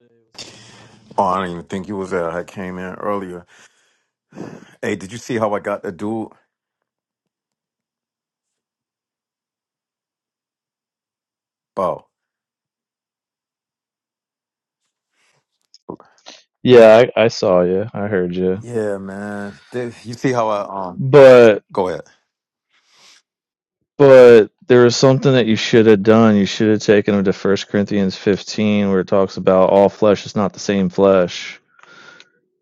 Hey, Oh, I didn't even think you was there. I came in earlier. Hey, did you see how I got the dude? Oh, Yeah, I, I saw you. I heard you. yeah, man. Did, you see how I um? But Go ahead. but there was something that you should have done. You should have taken him to First Corinthians 15 where it talks about all flesh is not the same flesh,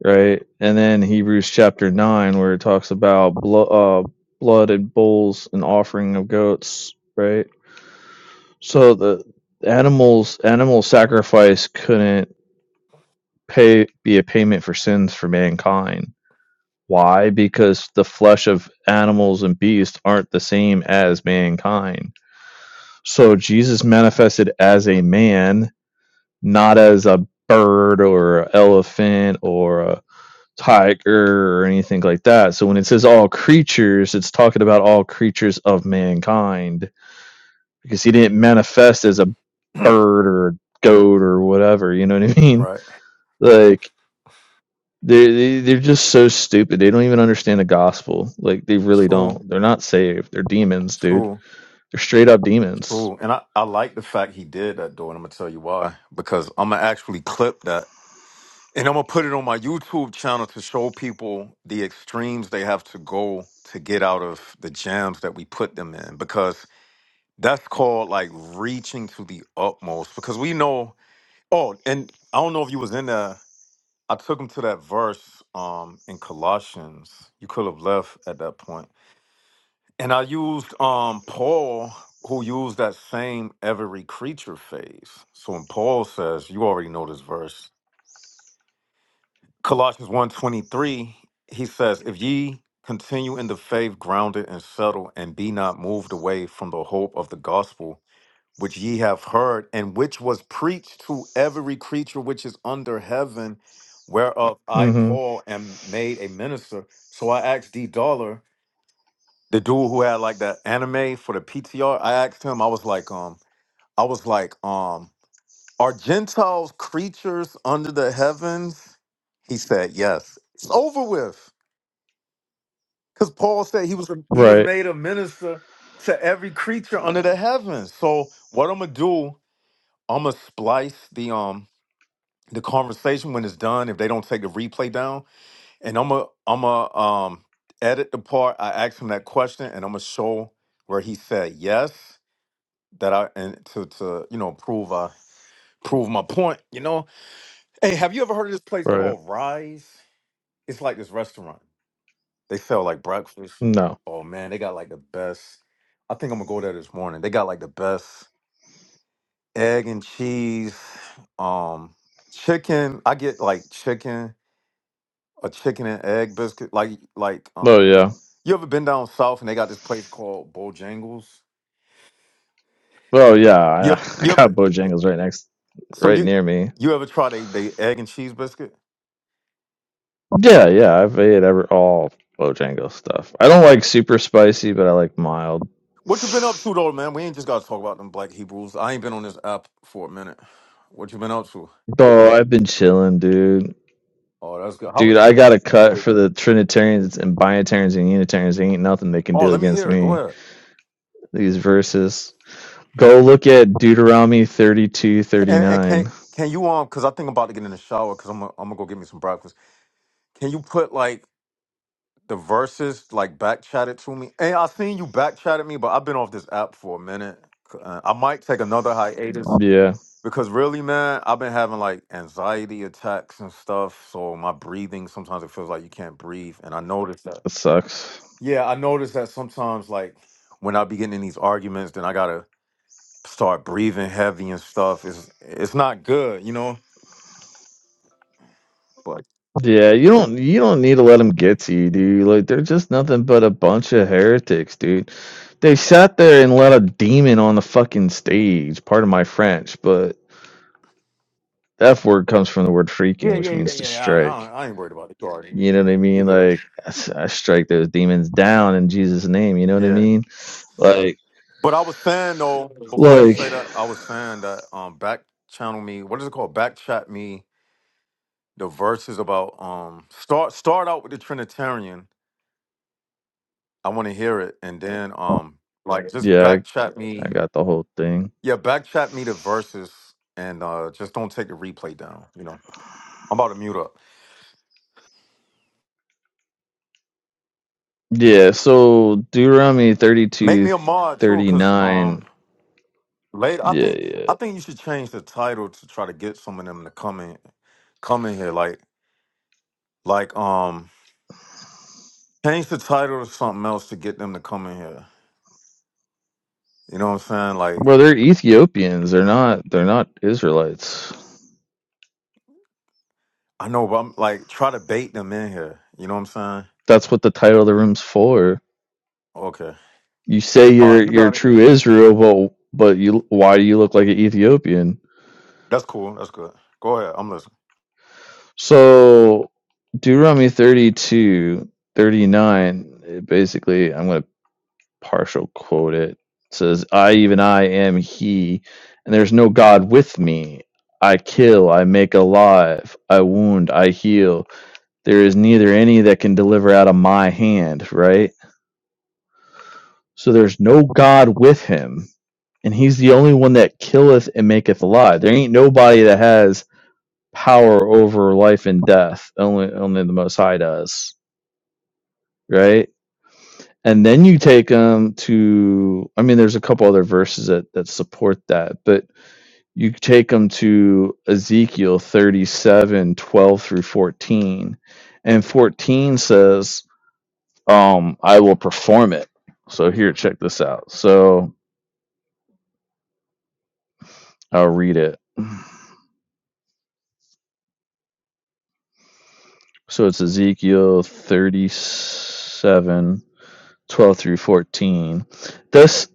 right? And then Hebrews chapter 9 where it talks about blo- uh, blood and bulls and offering of goats, right? So the animals animal sacrifice couldn't pay be a payment for sins for mankind Why? Because the flesh of animals and beasts aren't the same as mankind. So Jesus manifested as a man, not as a bird or an elephant or a tiger or anything like that. So when it says all creatures, it's talking about all creatures of mankind because he didn't manifest as a bird or a goat or whatever. You know what I mean? Right. Like They're they, they they are just so stupid. They don't even understand the gospel. Like they really True. don't. They're not saved. They're demons, dude. True. They're straight up demons. True. And I I like the fact he did that dude. And I'm gonna tell you why. Because I'm gonna actually clip that, and I'm gonna put it on my YouTube channel to show people the extremes they have to go to get out of the jams that we put them in. Because that's called like reaching to the utmost. Because we know. Oh, and I don't know if you was in there. I took him to that verse um in Colossians. You could have left at that point. And I used um Paul who used that same every creature phase. So when Paul says, you already know this verse, Colossians 1:23, he says, "If ye continue in the faith grounded and settled and be not moved away from the hope of the gospel which ye have heard, and which was preached to every creature which is under heaven, whereof I, Mm-hmm. Paul, am made a minister. So I asked D Dollar, the dude who had like the anime for the PTR, I asked him, I was like, um, I was like, um, are Gentiles creatures under the heavens? He said, Yes. It's over with. Because Paul said he was he was Right. made a minister to every creature under the heavens. So what I'm gonna do, I'm gonna splice the um the conversation when it's done, if they don't take the replay down, and I'm a I'm a um edit the part I asked him that question, and I'm gonna show where he said yes that I and to to you know prove I prove my point. You know, hey, have you ever heard of this place Right. called Rise? It's like this restaurant. They sell like breakfast. No. Oh man, they got like the best. I think I'm gonna go there this morning. They got like the best egg and cheese, um, chicken. I get like chicken a chicken and egg biscuit. Like like um, Oh yeah. you ever been down south and they got this place called Bojangles? Oh yeah. I Yep. I You got ever, you ever Bojangles right next, so right you near me. you ever tried a the egg and cheese biscuit? Yeah. Yeah. I've ate ever all Bojangles stuff. I don't like super spicy, but I like mild. What you been up to though, man? We ain't just gotta talk about them black Hebrews. I ain't been on this app for a minute. What you been up to? Oh, I've been chilling, dude. Oh, that's good. How? Dude, I got a cut we- for the Trinitarians and Binitarians and Unitarians. There ain't nothing they can Oh, do let me against hear it. Go me. ahead. these verses. Go look at Deuteronomy 32, And, and can 39. can you um? Because I think I'm about to get in the shower. Because I'm i I'm gonna go get me some breakfast. Can you put like the verses like back chatted to me. Hey, I seen you back chatted me, but I've been off this app for a minute. Uh, I might take another hiatus Yeah, because really, man, I've been having like anxiety attacks and stuff. So my breathing sometimes it feels like you can't breathe, and I noticed that. it sucks. Yeah, I noticed that sometimes like when I be getting in these arguments, then I gotta start breathing heavy and stuff. It's it's not good, you know. But Yeah, you don't you don't need to let them get to you, dude. Like they're just nothing but a bunch of heretics, dude. They sat there and let a demon on the fucking stage. Pardon my French, but the F word comes from the word yeah, freaking, which yeah, yeah, means to yeah. I, I, strike. don't- I ain't worried about it. You already, You know what I you mean? good? Like I s- I strike those demons down in Jesus' name. You know what I Yeah. mean? Like, But I was saying though, before you say like, that, I was saying that um back channel me, what is it called? Back chat me the verses about um start start out with the Trinitarian. I want to hear it. And then um like just yeah, back chat I, I me. got the whole thing. Yeah, back chat me the verses and uh just don't take the replay down. You know. I'm about to mute up. Yeah, so Deuteronomy Make 32, me a mod too, cause 39. um later I Yeah, think I yeah. think you should change the title to try to get some of them to come in come in here. Like like um Change the title to something else to get them to come in here. You know what I'm saying? Like, Well, they're Ethiopians. They're not they're not Israelites. I know, but I'm like, try to bait them in here. You know what I'm saying? That's what the title of the room's for. Okay. You say All you're right, you you're got it. true Israel, but but you why do you look like an Ethiopian? That's cool. That's good. Go ahead. I'm listening. So Deuteronomy 32, 39. it basically I'm going to partial quote it. It says, I, even I, am He, and there's no God with me. I kill, I make alive, I wound, I heal. There is neither any that can deliver out of my hand, right? So there's no God with him, and he's the only one that killeth and maketh alive. There ain't nobody that has power over life and death. Only only the most high does, right? And then you take them to I mean there's a couple other verses that, that support that, but you take them to Ezekiel 37, 12 through 14. And 14 says, um, I will perform it. So here, check this out. So I'll read it. So it's Ezekiel 37 12 through 14. Thus,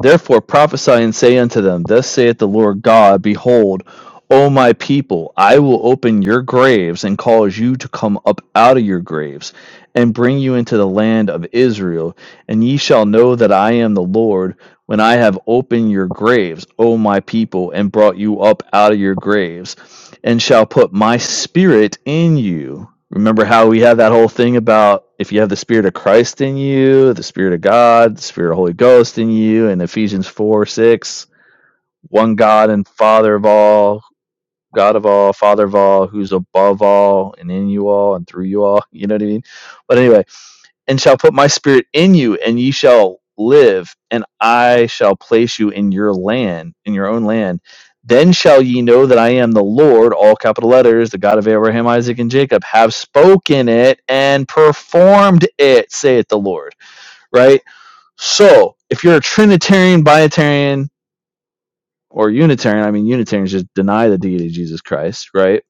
therefore prophesy and say unto them, Thus saith the Lord God, Behold, O my people, I will open your graves and cause you to come up out of your graves and bring you into the land of Israel. And ye shall know that I am the Lord when I have opened your graves, O my people, and brought you up out of your graves, and shall put my spirit in you Remember how we have that whole thing about if you have the Spirit of Christ in you, the Spirit of God, the Spirit of Holy Ghost in you, and Ephesians four six, one God and Father of all, God of all, Father of all, who's above all and in you all and through you all. You know what I mean? But anyway, and shall put my spirit in you, and ye shall live, and I shall place you in your land, in your own land. Then shall ye know that I am the Lord, all capital letters, the God of Abraham, Isaac, and Jacob, have spoken it and performed it, saith the Lord. Right? So, if you're a Trinitarian, Biotarian, or Unitarian, I mean, Unitarians just deny the deity of Jesus Christ, right?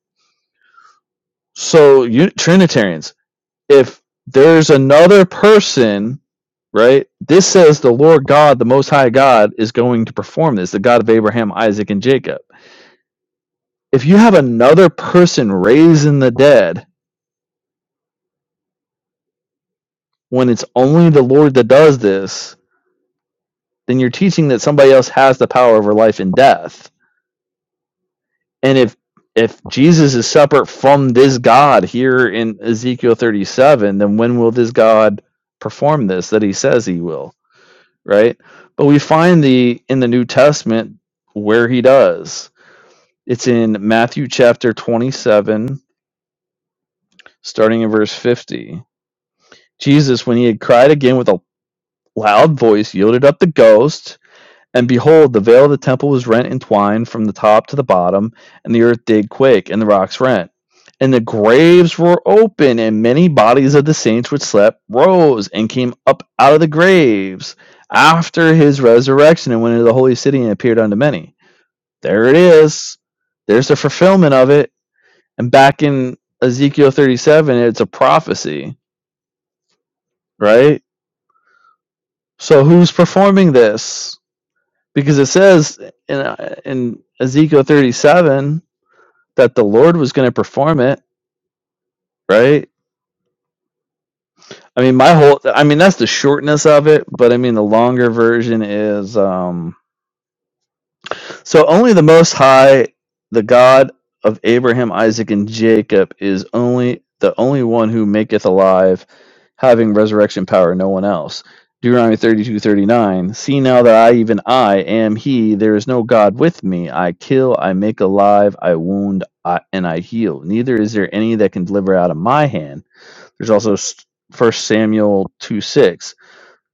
So, you, Trinitarians, if there's another person, right? This says the Lord God, the Most High God, is going to perform this, the God of Abraham, Isaac, and Jacob. If you have another person raising the dead when it's only the Lord that does this, then you're teaching that somebody else has the power over life and death. And if if Jesus is separate from this God here in Ezekiel 37, then when will this God perform this that he says he will? right? But we find the in the New Testament where he does. It's in Matthew chapter 27, starting in verse 50. Jesus, when he had cried again with a loud voice, yielded up the ghost. And behold, the veil of the temple was rent in twine from the top to the bottom, and the earth did quake, and the rocks rent. And the graves were open, and many bodies of the saints which slept rose and came up out of the graves after his resurrection and went into the holy city and appeared unto many. There it is. There's the fulfillment of it. And back in Ezekiel 37, it's a prophecy, right? So who's performing this? because it says in uh, in Ezekiel 37 that the Lord was going to perform it, right? I mean, my whole I mean that's the shortness of it, but I mean the longer version is um So only the Most High, the God of Abraham, Isaac, and Jacob, is only the only one who maketh alive, having resurrection power. No one else. Deuteronomy thirty-two thirty-nine. See now that I, even I, am He. There is no God with me. I kill, I make alive, I wound, I, and I heal. Neither is there any that can deliver out of my hand. There's also First Samuel two six.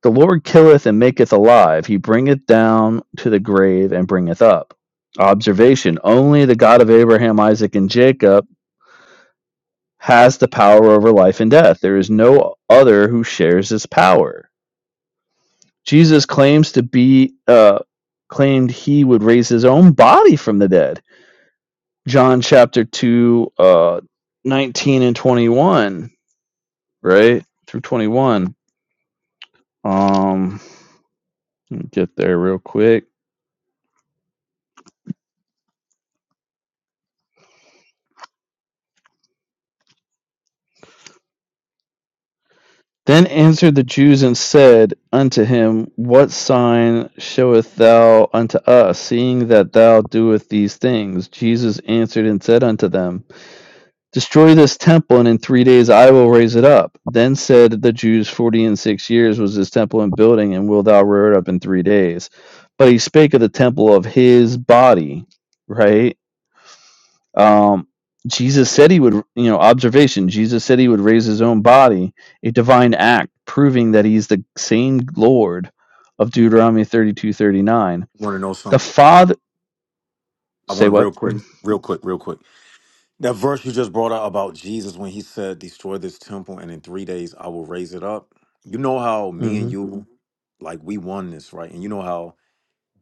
The Lord killeth and maketh alive. He bringeth down to the grave and bringeth up. Observation Only the God of Abraham, Isaac, and Jacob has the power over life and death. There is no other who shares his power. Jesus claims to be, uh, claimed he would raise his own body from the dead. John chapter 2, uh, 19 and 21, right? Through 21. Um, get there real quick. Then answered the Jews and said unto him, What sign showeth thou unto us, seeing that thou doest these things? Jesus answered and said unto them, Destroy this temple, and in three days I will raise it up. Then said the Jews, Forty and six years was this temple in building, and wilt thou rear it up in three days? But he spake of the temple of his body, right? Um, Jesus said he would, you know, observation. Jesus said he would raise his own body, a divine act proving that he's the same Lord of Deuteronomy thirty-two thirty-nine. Want to know The something? Father, I say want to what? real quick, real quick, real quick. That verse you just brought out about Jesus when he said, "Destroy this temple, and in three days I will raise it up." You know how me Mm and hmm. you, like, we won this, right? And you know how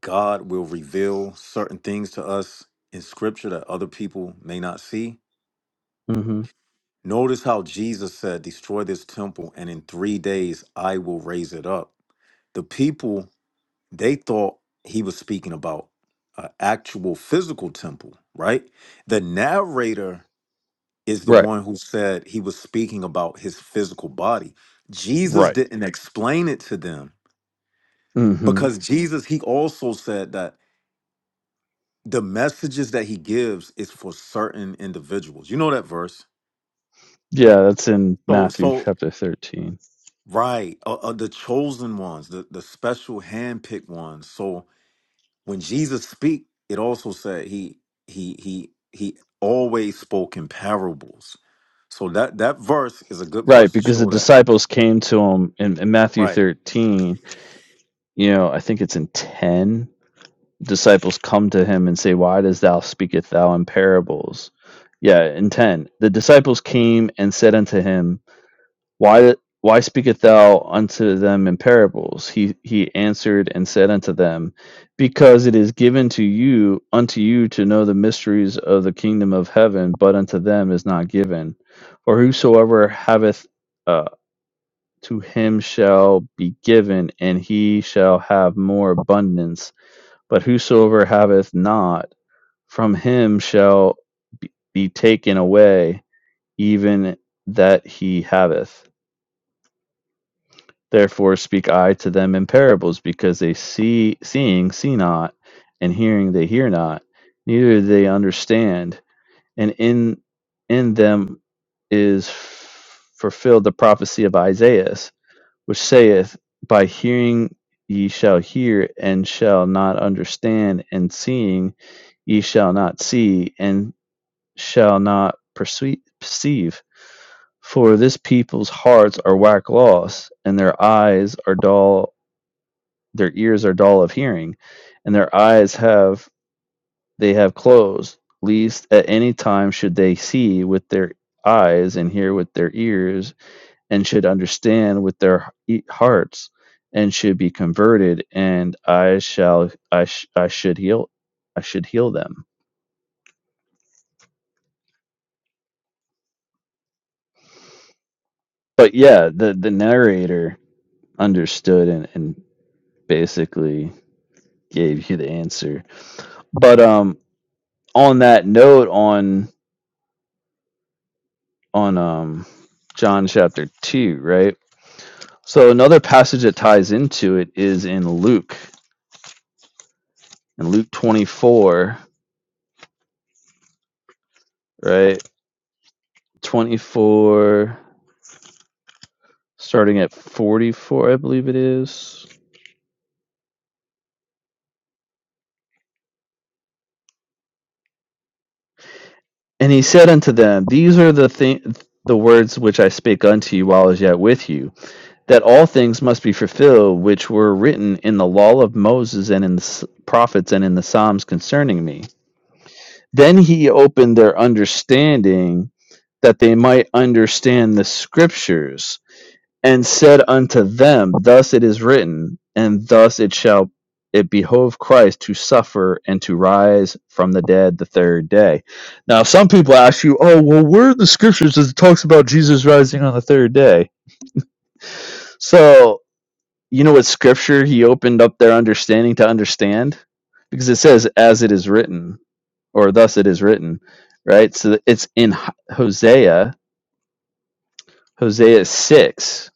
God will reveal certain things to us in Scripture that other people may not see Mm hmm. Notice how Jesus said, Destroy this temple, and in three days I will raise it up. The people, they thought he was speaking about an actual physical temple, right? The narrator is the Right. one who said he was speaking about his physical body. Jesus Right. didn't explain it to them Mm hmm. because Jesus, he also said that the messages that he gives is for certain individuals. You know that verse. Yeah, that's in So, Matthew so chapter 13. Right. Uh, uh, the chosen ones, the, the special handpicked ones. So when Jesus speak, it also said he he he he always spoke in parables. So that that verse is a good Right, verse to because the show that. disciples came to him in, in Matthew Right. 13, you know, I think it's in 10 disciples come to him and say, Why does thou speakest thou in parables? Yeah, in ten. The disciples came and said unto him, Why why speakest thou unto them in parables? He he answered and said unto them, Because it is given to you unto you to know the mysteries of the kingdom of heaven, but unto them is not given. For whosoever haveth uh, to him shall be given, and he shall have more abundance but whosoever haveth not, from him shall be taken away, even that he haveth. Therefore speak I to them in parables, because they see, seeing, see not, and hearing, they hear not, neither do they understand. And in in them is fulfilled the prophecy of Isaiah, which saith, By hearing ye shall hear and shall not understand, and seeing ye shall not see and shall not perceive. For this people's hearts are whack lost, and their eyes are dull, their ears are dull of hearing, and their eyes have they have closed, lest at any time should they see with their eyes and hear with their ears and should understand with their hearts and should be converted and i shall i, sh- I should heal i should heal them but yeah the the narrator understood and, and basically gave you the answer but um on that note on on um john chapter 2 right so another passage that ties into it is in luke in luke 24 right 24 starting at 44 i believe it is and he said unto them these are the things, the words which i spake unto you while i was yet with you that all things must be fulfilled which were written in the law of moses and in the prophets and in the psalms concerning me then he opened their understanding that they might understand the scriptures and said unto them, Thus it is written, and thus it shall it behove Christ to suffer and to rise from the dead the third day. Now, if some people ask you, Oh, well, where are the scriptures that talks about Jesus rising on the third day? So, you know what scripture he opened up their understanding to understand? Because it says, As it is written, or thus it is written, right? So it's in Hosea, Hosea 6,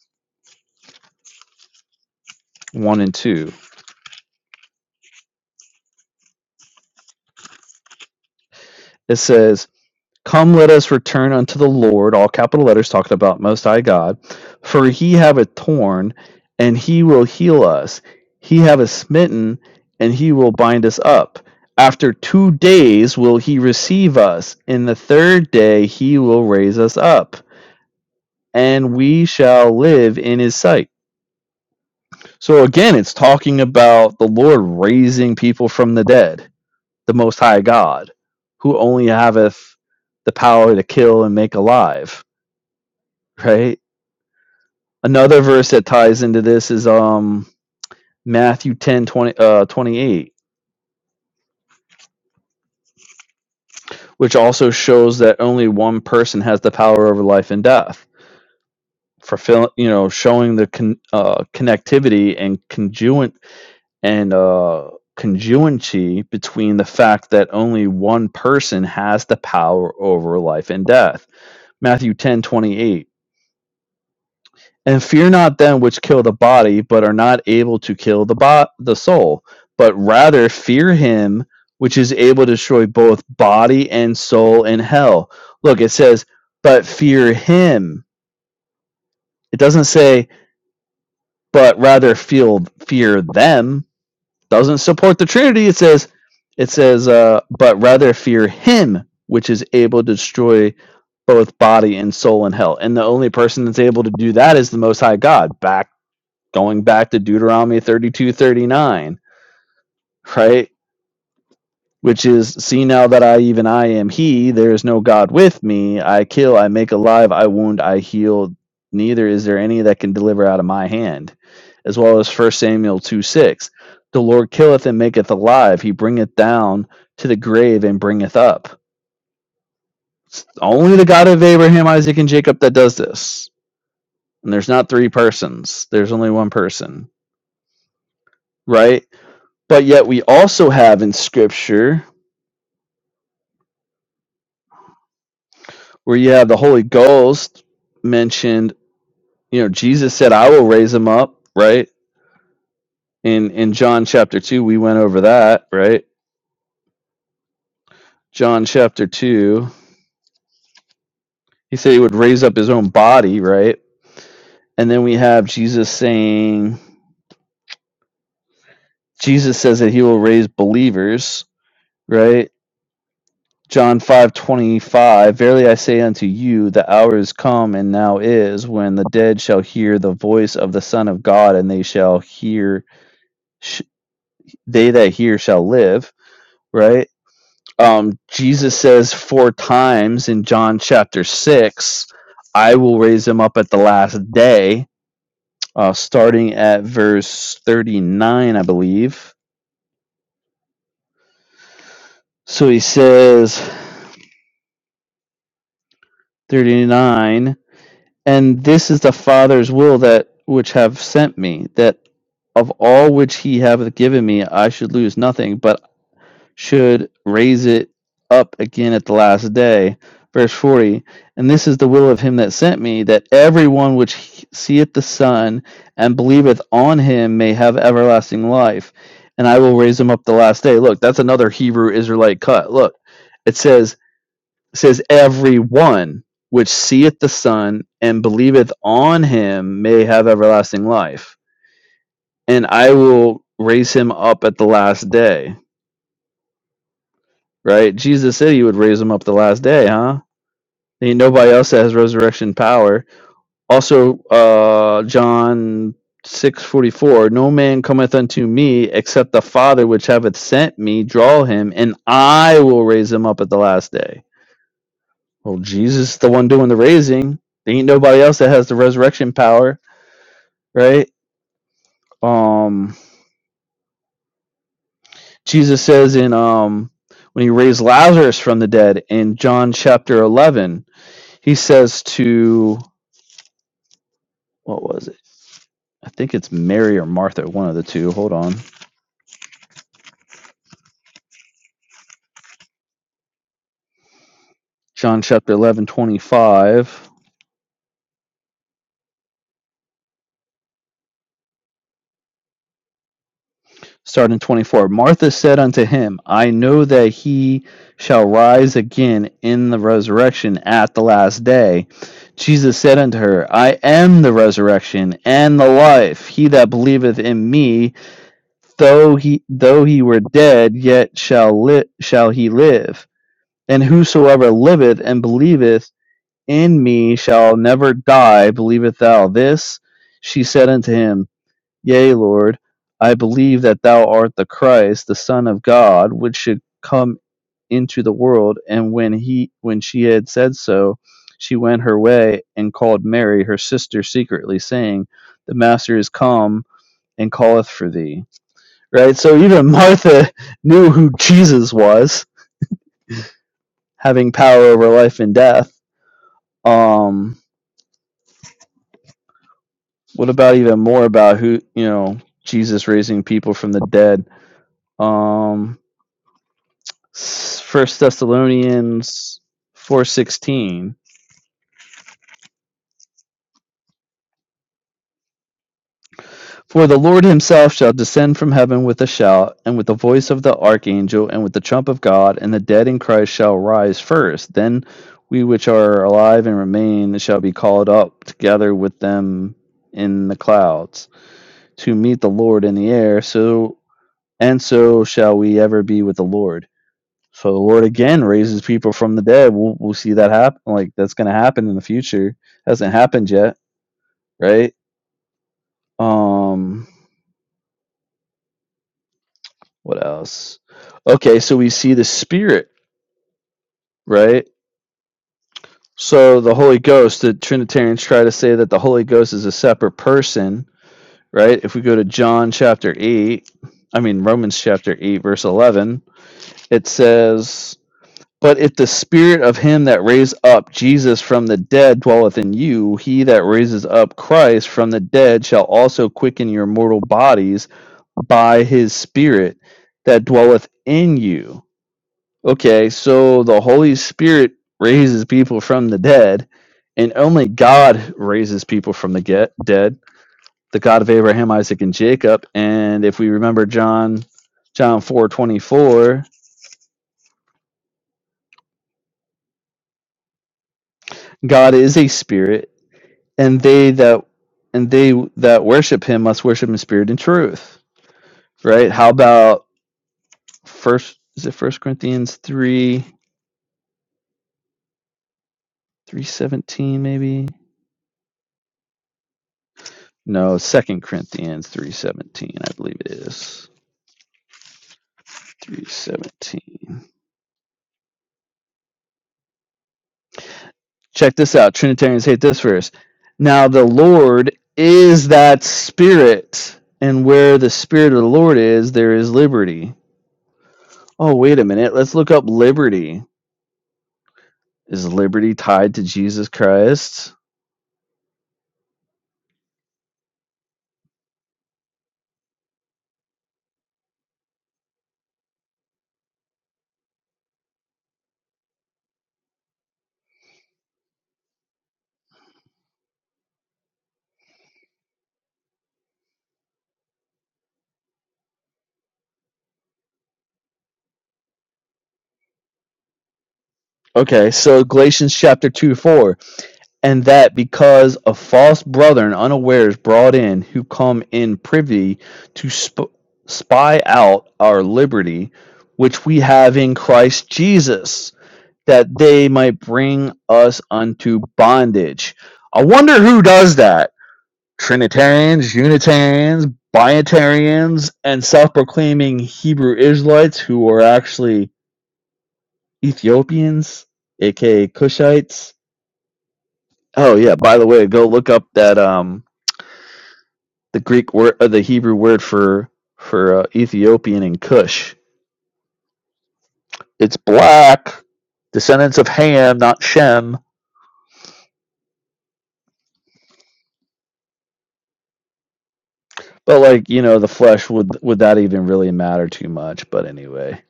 1 and 2. It says, Come, let us return unto the Lord, all capital letters talking about Most High God. For he have a torn, and he will heal us. He have a smitten, and he will bind us up. After two days will he receive us. In the third day he will raise us up, and we shall live in his sight. So again, it's talking about the Lord raising people from the dead, the Most High God, who only haveth the power to kill and make alive right? Another verse that ties into this is um Matthew 10 20 uh, 28, which also shows that only one person has the power over life and death. Fulfilling, you know, showing the con, uh, connectivity and conjunct and uh, conjuency between the fact that only one person has the power over life and death. Matthew 10 28. and fear not them which kill the body but are not able to kill the bo- the soul but rather fear him which is able to destroy both body and soul in hell look it says but fear him it doesn't say but rather feel fear them doesn't support the trinity it says it says uh, but rather fear him which is able to destroy both body and soul in hell and the only person that's able to do that is the most high god back going back to Deuteronomy 32 39, right? Which is, see now that I, even I am He, there is no God with me. I kill, I make alive, I wound, I heal. Neither is there any that can deliver out of my hand. As well as First Samuel 2 6. The Lord killeth and maketh alive. He bringeth down to the grave and bringeth up. It's only the God of Abraham, Isaac, and Jacob that does this. And there's not three persons, there's only one person, right? But yet we also have in scripture where you have the Holy Ghost mentioned, you know, Jesus said, I will raise him up, right? In in John chapter two, we went over that, right? John chapter two, he said he would raise up his own body, right? And then we have Jesus saying Jesus says that he will raise believers, right? John 5:25 Verily I say unto you the hour is come and now is when the dead shall hear the voice of the son of God and they shall hear sh- they that hear shall live right um Jesus says four times in John chapter 6 I will raise him up at the last day uh starting at verse 39 I believe so he says 39 And this is the Father's will that which have sent me, that of all which he hath given me I should lose nothing, but should raise it up again at the last day. Verse 40 And this is the will of him that sent me, that everyone which seeth the Son and believeth on him may have everlasting life, and I will raise him up the last day. Look, that's another Hebrew Israelite cut. Look, it says, says everyone which seeth the son and believeth on him may have everlasting life and i will raise him up at the last day right jesus said he would raise him up the last day huh ain't nobody else that has resurrection power also uh john 644 no man cometh unto me except the father which hath sent me draw him and i will raise him up at the last day Well, Jesus is the one doing the raising. There ain't nobody else that has the resurrection power, right? Um, Jesus says in um when he raised Lazarus from the dead in John chapter eleven, he says to what was it? I think it's Mary or Martha, one of the two. Hold on. John chapter 11 25. Starting 24 Martha said unto him, I know that he shall rise again in the resurrection at the last day. Jesus said unto her, I am the resurrection and the life. He that believeth in me, though he though he were dead, yet shall li- shall he live. And whosoever liveth and believeth in me shall never die. Believeth thou this? She said unto him, Yea, Lord, I believe that thou art the Christ, the Son of God, which should come into the world. And when he when she had said so, she went her way and called Mary, her sister, secretly, saying, The Master is come and calleth for thee. Right? So even Martha knew who Jesus was, having power over life and death. Um what about even more about who you know, Jesus raising people from the dead? Um First Thessalonians 4:16 For the Lord himself shall descend from heaven with a shout and with the voice of the archangel and with the trump of God and the dead in Christ shall rise first then we which are alive and remain shall be called up together with them in the clouds to meet the Lord in the air so and so shall we ever be with the Lord so the Lord again raises people from the dead we'll, we'll see that happen like that's going to happen in the future hasn't happened yet right? Um, what else? Okay, so we see the Spirit, right? So the Holy Ghost, the Trinitarians try to say that the Holy Ghost is a separate person, right? If we go to John chapter 8, I mean, Romans chapter 8, verse 11, it says, But if the spirit of him that raised up Jesus from the dead dwelleth in you, he that raises up Christ from the dead shall also quicken your mortal bodies by his spirit that dwelleth in you. Okay, so the Holy Spirit raises people from the dead, and only God raises people from the get, dead, the God of Abraham, Isaac, and Jacob. And if we remember John John 4 24, God is a spirit and they that and they that worship him must worship in spirit and truth right how about first is it first corinthians 3 317 maybe no second corinthians 317 i believe it is 317 check this out trinitarians hate this verse now the lord is that spirit and where the spirit of the lord is there is liberty oh wait a minute let's look up liberty is liberty tied to jesus christ Okay, so Galatians chapter 2 4, and that because of false brethren unawares brought in, who come in privy to sp- spy out our liberty, which we have in Christ Jesus, that they might bring us unto bondage. I wonder who does that. Trinitarians, Unitarians, Biotarians, and self proclaiming Hebrew Israelites who are actually Ethiopians, aka Cushites Oh yeah. By the way, go look up that um the Greek word, uh, the Hebrew word for for uh, Ethiopian and Cush. It's black. Descendants of Ham, not Shem. But like you know, the flesh would would that even really matter too much? But anyway,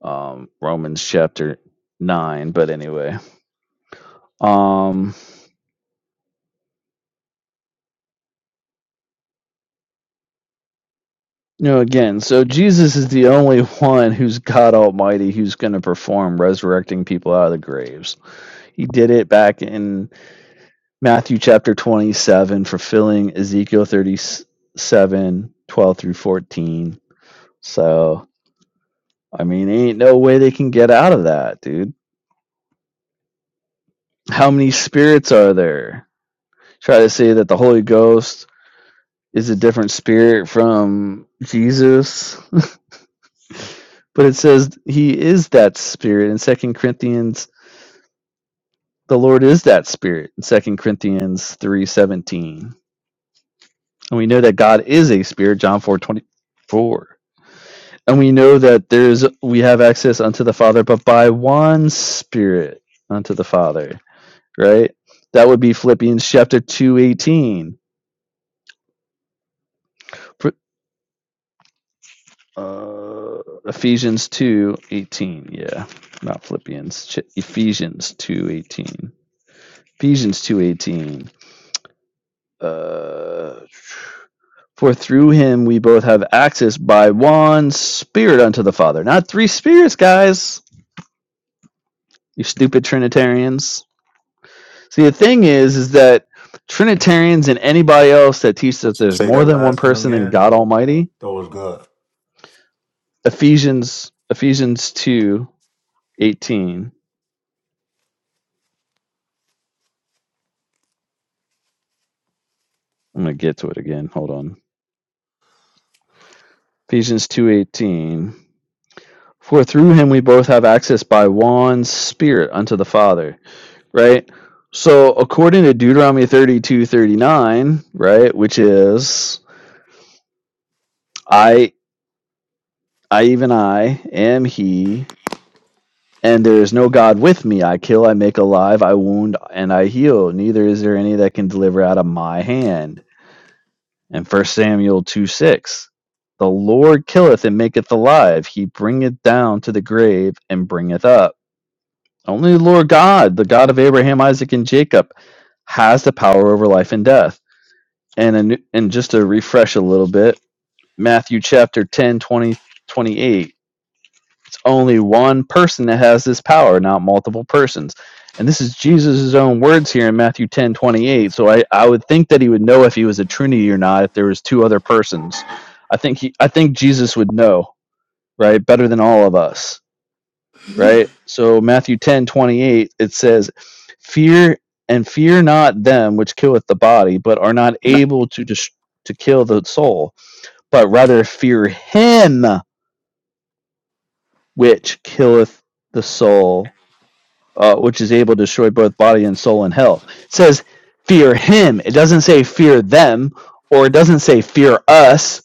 um, Romans chapter nine. But anyway, um, you know, again, so Jesus is the only one who's God Almighty who's going to perform resurrecting people out of the graves. He did it back in Matthew chapter 27, fulfilling Ezekiel 37, 12 through 14. So, I mean, ain't no way they can get out of that, dude. How many spirits are there? Try to say that the Holy Ghost is a different spirit from Jesus, but it says he is that spirit in Second Corinthians. The Lord is that spirit in Second Corinthians 3:17. And we know that God is a spirit, John 4:24. and we know that there is we have access unto the Father, but by one Spirit unto the Father, right? That would be Philippians chapter two eighteen, uh, Ephesians two eighteen. Yeah, not Philippians. Ch- Ephesians two eighteen. Ephesians two eighteen. Uh, for through him we both have access by one Spirit unto the Father, not three spirits, guys. You stupid Trinitarians. See, the thing is, is that Trinitarians and anybody else that teaches that there's Say that more than one last one person than again. God Almighty, That was good. Ephesians Ephesians two eighteen. I'm gonna get to it again. Hold on. Ephesians two eighteen. For through him we both have access by one Spirit unto the Father. Right. So according to Deuteronomy thirty two thirty nine, right, which is I I even I am he And there is no God with me. I kill, I make alive, I wound, and I heal. Neither is there any that can deliver out of my hand. And First Samuel 2 6. The Lord killeth and maketh alive. He bringeth down to the grave and bringeth up. Only the Lord God, the God of Abraham, Isaac, and Jacob, has the power over life and death. And, and just to refresh a little bit, Matthew chapter 10 20 twenty eight. only one person that has this power, not multiple persons. And this is Jesus' own words here in Matthew ten twenty eight. So I, I would think that he would know if he was a Trinity or not, if there was two other persons. I think he I think Jesus would know, right? Better than all of us. Right? So Matthew ten twenty eight it says, Fear and fear not them which killeth the body, but are not able to dis- to kill the soul, but rather fear him which killeth the soul uh, which is able to destroy both body and soul in hell. It says, fear him. It doesn't say fear them, or it doesn't say fear us.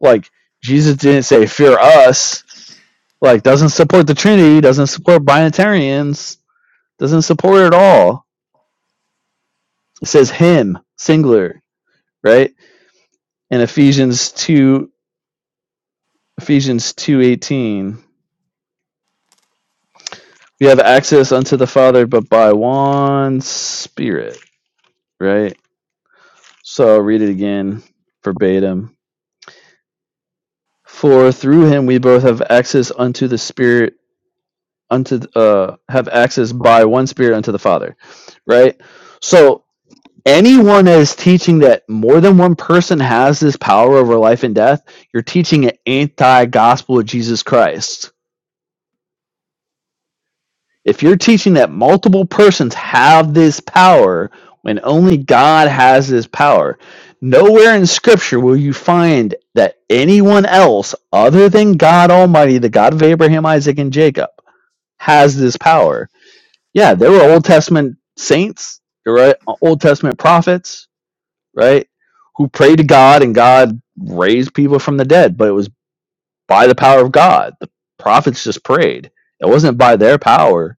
Like, Jesus didn't say fear us. Like, doesn't support the Trinity, doesn't support binitarians, doesn't support it at all. It says him, singular, right? In Ephesians 2, Ephesians 2.18, we have access unto the Father, but by one Spirit, right? So I'll read it again verbatim For through him we both have access unto the Spirit, unto uh, have access by one Spirit unto the Father, right? So anyone that is teaching that more than one person has this power over life and death, you're teaching an anti-gospel of Jesus Christ. If you're teaching that multiple persons have this power when only God has this power, nowhere in Scripture will you find that anyone else other than God Almighty, the God of Abraham, Isaac, and Jacob, has this power. Yeah, there were Old Testament saints, right? Old Testament prophets, right? Who prayed to God and God raised people from the dead, but it was by the power of God. The prophets just prayed. It wasn't by their power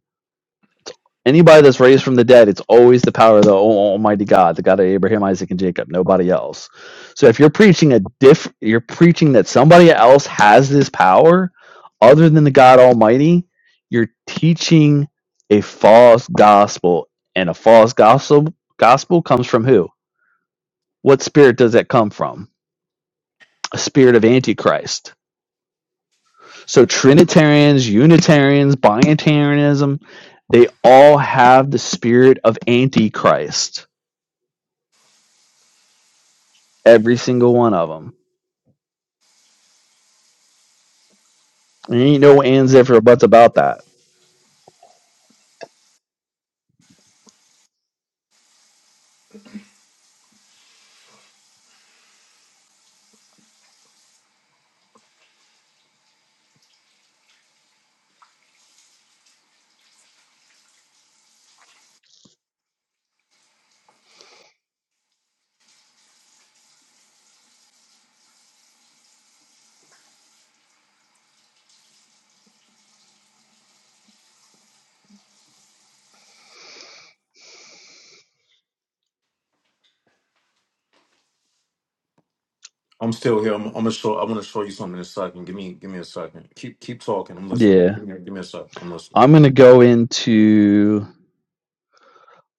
Anybody that's raised from the dead, it's always the power of the Almighty God, the God of Abraham, Isaac, and Jacob, nobody else. So if you're preaching a diff, you're preaching that somebody else has this power other than the God Almighty. You're teaching a false gospel, and a false gospel gospel comes from who? What spirit does that come from? A spirit of Antichrist. So Trinitarians, Unitarians, Binitarianism, they all have the spirit of Antichrist Every single one of them. And ain't no ands, if, or buts about that. I'm still here. I'm, I'm gonna show. I want to show you something in a second. Give me, give me a second. Keep, keep talking. I'm listening. Yeah. Give me, give me a second. I'm listening. I'm going to go into.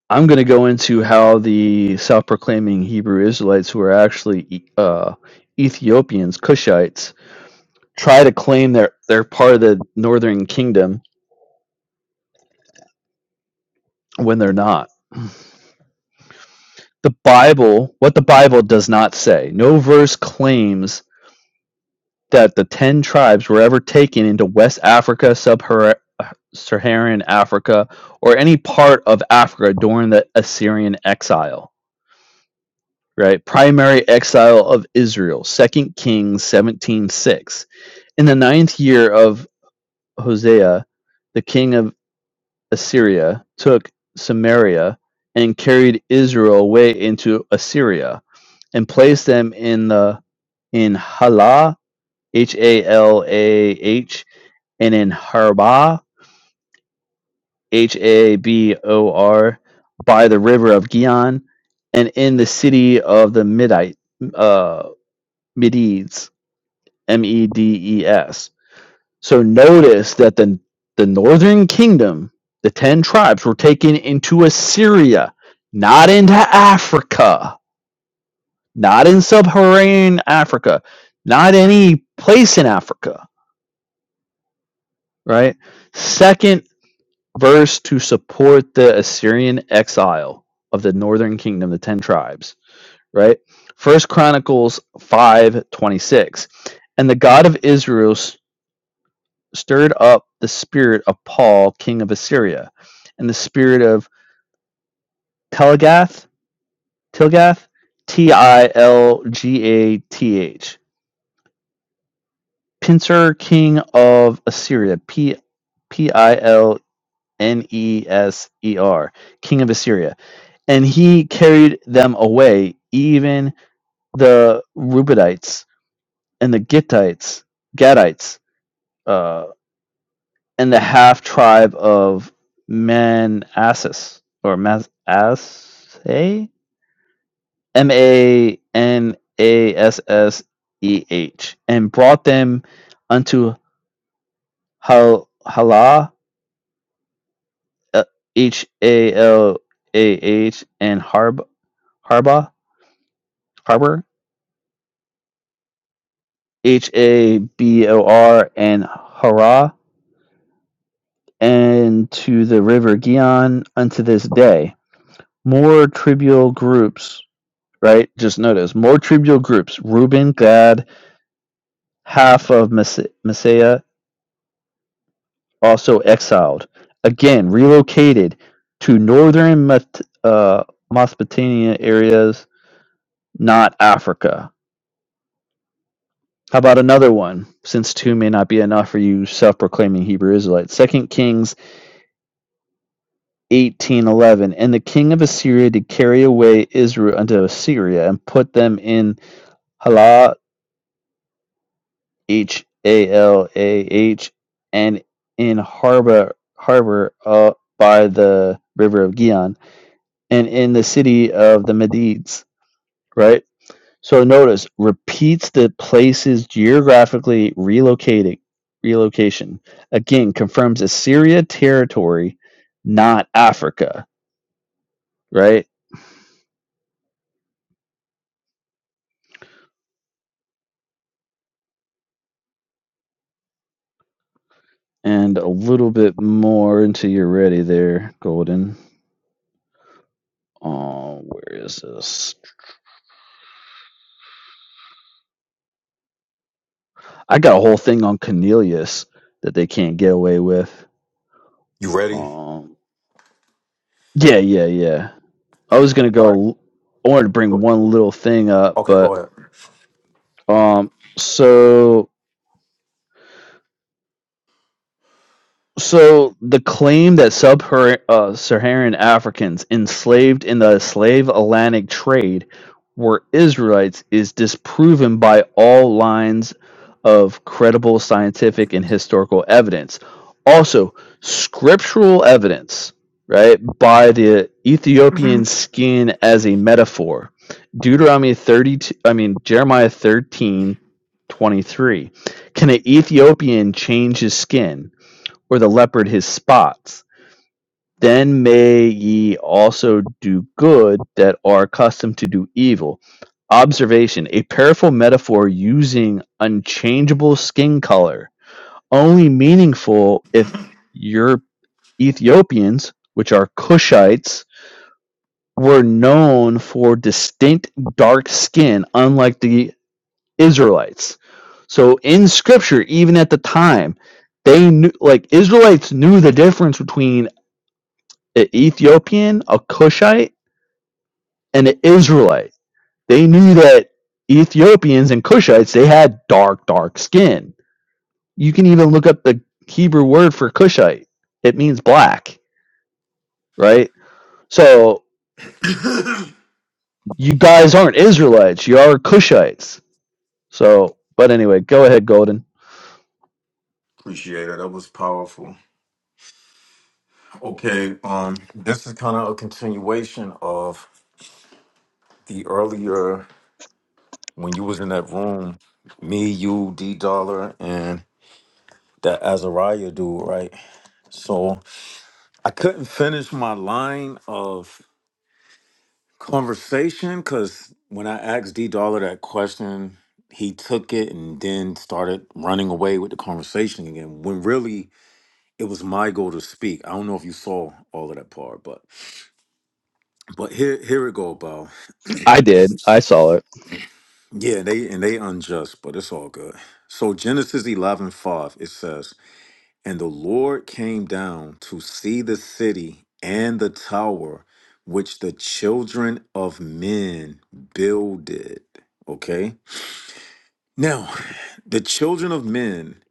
I'm going to go into how the self-proclaiming Hebrew Israelites, who are actually E- uh, Ethiopians, Cushites, try to claim they're they're part of the Northern Kingdom when they're not. The Bible, what the Bible does not say, no verse claims that the Ten Tribes were ever taken into West Africa, Sub-Saharan Africa, or any part of Africa during the Assyrian exile. Right, primary exile of Israel, Second Kings seventeen six. In the ninth year of Hosea, the king of Assyria took Samaria and carried Israel away into Assyria and placed them in the in Halah H A L A H and in Harba, H A B O R, by the river of Gion, and in the city of the Midite, uh, Medes, M E D E S. So notice that the the northern kingdom, the ten tribes, were taken into Assyria, not into Africa, not in sub-Saharan Africa, not any place in Africa, right? Second verse to support the Assyrian exile of the northern kingdom, the ten tribes, right? First Chronicles five twenty six, and the God of Israel s- stirred up the spirit of Paul, king of Assyria, and the spirit of Telgath, Tilgath, T I L G A T H, Pincer, king of Assyria, P P I L N E S E R, king of Assyria and he carried them away, even the Reubenites and the Gittites, Gadites, uh, and the half tribe of Manassas or Manasseh, M A N A S S E H, and brought them unto Hal Halah, uh, H A L A H, and Harb Harba Harbor H A B O R and Hara, and to the river Gion unto this day. More trivial groups, right? Just notice more trivial groups. Reuben, Gad, half of Messiah, also exiled. Again, relocated to northern Met- uh, Mesopotamia areas, not Africa. How about another one? Since two may not be enough for you self proclaiming Hebrew Israelites. Second Kings 18:11 And the king of Assyria did carry away Israel unto Assyria and put them in Halah H A L A H and in harbor harbor uh, by the river of Gihon, and in the city of the Medes right so notice repeats the places geographically relocating relocation again confirms Assyria territory not Africa right and a little bit more until you're ready there, Golden. Oh, where is this? I got a whole thing on Cornelius that they can't get away with. You ready? Um, yeah, yeah, yeah. I was gonna All right. go. I wanted to bring Go- one little thing up, Okay. Go but ahead. um, so So the claim that sub-Saharan uh, Saharan Africans enslaved in the slave Atlantic trade were Israelites is disproven by all lines of credible scientific and historical evidence. Also, scriptural evidence, right, by the Ethiopian skin as a metaphor. Deuteronomy 32, I mean, Jeremiah 13 23. Can an Ethiopian change his skin? or the leopard his spots. Then may ye also do good that are accustomed to do evil. Observation A powerful metaphor using unchangeable skin color, only meaningful if your Ethiopians, which are Cushites, were known for distinct dark skin, unlike the Israelites. So in scripture, even at the time, they knew like Israelites knew the difference between an Ethiopian, a Cushite, and an Israelite. They knew that Ethiopians and Cushites, they had dark, dark skin. You can even look up the Hebrew word for Cushite. It means black, right? So you guys aren't Israelites, you are Cushites. So, but anyway, go ahead, Golden. Appreciate it. That was powerful. Okay, um, this is kind of a continuation of the earlier when you was in that room, me, you, D Dollar, and that Azariah dude, right? So I couldn't finish my line of conversation because when I asked D Dollar that question, he took it and then started running away with the conversation again. When really it was my goal to speak. I don't know if you saw all of that part, but but here here it go, Bao. I did. I saw it. Yeah, they and they unjust, but it's all good. So Genesis 11 5 it says, And the Lord came down to see the city and the tower which the children of men builded. Okay. Now, the children of men,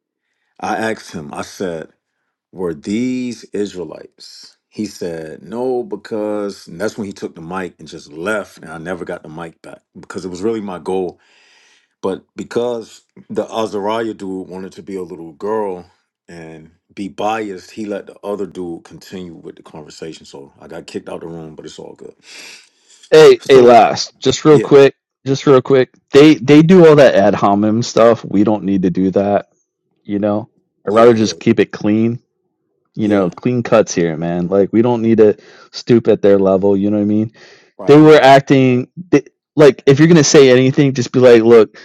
I asked him, I said, Were these Israelites? He said, No, because and that's when he took the mic and just left, and I never got the mic back because it was really my goal but because the Azariah dude wanted to be a little girl and be biased, he let the other dude continue with the conversation. So I got kicked out the room, but it's all good. Hey, hey, So last, just real yeah, quick, just real quick. They they do all that ad hominem stuff. We don't need to do that, you know. I'd yeah, rather yeah, just keep it clean you know, yeah. clean cuts here, man. Like we don't need to stoop at their level. You know what I mean? They Right, you're were right, acting they, like if you're gonna say anything, just be like, look,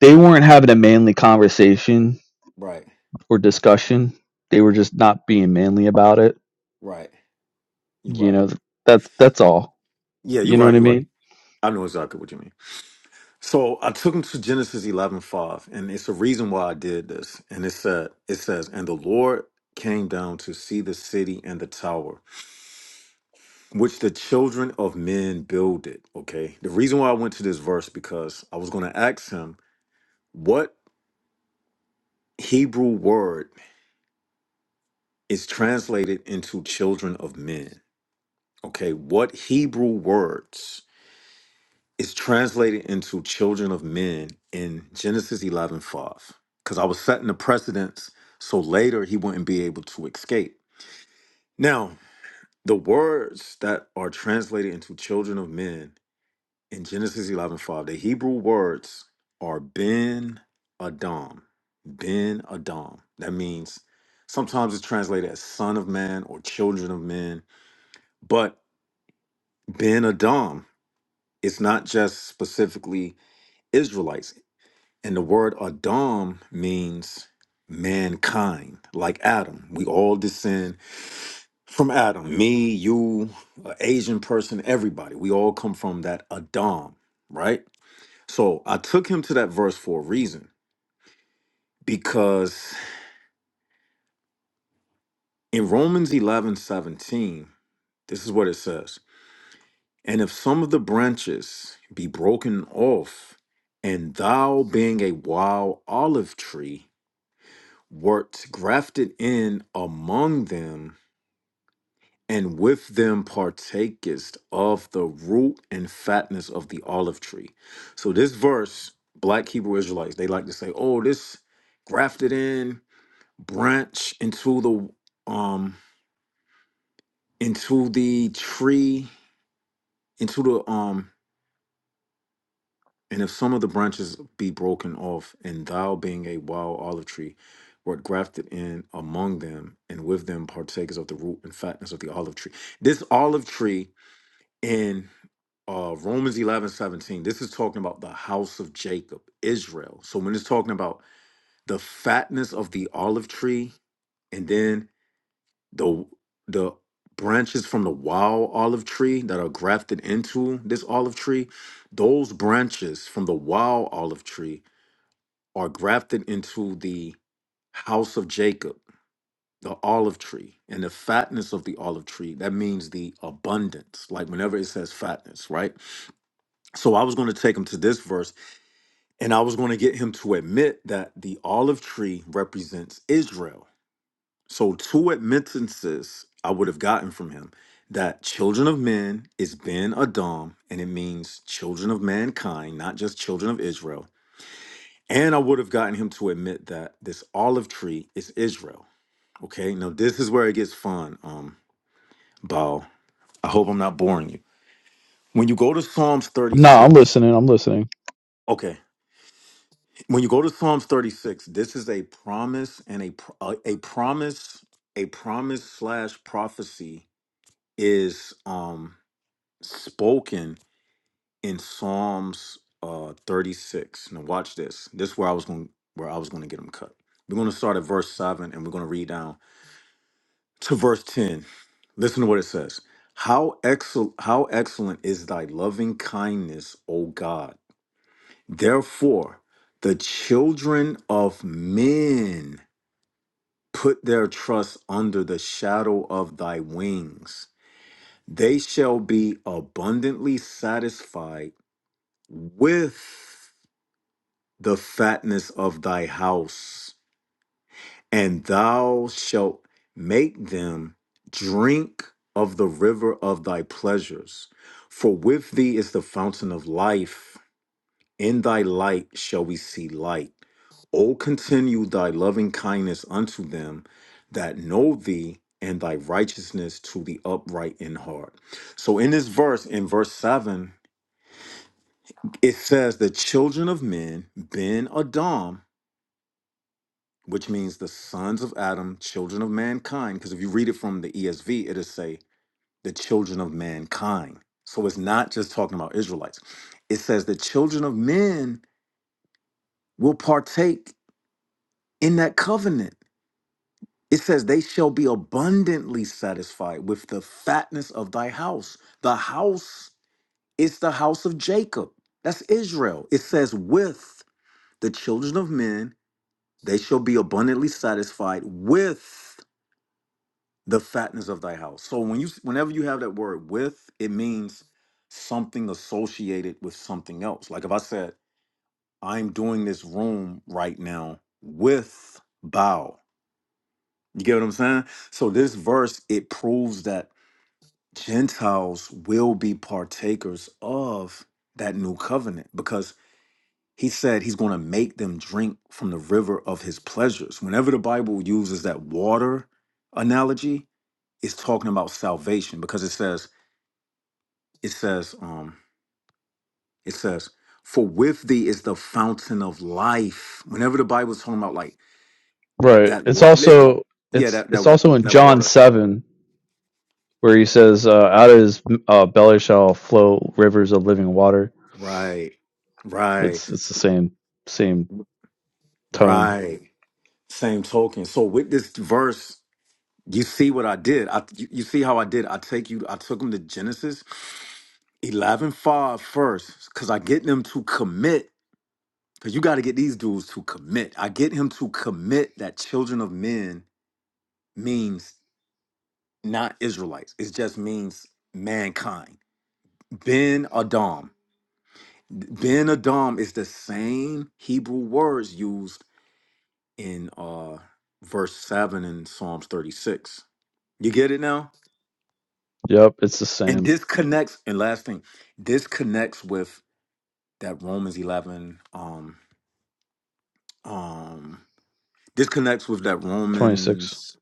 they weren't having a manly conversation right, or discussion. They were just not being manly about it. right. You're You right. know, that's that's all. Yeah, You you're know what right. I You're right. mean? I know exactly what you mean. So I took him to Genesis eleven five, and it's a reason why I did this. And it said, it says, and the Lord came down to see the city and the tower which the children of men build it. Okay. The reason why I went to this verse because I was going to ask him what Hebrew word is translated into children of men. Okay. What Hebrew words is translated into children of men in Genesis 11 5? Because I was setting the precedence so later he wouldn't be able to escape. Now, the words that are translated into children of men in Genesis 11 5, the Hebrew words are Ben Adam. Ben Adam. That means sometimes it's translated as son of man or children of men. But Ben Adam, it's not just specifically Israelites. And the word Adam means mankind, like Adam. We all descend from Adam. Me, you, an Asian person, everybody. We all come from that Adam, right? So I took him to that verse for a reason because in Romans 11 17, this is what it says. And if some of the branches be broken off, and thou being a wild olive tree, wert grafted in among them, and with them partakest of the root and fatness of the olive tree. So this verse, black Hebrew Israelites, they like to say, oh, this grafted in, branch into the um into the tree into the um and if some of the branches be broken off and thou being a wild olive tree wert grafted in among them and with them partakers of the root and fatness of the olive tree this olive tree in uh romans 11 17 this is talking about the house of jacob israel so when it's talking about the fatness of the olive tree and then the the branches from the wild olive tree that are grafted into this olive tree those branches from the wild olive tree are grafted into the house of jacob the olive tree and the fatness of the olive tree that means the abundance like whenever it says fatness right so i was going to take him to this verse and i was going to get him to admit that the olive tree represents israel So two admittances I would have gotten from him that children of men is Ben Adam, and it means children of mankind, not just children of Israel. And I would have gotten him to admit that this olive tree is Israel. Okay, now this is where it gets fun. Um, Bao, I hope I'm not boring you. When you go to Psalms No, I'm 36, listening. I'm listening. okay, when you go to Psalms 36, this is a promise and a pro- a, a promise, a promise slash prophecy is um spoken in Psalms uh 36. Now watch this. This is where I was going where I was going to get them cut. We're going to start at verse 7 and we're going to read down to verse 10. Listen to what it says. How excel? how excellent is thy loving kindness, O God. Therefore, the children of men put their trust under the shadow of thy wings. They shall be abundantly satisfied with the fatness of thy house, and thou shalt make them drink of the river of thy pleasures. For with thee is the fountain of life. In thy light shall we see light. O continue thy loving kindness unto them that know thee, and thy righteousness to the upright in heart. So, in this verse, in verse 7, it says, The children of men, Ben Adam." which means the sons of Adam, children of mankind. Because if you read it from the ESV, it'll say the children of mankind. So it's not just talking about Israelites. It says the children of men will partake in that covenant. It says they shall be abundantly satisfied with the fatness of thy house. The house is the house of Jacob. That's Israel. It says, with the children of men, they shall be abundantly satisfied with. the fatness of thy house. So when you whenever you have that word with, it means something associated with something else. Like if I said, I'm doing this room right now with bow. You get what I'm saying? So this verse it proves that Gentiles will be partakers of that new covenant because he said he's going to make them drink from the river of his pleasures. Whenever the Bible uses that water analogy, it's talking about salvation because it says it says um it says for with thee is the fountain of life whenever the bible's talking about like Right. that It's li- let's also yeah it's that it's that also in that John water seven where he says, uh, "Out of his uh, belly shall flow rivers of living water." right right It's it's the same same tone. right same token so with this verse you see what i did i you, you see how i did i take you i took them to genesis 11 5 first, because i get them to commit because you got to get these dudes to commit i get him to commit that children of men means not Israelites. It just means mankind. Ben Adam. Ben Adam is the same Hebrew words used in uh verse 7 in Psalms 36. You get it now? Yep, it's the And same. this connects, and last thing, this connects with that Romans 11. Um, um, this connects with that Twenty six. Romans.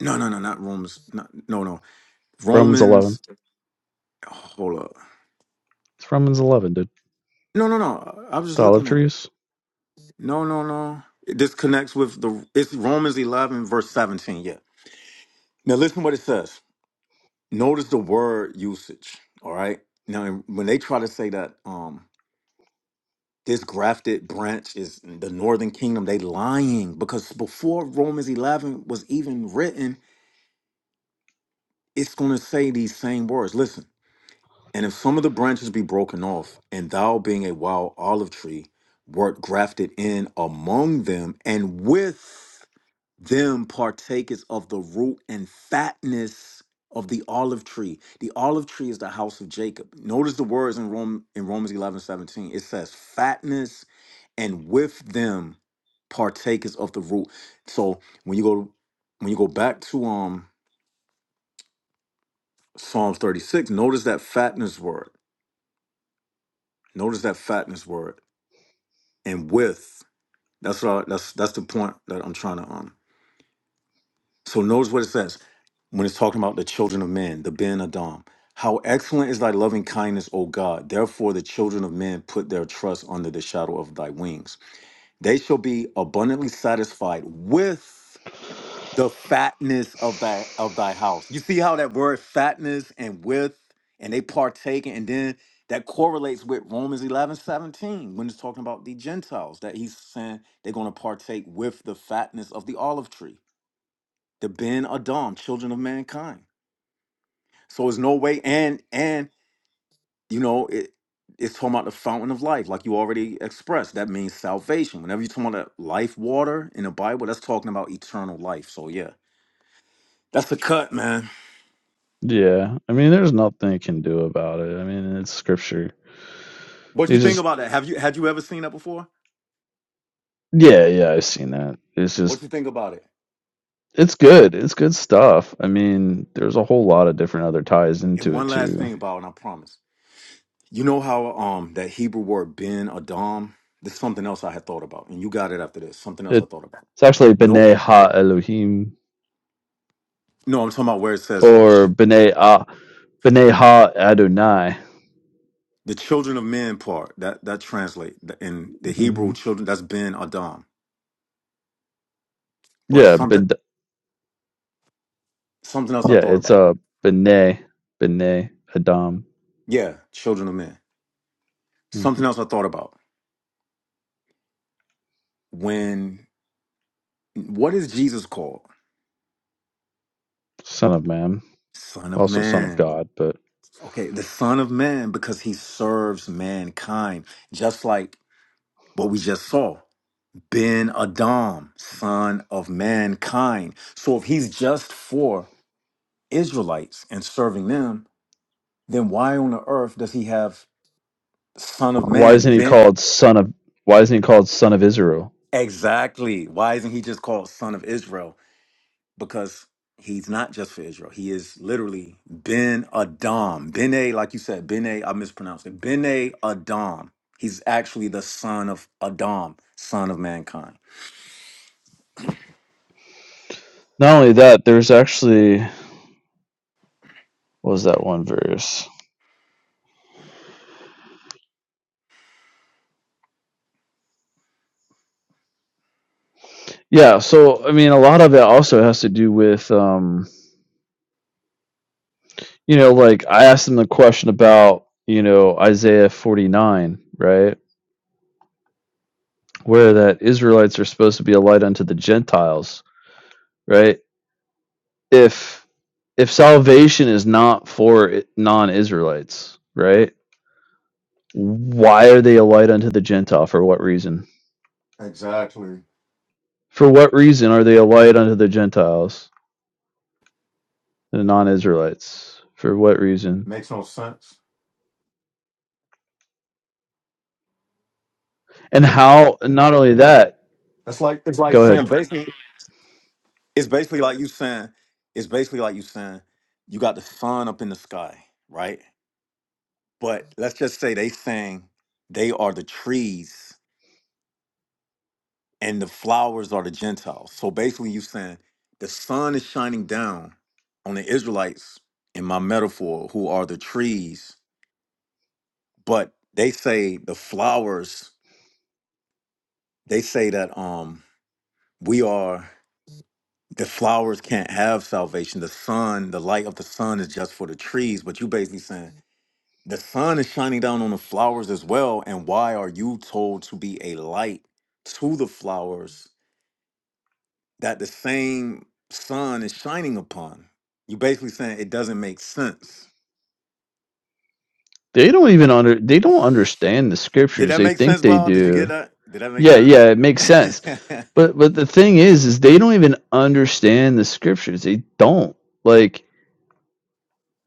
No, no, no, not Romans. Not, no, no. Romans eleven. Romans. Hold up. It's Romans eleven, dude. No, no, no. I was just The olive looking at it. trees. No, no, no. This connects with the it's Romans 11 verse 17, yeah. Now listen what it says. Notice the word usage, all right? Now when they try to say that um this grafted branch is the northern kingdom, they lying because before Romans 11 was even written, it's going to say these same words. Listen. And if some of the branches be broken off, and thou being a wild olive tree, wert grafted in among them, and with them partakest of the root and fatness of the olive tree. The olive tree is the house of Jacob. Notice the words in Rome in Romans 11 17. It says fatness and with them partakest of the root. So when you go when you go back to um Psalms 36, notice that fatness word. Notice that fatness word. and with. That's what I, that's that's the point that I'm trying to um. So notice what it says when it's talking about the children of men, the Ben Adam. How excellent is thy loving kindness, O God! Therefore, the children of men put their trust under the shadow of thy wings. They shall be abundantly satisfied with the fatness of thy of thy house. You see how that word fatness and width and they partake and then that correlates with Romans 11 17, when it's talking about the Gentiles, that he's saying they're going to partake with the fatness of the olive tree, the Ben Adam, children of mankind. So it's no way, and and you know, it it's talking about the fountain of life, like you already expressed. That means salvation. Whenever you're talking about that life water in the Bible, that's talking about eternal life. So yeah. That's a cut, man. Yeah, I mean, there's nothing you can do about it. I mean, it's scripture. What you You think just about that? Have you had you ever seen that before? yeah, yeah. I've seen that. It's just What you think about it? It's good. It's good stuff. I mean, there's a whole lot of different other ties And into it one last too. thing about, it, and I promise. You know how um that Hebrew word ben Adam? This is something else I had thought about, and you got it after this. Something else I It, thought about. it's actually Nope. B'nai Ha Elohim No, I'm talking about where it says ch- or B'nai Ah B'nai Ha Adonai. the children of men part. That that translate the- in the hmm Hebrew children. That's ben Adam. But Yeah, something ben, something else I yeah, thought it's about. uh, B'nai B'nai Adam, Yeah, children of men. hmm Something else I thought about. When what is Jesus called? son of man, Son of also son of Man. God. But Okay, the Son of Man, because he serves mankind, just like what we just saw. Ben Adam, son of mankind. So if he's just for Israelites and serving them, then why on the earth does he have Son of why Man? isn't he Ben called son of? Why isn't he called son of Israel? exactly. Why isn't he just called Son of Israel? because he's not just for Israel. He is literally Ben Adam. Ben A, like you said, Ben A, I mispronounced it. Ben A Adam. He's actually the son of Adam, son of mankind. Not only that, there's actually what was that one verse? Yeah, so I mean, a lot of it also has to do with, um, you know, like I asked them the question about, you know, Isaiah 49, right? Where that Israelites are supposed to be a light unto the Gentiles, right? If if salvation is not for i- non-Israelites, right? Why are they a light unto the Gentile? For what reason? Exactly. For what reason are they a light unto the Gentiles and the non-Israelites? For what reason? Makes no sense. And how? Not only that. It's like it's like Go ahead. saying basically It's basically like you saying, it's basically like you saying, you got the sun up in the sky, right? But let's just say they saying they are the trees and the flowers are the Gentiles. So basically, you saying the sun is shining down on the Israelites in my metaphor, who are the trees, but they say the flowers. They say that um we are the flowers can't have salvation. The sun, the light of the sun, is just for the trees. But you basically saying the sun is shining down on the flowers as well. And why are you told to be a light to the flowers that the same sun is shining upon. You're basically saying it doesn't make sense. They don't even under they don't understand the Did scriptures. that They make think sense, they Paul? Did you get do. that? Did that make Yeah, sense? yeah, it makes sense. But but the thing is is they don't even understand the scriptures. They don't. Like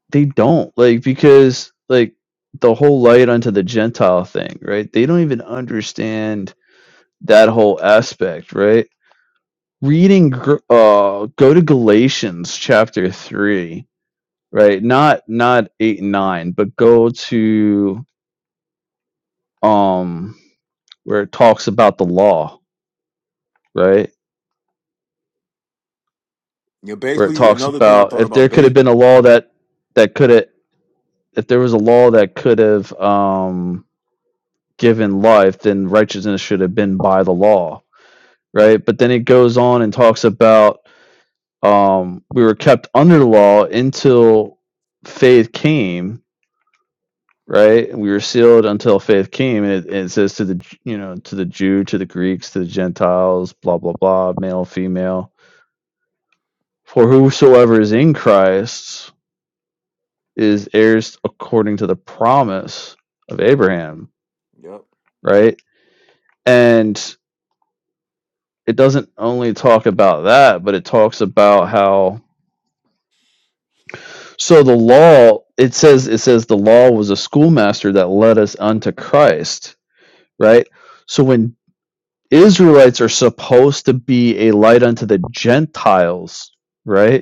they don't. Like because like the whole light unto the Gentile thing, right? They don't even understand that whole aspect, right? Reading Gr- uh go to Galatians chapter 3, right? Not not 8 and 9, but go to um where it talks about the law, right? You're Where it basically talks another thing I about thought if there about. could have Bait. been a law that that could have if there was a law that could have um given life, then righteousness should have been by the law, right? But then it goes on and talks about um we were kept under the law until faith came, right? We were sealed until faith came, and it, and it says to the you know to the Jew, to the Greeks, to the Gentiles, blah blah blah, male, female For whosoever is in Christ is heirs according to the promise of hmm Abraham, Yep. right? And it doesn't only talk about that, but it talks about how so the law it says it says the law was a schoolmaster that led us unto Christ, right? So when Israelites are supposed to be a light unto the Gentiles, right?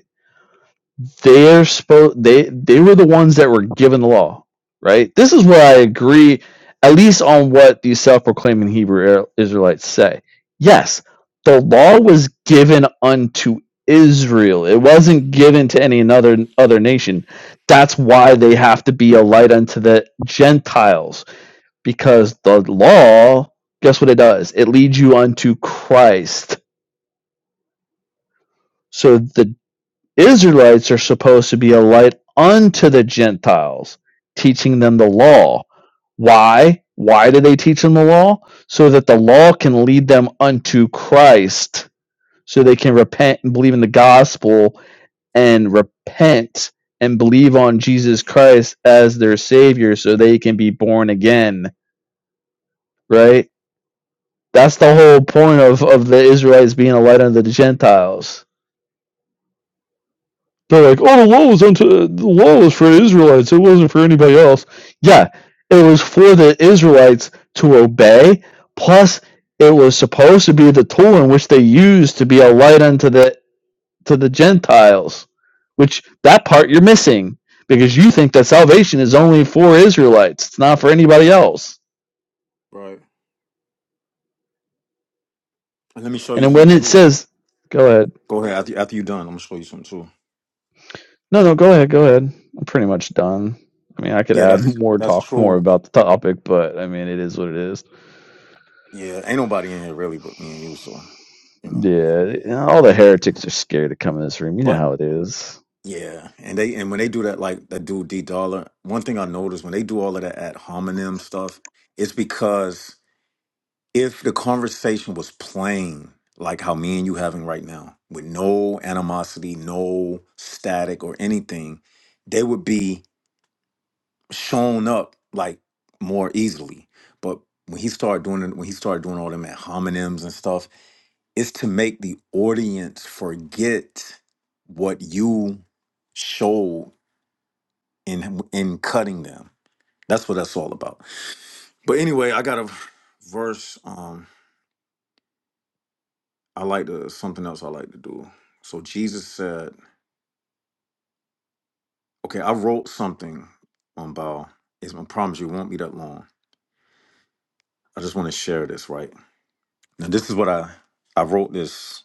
they're supposed they they were the ones that were given the law, right? This is where I agree, at least on what these self-proclaiming Hebrew Er-, Israelites say. Yes, the law was given unto Israel. It wasn't given to any another other nation. That's why they have to be a light unto the Gentiles, because the law, guess what it does? It leads you unto Christ. So the Israelites are supposed to be a light unto the Gentiles, teaching them the law. Why? Why do they teach them the law? So that the law can lead them unto Christ, so they can repent and believe in the gospel and repent and believe on Jesus Christ as their Savior so they can be born again, right? That's the whole point of, of the Israelites being a light unto the Gentiles. They're like, oh, the law was unto the law was for Israelites. It wasn't for anybody else. Yeah, it was for the Israelites to obey. Plus, it was supposed to be the tool in which they used to be a light unto the to the Gentiles. Which that part you're missing because you think that salvation is only for Israelites. It's not for anybody else. Right. And let me show And you then when something it true. says, go ahead. Go ahead. After, after you're done, I'm gonna show you something true. No, no, go ahead. Go ahead. I'm pretty much done. I mean, I could Yeah, add that's more, that's talk more true. about the topic, but I mean, it is what it is. Yeah, ain't nobody in here really but me and you, so you know. Yeah, you know, all the heretics are scared to come in this room. You know how it is. Yeah, and they and when they do that, like that dude D Dollar. One thing I noticed when they do all of that ad hominem stuff, it's because if the conversation was plain, like how me and you having right now, with no animosity, no static or anything, they would be shown up like more easily. But when he started doing it, when he started doing all them ad hominems and stuff, it's to make the audience forget what you showed in in cutting them. That's what that's all about. But anyway, I got a verse. Um, I like to something else I like to do. So Jesus said, "Okay, I wrote something on Bao. It's I promise you, it won't be that long. I just want to share this right now. This is what I I wrote this.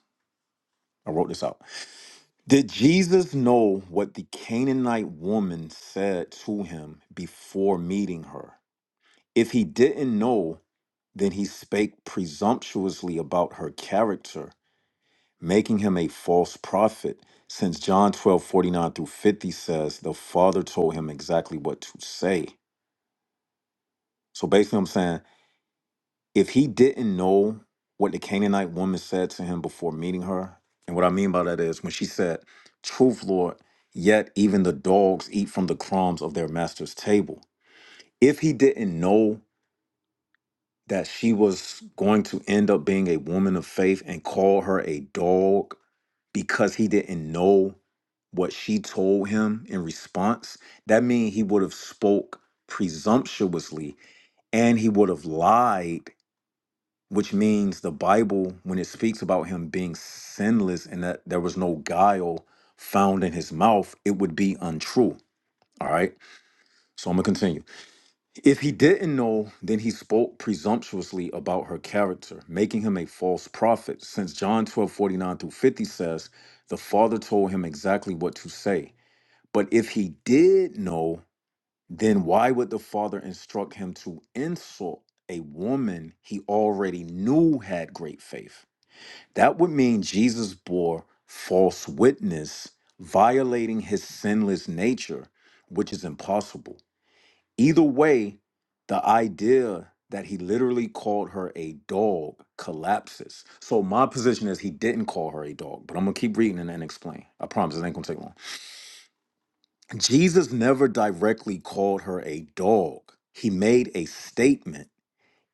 I wrote this out. Did Jesus know what the Canaanite woman said to him before meeting her? If he didn't know, then he spake presumptuously about her character making him a false prophet, since John 12 49 through 50 says the Father told him exactly what to say. So basically, I'm saying if he didn't know what the Canaanite woman said to him before meeting her, and what I mean by that is when she said, Truth, Lord, yet even the dogs eat from the crumbs of their master's table. If he didn't know that she was going to end up being a woman of faith and call her a dog because he didn't know what she told him in response that means he would have spoke presumptuously and he would have lied which means the bible when it speaks about him being sinless and that there was no guile found in his mouth it would be untrue all right so i'm gonna continue if he didn't know, then he spoke presumptuously about her character, making him a false prophet, since John 12 49 through 50 says, The Father told him exactly what to say. But if he did know, then why would the Father instruct him to insult a woman he already knew had great faith? That would mean Jesus bore false witness, violating his sinless nature, which is impossible. Either way, the idea that he literally called her a dog collapses. So my position is he didn't call her a dog, but I'm gonna keep reading and then explain. I promise it ain't gonna take long. Jesus never directly called her a dog. He made a statement.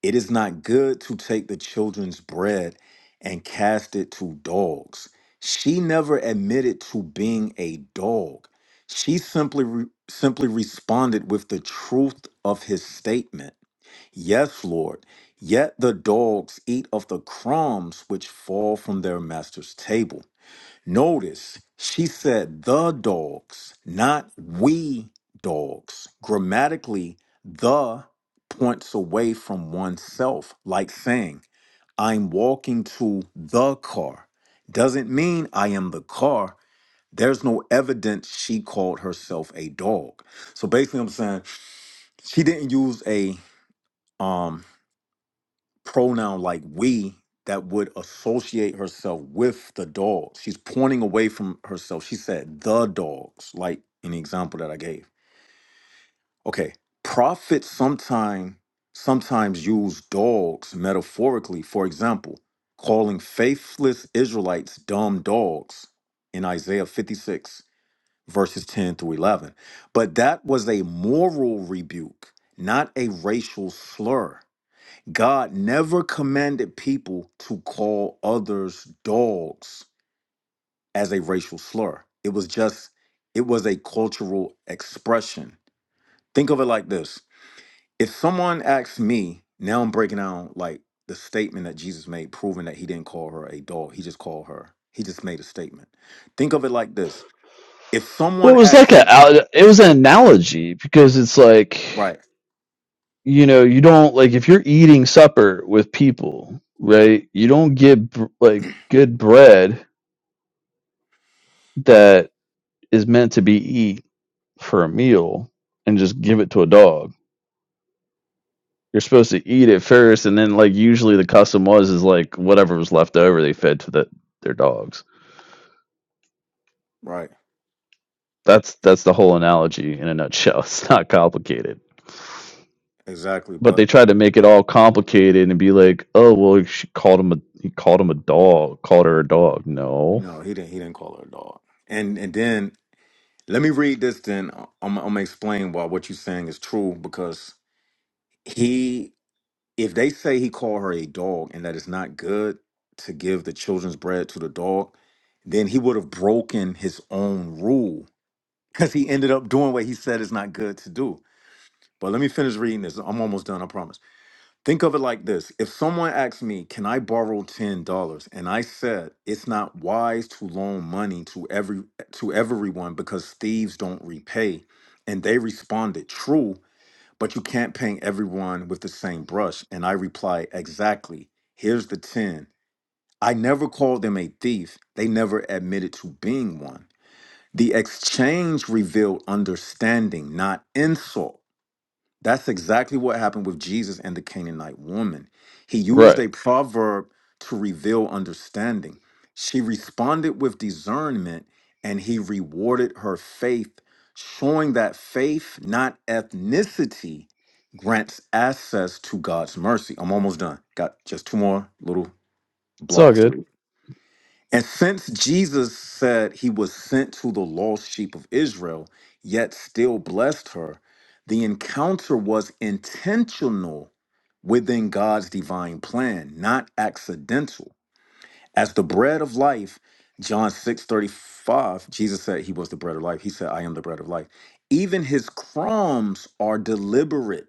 It is not good to take the children's bread and cast it to dogs. She never admitted to being a dog. She simply re- simply responded with the truth of his statement Yes, Lord, yet the dogs eat of the crumbs which fall from their master's table. Notice she said the dogs, not we dogs. Grammatically, the points away from oneself, like saying, I'm walking to the car. Doesn't mean I am the car. There's no evidence she called herself a dog. So basically, I'm saying she didn't use a um pronoun like we that would associate herself with the dogs. She's pointing away from herself. She said the dogs, like in the example that I gave. Okay. Prophets sometime sometimes use dogs metaphorically, for example, calling faithless Israelites dumb dogs in Isaiah 56, verses 10 through 11. But that was a moral rebuke, not a racial slur. God never commanded people to call others dogs as a racial slur. It was just, it was a cultural expression. Think of it like this if someone asks me, now I'm breaking down like the statement that Jesus made, proving that he didn't call her a dog, he just called her, he just made a statement. Think of it like this if Well, it someone was like asks a me, al- it was an analogy because it's like right, you know you don't like if you're eating supper with people, right? You don't get br- like good bread that is meant to be eat for a meal and just give it to a dog. You're supposed to eat it first, and then like usually the custom was is like whatever was left over they fed to the, their dogs. right, That's that's the whole analogy in a nutshell. It's not complicated. exactly, But they but tried to make it all complicated and be like, "Oh, well, she called him a he called him a dog, called her a dog." No, no, he didn't, he didn't call her a dog. And, and then Let me read this then. I'm, I'm gonna explain why what you're saying is true because he, if they say he called her a dog and that it's not good to give the children's bread to the dog, then he would have broken his own rule because he ended up doing what he said is not good to do. But let me finish reading this. I'm almost done, I promise. Think of it like this. If someone asked me, Can I borrow $10? And I said, It's not wise to loan money to every to everyone because thieves don't repay. And they responded, True, but you can't paint everyone with the same brush. And I replied, Exactly. Here's the 10. I never called them a thief. They never admitted to being one. The exchange revealed understanding, not insult. That's exactly what happened with Jesus and the Canaanite woman. He used right? a proverb to reveal understanding. She responded with discernment and he rewarded her faith, showing that faith, not ethnicity, grants access to God's mercy. I'm almost done. Got just two more little It's all blocks to good. read. And since Jesus said he was sent to the lost sheep of Israel, yet still blessed her, the encounter was intentional within God's divine plan, not accidental. As the bread of life, John 6 35, Jesus said he was the bread of life. He said, I am the bread of life. Even his crumbs are deliberate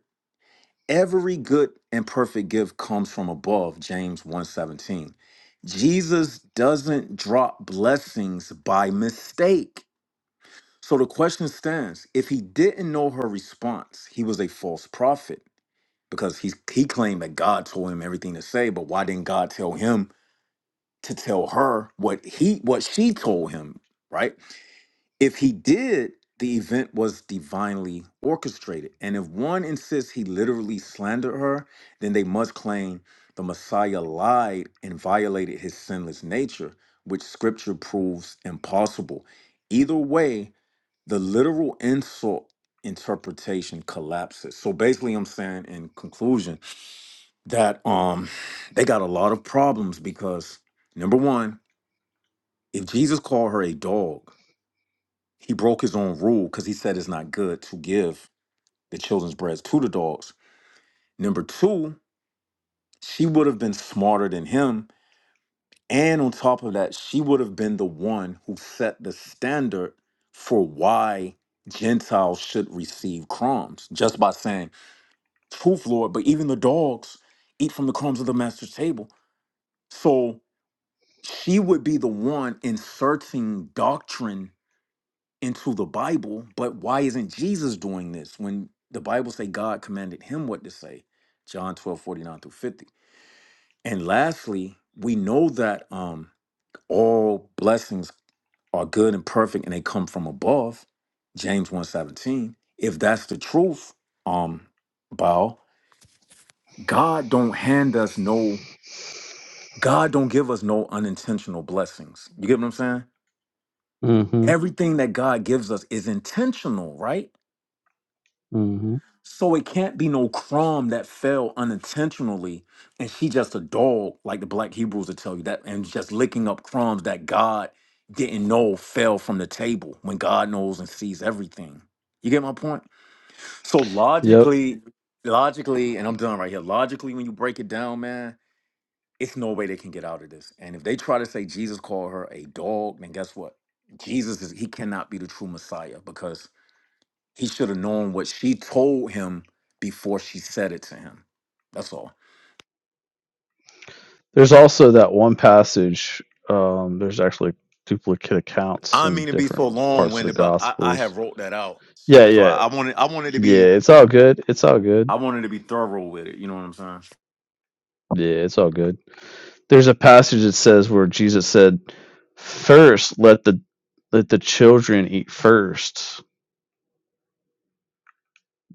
every good and perfect gift comes from above james one seventeen. jesus doesn't drop blessings by mistake so the question stands if he didn't know her response he was a false prophet because he, he claimed that god told him everything to say but why didn't god tell him to tell her what he what she told him right if he did, the event was divinely orchestrated. And if one insists he literally slandered her, then they must claim the Messiah lied and violated his sinless nature, which scripture proves impossible. Either way, the literal insult interpretation collapses. So basically I'm saying in conclusion that um they got a lot of problems because number 1, if Jesus called her a dog, he broke his own rule because he said it's not good to give the children's bread to the dogs. Number two, she would have been smarter than him. And on top of that, she would have been the one who set the standard for why Gentiles should receive crumbs just by saying, Truth, Lord, but even the dogs eat from the crumbs of the master's table. So she would be the one inserting doctrine into the Bible, but why isn't Jesus doing this when the Bible say God commanded him what to say? John 12 49 through 50. And lastly, we know that um all blessings are good and perfect and they come from above, James one seventeen. If that's the truth, um, Bao, God don't hand us no, God don't give us no unintentional blessings. You get what I'm saying? Mm-hmm. Everything that God gives us is intentional, right? Mm-hmm. So it can't be no crumb that fell unintentionally, and she just a dog, like the black Hebrews will tell you that, and just licking up crumbs that God didn't know fell from the table when God knows and sees everything. You get my point? So Yep. logically, logically, and I'm done right here. Logically, when you break it down, man, it's no way they can get out of this. And if they try to say Jesus called her a dog, then guess what? Jesus is he cannot be the true Messiah because he should have known what she told him before she said it to him. That's all. There's also that one passage. Um, there's actually duplicate accounts I don't in mean to be different so long parts of the winded, but I, I Gospels. have wrote that out. Yeah, So yeah, I, I wanted I wanted to yeah. be It's all good. It's all good. I wanted to be thorough with it. You know what I'm saying? Yeah, it's all good. there's a passage that says where Jesus said, First let the let the children eat first.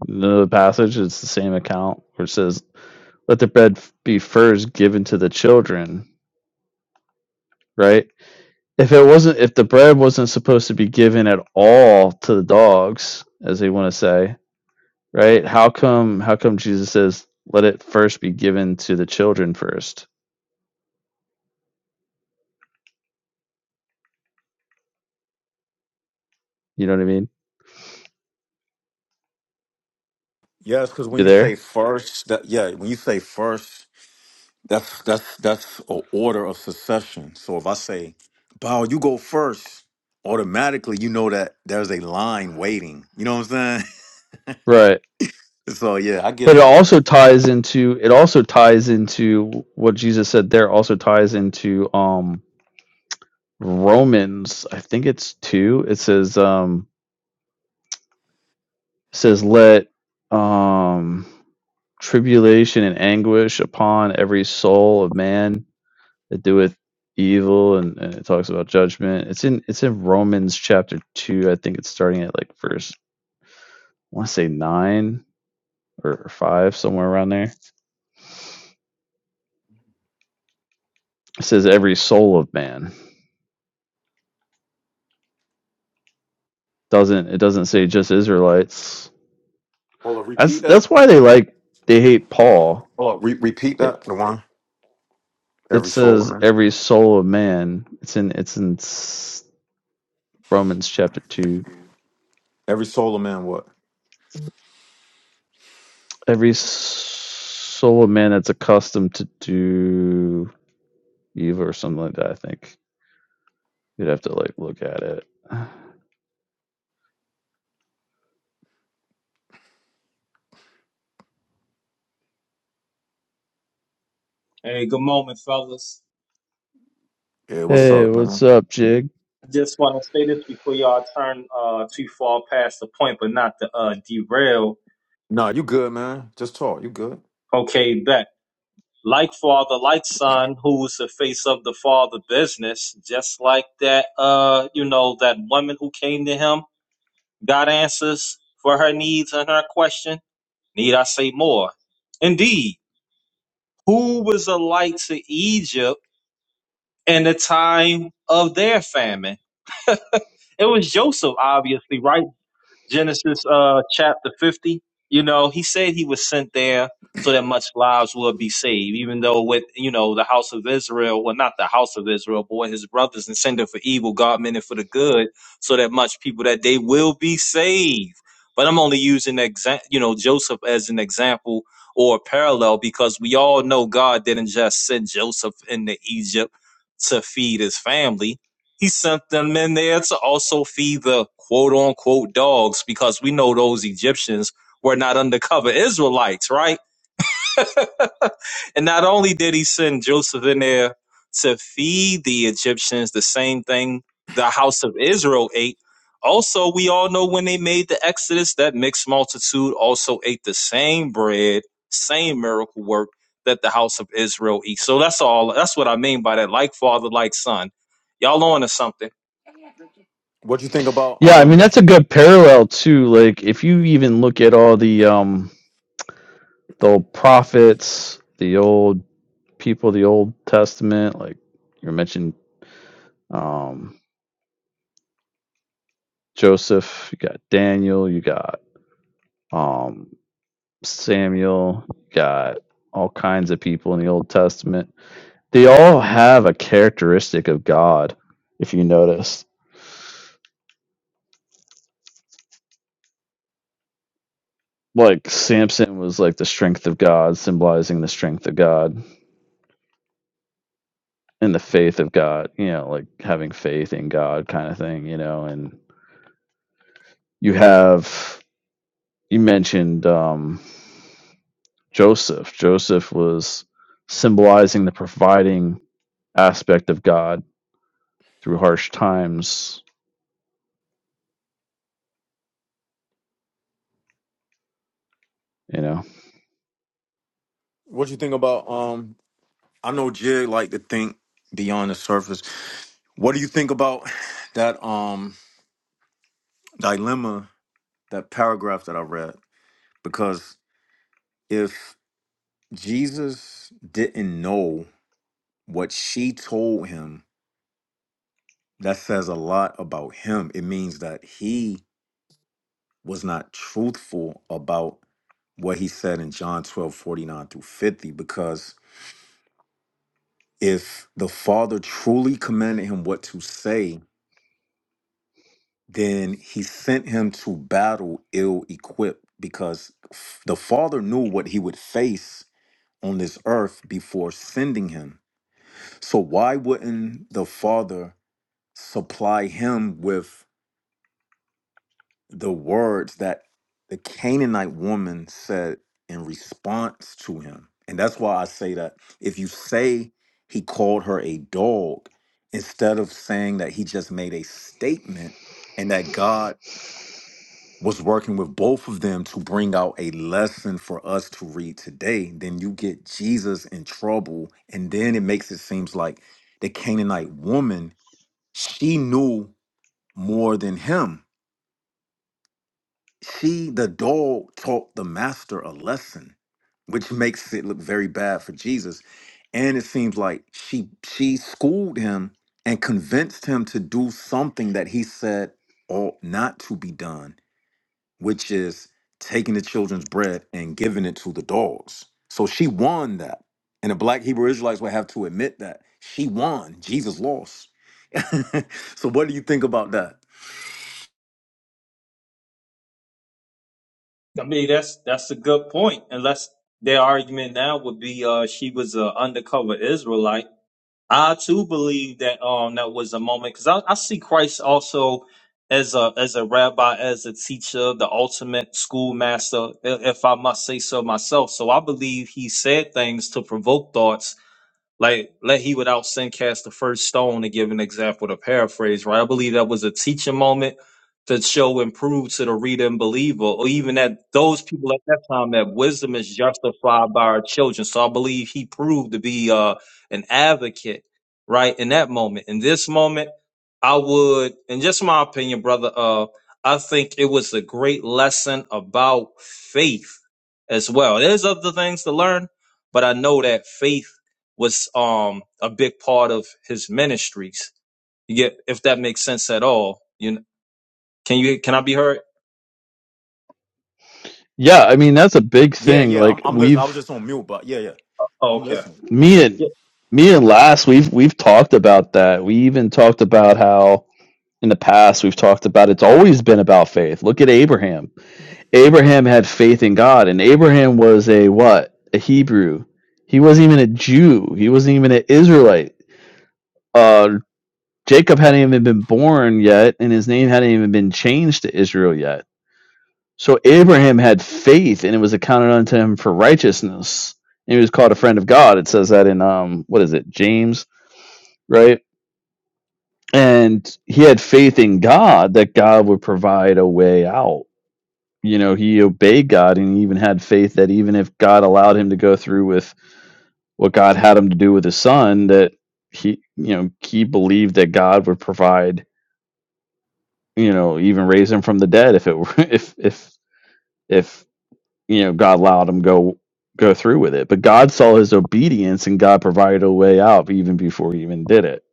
The passage it's the same account where it says, Let the bread be first given to the children, right? If it wasn't if the bread wasn't supposed to be given at all to the dogs, as they want to say, right? How come how come Jesus says let it first be given to the children first? You know what I mean? Yes, because when You you there? say first, that yeah, when you say first, that's that's that's an order of succession. So if I say, Bow, you go first," automatically you know that there's a line waiting. You know what I'm saying? Right. So yeah, I get But it you. also ties into it also ties into what Jesus said there also ties into um Romans, I think it's 2. It says um says let um tribulation and anguish upon every soul of man that doeth evil and, and it talks about judgment. It's in it's in Romans chapter 2. I think it's starting at like verse I want to say 9 or or 5 somewhere around there. It says every soul of man. doesn't it doesn't say just Israelites. Hold on, repeat That's that. that's why they like they hate Paul. Hold on, re- repeat They, that. The one. it Every soul says man. every soul of man. It's in it's in Romans chapter two. Every soul man. What? Every soul of man that's accustomed to do evil or something like that. I think you'd have to like look at it. Hey, good moment, fellas. Yeah. What's Hey, up, what's man? up, Jig? I just want to say this before y'all turn uh, too far past the point, but not to uh, derail. Nah, you good, man. Just talk. You good? Okay, bet. Like father, like son, who's the face of the father business, just like that, uh, you know, that woman who came to him, got answers for her needs and her question. Need I say more? Indeed, who was a light to Egypt in the time of their famine? It was Joseph, obviously, right? Genesis uh, chapter 50. You know, he said he was sent there so that much lives will be saved, even though with, you know, the house of Israel, well, not the house of Israel, but with his brothers intended for evil, God meant it for the good, so that much people that they will be saved. But I'm only using, exa- you know, Joseph as an example or a parallel because we all know God didn't just send Joseph into Egypt to feed his family he sent them in there to also feed the quote unquote dogs because we know those Egyptians were not undercover Israelites, right? and not only did he send Joseph in there to feed the Egyptians, the same thing the house of Israel ate. Also, we all know when they made the Exodus, that mixed multitude also ate the same bread, same miracle work that the house of Israel eats. So that's all. That's what I mean by that. Like father, like son. Y'all on to something. What you think about Yeah, I mean um? that's a good parallel too. Like if you even look at all the um the old prophets, the old people of the Old Testament, like you mentioned um, Joseph, you got Daniel, you got um, Samuel, you got all kinds of people in the Old Testament. They all have a characteristic of God, if you notice. Like Samson was like the strength of God, symbolizing the strength of God and the faith of God, you know, like having faith in God kind of thing, you know. And you have, you mentioned, um, Joseph. Joseph was symbolizing the providing aspect of God through harsh times, you know. What you think about um? I know Jig like to think beyond the surface. What do you think about that um dilemma? That paragraph that I read because if Jesus didn't know what she told him, that says a lot about him. It means that he was not truthful about what he said in John 12 49 through 50, because if the Father truly commanded him what to say, then he sent him to battle ill equipped because f- the Father knew what he would face on this earth before sending him. So, why wouldn't the Father supply him with? the words that the Canaanite woman said in response to him. And that's why I say that if you say he called her a dog, instead of saying that he just made a statement and that God was working with both of them to bring out a lesson for us to read today, then you get Jesus in trouble. And then it makes it seems like the Canaanite woman, she knew more than him She, the dog, taught the master a lesson, which makes it look very bad for Jesus. And it seems like she she schooled him and convinced him to do something that he said ought not to be done, which is taking the children's bread and giving it to the dogs. So she won that. And the black Hebrew Israelites would have to admit that. She won. Jesus lost. so what do you think about that? I mean, that's that's a good point. Unless their argument now would be, uh, she was an undercover Israelite. I too believe that um that was a moment because I, I see Christ also as a as a rabbi, as a teacher, the ultimate schoolmaster, i- if I must say so myself. So I believe he said things to provoke thoughts like, let he without sin cast the first stone, to give an example to paraphrase, right? I believe that was a teaching moment to show and prove to the reader and believer, or even that those people at that time that wisdom is justified by our children. So I believe he proved to be uh, an advocate, right, in that moment. In this moment, I would, in just my opinion, brother, uh, I think it was a great lesson about faith as well. There's other things to learn, but I know that faith was um a big part of his ministries. You get if that makes sense at all. You know, can you can I be heard? Yeah, I mean that's a big Yeah, thing. yeah. I'm, Like I'm listening. I was we've just on mute, but yeah, yeah. Oh, I'm okay. listening. me and Yeah. me and Last we've we've talked about that. We even talked about how in the past we've talked about it's always been about faith. Look at Abraham. Abraham had faith in God and Abraham was a what? A Hebrew. He wasn't even a Jew. He wasn't even an Israelite. Uh, Jacob hadn't even been born yet, and his name hadn't even been changed to Israel yet. So Abraham had faith, and it was accounted unto him for righteousness. And he was called a friend of God. It says that in um, what is it, James, right? And he had faith in God that God would provide a way out. You know, he obeyed God, and he even had faith that even if God allowed him to go through with what God had him to do with his son, that he, you know, he believed that God would provide you know, even raise him from the dead if it were, if if if you know God allowed him go go through with it. But God saw his obedience and God provided a way out even before he even did it,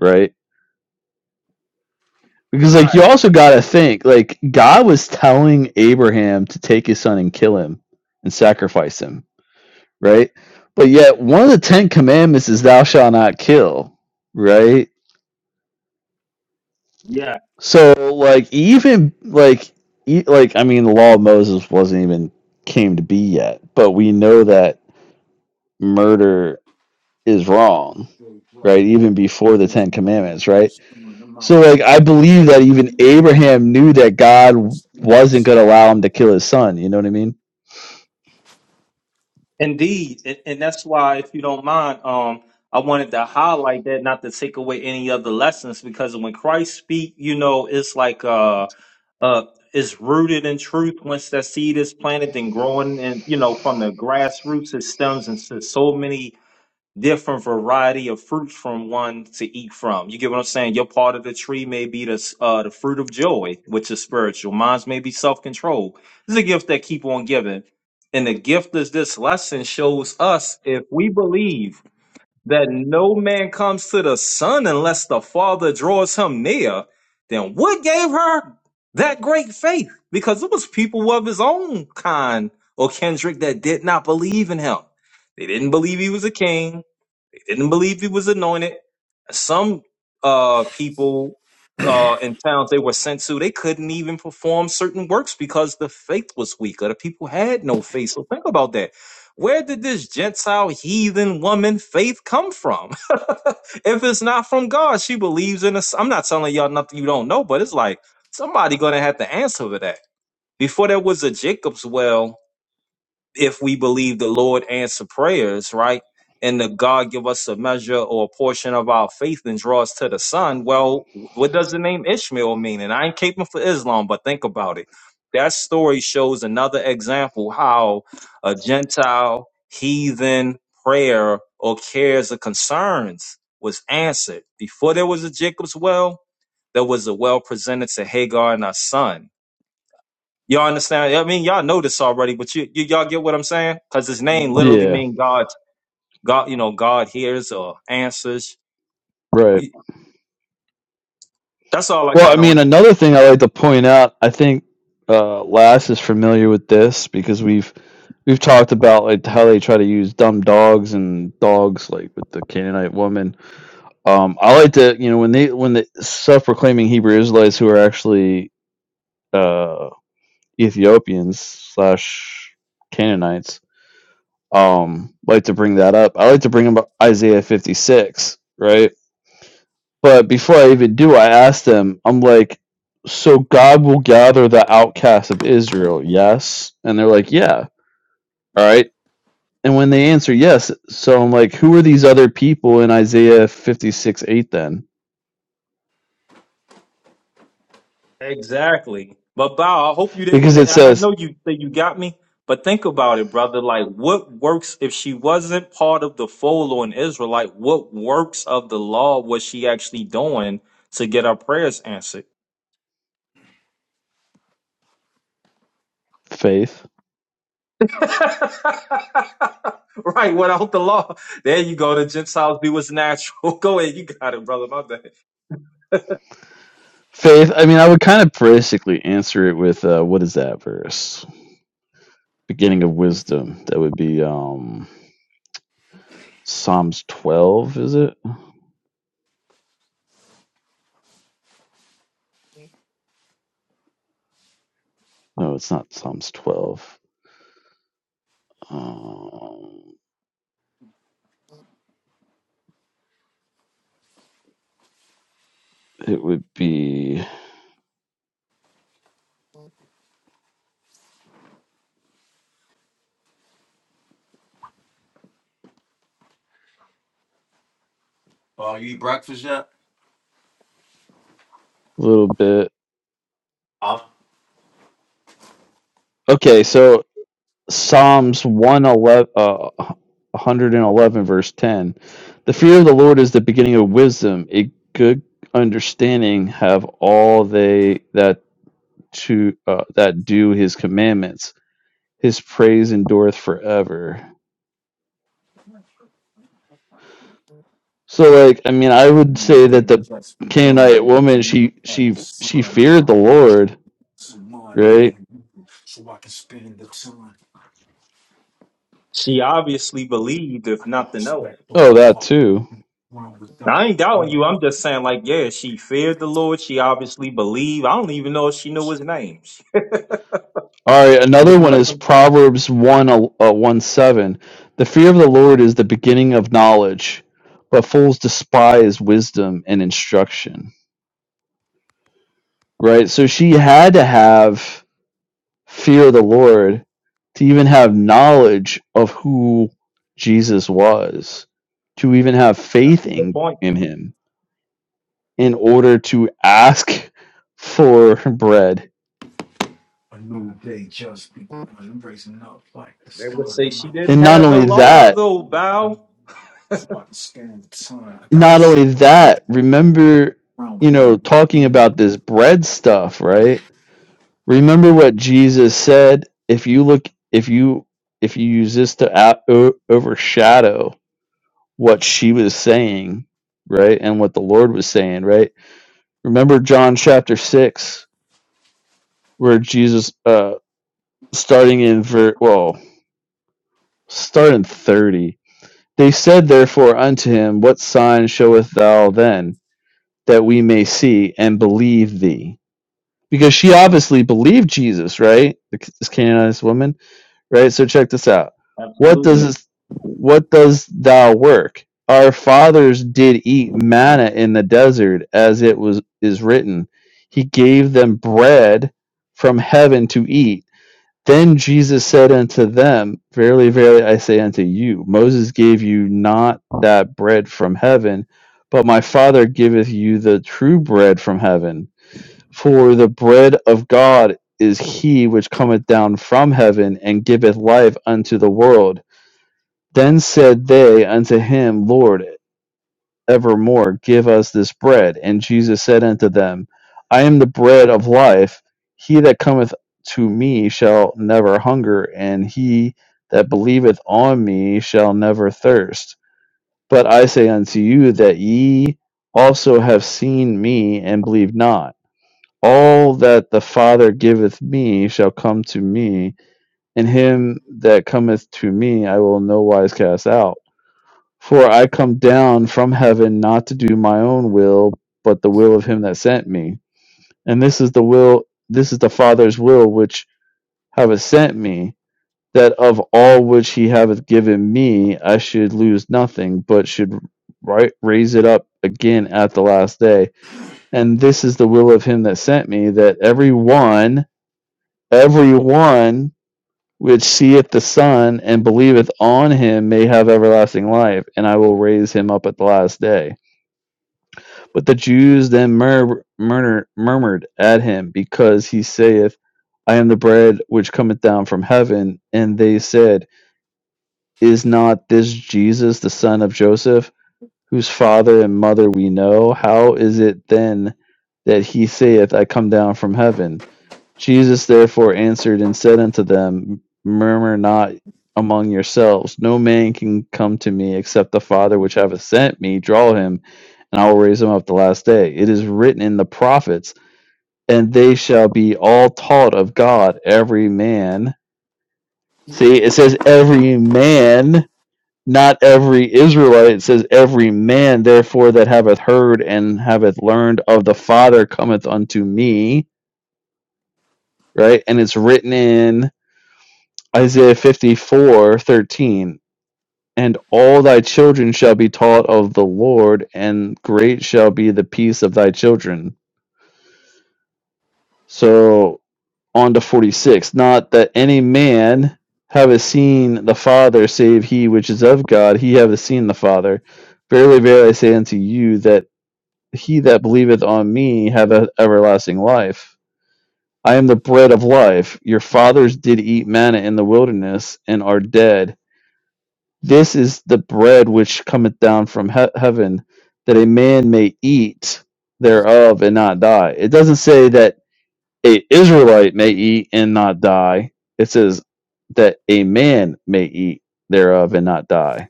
right? Because like you Right. also got to think like God was telling Abraham to take his son and kill him and sacrifice him, right? But yet one of the 10 commandments is thou shalt not kill, right? Yeah. So like even like e- like I mean the law of Moses wasn't even came to be yet, but we know that murder is wrong, right? Even before the 10 commandments, right? So like I believe that even Abraham knew that God wasn't going to allow him to kill his son, you know what I mean? Indeed, and, and that's why, if you don't mind, um, I wanted to highlight that, not to take away any of the lessons, because when Christ speak, you know, it's like uh, uh, it's rooted in truth. Once that seed is planted and growing, and you know, from the grassroots, it stems into so many different variety of fruits from one to eat from. You get what I'm saying? Your part of the tree may be the uh, the fruit of joy, which is spiritual. Mine's may be self control. This is a gift that keep on giving, and the gift is this lesson shows us if we believe that no man comes to the Son unless the Father draws him near, then what gave her that great faith? Because it was people of his own kind or kindred that did not believe in him. They didn't believe he was a king. Didn't believe he was anointed. Some uh, people uh, in towns they were sent to, they couldn't even perform certain works because the faith was weaker. The people had no faith. So think about that. Where did this Gentile heathen woman faith come from? if it's not from God, she believes in us. I'm not telling y'all nothing you don't know, but it's like somebody gonna have to answer for that. Before there was a Jacob's well, if we believe the Lord answer prayers, right? And the God give us a measure or a portion of our faith and draw us to the Son. Well, what does the name Ishmael mean? And I ain't caping for Islam, but think about it. That story shows another example how a Gentile heathen prayer or cares or concerns was answered. Before there was a Jacob's well, there was a well presented to Hagar and her son Y'all understand? I mean, y'all know this already, but you, you y'all get what I'm saying? Because his name literally Yeah, means God, God, you know, God hears or answers. right. That's all I Well, I got on mean it. another thing I like to point out, I think uh Lass is familiar with this because we've We've talked about like how they try to use dumb dogs and dogs like with the Canaanite woman. Um, I like to you know when they when the self-proclaiming Hebrew Israelites who are actually uh, Ethiopians slash Canaanites um, like to bring that up. I like to bring up Isaiah fifty six, right? But before I even do, I ask them. I'm like, so God will gather the outcasts of Israel, yes? And they're like, yeah. All right. And when they answer yes, so I'm like, who are these other people in Isaiah 56 8 then? Exactly. But Bow, I hope you Because didn't. it I I says know you that you got me, but think about it, brother. Like, what works if she wasn't part of the fold on Israel? Like, what works of the law was she actually doing to get her prayers answered? faith. right, without the law. There you go. The Gentiles do what's natural. go ahead. You got it, brother. My bad. Faith, I mean, I would kind of basically answer it with uh, what is that verse? Beginning of wisdom. That would be um, Psalms 12, is it? No, it's not Psalms 12. Um, it would be a Oh, you eat breakfast yet? little bit. i Okay, so Psalms 111, uh, 111, verse 10. The fear of the Lord is the beginning of wisdom. A good understanding have all they that to uh, that do his commandments. His praise endureth forever. So, like, I mean, I would say that the Canaanite woman, she she she feared the Lord, right? She obviously believed, if nothing else. Oh, that too. Now, I ain't doubting you. I'm just saying, like, yeah, she feared the Lord. She obviously believed. I don't even know if she knew his name. All right, Look another one at is them. Proverbs 1 uh, uh, 1 7. The fear of the Lord is the beginning of knowledge, but fools despise wisdom and instruction. Right? So she had to have fear of the Lord to even have knowledge of who Jesus was, to even have That's a faith good in, point. in him in order to ask for bread. They would say she didn't And not have the only law, that, though, Bow. not only that, remember, you know, talking about this bread stuff, right? Remember what Jesus said, if you look if you if you use this to out, o- overshadow what she was saying, right? And what the Lord was saying, right? Remember John chapter 6 where Jesus uh starting in ver- well, start in 30. They said therefore unto him, what sign showeth thou then that we may see and believe thee? because she obviously believed Jesus, right? This Canaanite woman, right? So check this out. What does Absolutely. this, what does thou work? Our fathers did eat manna in the desert, as it was is written. He gave them bread from heaven to eat. Then Jesus said unto them, Verily, verily, I say unto you, Moses gave you not that bread from heaven, but my Father giveth you the true bread from heaven. For the bread of God is he which cometh down from heaven and giveth life unto the world. Then said they unto him, Lord, evermore give us this bread. And Jesus said unto them, I am the bread of life. He that cometh to me shall never hunger, and he that believeth on me shall never thirst. But I say unto you that ye also have seen me and believe not. All that the Father giveth me shall come to me, and him that cometh to me I will in no wise cast out. For I come down from heaven not to do my own will, but the will of him that sent me. And this is the will this is the Father's will which hath sent me, that of all which he hath given me I should lose nothing, but should right raise it up again at the last day. And this is the will of him that sent me, that every one Every one which seeth the Son and believeth on him may have everlasting life, and I will raise him up at the last day. But the Jews then mur- murmur- murmured at him, because he saith, I am the bread which cometh down from heaven. And they said, Is not this Jesus the son of Joseph, whose father and mother we know? How is it then that he saith, I come down from heaven? Jesus therefore answered and said unto them, Murmur not among yourselves. No man can come to me except the Father which hath sent me draw him, and I will raise him up the last day. It is written in the prophets, and they shall be all taught of God, every man. See, it says every man, not every Israelite. It says every man, therefore, that hath heard and hath learned of the Father cometh unto me. Right? And it's written in Isaiah fifty four thirteen, and all thy children shall be taught of the Lord, and great shall be the peace of thy children. So on to 46. Not that any man have seen the Father, save he which is of God, he have seen the Father. Verily, verily, I say unto you, that he that believeth on me have everlasting life. I am the bread of life. Your fathers did eat manna in the wilderness, and are dead This is the bread which cometh down from he- heaven, that a man may eat thereof and not die. It doesn't say that a Israelite may eat and not die. It says that a man may eat thereof and not die.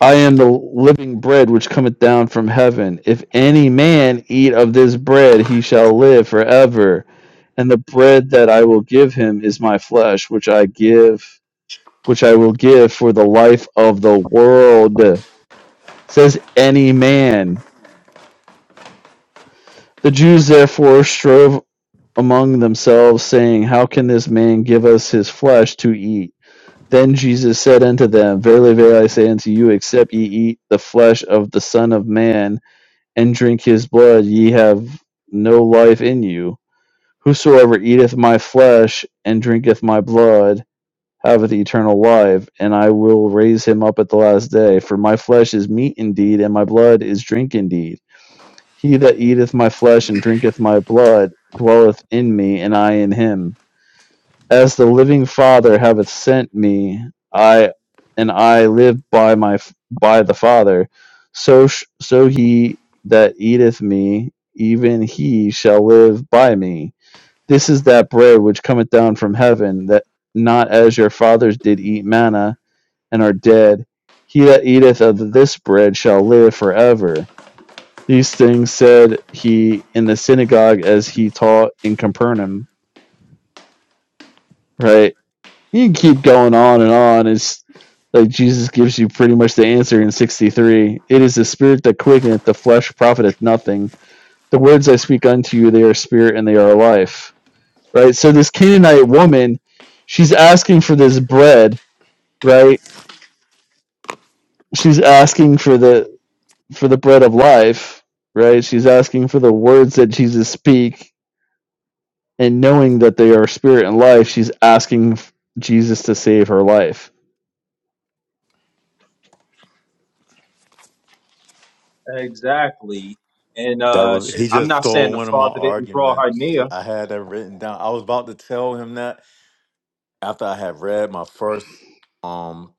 I am the living bread which cometh down from heaven. If any man eat of this bread, he shall live forever. And the bread that I will give him is my flesh, which I give which I will give for the life of the world, says any man. The Jews therefore strove among themselves, saying, How can this man give us his flesh to eat? Then Jesus said unto them, Verily, verily, I say unto you, except ye eat the flesh of the Son of Man, and drink his blood, ye have no life in you. Whosoever eateth my flesh and drinketh my blood haveth eternal life, and I will raise him up at the last day. For my flesh is meat indeed, and my blood is drink indeed. He that eateth my flesh and drinketh my blood dwelleth in me, and I in him. As the living Father haveth sent me, I and I live by my by the Father. So sh- so he that eateth me, even he shall live by me. This is that bread which cometh down from heaven, that not as your fathers did eat manna and are dead. He that eateth of this bread shall live forever. These things said he in the synagogue as he taught in Capernaum. Right? You can keep going on and on. It's like Jesus gives you pretty much the answer in 63. It is the spirit that quickeneth, the flesh profiteth nothing. The words I speak unto you, they are spirit and they are life right? So this Canaanite woman, she's asking for this bread, right? She's asking for the for the bread of life, right? She's asking for the words that Jesus speak, and knowing that they are spirit and life, she's asking Jesus to save her life. Exactly. And that uh, was sh- he I'm just not saying stole the one of my father didn't draw her arguments. near. I had that written down. I was about to tell him that after I had read my first um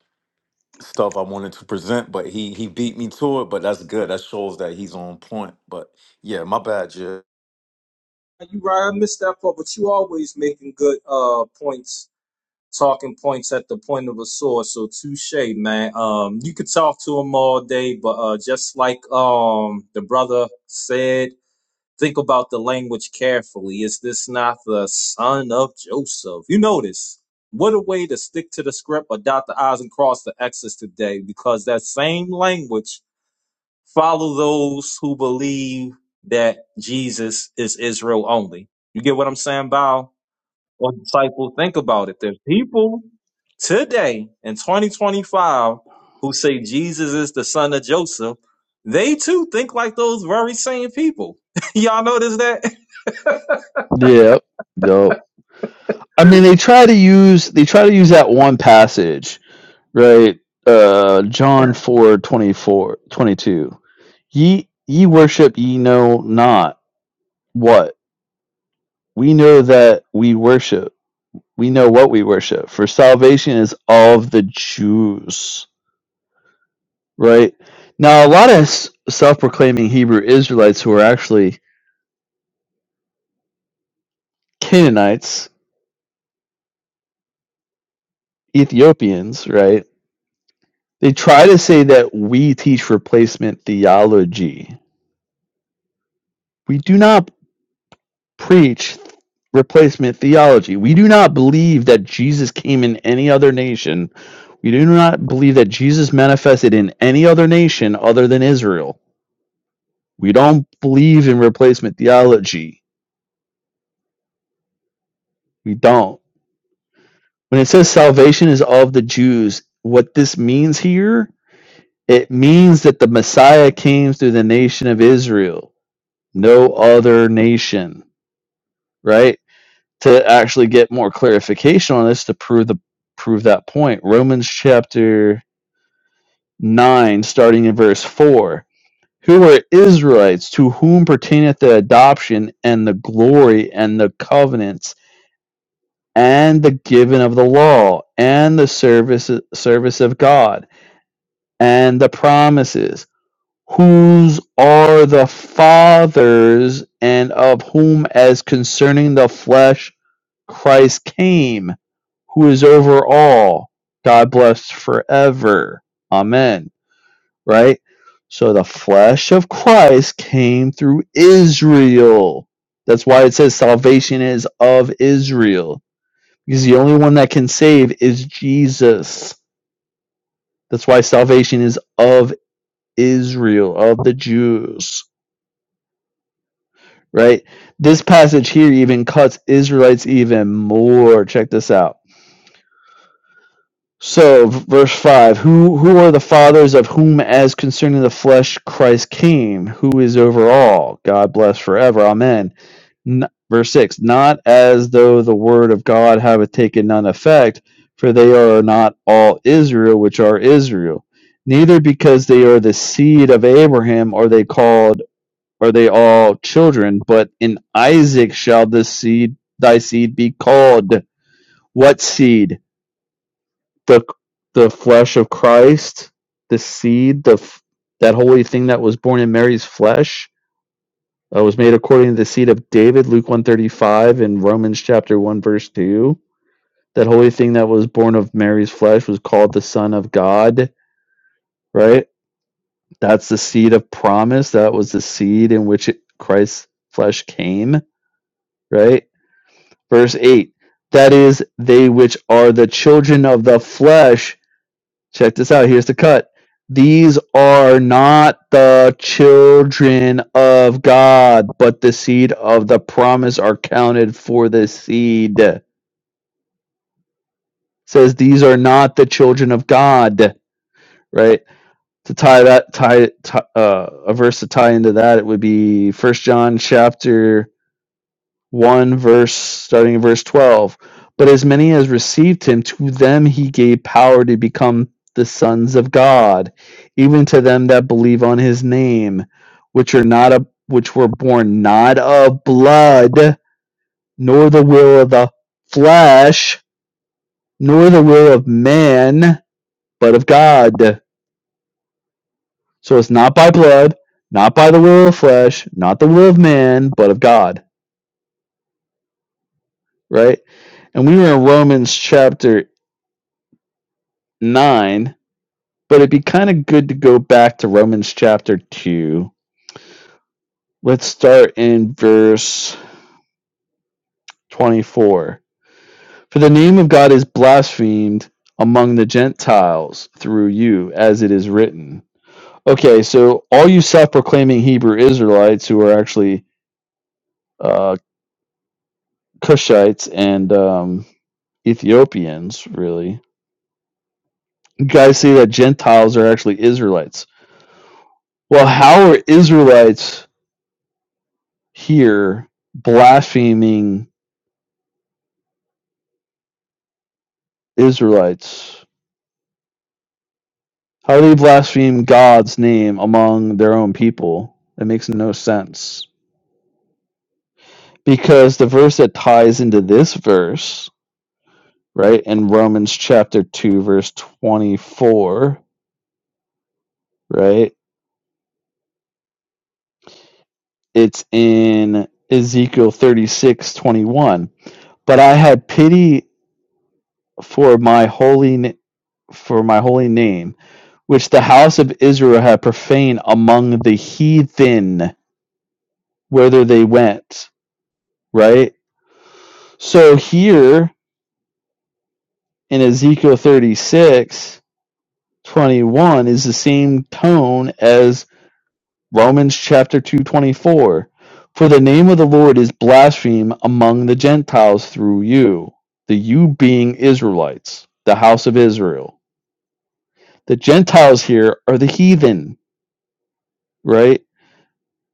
stuff I wanted to present, but he he beat me to it. But that's good. That shows that he's on point. But yeah, my bad, yeah. You right, I missed that part, but you always making good uh points, talking points at the point of a sword. So touche, man. Um, you could talk to him all day, but uh, just like um the brother said. Think about the language carefully. Is this not the son of Joseph? You notice what a way to stick to the script or dot the I's and cross the X's today, because that same language follow those who believe that Jesus is Israel only. You get what I'm saying, Bow? Or disciple, think about it. There's people today in 2025 who say Jesus is the son of Joseph. They too think like those very same people. Y'all notice that? Yep, yep. I mean, they try to use they try to use that one passage, right? Uh, John four twenty four twenty two. Ye ye worship ye know not what We know that we worship. We know what we worship. For salvation is all of the Jews, right? Now, a lot of self proclaiming Hebrew Israelites who are actually Canaanites, Ethiopians, right? They try to say that we teach replacement theology. We do not preach replacement theology. We do not believe that Jesus came in any other nation. We do not believe that Jesus manifested in any other nation other than Israel. We don't believe in replacement theology. We don't. When it says salvation is of the Jews, what this means here, it means that the Messiah came through the nation of Israel, no other nation, right? To actually get more clarification on this to prove the prove that point. Romans chapter 9 starting in verse 4. Who are Israelites to whom pertaineth the adoption and the glory and the covenants and the giving of the law and the service service of God and the promises whose are the fathers and of whom as concerning the flesh Christ came who is over all God bless forever amen right so the flesh of Christ came through Israel that's why it says salvation is of Israel because the only one that can save is Jesus. That's why salvation is of Israel, of the Jews, right? This passage here even cuts Israelites even more. Check this out. So, verse 5 Who who are the fathers of whom, as concerning the flesh, Christ came, who is over all? God bless forever. Amen. N- verse 6 Not as though the word of God have taken none effect, for they are not all Israel, which are Israel. Neither because they are the seed of Abraham are they called, are they all children, but in Isaac shall this seed, thy seed be called. What seed? the the flesh of Christ, the seed, the that holy thing that was born in Mary's flesh, uh, was made according to the seed of David, Luke one thirty five, and Romans chapter one verse two. That holy thing that was born of Mary's flesh was called the Son of God. Right, that's the seed of promise. That was the seed in which it, Christ's flesh came. Right, verse eight. That is, they which are the children of the flesh check this out. Here's the cut. These are not the children of God, but the seed of the promise are counted for the seed. It says these are not the children of God, right? To tie that tie, tie uh, a verse to tie into that, it would be First John chapter 1 verse starting in verse 12 but as many as received him to them he gave power to become the sons of god even to them that believe on his name which are not a, which were born not of blood nor the will of the flesh nor the will of man but of god so it's not by blood not by the will of flesh not the will of man but of god right and we were in romans chapter 9 But it'd be kind of good to go back to Romans chapter 2. Let's start in verse 24. For the name of God is blasphemed among the Gentiles through you, as it is written. Okay, so all you self proclaiming Hebrew Israelites who are actually uh, Cushites and um, Ethiopians, really, you guys say that Gentiles are actually Israelites. Well, how are Israelites here blaspheming Israelites. How do they blaspheme God's name among their own people? That makes no sense. Because the verse that ties into this verse, right, in Romans chapter 2, verse 24, right, it's in Ezekiel 36, 21. But I had pity for my holy na- for my holy name, which the house of Israel had profaned among the heathen, whither they went, right? So here in Ezekiel 36 21 is the same tone as Romans chapter 2 24, For the name of the Lord is blasphemed among the Gentiles through you, the you being Israelites, the house of Israel. The Gentiles here are the heathen, right?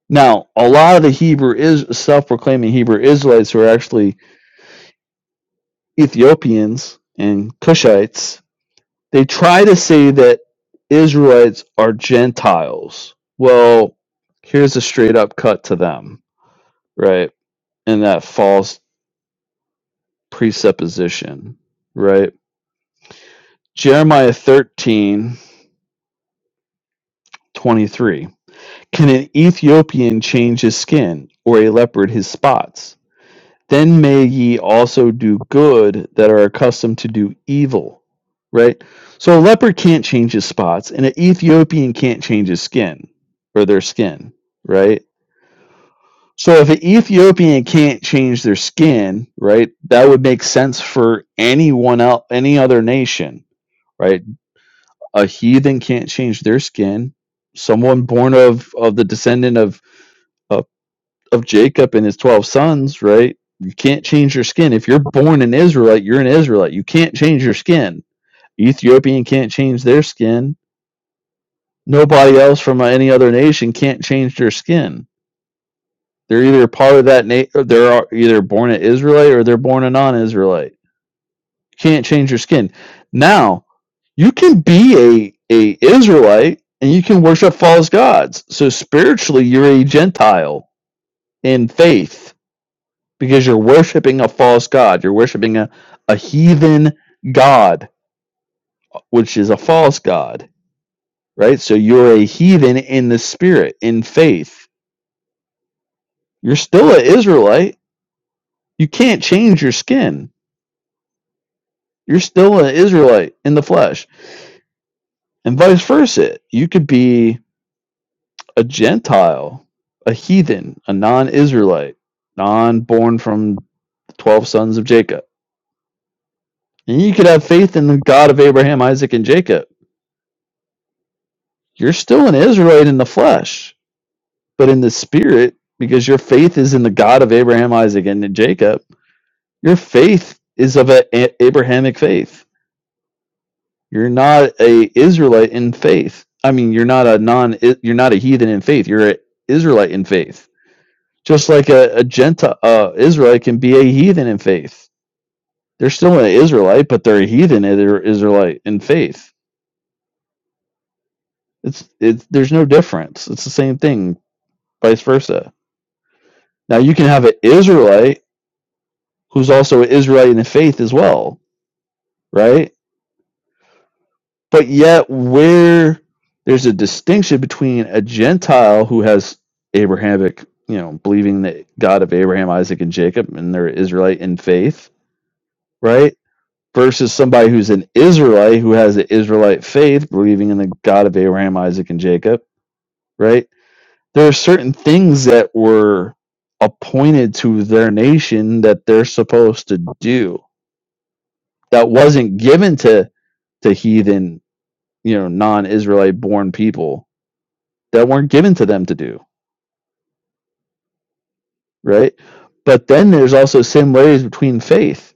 Now, a lot of the Hebrew is self proclaiming Hebrew Israelites who are actually Ethiopians and Cushites They try to say that Israelites are Gentiles. Well, here's a straight up cut to them, right? And that false presupposition, right? Jeremiah 13 23. Can an Ethiopian change his skin or a leopard his spots? then may ye also do good that are accustomed to do evil. Right? So a leopard can't change his spots, and an Ethiopian can't change his skin or their skin, right? So if an Ethiopian can't change their skin, right, that would make sense for anyone else, any other nation, right? A heathen can't change their skin. Someone born of of the descendant of of of Jacob and his 12 sons, right? You can't change your skin. If you're born an Israelite, you're an Israelite. You can't change your skin. Ethiopian can't change their skin. Nobody else from any other nation can't change their skin. They're either part of that na- they're either born an Israelite or they're born a non-Israelite. You can't change your skin. Now, you can be a a Israelite and you can worship false gods. So spiritually, you're a Gentile in faith because you're worshiping a false god. You're worshiping a, a heathen god, which is a false god, right? So you're a heathen in the spirit, in faith. You're still an Israelite. You can't change your skin. You're still an Israelite in the flesh, and vice versa. You could be a Gentile, a heathen, a non Israelite, non born from the 12 sons of Jacob. And you could have faith in the God of Abraham, Isaac, and Jacob. You're still an Israelite in the flesh but in the spirit, because your faith is in the God of Abraham, Isaac, and Jacob, your faith is of an Abrahamic faith. You're not a Israelite in faith. I mean, you're not a non. You're not a heathen in faith. You're an Israelite in faith. Just like a, a Gentile uh, Israelite can be a heathen in faith. They're still an Israelite, but they're a heathen and they're Israelite in faith. It's it's there's no difference. It's the same thing, vice versa. Now you can have an Israelite who's also an Israelite in faith as well right? But yet, where there's a distinction between a Gentile who has Abrahamic, you know, believing the God of Abraham, Isaac, and Jacob, and they're Israelite in faith, right? Versus somebody who's an Israelite who has an Israelite faith, believing in the God of Abraham, Isaac, and Jacob, right? There are certain things that were appointed to their nation that they're supposed to do that wasn't given to to heathen, you know, non-Israelite born people that weren't given to them to do, right? But then there's also similarities between faith.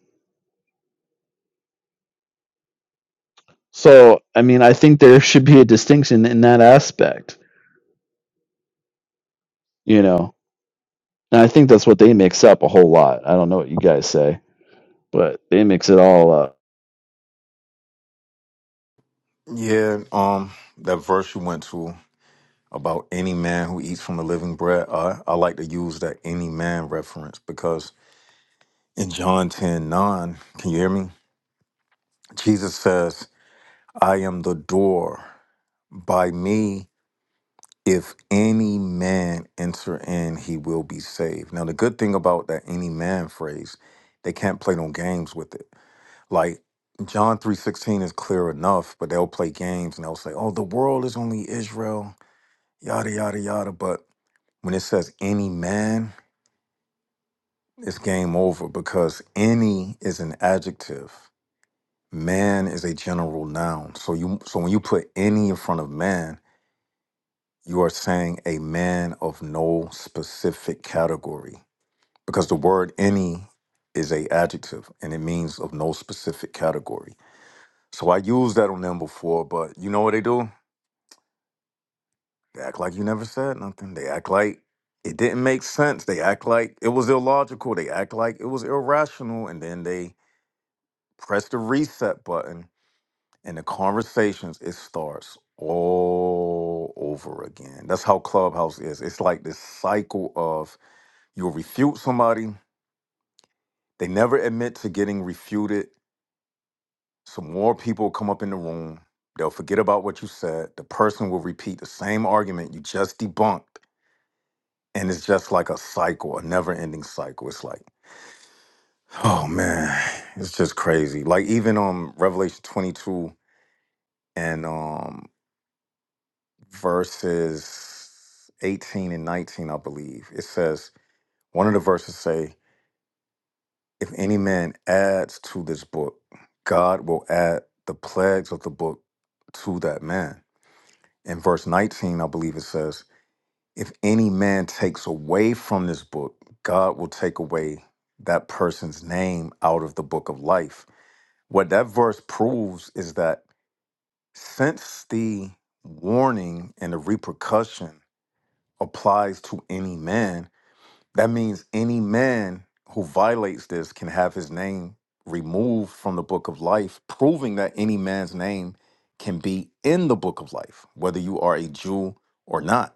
So, I mean, I think there should be a distinction in that aspect, you know. And I think that's what they mix up a whole lot. I don't know what you guys say, but they mix it all up. Yeah. Um, that verse you went to about any man who eats from the living bread. I I like to use that any man reference because In John 10 9, can you hear me? Jesus says, I am the door. By me, if any man enter in, he will be saved. Now, the good thing about that any man phrase, they can't play no games with it. Like John 3.16 is clear enough, but they'll play games and they'll say, oh, the world is only Israel, yada, yada, yada. But when it says any man, it's game over because any is an adjective. Man is a general noun. So you so when you put any in front of man, you are saying a man of no specific category because the word any is a adjective and it means of no specific category. So I used that on them before, but you know what they do? They act like you never said nothing. They act like it didn't make sense. They act like it was illogical. They act like it was irrational and then they press the reset button and the conversations it starts all over again. That's how Clubhouse is. It's like this cycle of you'll refute somebody, they never admit to getting refuted. Some more people come up in the room, they'll forget about what you said. The person will repeat the same argument you just debunked. And it's just like a cycle, a never ending cycle. It's like, oh man, it's just crazy. Like even um Revelation 22 and um verses 18 and 19, I believe. It says, one of the verses say, if any man adds to this book, God will add the plagues of the book to that man. In verse 19, I believe it says, if any man takes away from this book, God will take away that person's name out of the book of life. What that verse proves is that since the warning and the repercussion applies to any man, that means any man who violates this can have his name removed from the book of life, proving that any man's name can be in the book of life, whether you are a Jew or not.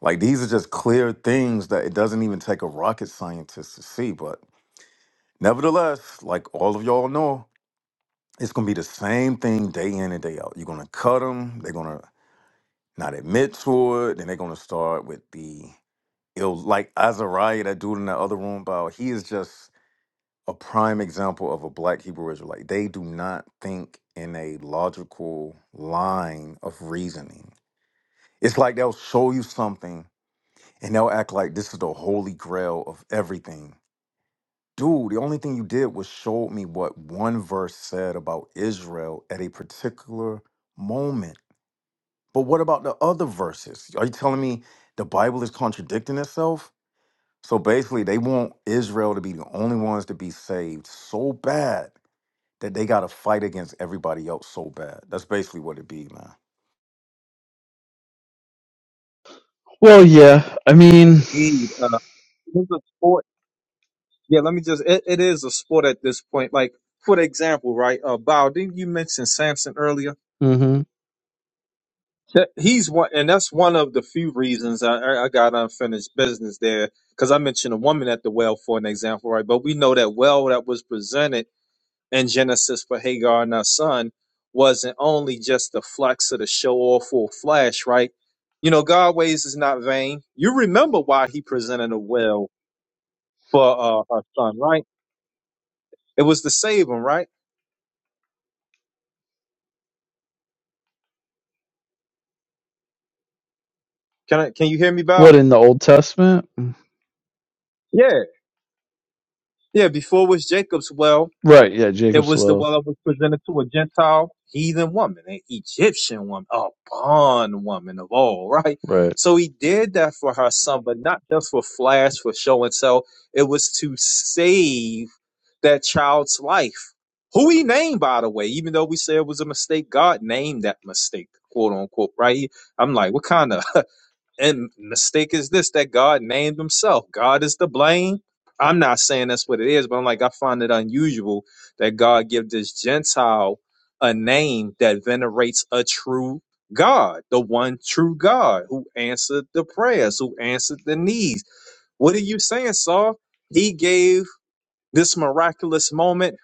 Like these are just clear things that it doesn't even take a rocket scientist to see. But nevertheless, like all of y'all know, it's gonna be the same thing day in and day out. You're gonna cut them, they're gonna not admit to it, then they're gonna start with the yo, like Azariah, that dude in the other room, about he is just a prime example of a black Hebrew Israelite. Like, They do not think in a logical line of reasoning. It's like they'll show you something and they'll act like this is the holy grail of everything. Dude, the only thing you did was show me what one verse said about Israel at a particular moment. But what about the other verses? Are you telling me the Bible is contradicting itself? So basically, they want Israel to be the only ones to be saved so bad that they got to fight against everybody else so bad. That's basically what it be, man. Well, yeah. I mean, Indeed, uh, it's a sport. Yeah, let me just. It, it is a sport at this point. Like for example, right? Uh, Bao, didn't you mention Samson earlier? mhm. That- He's one, and that's one of the few reasons I, I I got unfinished business there because I mentioned a woman at the well for an example, right? But we know that well that was presented in Genesis for Hagar and her son wasn't only just the flex of the show off or flash, right? You know, God ways is not vain. You remember why he presented a well for uh, her son, right? It was to save him, right? Can I, can you hear me, what Val? in the Old Testament? Yeah. Yeah, before it was Jacob's well, Right. Yeah. it Jacob's was the well. well that was presented to a Gentile heathen woman, an Egyptian woman, a bond woman of all, right? Right. So he did that for her son, but not just for flash, for show and sell. It was to save that child's life. Who he named, by the way, even though we said it was a mistake, God named that mistake, quote unquote, right? I'm like, what kind of And mistake is this that God named himself. God is to blame. I'm not saying that's what it is, but I'm like, I find it unusual that God give this Gentile a name that venerates a true God, the one true God who answered the prayers, who answered the needs. What are you saying, Saul? He gave this miraculous moment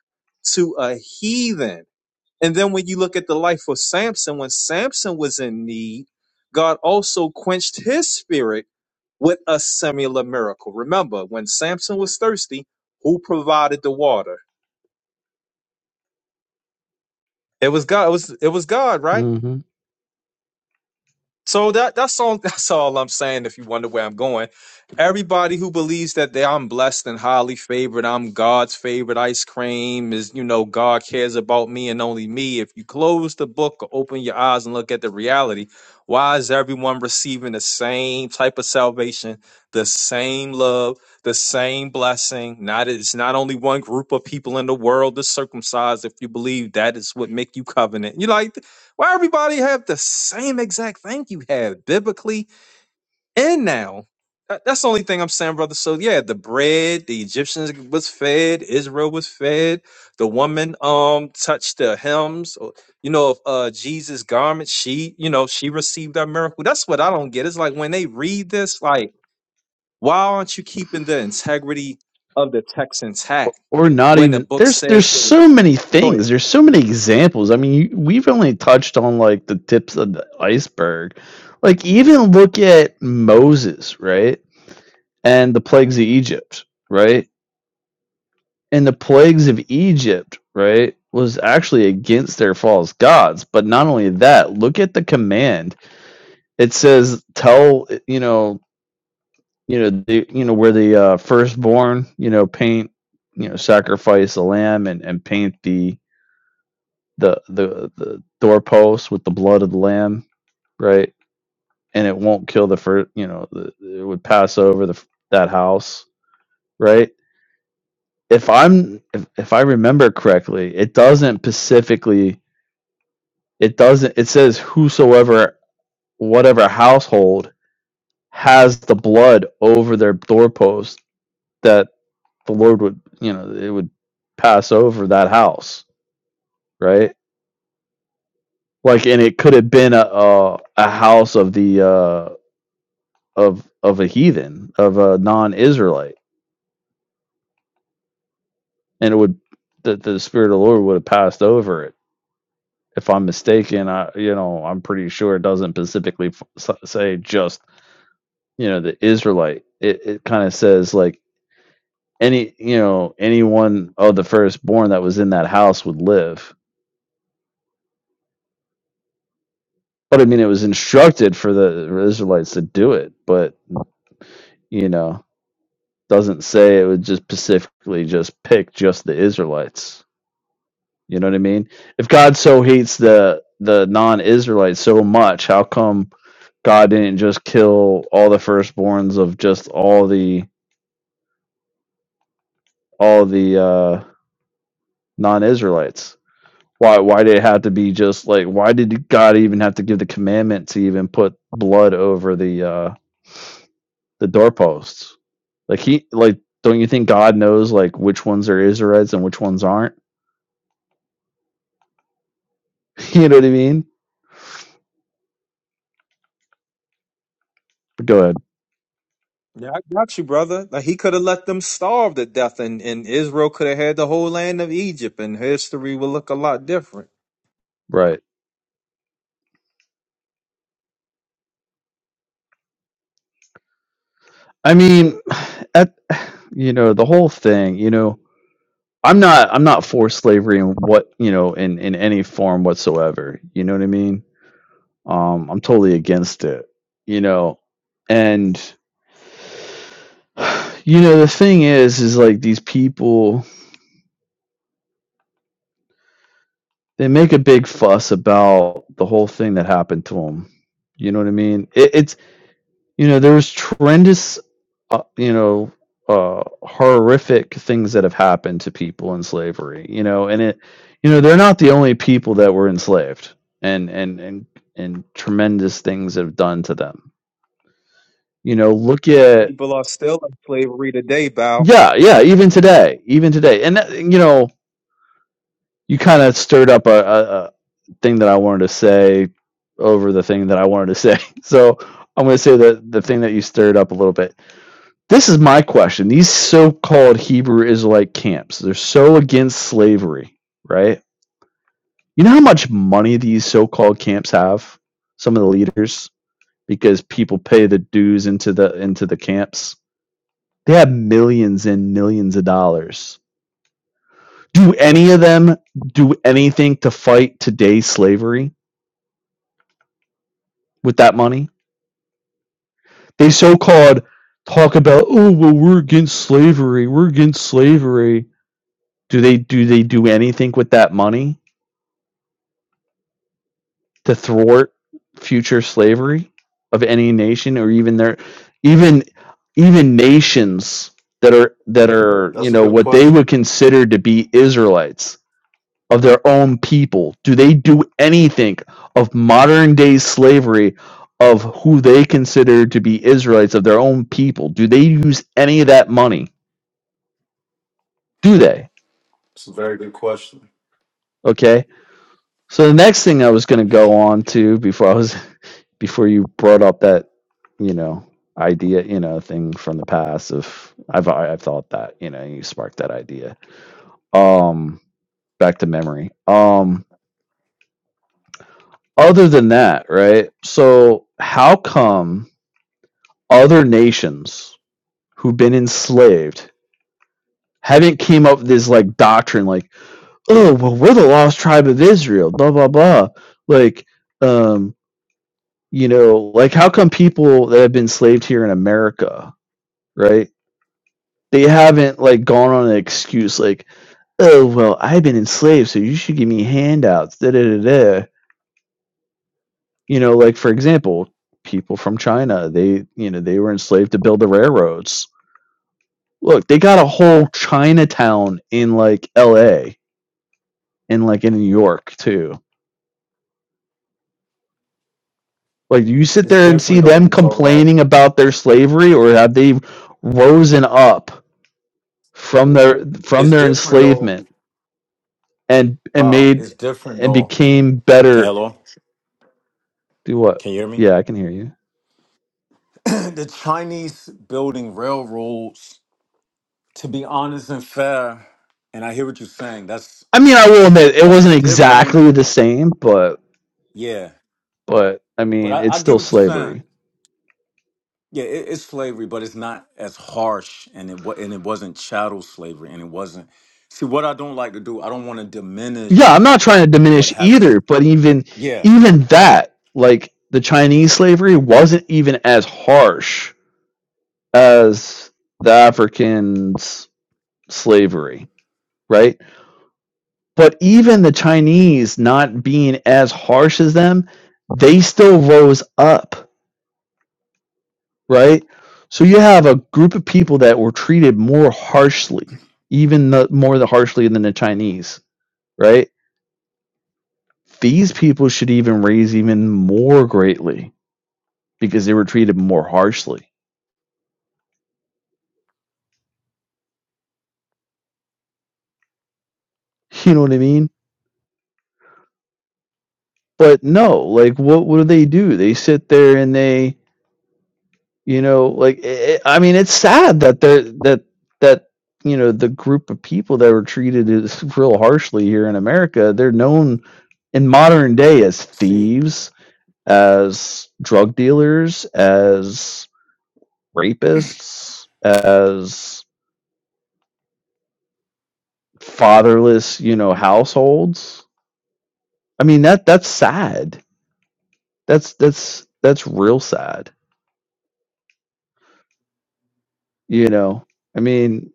to a heathen. And then when you look at the life of Samson, when Samson was in need, God also quenched his spirit with a similar miracle. Remember, when Samson was thirsty, who provided the water? It was God. It was it was God, right? Mm-hmm. So that that's all that's all I'm saying if you wonder where I'm going. Everybody who believes that they I'm blessed and highly favored, I'm God's favorite ice cream, is you know, God cares about me and only me. If you close the book or open your eyes and look at the reality, why is everyone receiving the same type of salvation, the same love, the same blessing? Not it's not only one group of people in the world that's circumcised if you believe that is what make you covenant. You like why everybody have the same exact thing you have biblically and now? That- That's the only thing I'm saying, brother. So yeah, the bread, the Egyptians was fed, Israel was fed, the woman um touched the hems, or, you know, of uh Jesus' garment, she, you know, she received that miracle. That's what I don't get. It's like when they read this, like, why aren't you keeping the integrity of the text intact or not when the even book there's there's says what it? so many Go ahead. things there's so many examples i mean you, we've only touched on like the tips of the iceberg like even look at moses right and the plagues of egypt right and the plagues of egypt right was actually against their false gods but not only that look at the command it says tell you know you know the, you know where the uh, firstborn you know paint you know sacrifice the lamb and and paint the the the the doorpost with the blood of the lamb, right? And it won't kill the first, you know, the, it would pass over the that house, right? If I'm if, if I remember correctly, it doesn't specifically it doesn't it says whosoever whatever household has the blood over their doorpost that the Lord would, you know, it would pass over that house, right? Like and it could have been a a, a house of the uh of of a heathen, of a non-Israelite, and it would that the spirit of the Lord would have passed over it. If I'm mistaken, I you know I'm pretty sure it doesn't specifically f- s- say just you know the Israelite. It it kind of says like any you know anyone of the firstborn that was in that house would live. But I mean, it was instructed for the Israelites to do it, but you know doesn't say it would just specifically just pick just the Israelites. You know what I mean? If God so hates the the non-Israelites so much, how come God didn't just kill all the firstborns of just all the all the uh, non-Israelites? Why why did it have to be just like why did God even have to give the commandment to even put blood over the uh, the doorposts? Like he like don't you think God knows like which ones are Israelites and which ones aren't? you know what I mean? But go ahead. Yeah, I got you, brother. Like he could have let them starve to death, and, and Israel could have had the whole land of Egypt, and history would look a lot different. Right. I mean, at you know the whole thing. You know, I'm not I'm not for slavery in what you know in in any form whatsoever. You know what I mean? Um, I'm totally against it. You know, and you know the thing is is like these people they make a big fuss about the whole thing that happened to them. You know what I mean? It, it's you know there's tremendous uh, you know uh horrific things that have happened to people in slavery you know and it you know they're not the only people that were enslaved and and and and tremendous things have done to them you know look at People are still in slavery today, Bow. yeah yeah even today even today and that- you know you kind of stirred up a, a, a thing that i wanted to say over the thing that i wanted to say so i'm going to say the the thing that you stirred up a little bit This is my question. These so-called Hebrew Israelite camps, they're so against slavery, right? You know how much money these so-called camps have? Some of the leaders because people pay the dues into the into the camps. They have millions and millions of dollars. Do any of them do anything to fight today's slavery with that money? They so-called talk about, "Oh, well we're against slavery. We're against slavery." Do they do they do anything with that money? to thwart future slavery of any nation or even their even even nations that are that are you That's a know good what they would question. consider to be Israelites of their own people do they do anything of modern day slavery of who they consider to be Israelites of their own people do they use any of that money do they It's a very good question. okay so the next thing I was going to go on to before I was before you brought up that you know idea you know thing from the past of i've I- have i have thought that you know you sparked that idea um back to memory um other than that right so how come other nations who've been enslaved haven't came up with this like doctrine like oh well we're the lost tribe of israel blah blah blah like um you know like how come people that have been enslaved here in america right? they haven't like gone on an excuse like, oh well, I've been enslaved, so you should give me handouts. Da da da da. You know, like for example, people from China, they you know they were enslaved to build the railroads. Look, they got a whole Chinatown in like L.A. and like in New York too. Like, you sit It's there and see different though them when you talk about. complaining about their slavery, or have they risen up from their from It's their different though, enslavement and and Bob. made It's different and though. became Can better hello? Do what? Can you hear me? Yeah, I can hear you. the Chinese building railroads, to be honest and fair, and I hear what you're saying. That's I mean, I will that's admit it that's wasn't different. exactly the same, but Yeah, but I but mean, I, it's I get still what you're saying. slavery. Yeah, it, it's slavery, but it's not as harsh, and it wa- and it wasn't chattel slavery, and it wasn't. See, what I don't like to do, I don't want to Yeah, I'm diminish not trying to what diminish happened. Cause either, but even yeah, even that, like the Chinese slavery wasn't even as harsh as the Africans slavery, right? But even the Chinese not being as harsh as them, they still rose up right? So you have a group of people that were treated more harshly, even the, more the harshly than the Chinese, right? These people should even raise even more greatly because they were treated more harshly. You know what I mean? But no, like what what do they do? They sit there and they, you know, like i I mean, it's sad that they're that that you know the group of people that were treated as real harshly here in America, they're known in modern day as see, thieves as drug dealers, as rapists, as fatherless, you know, households. I mean that that's sad. That's that's that's real sad. You know, I mean,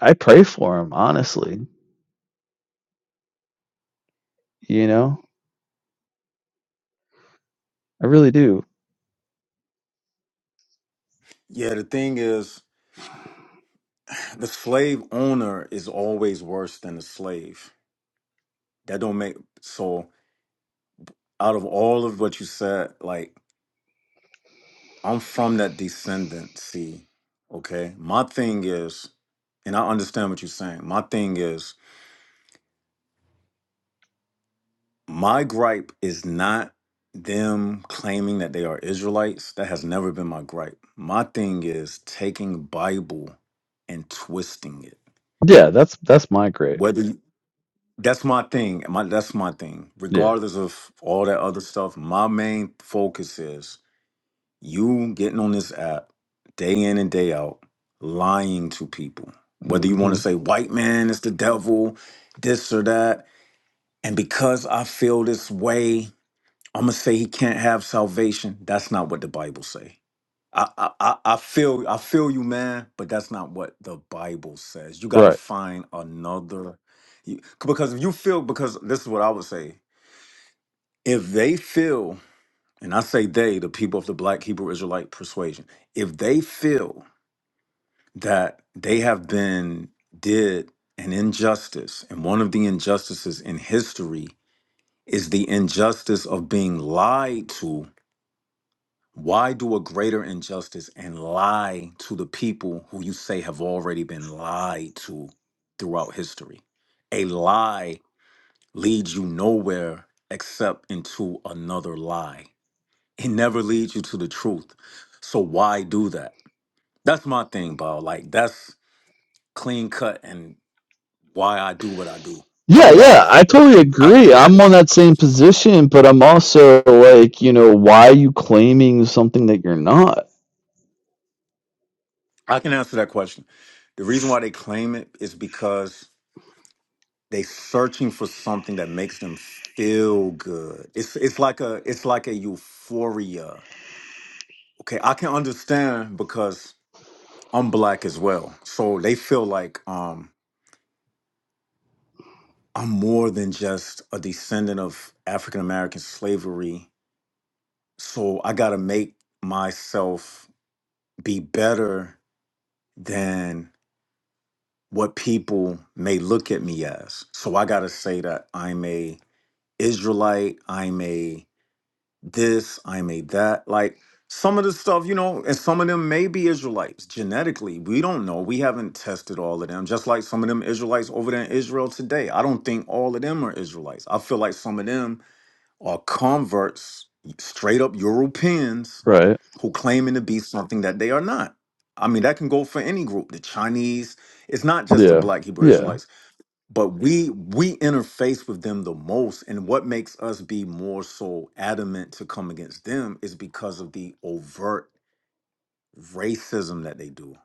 I pray for them, honestly. You know, I really do. yeah, the thing is, the slave owner is always worse than the slave. That don't make so. Out of all of what you said, like I'm from that descendancy. Okay, my thing is, and I understand what you're saying. My thing is, My gripe is not them claiming that they are Israelites. That has never been my gripe. My thing is taking Bible and twisting it. Yeah, that's that's my great. Whether you- that's my thing. My that's my thing. Yeah. Regardless of all that other stuff, my main focus is you getting on this app day in and day out, lying to people. Whether you want hmm to say white man is the devil, this or that. And because I feel this way, I'm gonna say he can't have salvation. That's not what the Bible say. I, I I I feel I feel you, man, but that's not what the Bible says. You gotta Right. find another, you, because if you feel, because this is what I would say. If they feel, and I say they, the people of the Black Hebrew Israelite persuasion, if they feel that they have been did an injustice, and one of the injustices in history is the injustice of being lied to Why do a greater injustice and lie to the people who you say have already been lied to throughout history? A lie leads you nowhere except into another lie. It never leads you to the truth. So why do that? That's my thing, Bob. Like that's clean cut and why I do what I do. Yeah, yeah, Otherwise, I totally I don't agree. care what I'm they on say. that same position, but I'm also like, you know, why are you claiming something that you're not? I can answer that question. The reason why they claim it is because they searching for something that makes them feel good. It's it's like a it's like a euphoria. Okay, I can understand because I'm black as well. So they feel like um I'm more than just a descendant of African American slavery. So I got to make myself be better than what people may look at me as. So I got to say that I'm a Israelite, I'm a this, I made that. Like some of the stuff, you know, and some of them may be Israelites genetically. We don't know. We haven't tested all of them. Just like some of them Israelites over there in Israel today. I don't think all of them are Israelites. I feel like some of them are converts, straight up Europeans Right. who claiming to be something that they are not. I mean, that can go for any group. The Chinese, it's not just the Yeah. black Hebrew Yeah. Israelites but we we interface with them the most and what makes us be more so adamant to come against them is because of the overt racism that they do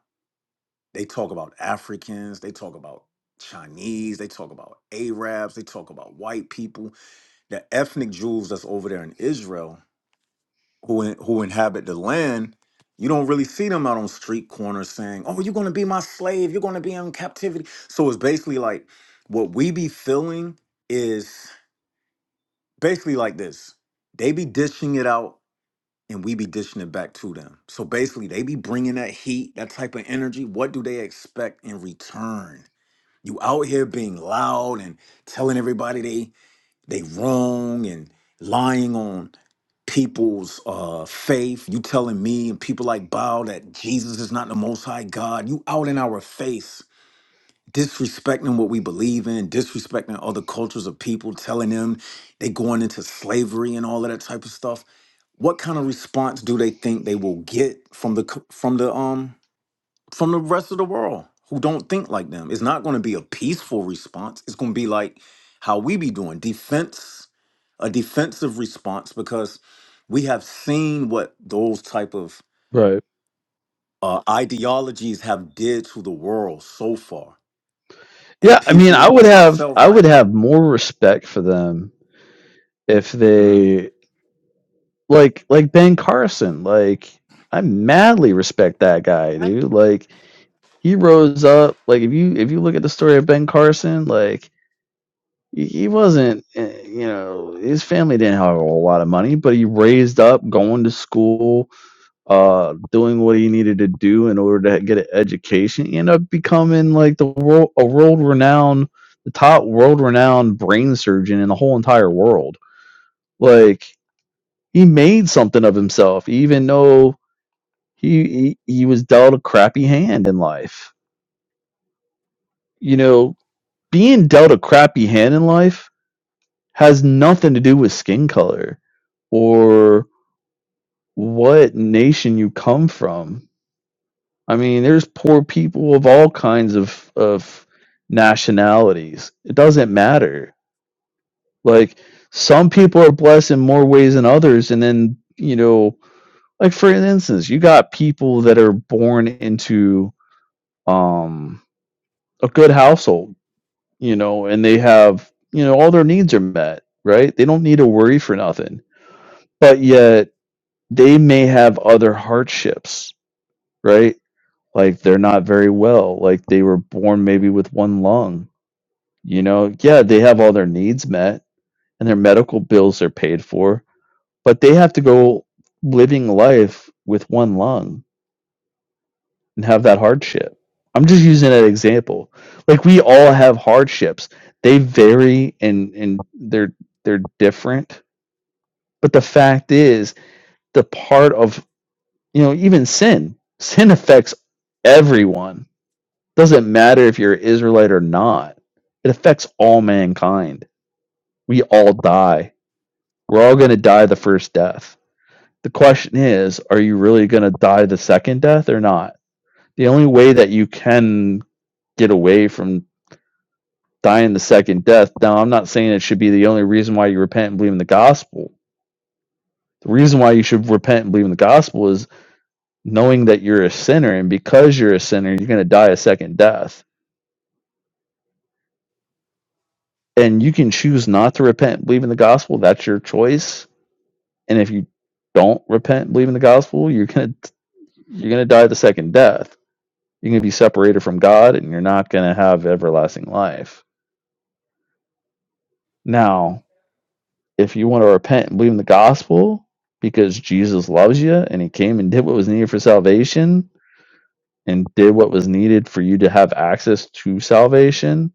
they talk about africans they talk about chinese they talk about arabs they talk about white people the ethnic jews that's over there in israel who in, who inhabit the land you don't really see them out on street corners saying oh you're going to be my slave you're going to be in captivity so it's basically like what we be feeling is basically like this they be dishing it out and we be dishing it back to them so basically they be bringing that heat that type of energy what do they expect in return you out here being loud and telling everybody they they wrong and lying on people's uh faith you telling me and people like bow that jesus is not the most high god you out in our face disrespecting what we believe in, disrespecting other cultures of people, telling them they going into slavery and all of that type of stuff. What kind of response do they think they will get from the c- from the um from the rest of the world who don't think like them? It's not going to be a peaceful response. It's going to be like how we be doing defense, a defensive response because we have seen what those type of Right. uh, ideologies have did to the world so far. And Yeah, I mean, people I would like have myself, I would have more respect for them if hmm they like like Ben Carson. Like I madly respect that guy, dude. Like he rose up. Like if you if you look at the story of Ben Carson, like he he wasn't eh, you know his family didn't have a whole lot of money but he raised up going to school uh doing what he needed to do in order to get an education he ended up becoming like the world a world renowned the top world renowned brain surgeon in the whole entire world like he made something of himself even though he he, he was dealt a crappy hand in life you know being dealt a crappy hand in life has nothing to do with skin color or what nation you come from I mean, there's poor people of all kinds of of nationalities. It doesn't matter. Like some people are blessed in more ways than others, and then you know, like for instance, you got people that are born into um a good household, you know, and they have you know all their needs are met, right? They don't need to worry for nothing, but yet they may have other hardships, right? Like they're not very well, like they were born maybe with one lung You know, yeah, they have all their needs met and their medical bills are paid for, but they have to go living life with one lung and have that hardship. I'm just using that example. Like we all have hardships. They vary and and they're they're different. But the fact is, the part of you know even sin, sin affects everyone. Doesn't matter if you're Israelite or not. It affects all mankind. We all die We're all going to die the first death. The question is, are you really going to die the second death or not? The only way that you can get away from dying the second death, now I'm not saying it should be the only reason why you repent and believe in the gospel. The reason why you should repent and believe in the gospel is knowing that you're a sinner, and because you're a sinner, you're going to die a second death. And you can choose not to repent and believe in the gospel. That's your choice. And if you don't repent and believe in the gospel, you're going to you're going to die the second death You're going to be separated from God and you're not going to have everlasting life. Now, if you want to repent and believe in the gospel because Jesus loves you and he came and did what was needed for salvation and did what was needed for you to have access to salvation,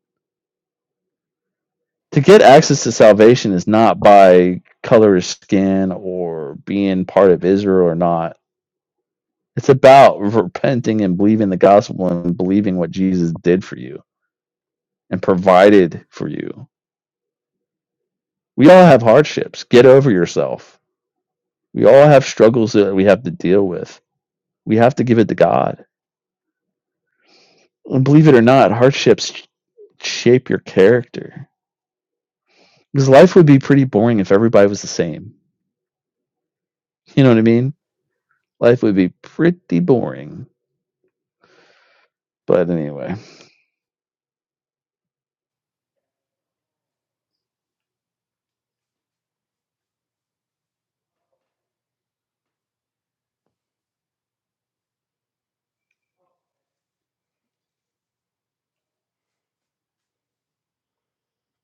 to get access to salvation is not by color of skin or being part of Israel or not. It's about repenting and believing the gospel and believing what Jesus did for you and provided for you. We all have hardships. Get over yourself. We all have struggles that we have to deal with. We have to give it to God. And believe it or not, hardships shape your character. Because life would be pretty boring if everybody was the same. You know what I mean? Life would be pretty boring. But anyway.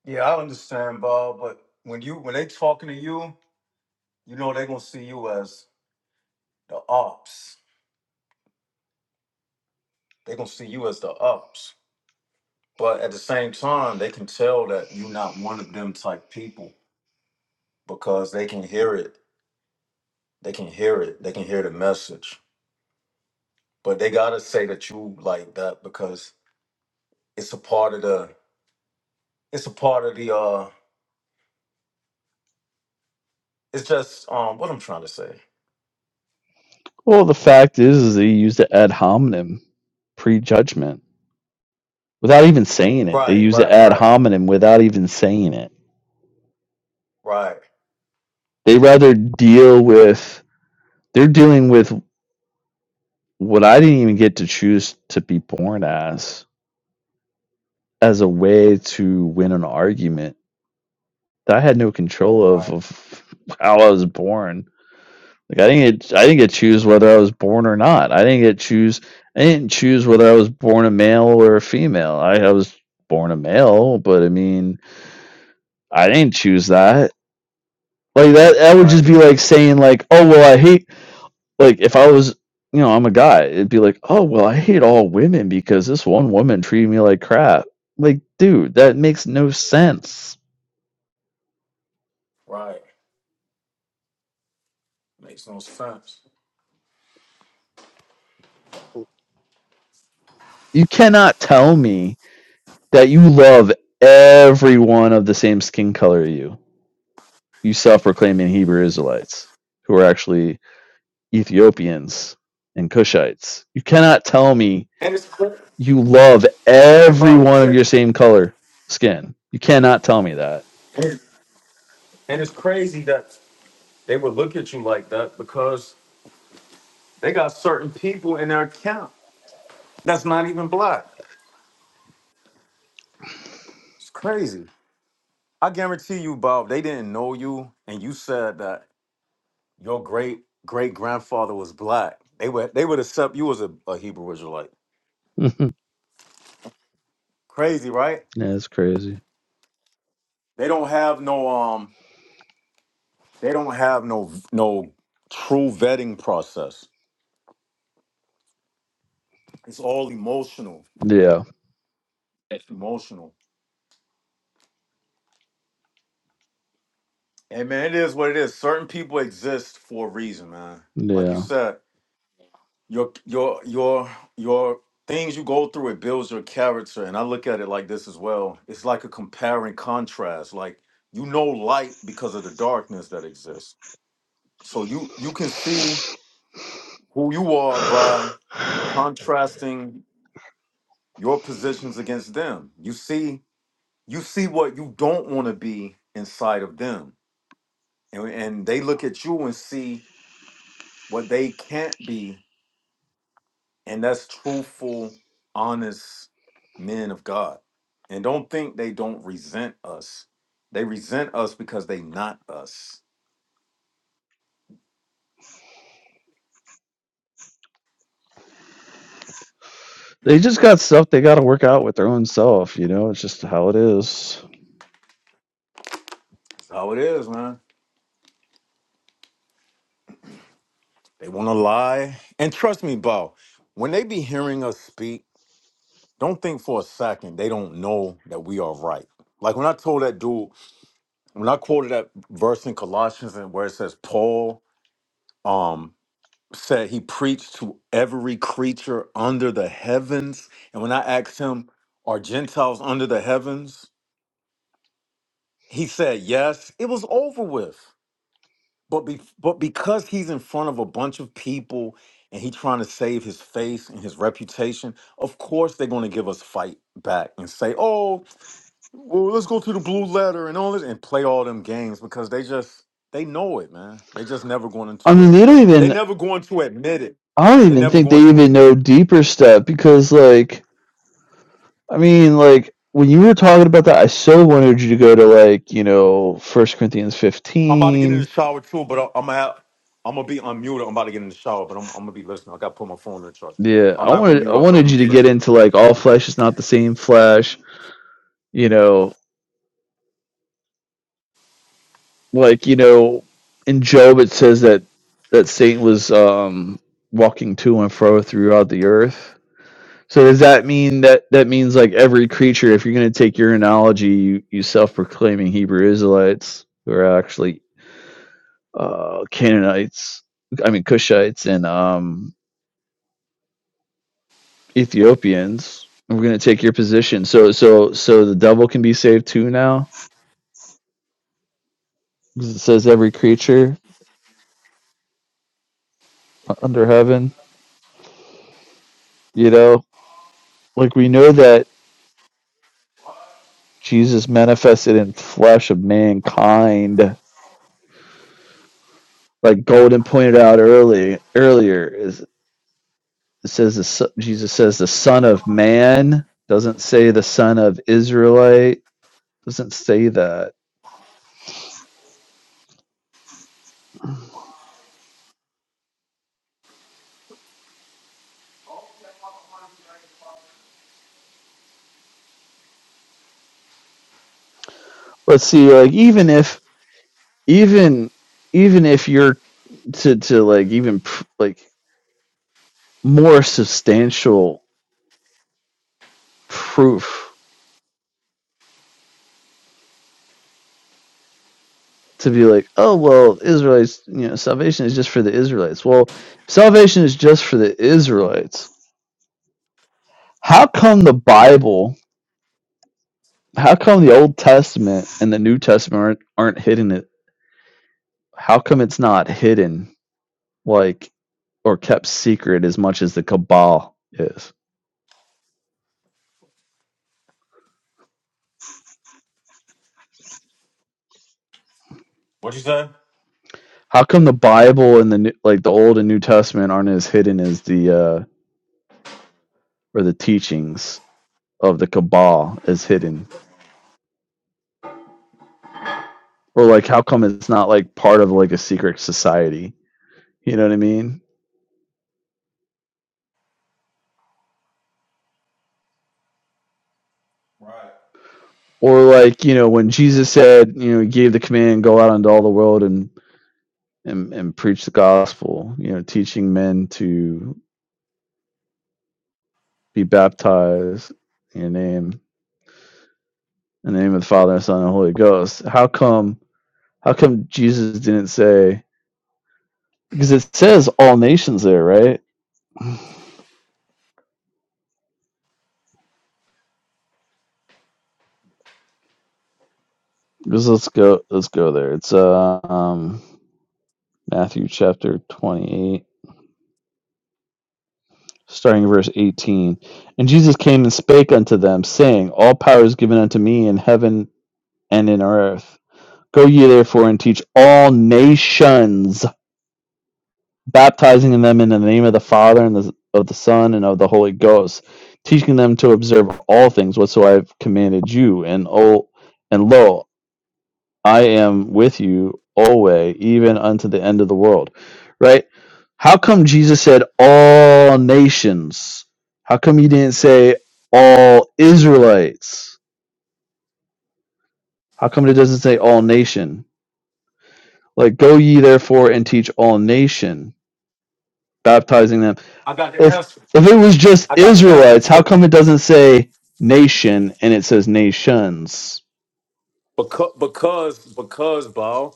Yeah, I understand, Bob, but when you when they talking to you, you know they're gonna see you as the ops. They're gonna see you as the ops. But at the same time, they can tell that you're not one of them type people because they can hear it. They can hear it. They can hear the message. But they gotta say that you like that because it's a part of the it's a part of the uh it's just um what I'm trying to say. Well, the fact is, is they used the ad hominem, prejudgment, without even saying it. They Right, use the right, ad right, hominem without even saying it. right, They rather deal with, they're dealing with what I didn't even get to choose to be born as as a way to win an argument that I had no control of right, of how I was born. Like I didn't get, I didn't get to choose whether I was born or not. I didn't get to choose I didn't choose whether I was born a male or a female. I, I was born a male, but I mean I didn't choose that. Like that that would just right, be like saying like, oh well I hate Like if I was, you know, I'm a guy, it'd be like, "Oh, well, I hate all women because this one woman treated me like crap." Like, dude, that makes no sense. right. Makes sense. You cannot tell me that you love everyone of the same skin color as you. You self-proclaiming Hebrew Israelites who are actually Ethiopians and Cushites. You cannot tell me And it's you love every bro. one of your same color skin. You cannot tell me that. And it's crazy that they would look at you like that because they got certain people in their account that's not even black. It's crazy. I guarantee you, Bob, they didn't know you, and you said that your great great grandfather was black. They would they would accept you as a, a Hebrew Israelite. That's Crazy, right? crazy. They don't have no um. They don't have no no true vetting process. It's all emotional. Yeah, It's emotional. Hey man, it is what it is. Certain people exist for a reason, man. Like you yeah. said, your your your your things you go through it builds your character, and I look at it like this as well. It's like a comparing contrast. Like you know light because of the darkness that exists. So you you can see who you are by contrasting your positions against them. You see you see what you don't want to be inside of them, and and they look at you and see what they can't be And that's truthful, honest men of God. And don't think they don't resent us. They resent us because they not us. they just got stuff they got to work out with their own self. You know, it's just how it is. That's how it is, man. They want to lie. And trust me, Bo, when they be hearing us speak, don't think for a second they don't know that we are right. Like when I told that dude, when I quoted that verse in Colossians and where it says Paul, um, said he preached to every creature under the heavens. And when I asked him, Are Gentiles under the heavens? He said, Yes. It was over with. But, be- but because he's in front of a bunch of people and he's trying to save his face and his reputation, of course they're going to give us fight back and say, Oh, well, let's go to the blue letter and all this and play all them games because they just, they know it, man. They just never going I into mean, it. they don't They even. never going to admit it. I don't They even never think they going to even admit it. know deeper stuff because, like, I mean, like when you were talking about that, I so wanted you to go to like you know First Corinthians I'm about to get in the fifteen. shower too, but I'm gonna have, I'm gonna be unmuted. I'm about to get in the shower, but I'm, I'm gonna be listening. I gotta put my phone in the charge. Yeah, I'm I not gonna wanted I mute up, but I'm wanted gonna you be to Yeah. get listening. into like all flesh is not the same flesh. You know, like you know in Job it says that that Satan was um walking to and fro throughout the earth So does that mean that that means like every creature? If you're going to take your analogy, you you self-proclaiming Hebrew Israelites who are actually uh, Canaanites, I mean Cushites and um, Ethiopians. We're going to take your position. So so so the devil can be saved too now, because it says every creature under heaven. You know, like we know that Jesus manifested in flesh of mankind like Golden pointed out early earlier, is. It says the, so- Jesus says the Son of Man doesn't say the Son of Israelite doesn't say that. Let's see, like even if even even if you're to to like even pr- like more substantial proof to be like, oh well, Israelites, you know, salvation is just for the Israelites. Well, if salvation is just for the Israelites. How come the Bible? How come the Old Testament and the New Testament aren't, aren't hitting it? how come it's not hidden like or kept secret as much as the cabal is What you say? how come the bible and the like the old and new testament aren't as hidden as the uh or the teachings of the cabal is hidden or like how come it's not like part of like a secret society you know what i mean or like you know when jesus said you know he gave the command go out into all the world and and, and preach the gospel you know teaching men to be baptized in your name in the name of the Father and the Son and the Holy Ghost. How come? How come Jesus didn't say? Because it says all nations there, right? Because let's go. Let's go there. It's uh, um, Matthew chapter twenty-eight, starting verse eighteen. And Jesus came and spake unto them, saying, All power is given unto me in heaven and in earth. Go ye therefore and teach all nations, baptizing them in the name of the Father and the, of the Son and of the Holy Ghost, teaching them to observe all things whatsoever I have commanded you. And oh, and lo, I am with you always, even unto the end of the world. Right? How come Jesus said all nations? How come he didn't say all Israelites? How come it doesn't say all nation? Like, go ye therefore and teach all nation, baptizing them. I got the If answer. if it was just I got the answer Israelites, how for it. come it doesn't say nation and it says nations? Because because because Bo,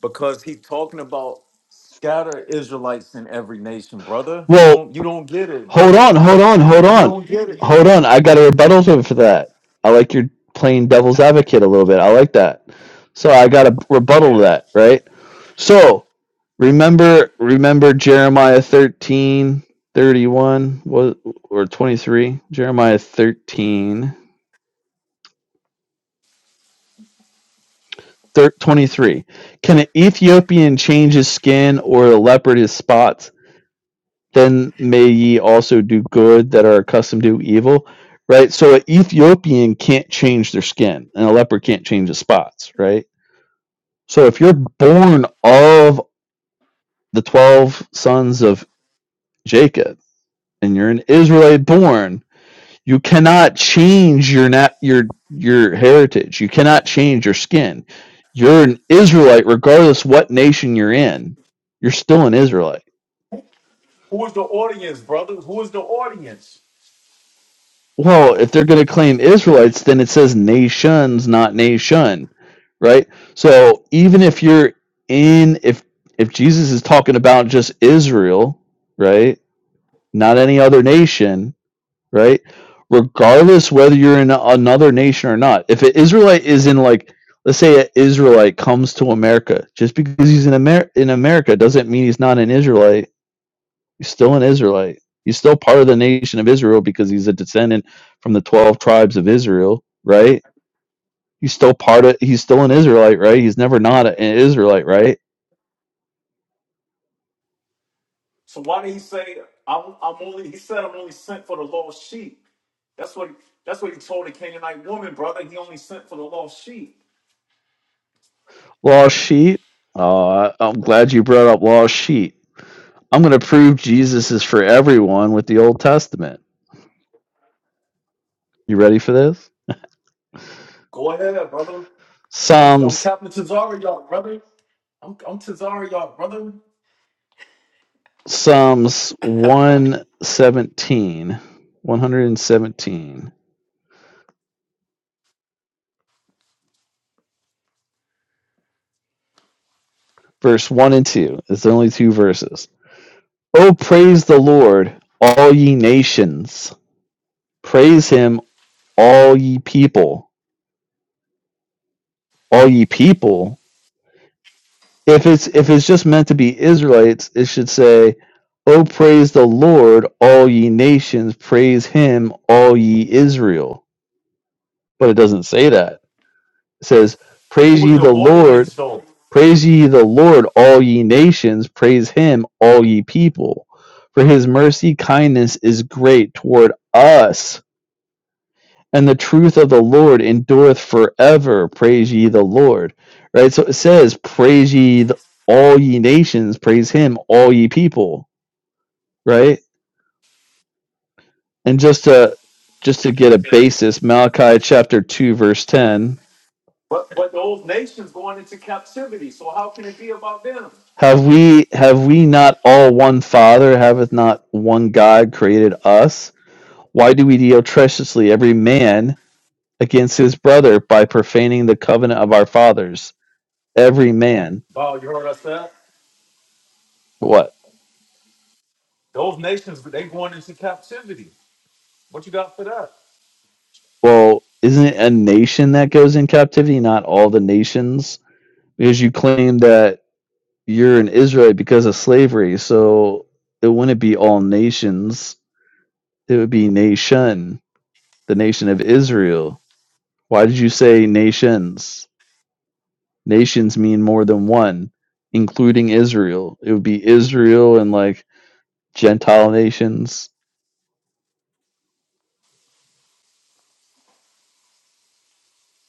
because he talking about scatter Israelites in every nation, brother. You Well, don't you don't get it, hold brother. on, hold on, You hold don't- you on, don't get hold it. on. I got a rebuttal to for that. I like your playing devil's advocate a little bit. I like that. So I got a rebuttal to that, right? So remember, remember Jeremiah thirteen thirty one was or twenty three? Jeremiah thirteen. 23. Can an Ethiopian change his skin or a leopard his spots? Then may ye also do good that are accustomed to evil. Right? So an Ethiopian can't change their skin and a leopard can't change his spots, right? So if you're born of the 12 sons of Jacob and you're an Israelite born, You cannot change your nat- your your heritage. You cannot change your skin. You're an Israelite regardless what nation you're in. You're still an Israelite. Who is the audience, brother? Who is the audience? Well, if they're going to claim Israelites, then it says nations, not nation, right? So even if you're in if if Jesus is talking about just Israel, right? Not any other nation, right? Regardless whether you're in another nation or not, if an Israelite is in like, let's say an Israelite comes to America, just because he's in Amer in America doesn't mean he's not an Israelite. He's still an Israelite. He's still part of the nation of Israel because he's a descendant from the twelve tribes of Israel, right? He's still part of. He's still an Israelite, right? He's never not an Israelite, right? So why did he say I'm, I'm only? He said I'm only sent for the lost sheep. That's what that's what he told the Canaanite woman, brother. He only sent for the lost sheep. Lost sheep. Uh, I'm glad you brought up lost sheep. I'm going to prove Jesus is for everyone with the Old Testament You ready for this? Go ahead, brother. I'm I'm Psalms Captain Tazari, y'all, brother. I'm I'm Tazari, y'all, brother. Psalms one seventeen, one hundred and seventeen, verse 1 and 2. It's only two verses. Oh, praise the Lord, all ye nations. Praise him, all ye people. All ye people. If it's if it's just meant to be Israelites, it should say, Oh, praise the Lord, all ye nations. Praise him, all ye Israel. But it doesn't say that. It says, Who Praise was ye the the Lord, audience though? Praise ye the Lord, all ye nations, praise him, all ye people. For his mercy kindness is great toward us, and the truth of the Lord endureth forever. Praise ye the Lord. Right? So it says, Praise ye the, all ye nations, praise him, all ye people. Right? And just to just to get a basis, Malachi chapter two, verse ten. But but those nations going into captivity. So how can it be about them? Have we have we not all one Father? Haveth not one God created us? Why do we deal treacherously every man against his brother by profaning the covenant of our fathers? Every man. Oh, you heard us that? What? Those nations, they going into captivity. What you got for that? Well, isn't it a nation that goes in captivity, not all the nations? Because you claim that you're an Israelite because of slavery, so it wouldn't be all nations. It would be nation, the nation of Israel. Why did you say nations? Nations mean more than one, including Israel. It would be Israel and like Gentile nations.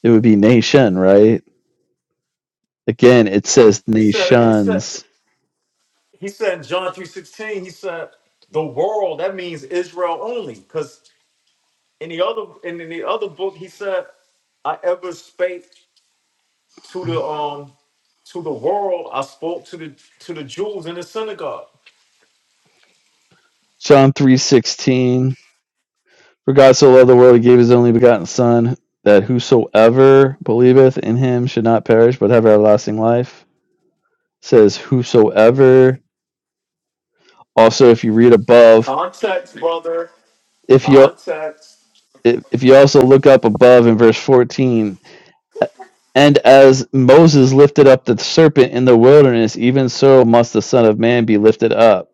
It would be nation, right? Again, it says He said he said nations. he said in John 3:16, he said, the world, that means Israel only. Because in the other and in the other book he said i ever spake to the um to the world i spoke to the to the jews in the synagogue John three sixteen. For God so loved the world, he gave his only begotten Son, that whosoever believeth in him should not perish, but have everlasting life. It says whosoever. Also, if you read above, context brother if you context if if you also look up above in verse fourteen, and as Moses lifted up the serpent in the wilderness, even so must the Son of Man be lifted up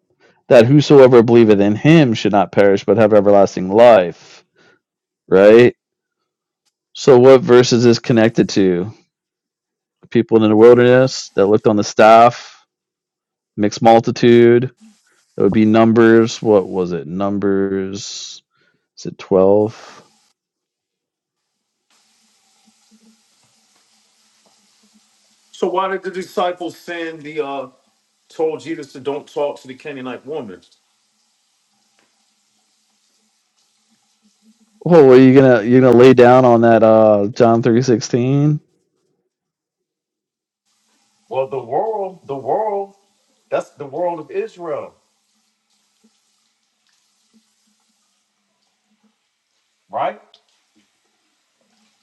that whosoever believeth in him should not perish but have everlasting life. Right? So what verse is this connected to? People in the wilderness that looked on the staff, mixed multitude. That would be numbers. What was it? Numbers is it twelve? so why did the disciples send the uh told jesus to don't talk to the canaanite woman Oh, are you gonna you're gonna lay down on that uh John three sixteen? well the world the world that's the world of israel right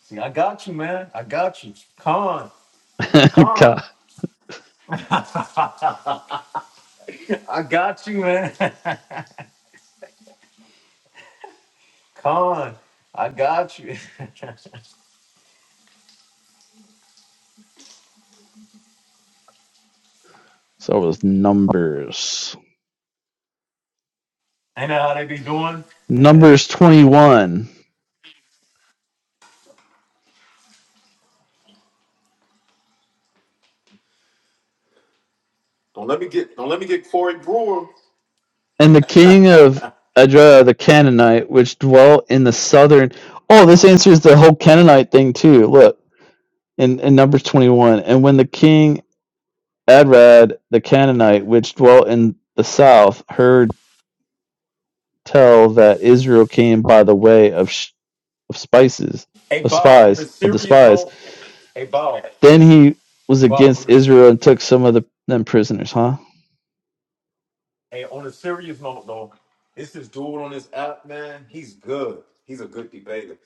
see i got you man i got you con con God. i got you man Con, I got you. So it was numbers. I know how they be doing? Numbers twenty one. Don't let me get don't let me get Corey Brewer. and the king of Edra the Canaanite, which dwelt in the southern. Oh, this answers the whole Canaanite thing too. Look in in Numbers twenty one, and when the king Adrad the Canaanite, which dwelt in the south, heard tell that Israel came by the way of sh- of spices Hey, of Bob, on a spies of the serious spies, note, hey, Bob, then he was Bob, on against a, Israel and took some of the them prisoners. Huh? hey, on a serious note, though, this is dude on this app, man. He's good. He's a good debater.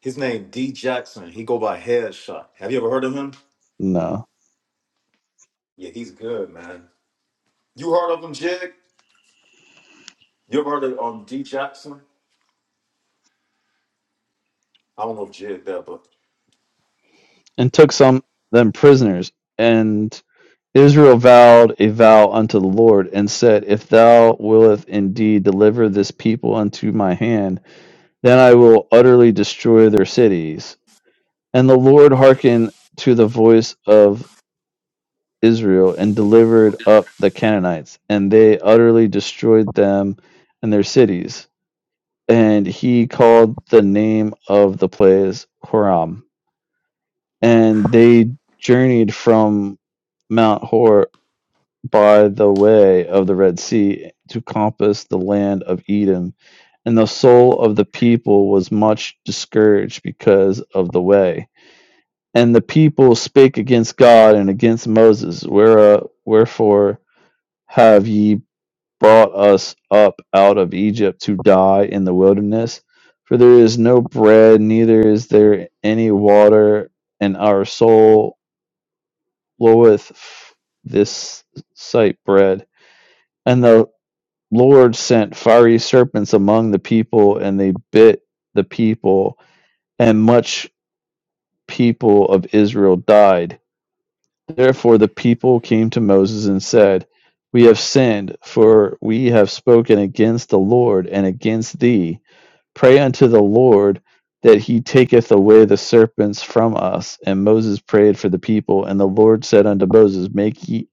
His name D Jackson. He go by Headshot. Have you ever heard of him? No. Yeah, he's good, man. You heard of him, Jig? You ever heard of um, D Jackson? I don't know if Jig there, but and took some them prisoners. And Israel vowed a vow unto the Lord, and said, If thou willeth indeed deliver this people unto my hand, then I will utterly destroy their cities. And the Lord hearkened to the voice of Israel, and delivered up the Canaanites, and they utterly destroyed them and their cities. And he called the name of the place Horam and they journeyed from Mount Hor by the way of the Red Sea to compass the land of Edom. And the soul of the people was much discouraged because of the way. And the people spake against God and against Moses, Where, uh, Wherefore have ye brought us up out of Egypt to die in the wilderness? For there is no bread, neither is there any water, and our soul bloweth this sight bread. And the Lord sent fiery serpents among the people, and they bit the people, and much people of Israel died. Therefore the people came to Moses and said, We have sinned, for we have spoken against the Lord and against thee. Pray unto the Lord that he taketh away the serpents from us. And Moses prayed for the people, and the Lord said unto Moses, Make ye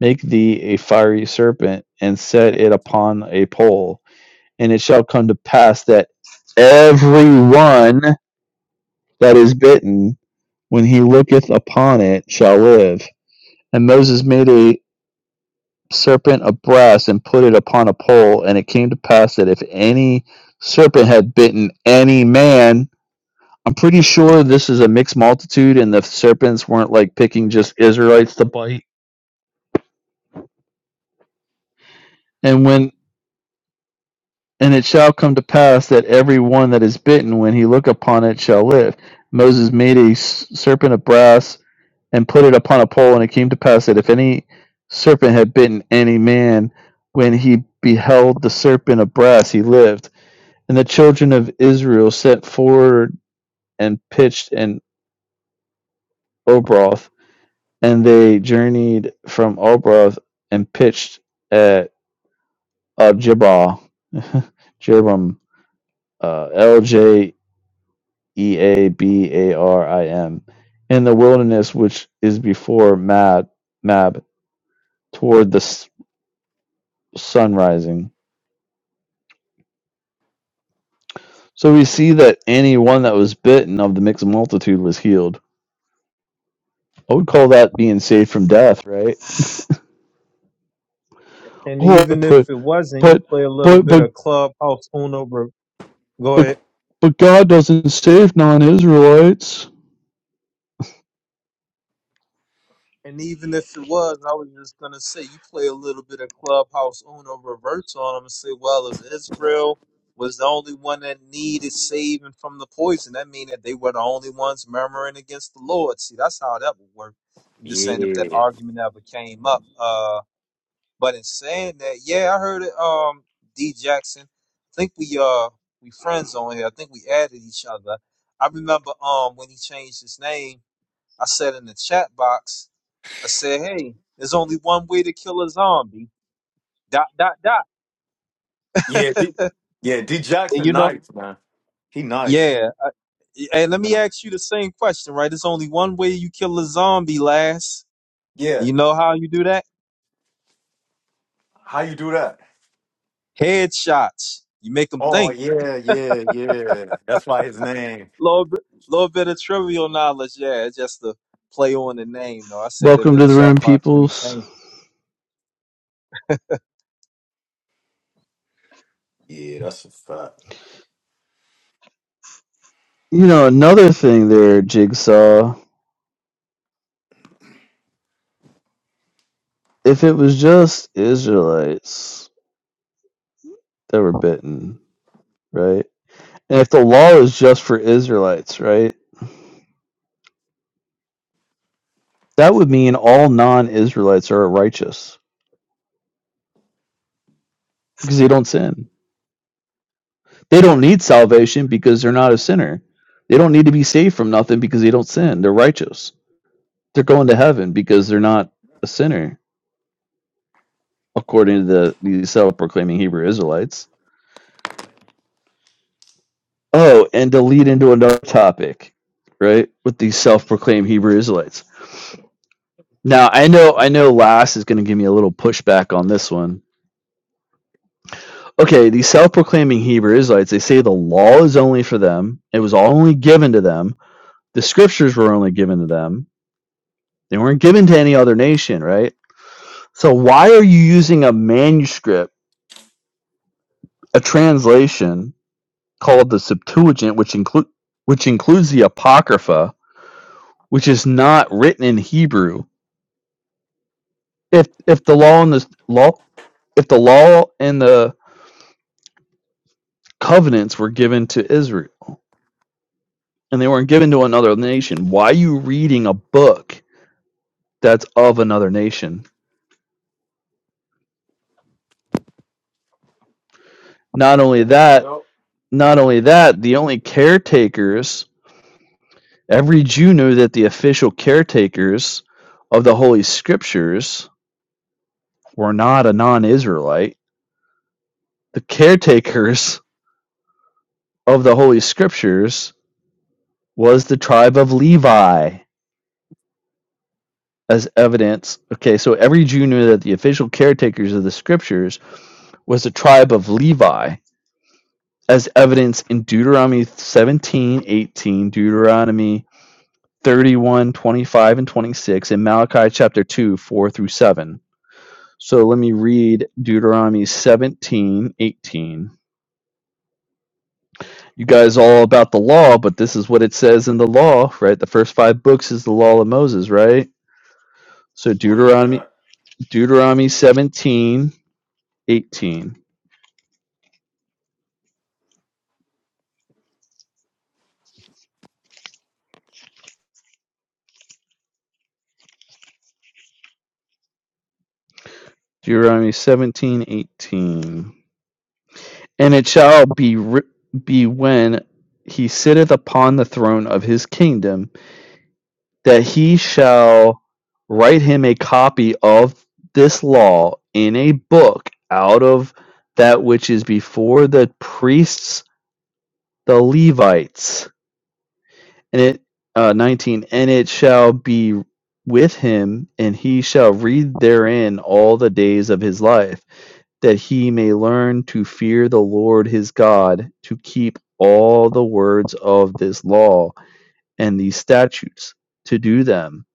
make thee a fiery serpent, and set it upon a pole, and it shall come to pass that every one that is bitten, when he looketh upon it, shall live. And Moses made a serpent of brass and put it upon a pole, and it came to pass that if any serpent had bitten any man, I'm pretty sure this is a mixed multitude, and the serpents weren't like picking just Israelites to bite. And when and it shall come to pass that every one that is bitten, when he look upon it, shall live. Moses made a serpent of brass and put it upon a pole, and it came to pass that if any serpent had bitten any man, when he beheld the serpent of brass, he lived. And the children of Israel set forward and pitched in Obroth and they journeyed from Obroth and pitched at Abjabal, Jerbam, uh, L J E A B A R I M, in the wilderness which is before Mab, Mab toward the s- sun rising. So we see that any one that was bitten of the mixed multitude was healed. I would call that being saved from death, right? And oh, even but if it wasn't, you but play a little but bit but of clubhouse Uno. Bro. Go but ahead. but God doesn't save non-Israelites. And even if it was, I was just gonna say you play a little bit of clubhouse Uno reverse on them and say, well, if Israel was the only one that needed saving from the poison, that mean that they were the only ones murmuring against the Lord. See, that's how that would work. I'm just saying if that yeah, argument ever came up. Uh, but in saying that, yeah, I heard it. Um, D Jackson, I think we uh we friends on here. I think we added each other. I remember um when he changed his name, I said in the chat box. I said, hey, there's only one way to kill a zombie. Dot, dot, dot. yeah, D, yeah, D And Jackson, you know, nice, man. He nice. yeah. I, hey, let me No. ask you the same question, right? There's only one way you kill a zombie, lass. And Yeah. you know how you do that? How you do that? Headshots. You make them Oh think. yeah, yeah, yeah. That's why his name. Little bit, little bit of trivial knowledge. Yeah, it's just a play on the name, though. I said it in Welcome the to the chat room, box when he peoples. changed it. Yeah, that's a fact. You know, another thing there, Jigsaw, if it was just Israelites that were bitten, right? And if the law is just for Israelites, right? That would mean all non Israelites are righteous because they don't sin. They don't need salvation because they're not a sinner. They don't need to be saved from nothing because they don't sin. They're righteous. They're going to heaven because they're not a sinner, according to the, the self proclaiming Hebrew Israelites Oh, and to lead into another topic, right? With these self-proclaimed Hebrew Israelites. Now, I know, I know, Lass is going to give me a little pushback on this one. Okay, these self-proclaiming Hebrew Israelites, they say the law is only for them. It was only given to them. The scriptures were only given to them. They weren't given to any other nation, right? So why are you using a manuscript, a translation called the Septuagint, which include which includes the Apocrypha, which is not written in Hebrew? if if the law and the law if the law and the covenants were given to Israel and they weren't given to another nation, why are you reading a book that's of another nation? Not only that, Yo, not only that, the only caretakers every Jew knew that the official caretakers of the holy scriptures were not a non-Israelite. The caretakers of the holy scriptures was the tribe of Levi as evidence. Okay, so every Jew knew that the official caretakers of the scriptures was the tribe of Levi, as evidence in Deuteronomy 17, 18, Deuteronomy 31, 25, and 26, and Malachi chapter 2, 4 through 7. So let me read Deuteronomy 17, 18. You guys all about the law, but this is what it says in the law, right? The first five books is the law of Moses, right? So money, yeah. Deuteronomy Deuteronomy 17, 18. Deuteronomy seventeen eighteen. And it shall be ri- be when he sitteth upon the throne of his kingdom that he shall write him a copy of this law in a book out of that which is before the priests the Levites and it uh, 19 and it shall be with him and he shall read therein all the days of his life that he may learn to fear the Lord his God, to keep all the words of this law and these statutes, to do them.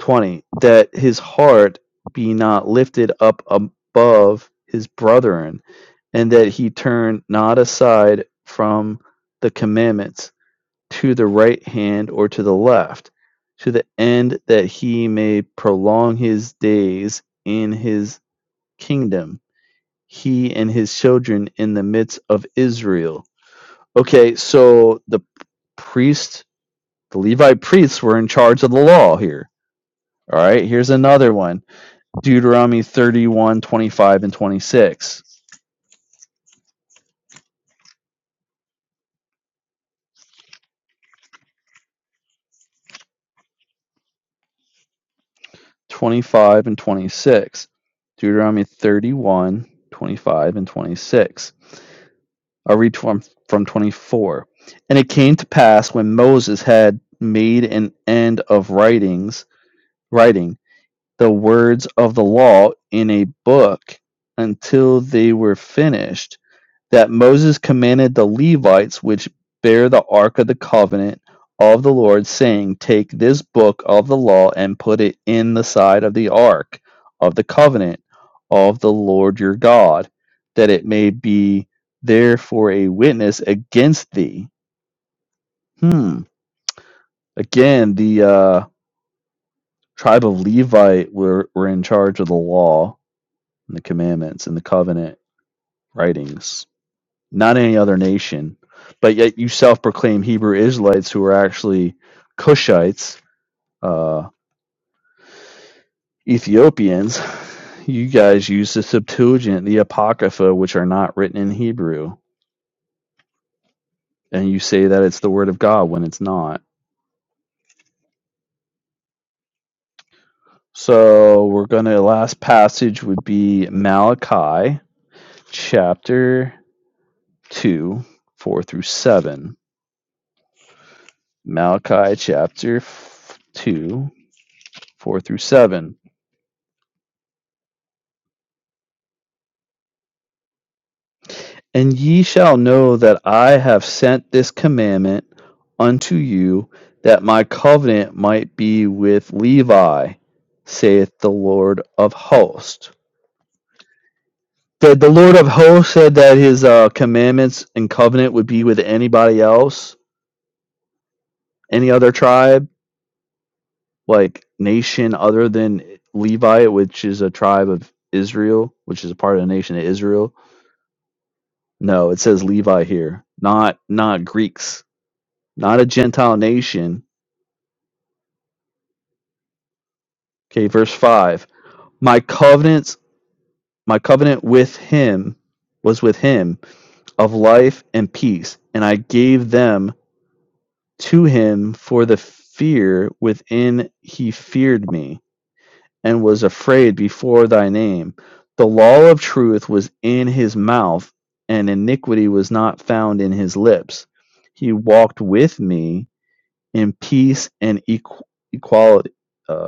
20. That his heart be not lifted up above his brethren, and that he turn not aside from the commandments to the right hand or to the left, to the end that he may prolong his days in his kingdom he and his children in the midst of Israel. Okay, so the priest, the Levite priests were in charge of the law here. All right, here's another one Deuteronomy 31, 25, and 26. 25 and 26. Deuteronomy 31, 25, and 26. I'll read from, from 24. And it came to pass when Moses had made an end of writings, writing the words of the law in a book until they were finished, that Moses commanded the Levites which bear the ark of the covenant of the Lord, saying, Take this book of the law and put it in the side of the ark of the covenant of the Lord your God, that it may be there for a witness against thee. Hmm. Again, the uh, tribe of Levite were, were in charge of the law and the commandments and the covenant writings, not any other nation. But yet you self proclaim Hebrew Israelites who are actually Cushites, uh, Ethiopians. You guys use the Septuagint, the Apocrypha, which are not written in Hebrew, and you say that it's the Word of God when it's not. So we're going to, last passage would be Malachi chapter 2, 4 through 7. Malachi chapter 2, 4 through 7. And ye shall know that I have sent this commandment unto you, that my covenant might be with Levi, saith the Lord of hosts. The, the Lord of hosts said that his uh, commandments and covenant would be with anybody else, any other tribe, like nation other than Levi, which is a tribe of Israel, which is a part of the nation of Israel. No, it says Levi here, not not Greeks not a Gentile nation. Okay, verse five. My covenants, my covenant with him was with him of life and peace, and I gave them to him for the fear within he feared me, and was afraid before thy name. The law of truth was in his mouth, and iniquity was not found in his lips. He walked with me in peace and equ- equality. uh,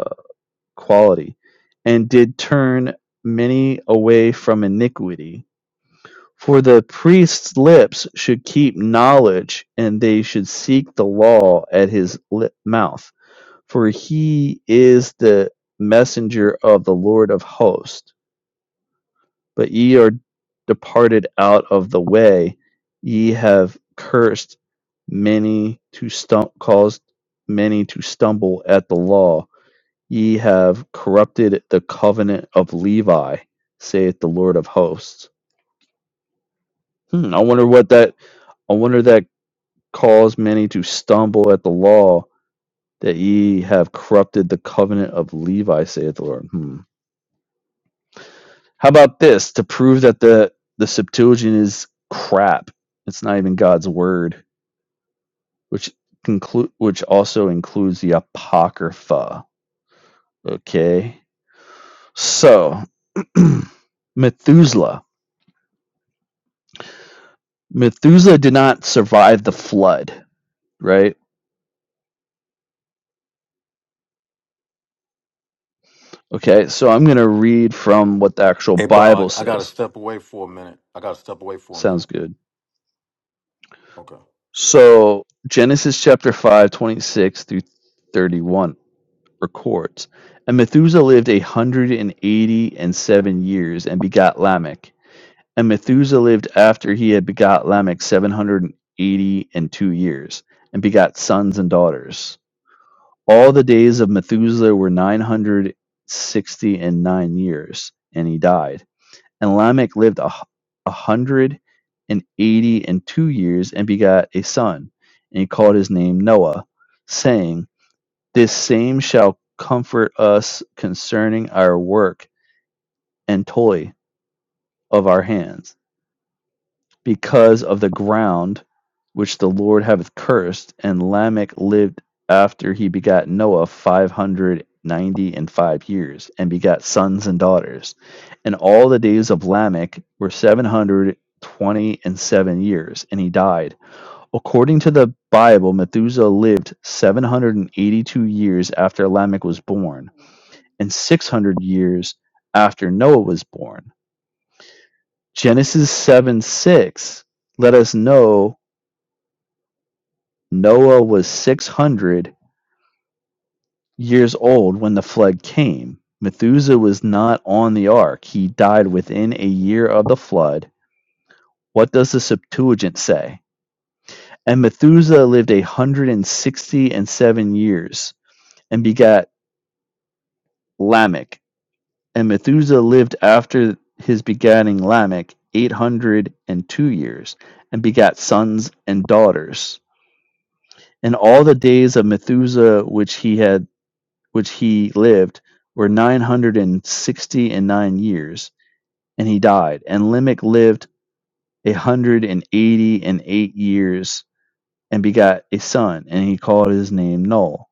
quality, and did turn many away from iniquity. For the priest's lips should keep knowledge, and they should seek the law at his lip mouth. For he is the messenger of the Lord of hosts. But ye are departed out of the way, ye have cursed many to stum- caused many to stumble at the law Ye have corrupted the covenant of Levi, saith the Lord of hosts. Hmm, I wonder what that I wonder that caused many to stumble at the law that ye have corrupted the covenant of Levi, saith the Lord. Hmm. How about this to prove that the the Septuagint is crap? It's not even God's word, which conclude which also includes the Apocrypha. Okay, so Methuselah. Methuselah did not survive the flood, right? Okay, so I'm going to read from what the actual Hey, Bow, Bible I, I gotta says. step away for a minute. I gotta step away for a Sounds minute. good. Okay. So, Genesis chapter 5, 26 through 31 records And Methuselah lived a 180 and eighty and seven years and begot Lamech. And Methuselah lived after he had begot Lamech 780 and eighty and two years and begot sons and daughters. All the days of Methuselah were nine hundred sixty and nine years, and he died. And Lamech lived a, a hundred and eighty and two years, and begat a son, and he called his name Noah, saying, This same shall comfort us concerning our work and toil of our hands because of the ground which the Lord hath cursed. And Lamech lived after he begat Noah five hundred ninety and five years, and begat sons and daughters. And all the days of Lamech were seven hundred twenty and seven years, and he died. According to the Bible, Methuselah lived seven hundred and eighty-two years after Lamech was born, and six hundred years after Noah was born. Genesis seven six let us know Noah was six hundred years old when the flood came. Methuselah was not on the ark. He died within a year of the flood. What does the Septuagint say? And Methuselah lived a hundred and sixty and seven years and begat Lamech. And Methuselah lived after his begatting Lamech eight hundred and two years and begat sons and daughters. And all the days of Methuselah which he had which he lived, were 960 and sixty and nine years, and he died. And Lamech lived a 180 and eighty and eight years and begot a son, and he called his name Noel,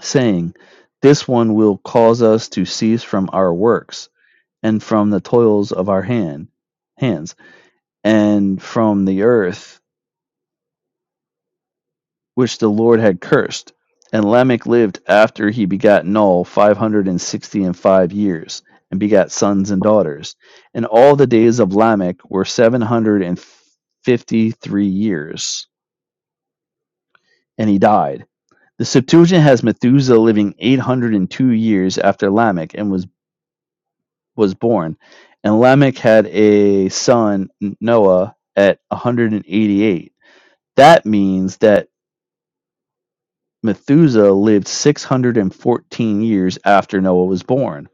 saying, This one will cause us to cease from our works and from the toils of our hand hands and from the earth which the Lord had cursed. And Lamech lived after he begat Noah five hundred and sixty and five years, and begat sons and daughters. And all the days of Lamech were seven hundred and fifty three years, and he died. The Septuagint has Methuselah living eight hundred and two years after Lamech, and was was born. And Lamech had a son Noah at one hundred and eighty eight. That means that Methuselah lived 614 years after Noah was born.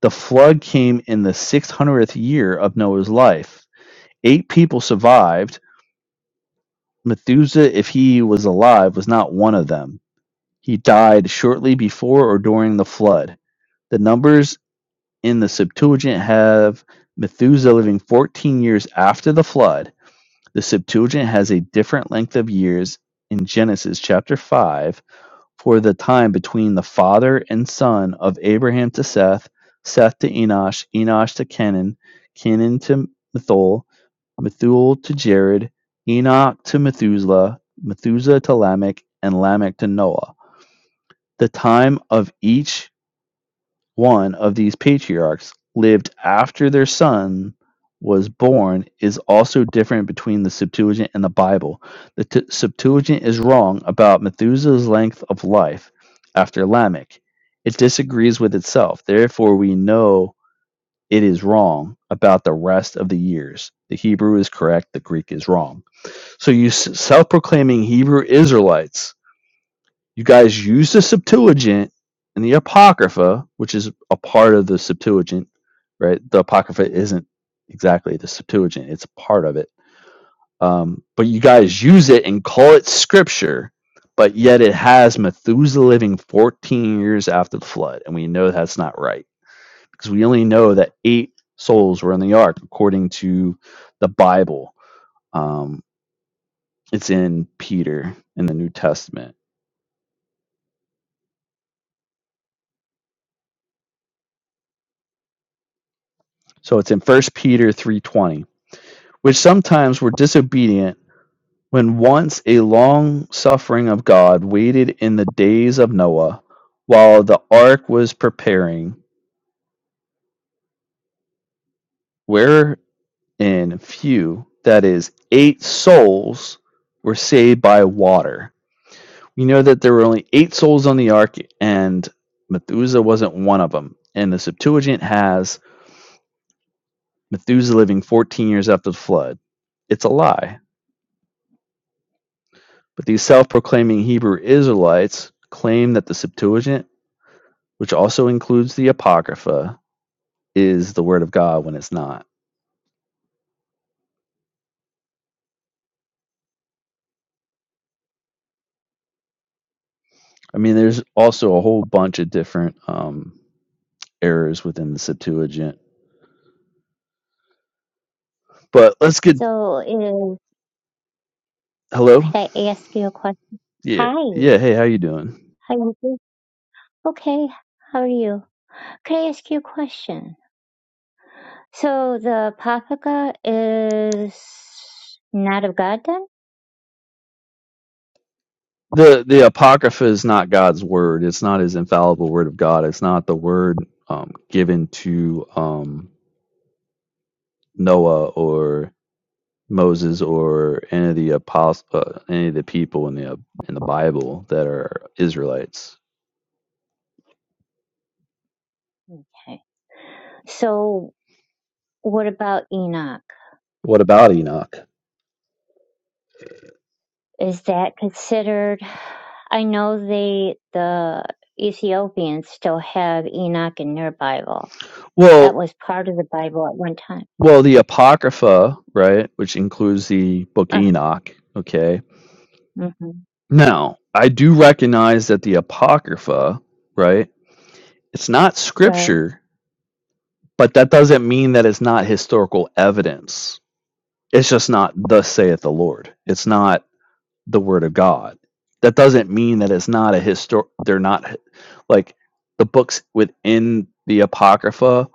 The flood came in the 600th year of Noah's life. Eight people survived. Methuselah, if he was alive, was not one of them. He died shortly before or during the flood. The numbers in the Septuagint have Methuselah living 14 years after the flood. The Septuagint has a different length of years in Genesis chapter 5 for the time between the father and son of Abraham to Seth, Seth to Enosh, Enosh to Kenan, Kenan to Methuel, Methuel to Jared, Enoch to Methuselah, Methuselah to Lamech, and Lamech to Noah. The time of each one of these patriarchs lived after their son was born is also different between the Septuagint and the Bible. The t- Septuagint is wrong about Methuselah's length of life after Lamech. It disagrees with itself. Therefore, we know it is wrong about the rest of the years. The Hebrew is correct, the Greek is wrong. So, you self proclaiming Hebrew Israelites you guys use the Septuagint and the Apocrypha, which is a part of the Septuagint, right? The Apocrypha isn't exactly the Septuagint, it's a part of it. Um, but you guys use it and call it Scripture, but yet it has Methuselah living 14 years after the flood. And we know that's not right because we only know that eight souls were in the ark according to the Bible. Um, it's in Peter in the New Testament. So it's in First Peter 3:20 which sometimes were disobedient, when once a long suffering of God waited in the days of Noah, while the ark was preparing, wherein few, that is, eight souls, were saved by water. We know that there were only eight souls on the ark, and Methuselah wasn't one of them. And the Septuagint has Methuselah living 14 years after the flood. It's a lie. But these self proclaiming Hebrew Israelites claim that the Septuagint which also includes the Apocrypha, is the Word of God when it's not. I mean, there's also a whole bunch of different um, errors within the Septuagint. But let's get So, uh, hello. could I ask you a question? Yeah, Hi, yeah. Hey, how you doing? how you doing? Okay, how are you? Could I ask you a question? So the Papaka is not of God then? the The Apocrypha is not God's word. It's not His infallible Word of God. It's not the word um, given to um, Noah or Moses or any of the apost- uh, any of the people in the in the Bible that are Israelites. Okay. So what about Enoch? What about Enoch? Is that considered? I know they, the Ethiopians still have Enoch in their Bible. That Well, was part of the Bible at one time. well, the Apocrypha, right, which includes the Book Uh, Enoch. Okay. mhm, Now, I do recognize that the Apocrypha, right, it's not Right. scripture, but that doesn't mean that it's not historical evidence. It's just not thus saith the Lord. It's not the word of God. That doesn't mean that it's not a histor. They're not hi- like the books within the Apocrypha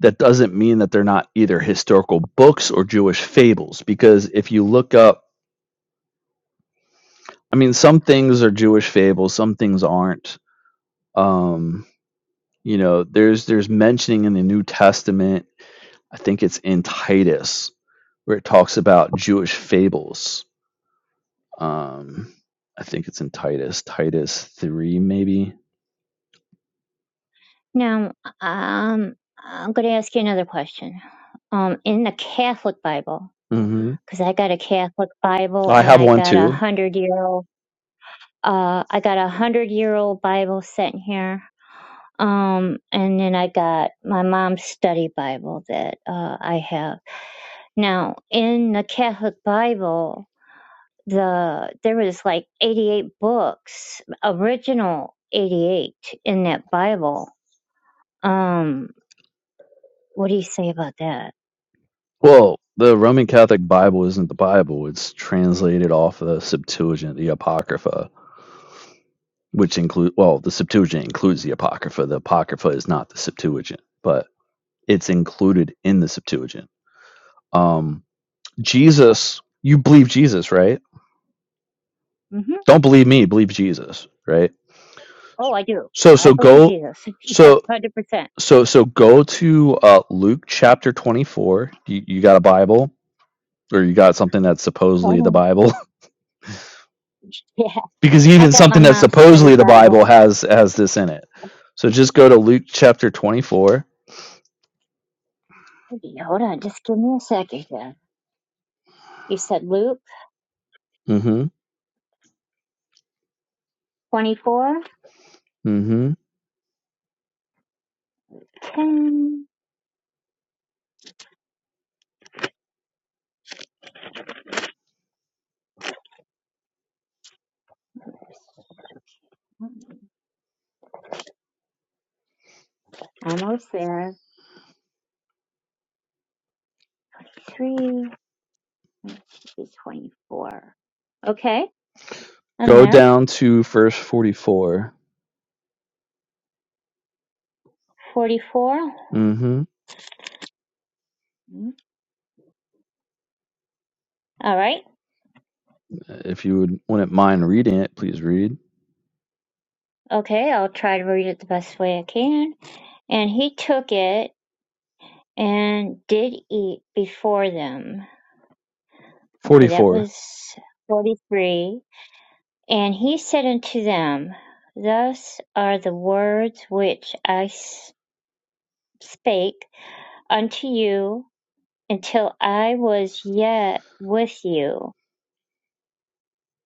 that doesn't mean that they're not either historical books or Jewish fables. Because if you look up, I mean, some things are Jewish fables, some things aren't. Um, you know, there's there's mentioning in the New Testament. I think it's in Titus where it talks about Jewish fables. Um, I think it's in Titus, Titus three, maybe. Now, um, I'm going to ask you another question. Um, in the Catholic Bible, hmm because I got a Catholic Bible I and have I one got a too. hundred year old, uh, I got a hundred year old Bible sitting here. Um, and then I got my mom's study Bible that uh, I have now. In the Catholic Bible, the there was like 88 books, original 88 in that Bible. Um, what do you say about that? Well, the Roman Catholic Bible isn't the Bible; it's translated off of the Septuagint, the Apocrypha which include well, the Septuagint includes the Apocrypha. The Apocrypha is not the Septuagint, but it's included in the Septuagint. Um, Jesus, you believe Jesus, right? Mm-hmm. Don't believe me, believe Jesus, right? Oh, I do. So I so believe go, Jesus. yeah, so hundred percent. so so go to uh, Luke chapter twenty four. You, you got a Bible, or you got something that's Hold supposedly the on. Bible, Yeah, because I even got my something that's mom's study supposedly the Bible. Bible has has this in it. So just go to Luke chapter twenty four. Okay, Hold on, just give me a second here. You said Luke twenty-four Mm-hmm. ten. Almost there. Three is twenty-four. Okay, I'm Go there. down to verse 44. Forty-four. hmm Mm, All right. If you would, wouldn't mind reading it, please read. Okay, I'll try to read it the best way I can. And he took it and did eat before them. Okay, that 44. was 43. And he said unto them, Thus are the words which I s- spake unto you until I was yet with you,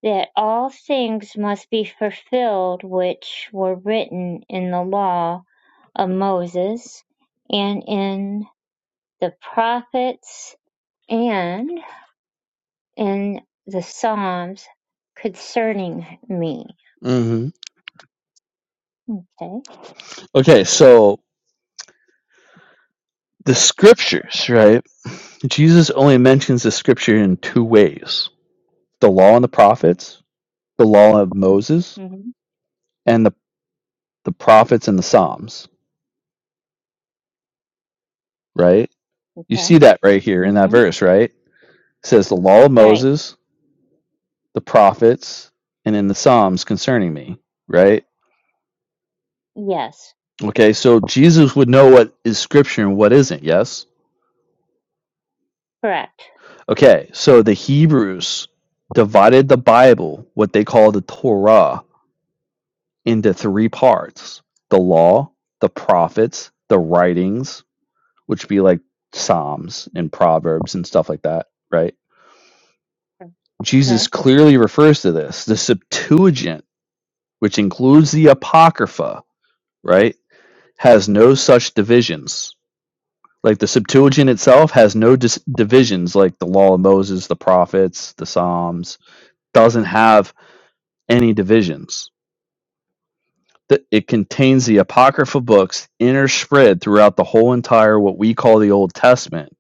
that all things must be fulfilled which were written in the law of Moses and in the prophets and in the Psalms concerning me. hmm Okay. Okay, so the scriptures, right? Jesus only mentions the scripture in two ways the law and the prophets, the law of Moses, and the, the prophets and the Psalms, right? You Okay. see that right here in that Mm-hmm. verse, right? It says the law of Right. Moses, the prophets, and in the Psalms concerning me, right? Yes. Okay, so Jesus would know what is scripture and what isn't, yes? Correct. Okay, so the Hebrews divided the Bible, what they call the Torah, into three parts the law, the prophets, the writings, which be like Psalms and Proverbs and stuff like that, right? Okay. Jesus clearly refers to this. The Septuagint, which includes the Apocrypha, right, has no such divisions Like the Septuagint itself has no dis- divisions, like the Law of Moses, the Prophets, the Psalms, doesn't have any divisions. It contains the Apocrypha books interspread throughout the whole entire what we call the Old Testament,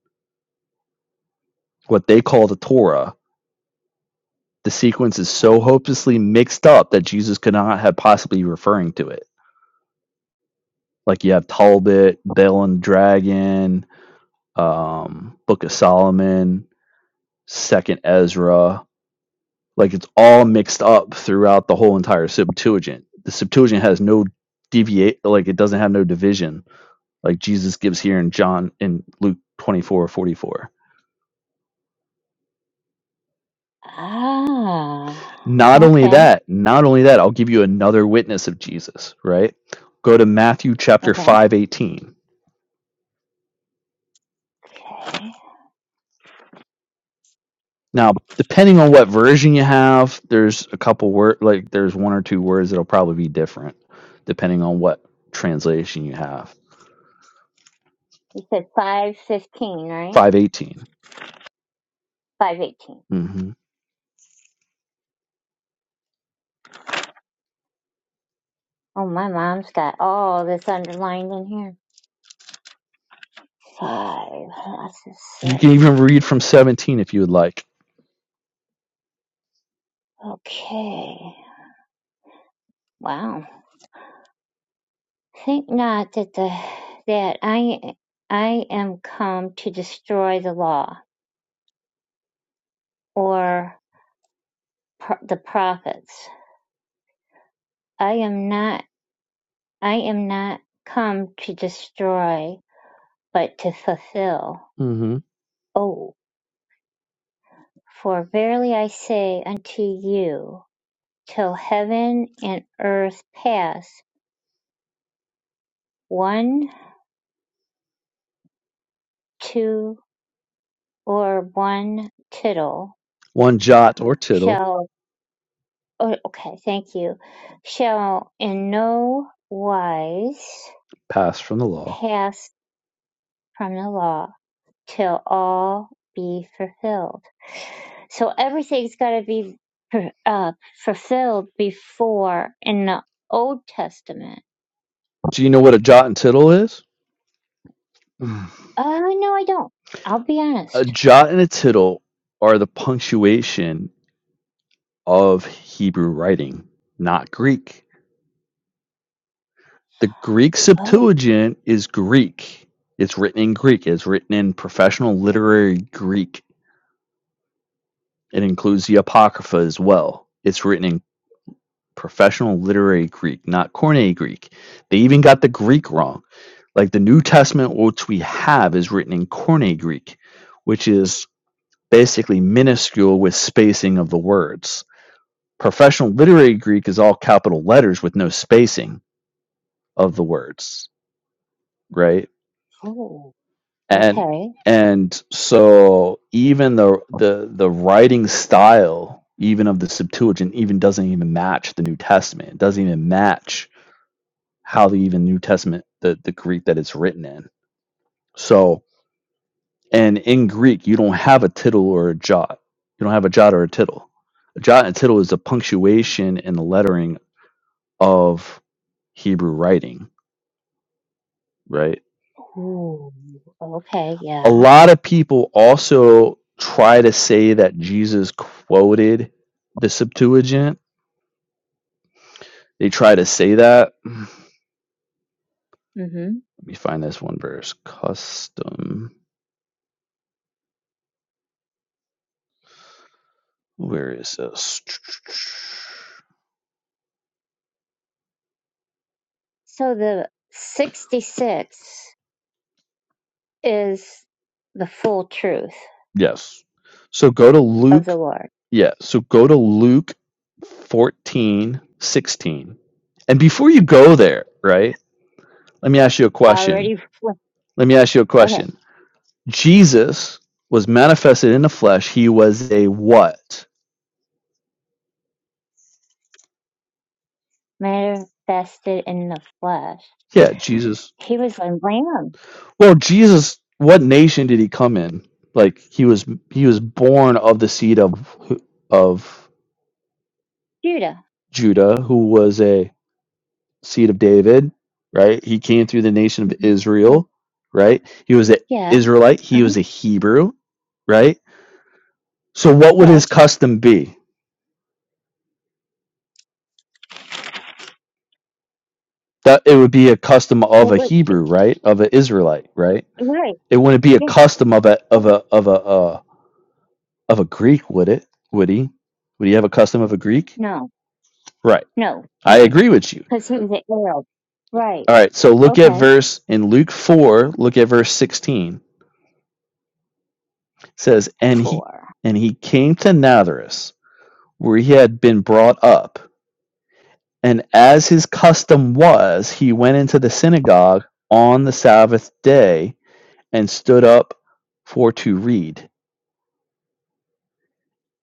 what they call the Torah. The sequence is so Right. hopelessly mixed up that Jesus could not have possibly referring to it. Like you have Talbot, Bel and Dragon, um, Book of Solomon, Second Ezra. like it's all mixed up throughout the whole entire Septuagint. The Septuagint has no deviate, like it doesn't have no division, like Jesus gives here in John in Luke twenty four forty four. Ah. Not only Okay. that, not only that, I'll give you another witness of Jesus. Right? Go to Matthew chapter Okay. five eighteen. Now, depending on what version you have, there's a couple word, like there's one or two words that'll probably be different, depending on what translation you have. You said five fifteen, right? Five eighteen. Five eighteen. Mm-hmm. Oh, my mom's got all this underlined in here. Five. That's a You can six. even read from 17 if you would like. Okay. Wow. Think not that the that I I am come to destroy the law or pro- the prophets. I am not. I am not come to destroy, but to fulfill. hmm Oh, for verily I say unto you, till heaven and earth pass, one two or one tittle One jot or tittle shall. Oh, okay, thank you. Shall in no wise passed from the law. pass from the law till all be fulfilled. So everything's got to be uh, fulfilled before in the Old Testament. Do you know what a jot and tittle is? Mm. Uh, no, I don't. I'll be A honest. jot and a tittle are the punctuation of Hebrew writing, not Greek. The Greek Oh, Septuagint is Greek. It's written in Greek, it's written in professional literary Greek. It includes the Apocrypha as well. It's written in professional literary Greek, not Corne Greek. They even got the Greek wrong Like the New Testament, which we have, is written in Koine Greek, which is basically minuscule with spacing of the words. Professional literary Greek is all capital letters with no spacing of the words, right? oh, And okay. and so even the the the writing style even of the Septuagint even doesn't even match the New Testament. It doesn't even match how the even New Testament the the Greek that it's written in. So And in Greek, you don't have a tittle or a jot. You don't have a jot or a tittle. A jot and a tittle is the punctuation and the lettering of Hebrew writing, right? Ooh, okay, A yeah. lot of people also try to say that Jesus quoted the Septuagint. They try to say that. Let hmm me find this one verse. Custom. Where is this? So the 66 is the full truth Yes. So go to of Luke the Lord. Yeah, so go to Luke 14 16, And before you go there, right, let me ask you a question. Already, Let me ask you a okay, question. Jesus was manifested in the flesh. He was a what? manifested in the flesh. Yeah, Jesus. He was a lamb. Well, Jesus, what nation did he come in? Like he was he was born of the seed of of Judah. Judah, who was a seed of David, right? He came through the nation of hmm Right. Israel, right? He was an Yeah. Israelite, he Uh-huh. was a Hebrew, right? So what would his Correct. custom be? That it would be a custom It of a was, Hebrew, right? Of an Israelite, right? right. It wouldn't be a Yeah. custom of a of right. a of a uh, of a Greek, would it? Would he? Would he have a custom of a Greek? No. Right. No. I Mm-mm. agree with you. Because he was an Arab. Right. All right. So look at Okay. verse in Luke four. Look at verse sixteen. It says, and he Four. and he came to Nazareth where he had been brought up. And as his custom was, he went into the synagogue on the Sabbath day and stood up for to read.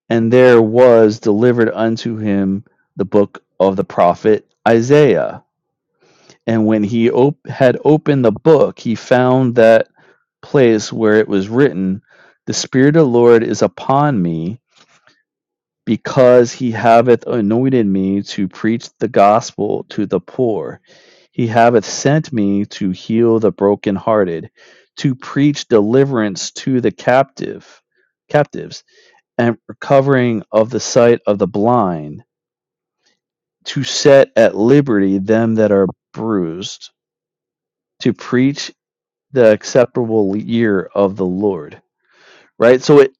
And there was delivered unto him the book of the prophet Isaiah. And when he op- had opened the book, he found that place where it was written, The Spirit of the Lord is upon me because he haveth anointed me to preach the gospel to the poor. He haveth sent me to heal the brokenhearted, to preach deliverance to the captive, captives, and recovering of the sight of the blind, to set at liberty them that are bruised, to preach the acceptable year of the Lord. Right? So it,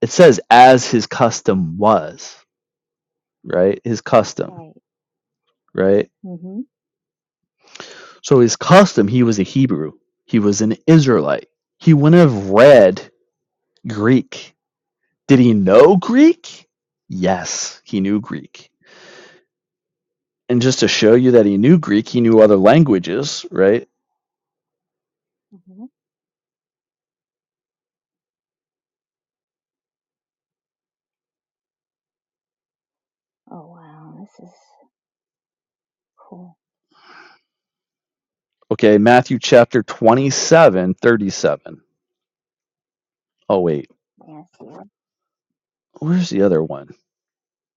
it says, as his custom was, right? His custom, Right. right? Mm-hmm. So his custom, he was a Hebrew. He was an Israelite. He wouldn't have read Greek. Did he know Greek? Yes, he knew Greek. And just to show you that he knew Greek, he knew other languages, right? hmm Oh, wow. This is cool. Okay, Matthew chapter 27, 37. Oh, wait, Matthew. where's the other one?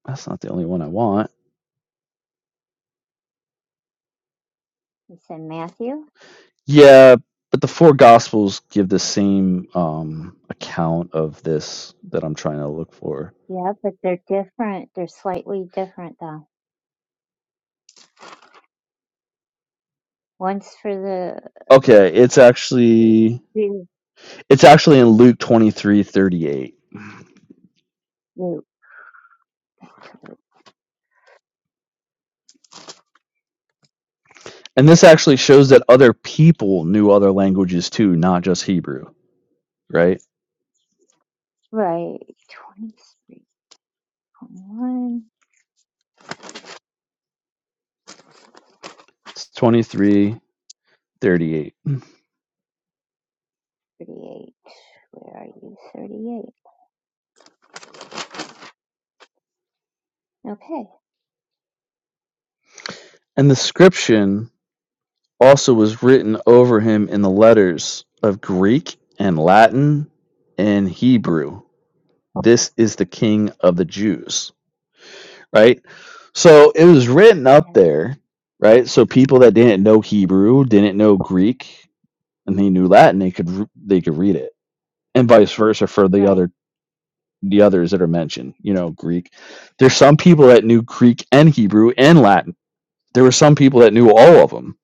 That's not the only one I want. You said Matthew? Yeah, but the four gospels give the same um, account of this that I'm trying to look for. Yeah, but they're different. They're slightly different, though. One's for the Okay, it's actually the It's actually in Luke 23:38, Luke. And this actually shows that other people knew other languages too, not just Hebrew, right? Right. 23, It's 23 thirty-eight. twenty-one, thirty-eight. Where are you? 38. Okay. And the scription also was written over him in the letters of Greek and Latin and Hebrew. This is the king of the Jews, right? So it was written up Yeah. there, right? So people that didn't know Hebrew, didn't know Greek, and they knew Latin, they could they could read it and vice versa for the Right, other the others that are mentioned you know greek there's some people that knew greek and hebrew and latin there were some people that knew all of them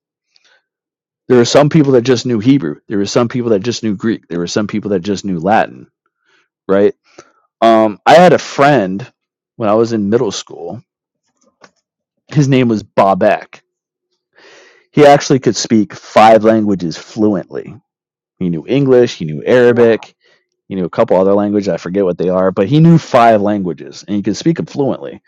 there were some people that just knew hebrew there were some people that just knew greek there were some people that just knew latin right um, i had a right. friend when i was in middle school his name was bob eck he actually could speak five languages fluently he knew english he knew Wow. arabic he knew a couple other languages i forget what they are but he knew five languages and he could speak them fluently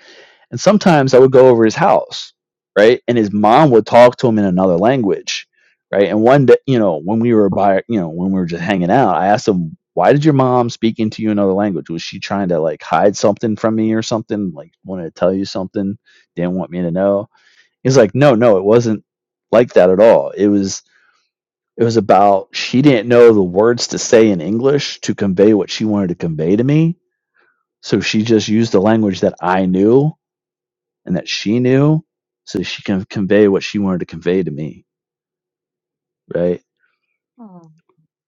And sometimes I would go over his house, right? And his mom would talk to him in another language, right? And one day, you know, when we were by, you know, when we were just hanging out, I asked him, "Why did your mom speak into you another language? Was she trying to like hide something from me or something? Like wanted to tell you something, didn't want me to know?" He's like, "No, no, it wasn't like that at all. It was." It was about she didn't know the words to say in English to convey what she wanted to convey to me. So she just used the language that I knew and that she knew so she can convey what she wanted to convey to me right Oh,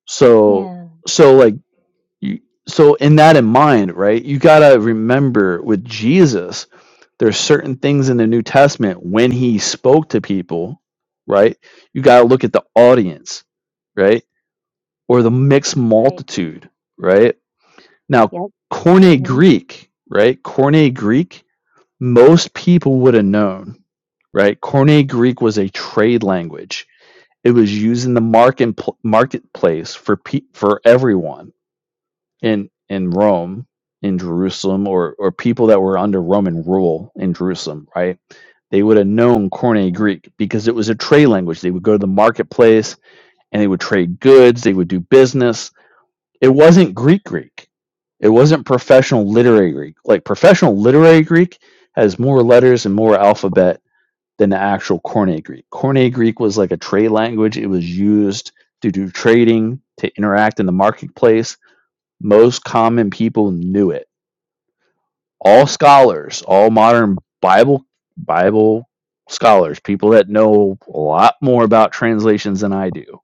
so Yeah. so like you so in that in mind right you got to remember with jesus there's certain things in the new testament when he spoke to people right you got to look at the audience right or the mixed right. multitude right now Yep. Koine Mm-hmm. greek right Koine greek most people would have known right? Koine Greek was a trade language It was used in the market marketplace for pe- for everyone in in Rome, in Jerusalem, or or people that were under Roman rule in Jerusalem, right? They would have known Koine Uh huh. Greek because it was a trade language. They would go to the marketplace and they would trade goods. They would do business. It wasn't Greek Greek. It wasn't professional literary Greek. Like professional literary Greek has more letters and more alphabet than the actual Koine Greek. Koine Greek was like a trade language. It was used to do trading, to interact in the marketplace. Most common people knew it. All scholars, all modern Bible Bible scholars, people that know a lot more about translations than I do,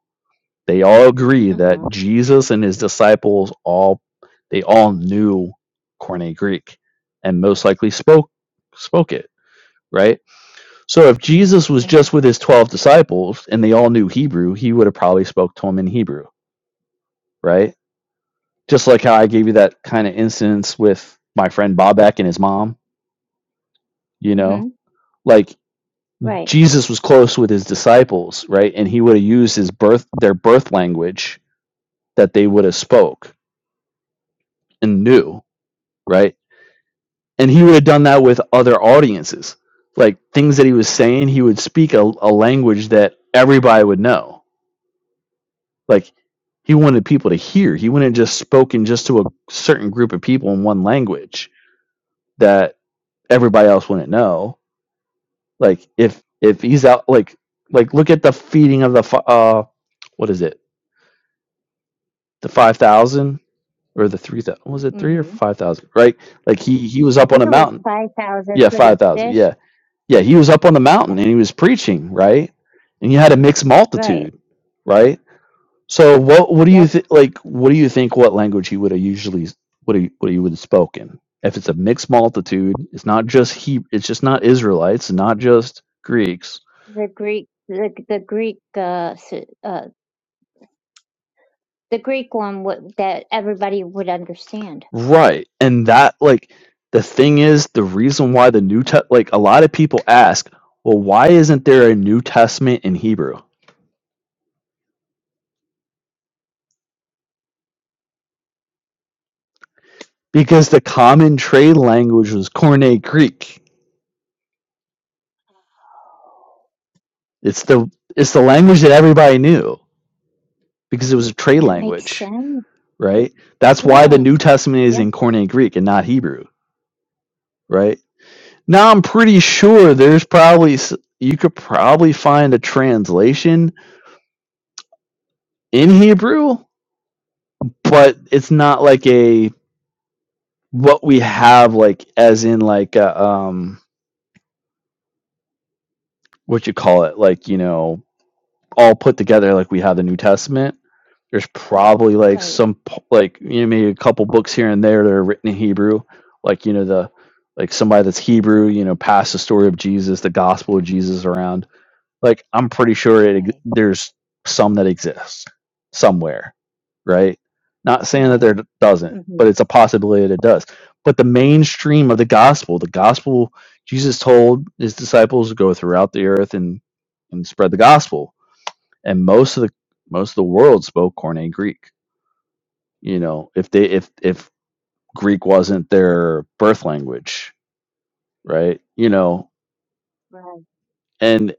they all agree Uh that huh. Jesus and his disciples all they all knew Koine Greek and most likely spoke spoke it, right? So if Jesus was Uh huh. just with his 12 disciples and they all knew Hebrew, he would have probably spoke to them in Hebrew, right? Just like how I gave you that kind of instance with my friend Bobak and his mom, you Mm-hmm. know? Like Right, Jesus was close with his disciples, right? And he would have used his birth their birth language that they would have spoke and knew, right? And he would have done that right. with other audiences. Like things that he was saying, he would speak a, a language that everybody would know Like he wanted people to hear. He wouldn't have just spoken just to a certain group of people in one language that everybody else wouldn't know. Like if if he's out like like look at the feeding of the fi- uh what is it the five thousand or the three thousand was it three or Mm-hmm. five thousand right like he he was I up on think a it was mountain 5,000 yeah for five the thousand fish. yeah yeah he was up on the Yeah. mountain and he was preaching right and he had a mixed Right. multitude right So what what do you Yep. think? Like what do you think? What language he would have usually what he what he would have spoken? If it's a mixed multitude, it's not just he. It's just not Israelites, not just Greeks, The Greek, the, the Greek, uh, s- uh, the Greek one would, that everybody would understand. right? And that like the thing is the reason why the New Test like a lot of people ask, well, why isn't there a New Testament in Hebrew? Because the common trade language was Koine Greek. It's the it's the language that everybody Oh, knew because it was a trade That makes language sense. right? That's why the Yeah. New Testament is Yeah. in Koine Greek and not Hebrew, right? Now I'm pretty sure there's probably s- you could probably find a translation in Hebrew, but it's not like a what we have like as in like a, um what you call it like you know all put together like we have the New Testament. There's probably like Right. some like you know maybe a couple books here and there that are written in Hebrew, like you know the like somebody that's Hebrew, you know, passed the story of Jesus, the gospel of Jesus around. Like I'm pretty sure it Right. there's some that exists somewhere, right? Not saying that Right. there doesn't, hmm but it's a possibility that it does. But the mainstream of the gospel, the gospel Jesus told his disciples to go throughout the earth and and spread the gospel. And most of the most of the world spoke Koine Greek you know if they if if greek wasn't their birth language right you know Right. and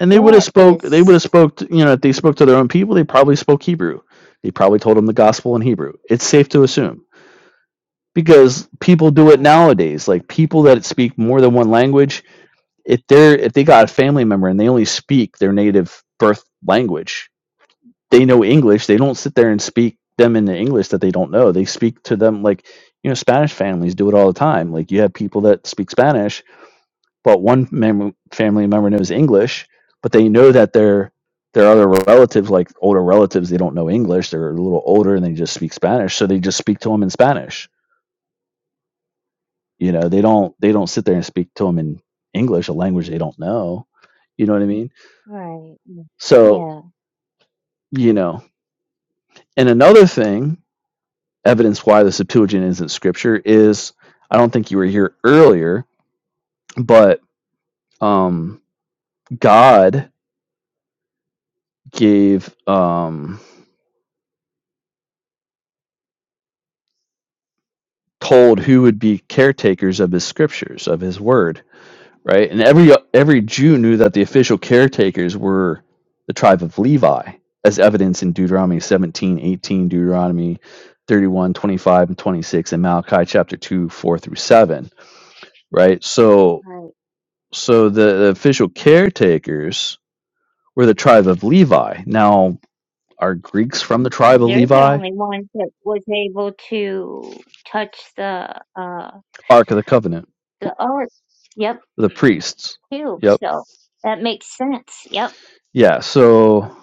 and they would have That spoke is they would have spoke to, you know if they spoke to their own people they probably spoke hebrew they probably told them the gospel in hebrew it's safe to assume because people do it right. nowadays like people that speak more than one language if they're if they got a family member and they only speak their native birth language they know English. They don't sit there and speak them in the English that they don't know. They speak to them like you know Spanish families do it all the time. Like you have people that speak Spanish, but one mem- family member knows English, but they know that their their other relatives, like older relatives, they don't know English. They're a little older and they just speak Spanish, so they just speak to them in Spanish. You know, they don't they don't sit there and speak to them in English, a language they don't know. You know what I mean? Right. mm, So Yeah. you know, and another thing evidence why the Septuagint isn't scripture is I don't think you were here earlier, but um, God gave um, told who would be caretakers of his scriptures of his word, right? And every every Jew knew that the official caretakers were the tribe of Levi, as evidence in Deuteronomy 17 18, Deuteronomy 31 25 and 26, and Malachi chapter 2, 4 through 7, right? So Right. so the, the official caretakers We're the tribe of Levi. Now, are Greeks from the tribe of They're the Levi? only ones that was able to touch the uh Ark of the Covenant. the art. Yep. The priests. too. Yep. So that makes sense. Yep. Yeah, so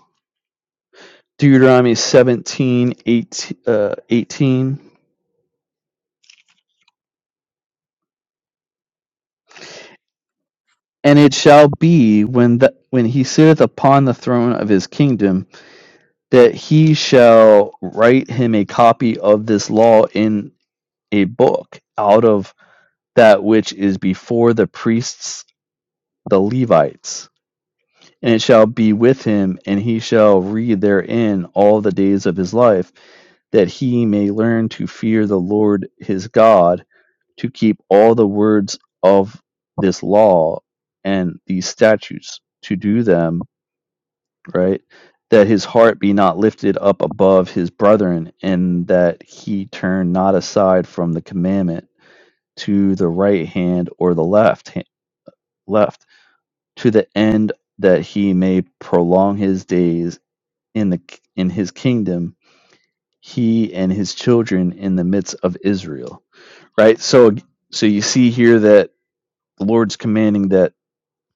Deuteronomy 17, 18, uh, 18. And it shall be when the, when he sitteth upon the throne of his kingdom that he shall write him a copy of this law in a book out of that which is before the priests, the Levites and it shall be with him, and he shall read therein all the days of his life, that he may learn to fear the Lord his God, to keep all the words of this law and these statutes, to do them, right? That his heart be not lifted up above his brethren, and that he turn not aside from the commandment to the right hand or the left hand, left, to the end that he may prolong his days in the in his kingdom he and his children in the midst of Israel right so so you see here that the Lord's commanding that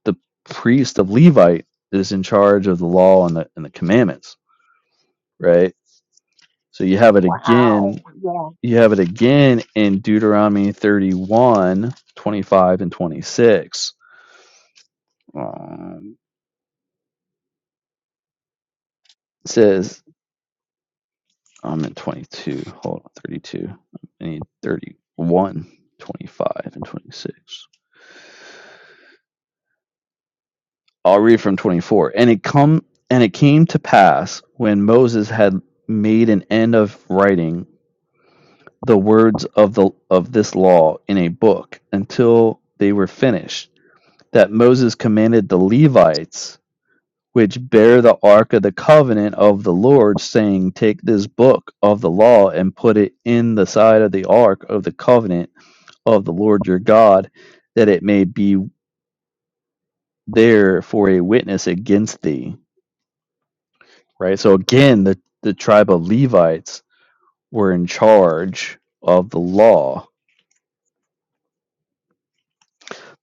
the priest of Levite is in charge of the law and the and the commandments right so you have it Wow. again Yeah. you have it again in Deuteronomy 31 25 and 26 um, it says I'm in 22 hold on 32 I need 31 25 and 26 I'll read from 24. And it come and it came to pass when Moses had made an end of writing the words of the of this law in a book until they were finished that Moses commanded the Levites which bear the ark of the covenant of the Lord saying take this book of the law and put it in the side of the ark of the covenant of the Lord your God that it may be there for a witness against thee right? So again, the, the tribe of Levites were in charge of the law.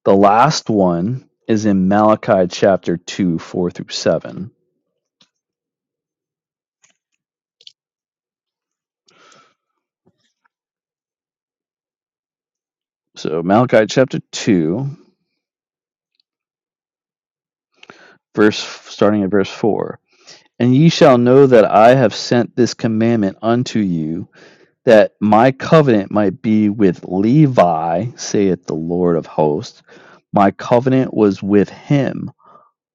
The last one is in Malachi chapter 2, 4 through 7. So Malachi chapter 2, verse starting at verse 4. And ye shall know that I have sent this commandment unto you, that my covenant might be with Levi, saith the Lord of hosts. My covenant was with him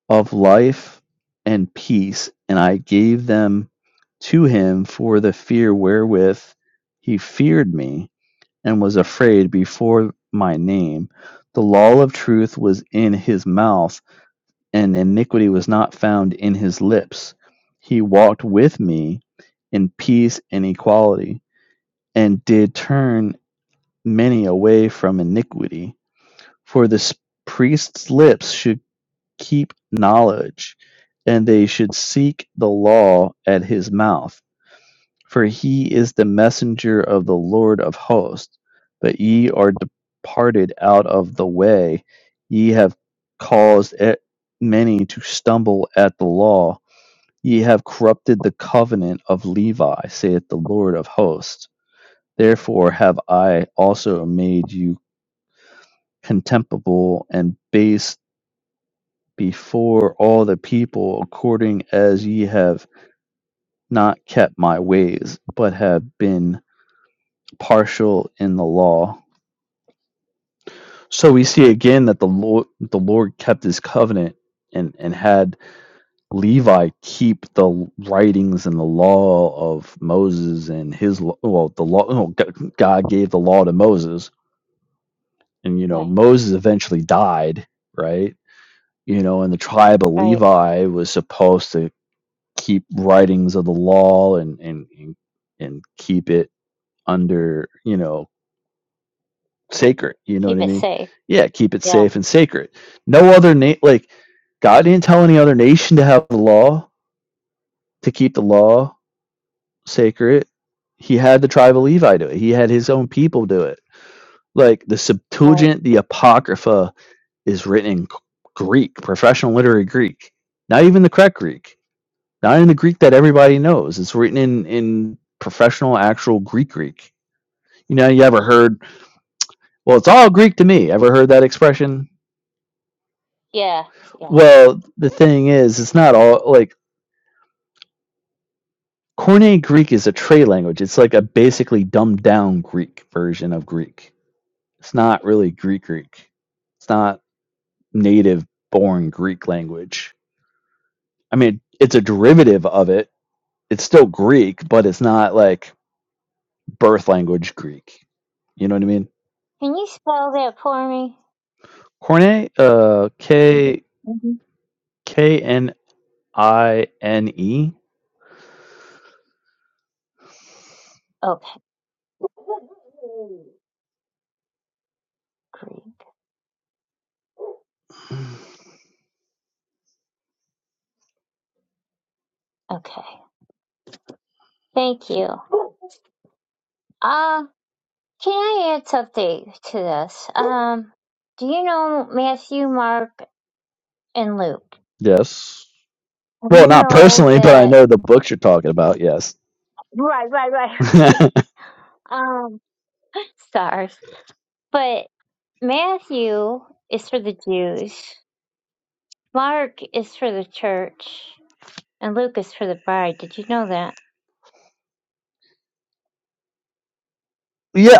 of life and peace, and I gave them to him for the fear wherewith he feared me, and was afraid before my name. The law of truth was in his mouth, and iniquity was not found in his lips. He walked with me in peace and equality, and did turn many away from iniquity. For the priest's lips should keep knowledge, and they should seek the law at his mouth. For he is the messenger of the Lord of hosts. But ye are departed out of the way, ye have caused e- many to stumble at the law. Ye have corrupted the covenant of Levi, saith the Lord of hosts. Therefore have I also made you contemptible and base before all the people according as ye have not kept my ways, but have been partial in the law. So we see again that the Lord the Lord kept his covenant and, and had Levi keep the writings and the law of Moses and his lo- well the law oh, God gave the law to Moses and you know Right. Moses eventually died right you know and the tribe of Right. Levi was supposed to keep writings of the law and and and, and keep it under you know sacred you know what Keep i it mean safe. yeah keep it Yeah. safe and sacred no other na- like god didn't tell any other nation to have the law to keep the law sacred he had the tribe of levi do it he had his own people do it like the Right. septuagint the apocrypha is written in greek professional literary greek not even the correct greek not in the Greek that everybody knows. It's written in in professional, actual Greek Greek. You know, you ever heard? Well, it's all Greek to me. Ever heard that expression? Yeah. Yeah. Well, the thing is, it's not all like Koine Greek is a trade language. It's like a basically dumbed down Greek version of Greek. It's not really Greek Greek. It's not native born Greek language. I mean, it's a derivative of it. It's still Greek, but it's not like birth language Greek. You know what I mean? Can you spell that for me? Cornet, uh, K hmm K N I N E. Okay. Greek. Okay. Thank you. Uh, can I add something to this? Um, do you know Matthew, Mark, and Luke? Yes. Do Well, you not know personally, but I that? know the books you're talking about. Yes. Right, right, right. yeah, right. um, sorry. but Matthew is for the Jews, Mark is for the church, and Luke is for the bride. Did you know that?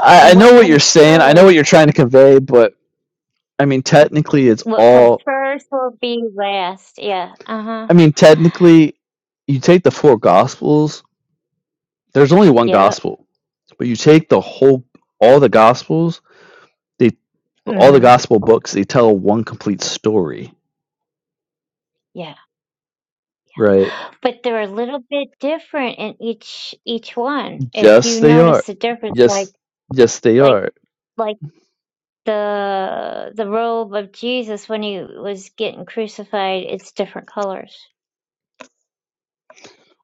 I, I And know what what you're comes saying. I know first, what you're trying to convey, but I mean, technically, it's what comes all. first will be last. Yeah. Uh huh. I mean, technically, you take the four gospels. There's only one Yeah. gospel, but you take the whole, all the gospels. They, all the hmm gospel books. They tell one complete story, Yeah. right? But they're a little bit different in each each one. If Yes, you they notice are. the difference, like Yes, yes, they like are. like the the robe of Jesus when he was getting crucified, it's different colors.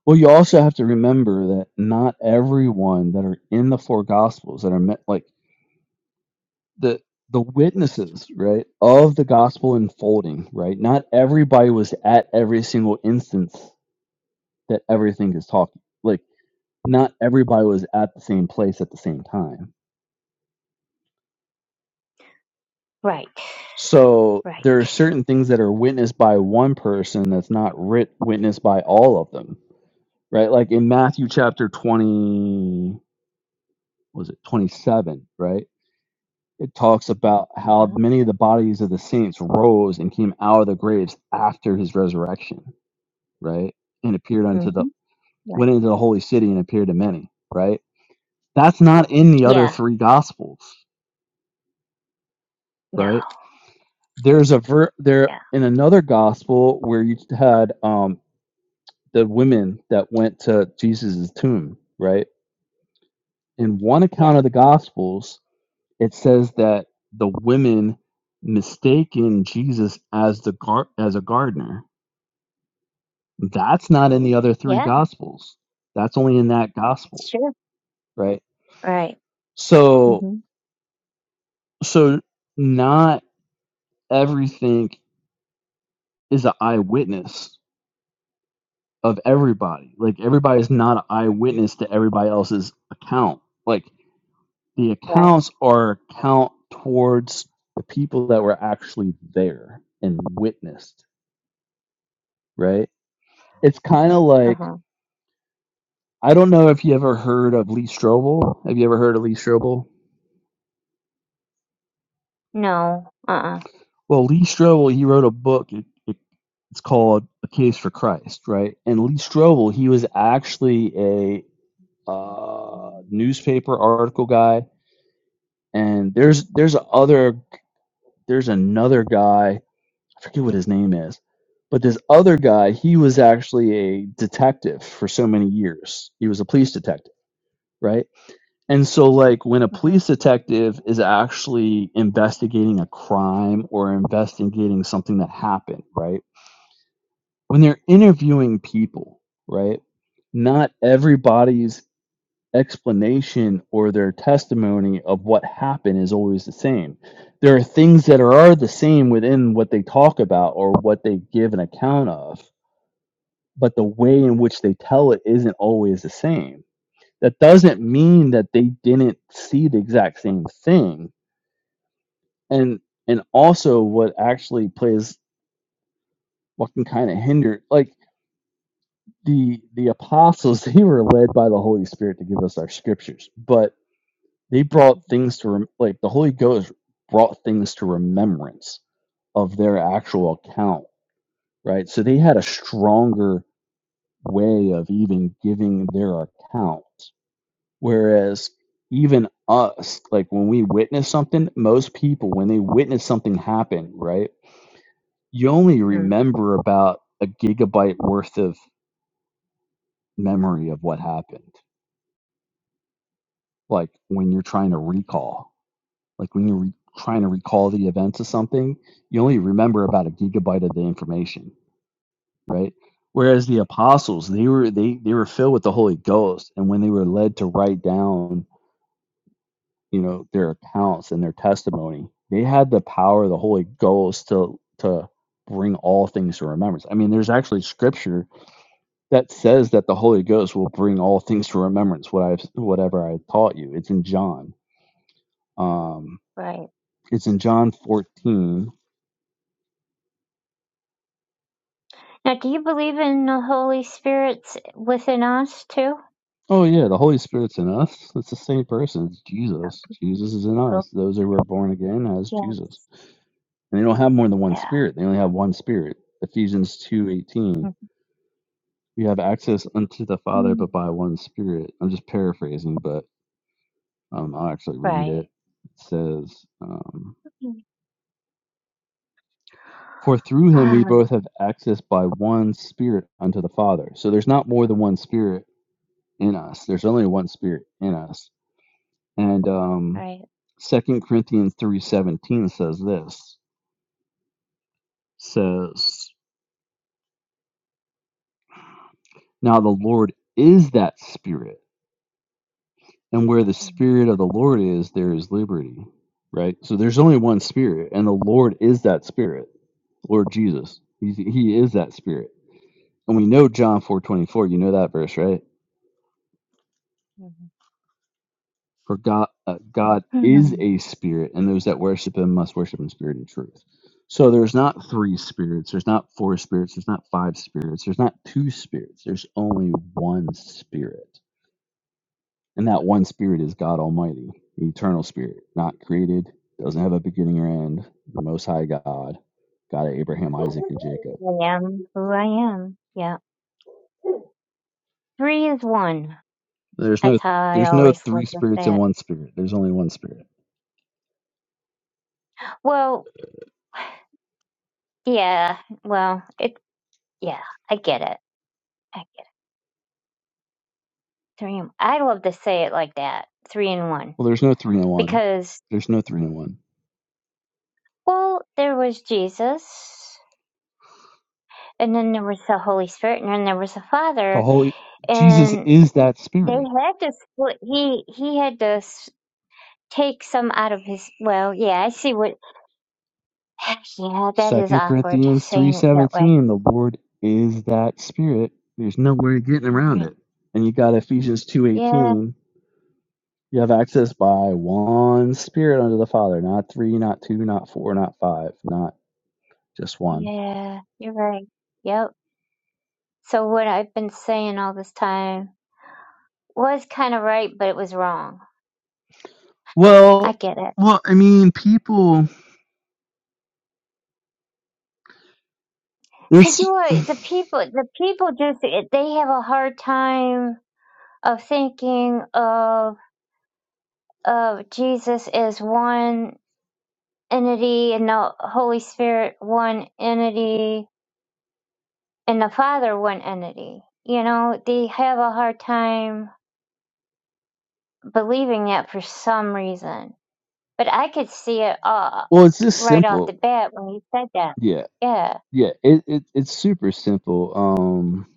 Well, you also have to remember that not everyone that are in the four gospels that are meant like the the witnesses, right, of the gospel unfolding, right? Not everybody was at every single instance that everything is talking. Like not everybody was at the same place at the same time. Right. So Right. there are certain things that are witnessed by one person that's not writ- witnessed by all of them, right? Like in Matthew chapter 20 was it 27, right? It talks about Uh how huh. many of the bodies of the saints rose and came out of the graves after his resurrection, right? And appeared unto the Mm-hmm. Right. went into the holy city and appeared to many, right? That's not in the other Yeah. three gospels, No. right? There's a ver there Yeah. in another gospel where you had um the women that went to Jesus's tomb, right? In one Yeah. account of the gospels, it says that the women mistaken Jesus as the gar- as a gardener. That's not in the other three Yeah. gospels. That's only in that That's gospel, true. right? Right. So Mm-hmm. so not everything is an eyewitness of everybody. Like everybody is not an eyewitness to everybody else's account. Like the Right. accounts are count towards the people that were actually there and witnessed, right? It's kind of Uh like huh. I don't know if you ever heard of Lee Strobel. Have you ever heard of Lee Strobel? No. Uh. uh-uh. uh Well, Lee Strobel, he wrote a book. It, it, it's called A Case for Christ, right? And Lee Strobel, he was actually a uh, newspaper article guy. And there's there's other there's another guy. I forget what his name is, but this other guy, he was actually a detective for so many years. He was a police detective, right? And so, like, when a Mm-hmm. police detective is actually investigating a crime or investigating something that happened, right? When they're interviewing people, right? Not everybody's explanation or their testimony of what happened is always the same. There are things that are the same within what they talk about or what they give an account of, but the way in which they tell it isn't always the same that doesn't mean that they didn't see the exact same thing and and also what actually plays what can kind of hinder like the the apostles they were led by the holy spirit to give us our scriptures but they brought things to rem- like the holy ghost brought things to remembrance of their actual account right so they had a stronger way of even giving their account Whereas even us, like when we witness something, most people, when they witness something happen, right, you only hmm remember about a gigabyte worth of memory of what happened. Like when you're trying to recall, like when you're re- trying to recall the events of something, you only remember about a gigabyte of the information, right? Whereas the apostles, they were they they were filled with the Holy Ghost, and when they were led to write down you know their accounts and their testimony they had the power of the holy ghost to to bring all things to remembrance i mean there's actually scripture that says that the holy ghost will bring all things to remembrance what i've whatever i taught you it's in john um Right. it's in john 14 Now, do you believe in the Holy Spirit's within us too? oh yeah the holy spirit's in us it's the same person it's Oh, jesus jesus is in oh, us those who were born again as jesus yes. and they don't have more than one Yeah. spirit they only have one spirit ephesians two eighteen. We have access unto the Father, Mhm. but by one Spirit. I'm just paraphrasing, but um, I'll actually read Right. it. It says, um, Mm. For through him we Ah, both have access by one Spirit unto the Father. So there's not more than one Spirit in us, there's only one Spirit in us. And um, right. 2 Corinthians 3.17 says this, says, Now the Lord is that Spirit and where the Mm, spirit of the lord is there is liberty right so there's only one spirit and the lord is that spirit lord jesus He's, he is that spirit and we know john 4 24. you know that verse right mhm. for god uh, god is a Hmm. spirit and those that worship him must worship in spirit and truth so there's not three spirits there's not four spirits there's not five spirits there's not two spirits there's only one spirit And that one spirit is God Almighty, the eternal spirit, not created, doesn't have a beginning or end, the most high God, God of Abraham, Isaac, and Jacob. I am who I am. Yeah. Three is one. There's That's no how I there's no always three look at spirits in that. one spirit. There's only one spirit. Well. Yeah, well, it, yeah, I get it. I get three in, I love to say it like that, three in one, Well, there's no three in one. because, There's no three in one. well, there was Jesus, and then there was the Holy Spirit, and then there was the The Father, Holy Jesus and is that they spirit. had to split. He he had to s- take some out of his. Well, yeah, I see what. Yeah, that is Second awkward Corinthians three saying it that way. seventeen, the Lord is that spirit. There's no way of getting You're around right. it. And you got Ephesians two Yeah, eighteen You have access by one spirit unto the Father, not three, not two, not four, not five, not just one. yeah, you're right. Yep. So what I've been saying all this time. was kind of right, but it was wrong. Well, I get it. well, I mean, people. Cause you This were the people. The people just they have a hard time of thinking of of Jesus as one entity and the Holy Spirit one entity and the Father one entity. You know, they have a hard time believing that for some reason. But I could see it all well, it's just right off the simple. bat when you said that. Yeah, Yeah. yeah. It, it it's super simple. Um,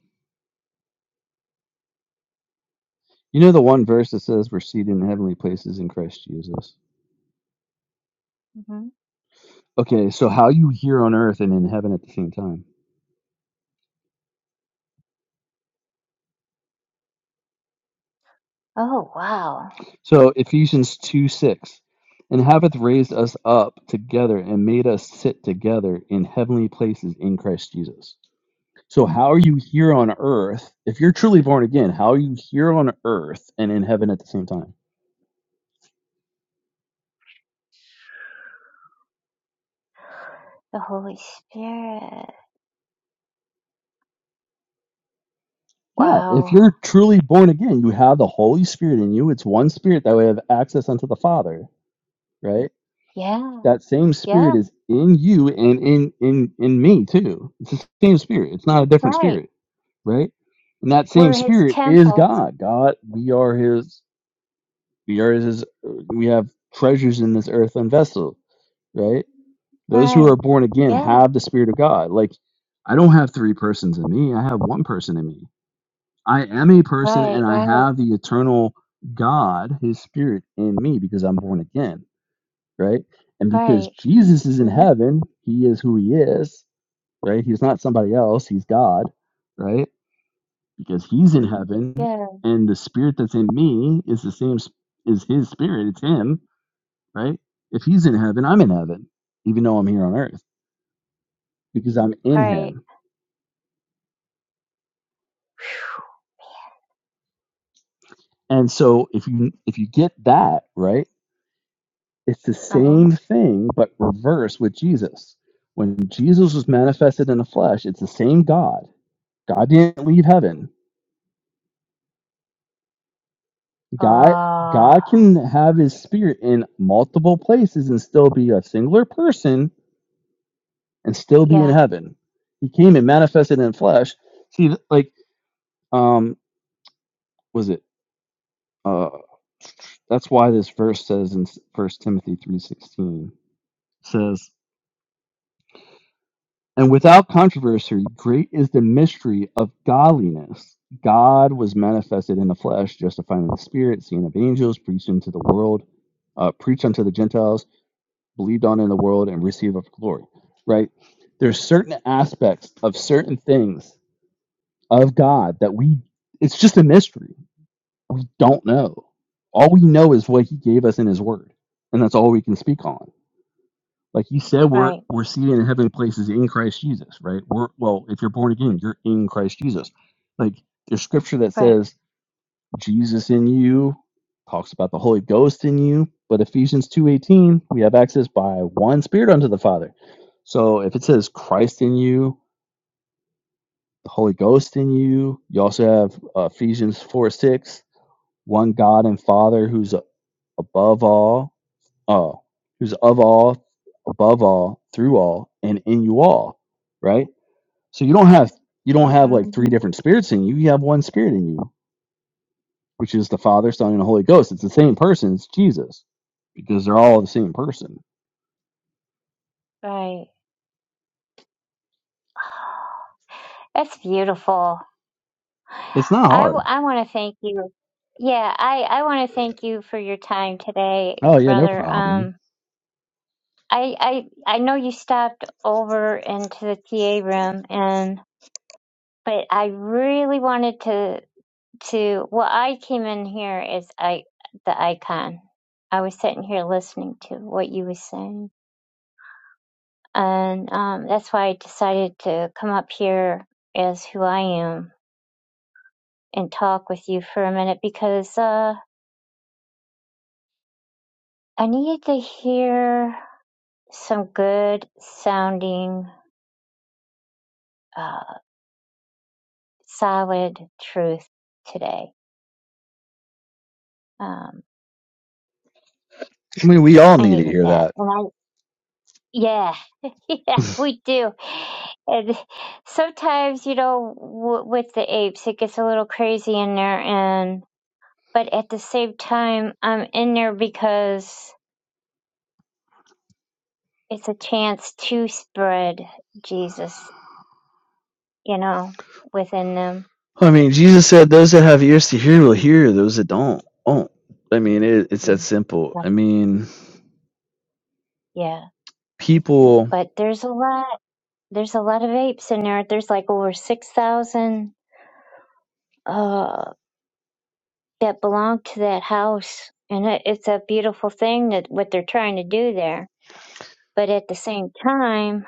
you know the one verse that says we're seated in heavenly places in Christ Jesus. hmm Okay, so how you here on earth and in heaven at the same time? Oh wow. So Ephesians 2 6, and hath raised us up together and made us sit together in heavenly places in Christ Jesus. So how are you here on earth? If you're truly born again, how are you here on earth and in heaven at the same time? The Holy Spirit. Yeah, if Wow. you're truly born again, you have the Holy Spirit in you. It's one spirit that we have access unto the Father, right? Yeah. That same spirit Yeah. is in you and in in in me too. It's the same spirit. It's not a different spirit Right. right? And that same We're his spirit is temple. God. God, we are his, we are his, we have treasures in this earthen vessel, right? Those who Right. are born again Yeah. have the spirit of God. Like, I don't have three persons in me, I have one person in me. I am a person Right. and I Right. have the eternal God, his spirit in me because I'm born again, right? And because Right. Jesus is in hmm heaven, he is who he is, right? He's not somebody else, he's God, right? because he's in heaven Yeah. and the spirit that's in me is the same is his spirit it's him right if he's in heaven i'm in heaven even though i'm here on earth because i'm in Right. him and so if you if you get that right it's the Uh-huh. same thing but reverse with jesus when jesus was manifested in the flesh it's the same god god didn't leave heaven god Uh, god can have his spirit in multiple places and still be a singular person and still be in yeah. heaven. He came and manifested in flesh. See, like, um, was it? Uh, that's why this verse says in First Timothy three sixteen says, "And without controversy, great is the mystery of godliness. God was manifested in the flesh, justified in the spirit, seen of angels, preached into the world, uh, preached unto the Gentiles, believed on in the world, and received of glory." Right? There's certain aspects of certain things of God that we it's just a mystery. We don't know. All we know is what he gave us in his word. And that's all we can speak on. Like you said, we're Right. we're seated in heavenly places in Christ Jesus, right? We're well, if you're born again, you're in Christ Jesus. Like there's scripture that Right. says Jesus in you talks about the Holy Ghost in you, but Ephesians 2:18, we have access by one spirit unto the Father. So if it says Christ in you, the Holy Ghost in you, you also have uh, Ephesians 4 6 one God and Father who's above all, oh, who's of all, above all, through all, and in you all, right? So you don't have you don't have like three hmm different spirits in you. You have one spirit in you, which is the Father, Son, and the Holy Ghost. It's the same person. It's Jesus because they're all the same person. Right. That's beautiful. It's not I, hard. w- I want to thank you. Yeah, I, I want to thank you for your time today, Oh yeah, no brother. problem. Um, I I I know you stopped over into the TA room and but I really wanted to to well I came in here as I the icon. I was sitting here listening to what you was saying. And um that's why I decided to come up here as who I am and talk with you for a minute because uh I needed to hear some good sounding uh solid truth today. Um, I mean, we all I need to needed hear that. that. And I, yeah, yeah, we do. And sometimes, you know, w- with the apes, it gets a little crazy in there. And, but at the same time, I'm in there because it's a chance to spread Jesus, you know, within them. I mean, Jesus said, "Those that have ears to hear will hear; those that don't, won't." I mean, it, it's that simple. Yeah. I mean, Yeah. people. But there's a lot, there's a lot of apes in there. There's like over 6,000. that belong to that house. And it, it's a beautiful thing that what they're trying to do there. But at the same time,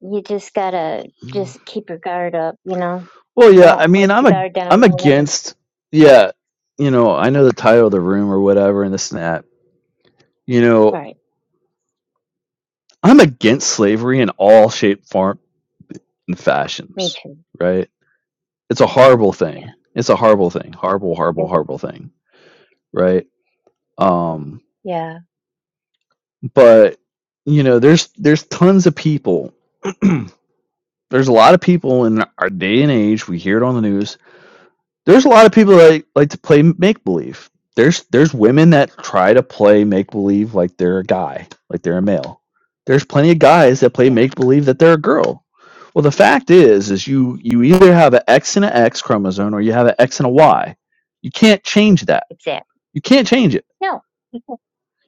you just gotta Mm. just keep your guard up, you know? Well, yeah, Don't I let mean, I'm your a guard down. I'm against yeah, you know, I know the title of the room or whatever and this and that. You know, Right. I'm against slavery in all shape, form, and Me fashions, too. right? It's a horrible Yeah. thing. It's a horrible thing. Horrible, horrible, Mhm. horrible thing, right? Um, Yeah. but you know, there's there's tons of people. there's a lot of people in our day and age. We hear it on the news there's a lot of people that like like to play make believe. There's there's women that try to play make believe like they're a guy, like they're a male. There's plenty of guys that play Yeah. make believe that they're a girl. Well, the fact is, is you you either have an X and an X chromosome or you have an X and a Y. You can't change that. Exactly. You can't change it. No. you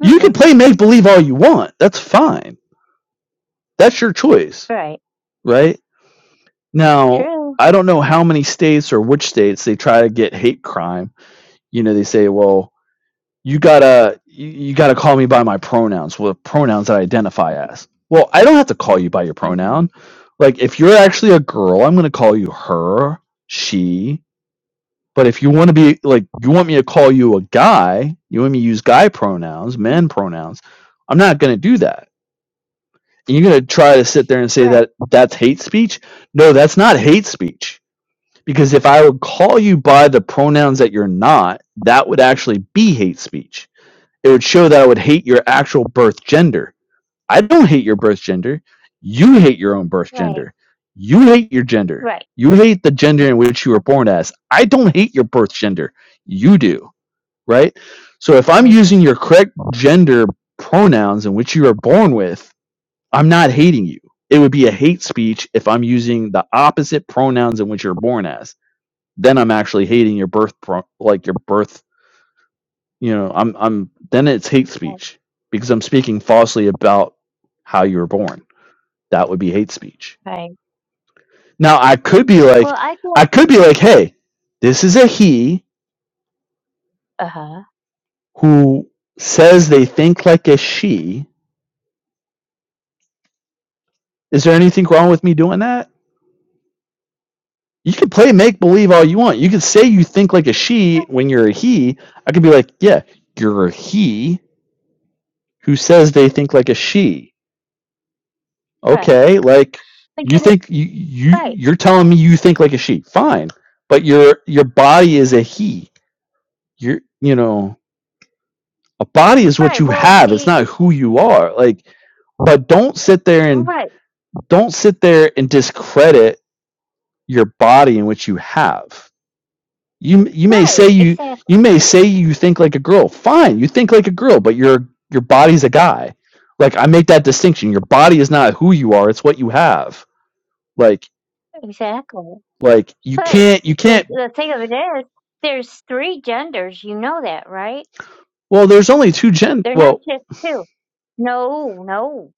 You can Mm-mm. play make believe all you want. That's fine. That's your choice, Right. right? Now, True. I don't know how many states or which states they try to get hate crime. You know, they say, well, you gotta you, you gotta call me by my pronouns with pronouns that i identify as well i don't have to call you by your Mm-hmm. pronoun like if you're actually a girl i'm gonna call you her she but if you want to be like you want me to call you a guy you want me to use guy pronouns hmm man pronouns i'm not gonna do that and you're gonna try to sit there and say Right. that that's hate speech no that's not hate speech because if i would call you by the pronouns that you're not that would actually be hate speech it would show that I would hate your actual birth gender. I don't hate your birth gender. You hate your own birth Right. gender. You hate your gender. Right. You hate the gender in which you were Mm-hmm. born as. I don't hate your birth gender. You do, right? So if I'm Mm-hmm. using your correct gender pronouns in which you were born with, I'm not hating you. It would be a hate speech if I'm using the opposite pronouns in which you're born as. Then I'm actually hating your birth, pro- like your birth you know i'm i'm then it's hate Right. speech because i'm speaking falsely about how you were born that would be hate speech Right. now i could be Well, like I i get. could be like hey this is a he Uh huh. who says they think like a she is there anything wrong with me doing that you can play make believe all you want you can say you think like a she when you're a he i could be like yeah you're a he who says they think like a she Right. okay like But you you know. think you, you Right. you're telling me you think like a she fine but your your body is a he you're you know a body is what Right. you Well, have it's see. not who you are like but don't sit there and Right. don't sit there and discredit your body and what you have you you may say Right, you exactly, you may say you think like a girl fine you think like a girl but your your body's a guy like i make that distinction your body is not who you are it's what you have like exactly. Like you But can't you the can't the thing of it is, there's three genders. You know that, right? well there's only two gen They're not well just two. No, no.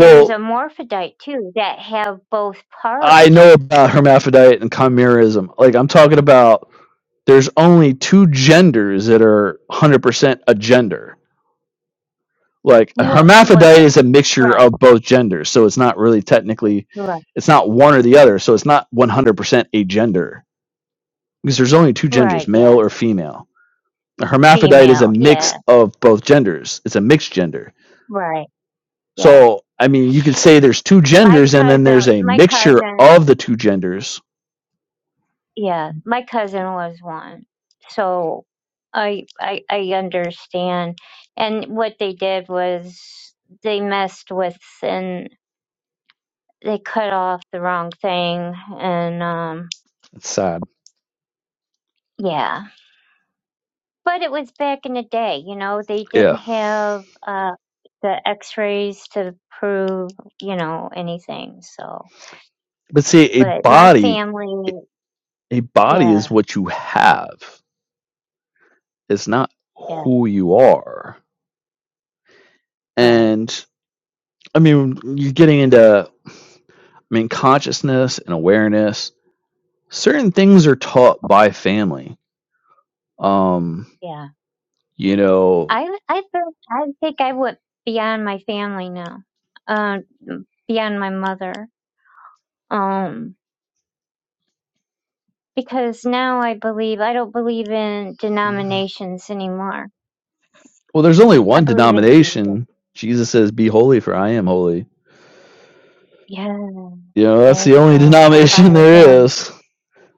There's hermaphrodite too that have both I know parts. about hermaphrodite and chimerism. Like I'm talking about there's only two genders that are 100% a gender. Like a Well, well, hermaphrodite yeah. is a mixture Right, of both genders, so it's not really technically right, it's not one or the other, so it's not 100% a gender because there's only two right. genders, male Yeah, or female. A hermaphrodite is a female. mix Yeah, of both genders. It's a mixed gender right. Yeah. So, I mean, you could say there's two My genders and then there's cousin, a my mixture cousin of the two genders. yeah, my cousin was one. So I I I understand. And what they did was they messed with and they cut off the wrong thing and um It's sad. yeah. But it was back in the day, you know, they didn't Yeah. have uh the x-rays to prove, you know, anything. So, But see, a but my body a family, body is yeah, what you have. It's not yeah, who you are. right. And I mean, you're getting into I mean, consciousness and awareness. Certain things are taught by family. Um, Yeah. you know, I I don't I think I would be on my family now. Uh, be on my mother. Um, because now I believe I don't believe in well, denominations anymore. there's only I one believe in Jesus. denomination. Jesus says, "Be holy, for I am holy." Yeah, You know, that's there the you only go. I denomination follow there him. is.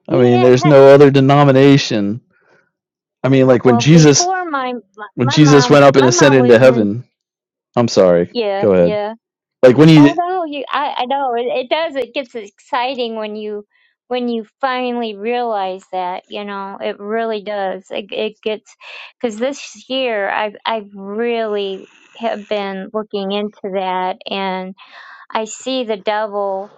I mean, there's Yes. no other denomination. I mean, like when Well, Jesus before my my when my Jesus mom went up and my mom ascended was into in heaven. I'm sorry. yeah Go ahead. yeah Like when Oh he no, you I, I know it, it does. It gets exciting when you when you finally realize that, you know, it really does. It it gets because this year I've I've really have been looking into that and I see the devil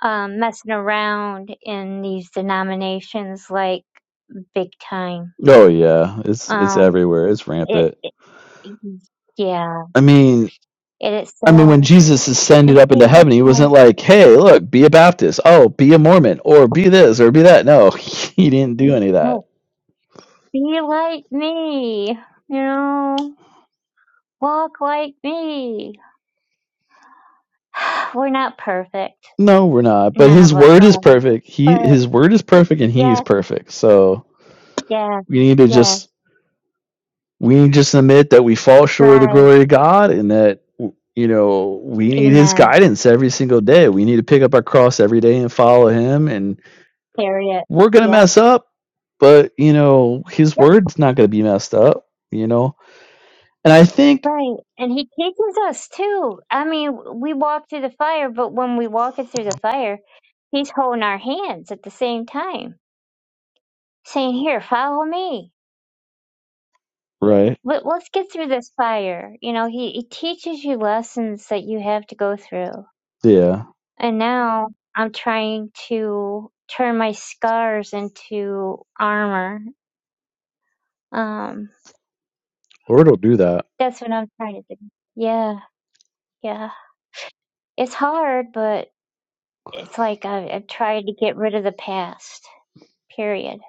um, messing around in these denominations like big time. Oh yeah, it's it's Um, everywhere. It's it, rampant. it yeah, I mean, it is I mean when so, Jesus ascended and up into people heaven, he wasn't fight. like, "Hey, look, be a Baptist. Oh, be a Mormon or be this or be that." No, he didn't do any of that. Be like me, you know, walk like me. We're not perfect. No, we're not. But None his of us word is are. perfect. He But his word is perfect and he is yes, perfect. So, yes, we need to yes, just we just admit that we fall short of the drive. glory of God and that you know we need his Amen. guidance every single day. We need to pick up our cross every day and follow him and Harriet. we're going to Yep. mess up, but you know his Yep. word's not going to be messed up, you know. And I think Right. And he teaches us too. I mean, we walk through the fire, but when we walk it through the fire, he's holding our hands at the same time, saying, Here, follow me. right. Let, let's get through this fire. You know, he, he teaches you lessons that you have to go through Yeah. And now I'm trying to turn my scars into armor. Um, Lord will do that. that's what I'm trying to do. Yeah, yeah. It's hard, but it's like I, I've tried to get rid of the past, period,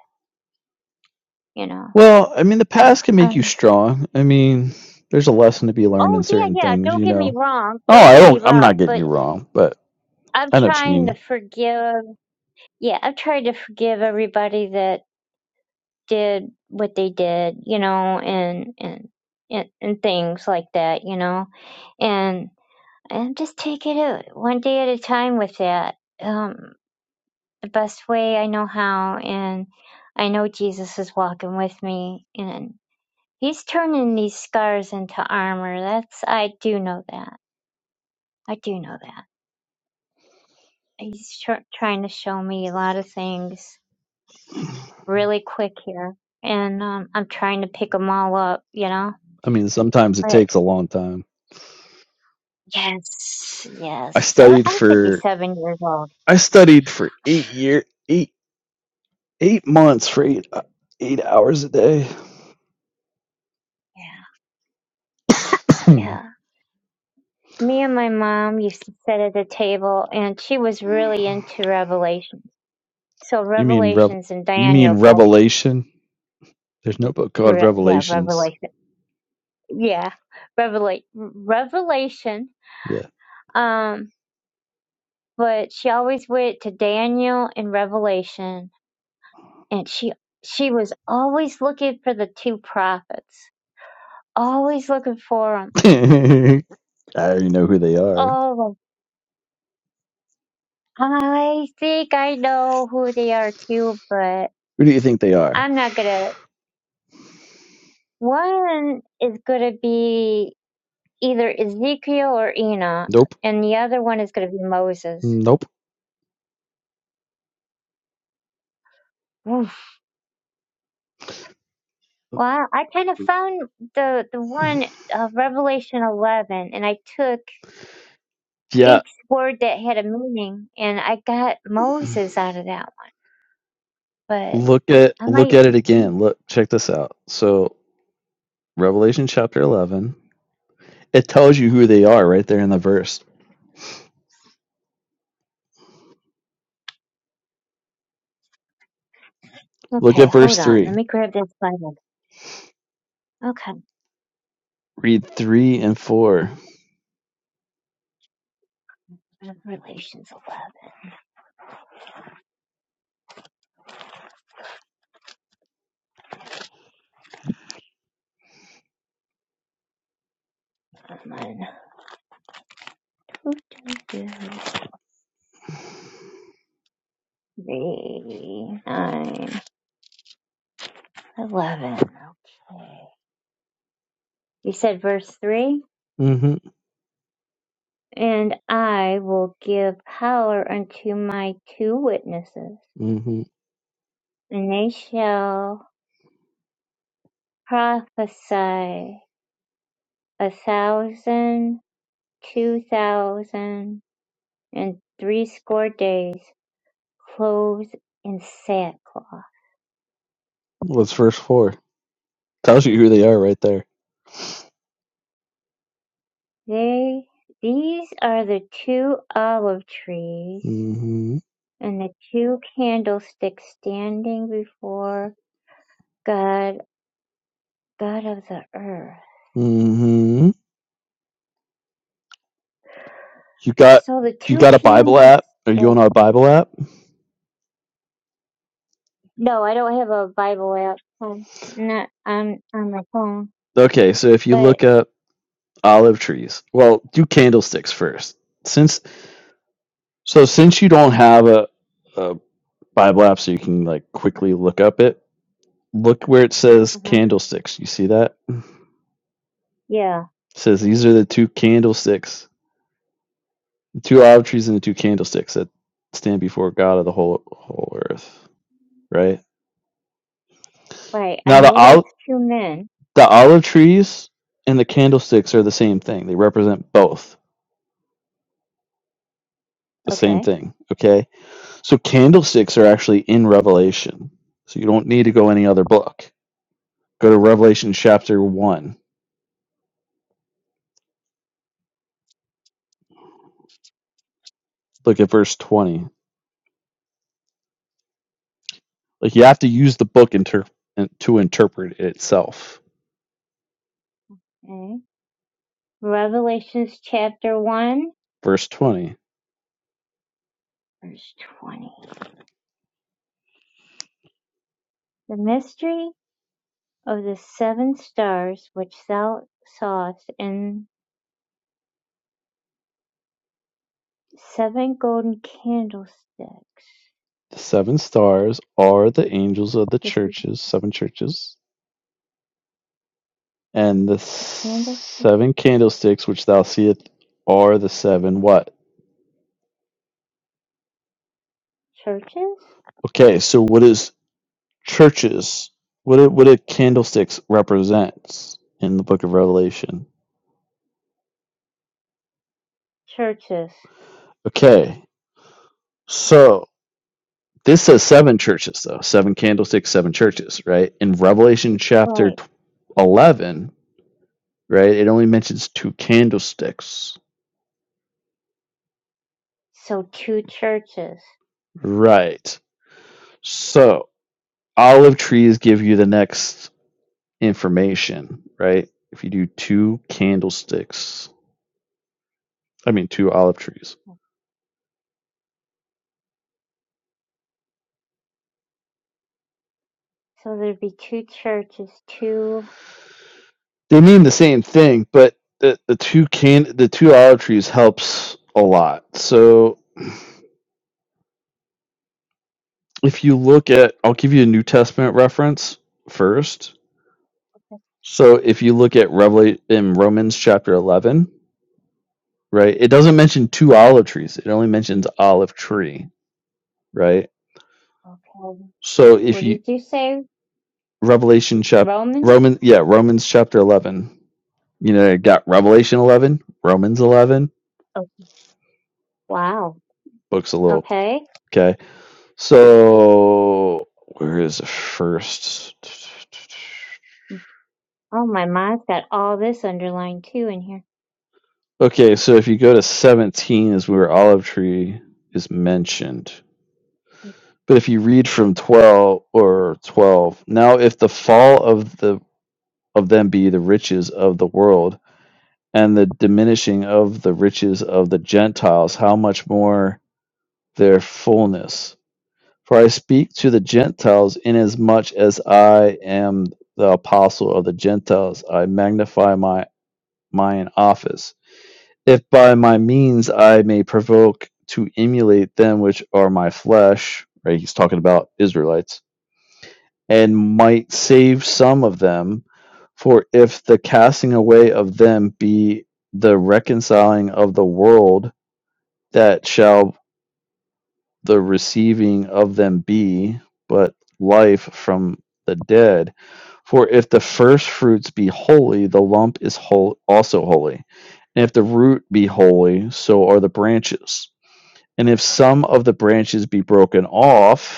you know. Well, I mean the past can make you Um, strong. I mean, there's a lesson to be learned in oh, yeah, certain yeah. things, Don't you get me know. wrong. Oh, Don't I get me don't I'm not wrong. getting you But wrong, but I'm I know what you trying to mean. forgive. Yeah, I'm trying to forgive everybody that did what they did, you know, and and and, and things like that, you know, and and just take it out one day at a time with that. Um, the best way I know how, and I know Jesus is walking with me, and He's turning these scars into armor. That's I do know that. I do know that. He's tr- trying to show me a lot of things really quick here, and um, I'm trying to pick them all up, you know. I mean, sometimes it but. takes a long time. Yes, I yes. I- studied I'm for 57 years old. I studied for eight year eight eight months for eight uh, eight hours a day. Yeah, you yeah. Me and my mom used to sit at the table, and she was really into Revelations. So mean rev? Revelations and You mean Daniel both, Revelation? There's no book called re- yeah, Revelations. Revelation, yeah, Revelate, Revelation. Yeah, Um, but she always went to Daniel and Revelation, and she she was always looking for the two prophets, always looking for them. I already know who they are. I think I know who they are too, but Who do you think they are? I'm not gonna. One is gonna be either Ezekiel or Enoch, Nope. and the other one is gonna be Moses. Nope. Oof. Well, I kind of found the the one uh, Revelation 11, and I took Yeah. each word that had a meaning, and I got Moses out of that one. But Look at I look might. at it mm, again. Look, check this out. So Revelation chapter eleven. It tells you who they are right there in the verse. Look Okay, at verse hold on. Let three. me grab this Bible. Okay, Read three and 4 Revelations 11. Two, three, nine, eleven. Okay. You said verse three, Mm-hmm. and I will give power unto my two witnesses, Mm-hmm. and they shall prophesy a thousand, two thousand, and threescore days, clothed in sackcloth. What's first four? Tells you who they are right there. They, these are the two olive trees Mm-hmm. and the two candlesticks standing before God, God of the earth. Mm-hmm. You got So the you two got a Bible app? Are you candlesticks. on a Bible app? No, I don't have a Bible app. Um, not on on my phone, Okay, so if you but look up olive trees, well, do candlesticks first. Since so since you don't have a, a Bible app so you can like quickly look up it, look where it says uh candlesticks. You see that? yeah, It says these are the two candlesticks The two olive trees and the two candlesticks that stand before God of the whole whole earth. Right right. I now, the know olive that's two men. the olive trees and the candlesticks are the same thing. They represent both the same Okay. thing. Okay, so candlesticks are actually in Revelation, so you don't need to go any other book. Go to Revelation chapter one. Look at verse twenty. Like you have to use the book inter- to interpret it itself. okay. Revelations chapter one, Verse twenty. verse twenty. The mystery of the seven stars which thou sawest, and seven golden candlesticks The seven stars are the angels of the This is churches, seven churches, and the the Candlestick seven candlesticks which thou seest are the seven what? churches? Okay, so what is churches? What do, what do candlesticks represents in the book of Revelation? Churches. Okay, so This says seven churches, though seven candlesticks, seven churches, right? In Revelation chapter Right. 11, right, it only mentions two candlesticks, So two churches. right? So, olive trees give you the next information, right? If you do two candlesticks, I mean, two olive trees, So there'd be two churches, two. they mean the same thing, but the, the two can the two olive trees helps a lot. So, if you look at, I'll give you a New Testament reference first So if you look at Revelation in Romans chapter 11, right? It doesn't mention two olive trees. It only mentions olive tree, right? Okay. So if What you did you say? Revelation chap Roman? Roman yeah, Romans chapter 11. You know, you got Revelation 11, Romans 11, Oh, wow. books a little, Okay. okay? So where is the first Oh, my mind's got all this underlined too in here. Okay, so if you go to 17 is where olive tree is mentioned. But if you read from twelve or twelve, now if the fall of the of them be the riches of the world, and the diminishing of the riches of the Gentiles, how much more their fullness? For I speak to the Gentiles, inasmuch as I am the apostle of the Gentiles, I magnify my mine office, if by my means I may provoke to emulate them which are my flesh. Right, he's talking about Israelites and might save some of them. For if the casting away of them be the reconciling of the world, that shall the receiving of them be but life from the dead. For if the first fruits be holy, the lump is whole, also holy. And if the root be holy, so are the branches. And if some of the branches be broken off,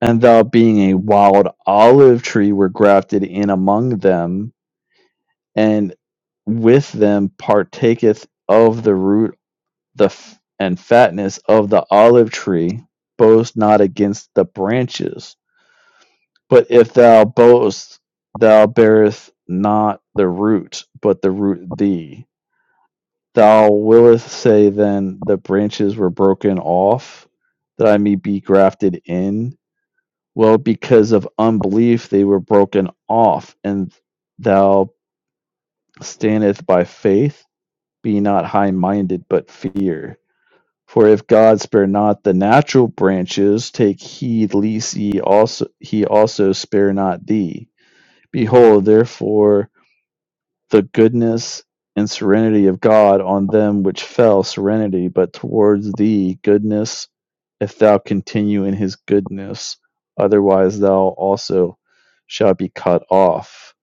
and thou being a wild olive tree were grafted in among them, and with them partaketh of the root the f- and fatness of the olive tree, boast not against the branches. But if thou boast, thou bearest not the root, but the root thee. Thou willest say then, the branches were broken off, that I may be grafted in Well, because of unbelief they were broken off, and thou standeth by faith. Be not high minded, but fear. For if God spare not the natural branches, take heed lest ye also he also spare not thee. Behold, therefore the goodness and serenity of God on them which fell serenity, but towards thee goodness, if thou continue in his goodness, otherwise thou also shalt be cut off.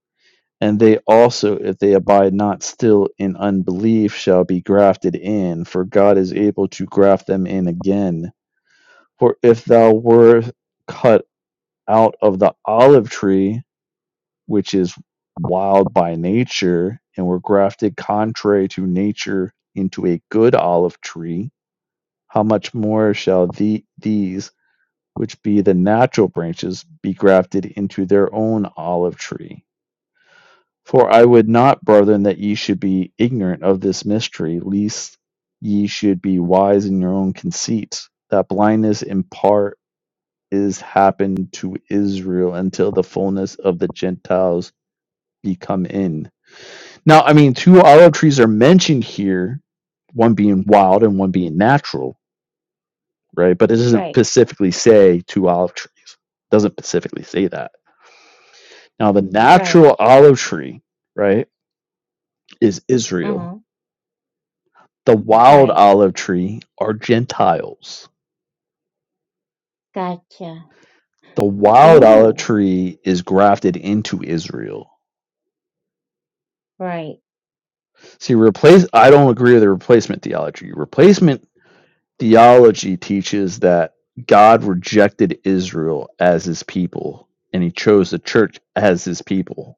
And they also, if they abide not still in unbelief, shall be grafted in, for God is able to graft them in again. For if thou wert cut out of the olive tree, which is wild by nature and were grafted contrary to nature into a good olive tree, how much more shall the, these, which be the natural branches, be grafted into their own olive tree? For I would not, brethren, that ye should be ignorant of this mystery, lest ye should be wise in your own conceit, that blindness in part is happened to Israel until the fullness of the Gentiles be come in Now, I mean, two olive trees are mentioned here, one being wild and one being Right. natural, right? But it doesn't Right. specifically say two olive trees. It doesn't specifically say that. Now, the Right. natural olive tree, right, is Uh huh. Israel. The wild Right. olive tree are Gentiles. Gotcha. The wild olive Ooh. tree is grafted into Israel. Right. See, replace. I don't agree with the replacement theology. Replacement Theology teaches that God rejected Israel as his people, and he chose the church as his people,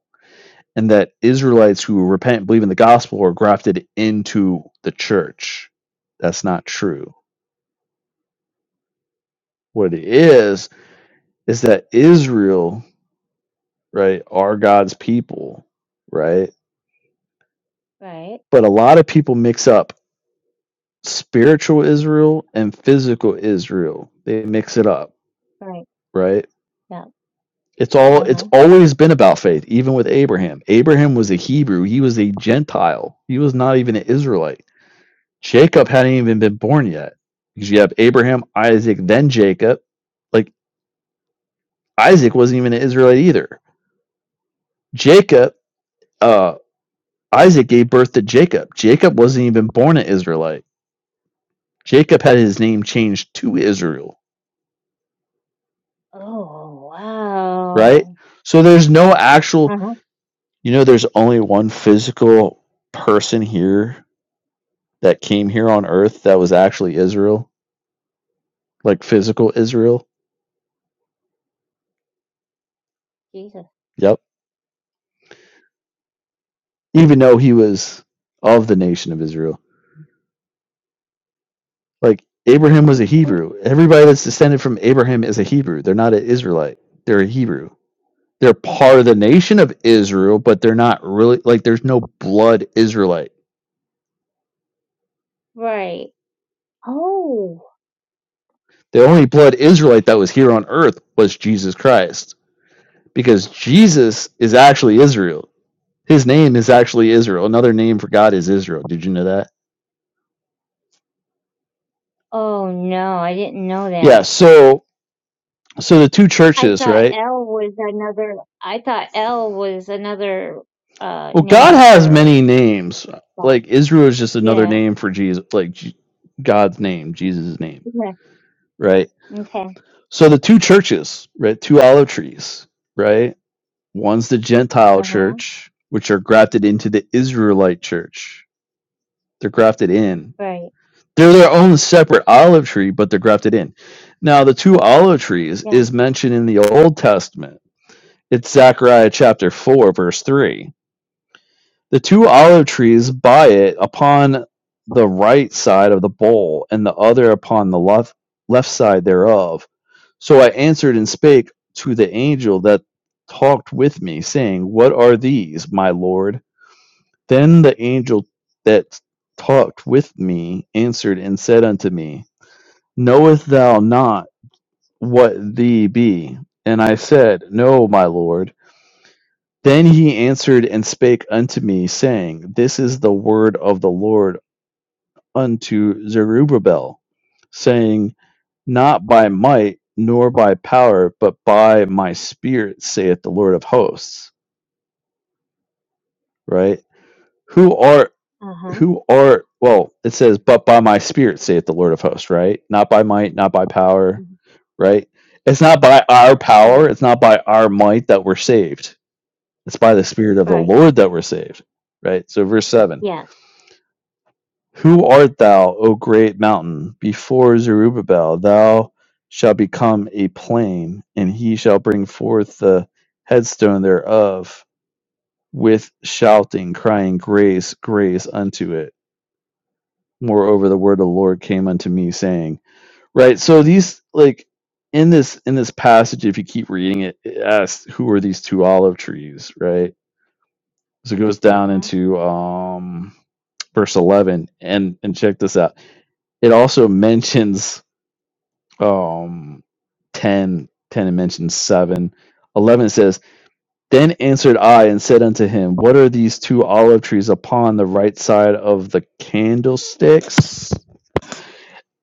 and that Israelites who repent and believe in the gospel are grafted into the church. That's not true. What it is, is that Israel, right, are God's people, right? Right. But a lot of people mix up spiritual Israel and physical Israel. They mix it up, Right. right? Yeah. It's all Uh it's huh. always been about faith, even with Abraham. Abraham was a Hebrew, he was a Gentile. He was not even an Israelite. Jacob hadn't even been born yet. Because you have Abraham, Isaac, then Jacob. Like Isaac wasn't even an Israelite either. Jacob, uh Isaac gave birth to Jacob. Jacob wasn't even born an Israelite. Jacob had his name changed to Israel, Oh, right? wow. So there's no actual Uh huh. you know there's only one physical person here that came here on earth that was actually Israel, like physical Israel. Jesus. Yep. Even though he was of the nation of Israel. Like Abraham was a Oof. Hebrew. Everybody that's descended from Abraham is a Hebrew. They're not an Israelite. They're a Hebrew. They're part of the nation of Israel, but they're not really like there's no blood Israelite. Right. Oh, The only blood Israelite that was here on earth was Jesus Christ because Jesus is actually Israel. His name is actually Israel. Another name for God is Israel. Did you know that? oh no, I didn't know Yeah, that. so so the two I churches, thought right? L was another. I thought L was another uh Well, God name has for many names. God. Like Israel is just another Yeah. name for Jesus, like G- God's name, Jesus' name, Yeah. right? Okay. So the two churches, right? Two olive trees, right? One's the Gentile Uh huh. church, which are grafted into the Israelite church. They're grafted in. Right. They're their own separate olive tree, but they're grafted in. Now, the two olive trees Yeah. is mentioned in the Old Testament. It's Zechariah chapter 4, verse 3 The two olive trees by it, upon the right side of the bowl, and the other upon the left left side thereof. So I answered and spake to the angel that talked with me, saying, What are these, my lord? Then the angel that talked with me answered and said unto me, Knowest thou not what thee be? And I said, No, my lord. Then he answered and spake unto me, saying, This is the word of the Lord unto Zerubbabel, saying, Not by might nor by power, but by my spirit, saith the Lord of hosts. Right? Who are Uh huh. who are well, it says, But by my spirit, saith the Lord of hosts, right? Not by might, not by power, right? It's not by our power, Right. it's not by our might that we're saved. It's by the spirit of the Right. Lord that we're saved. Right? So verse seven. Yeah. Who art thou, O great mountain? Before Zerubbabel, thou shalt become a plain, and he shall bring forth the headstone thereof with shouting, crying, Grace, grace unto it. Moreover, the word of the Lord came unto me, saying, Right. So these like in this in this passage, if you keep reading it, it asks, Who are these two olive trees? Right. So it goes Uh down huh. into um verse eleven, and and check this out. It also mentions um ten, ten, 10 it mentions 7 11 says then answered i and said unto him what are these two olive trees upon the right side of the candlesticks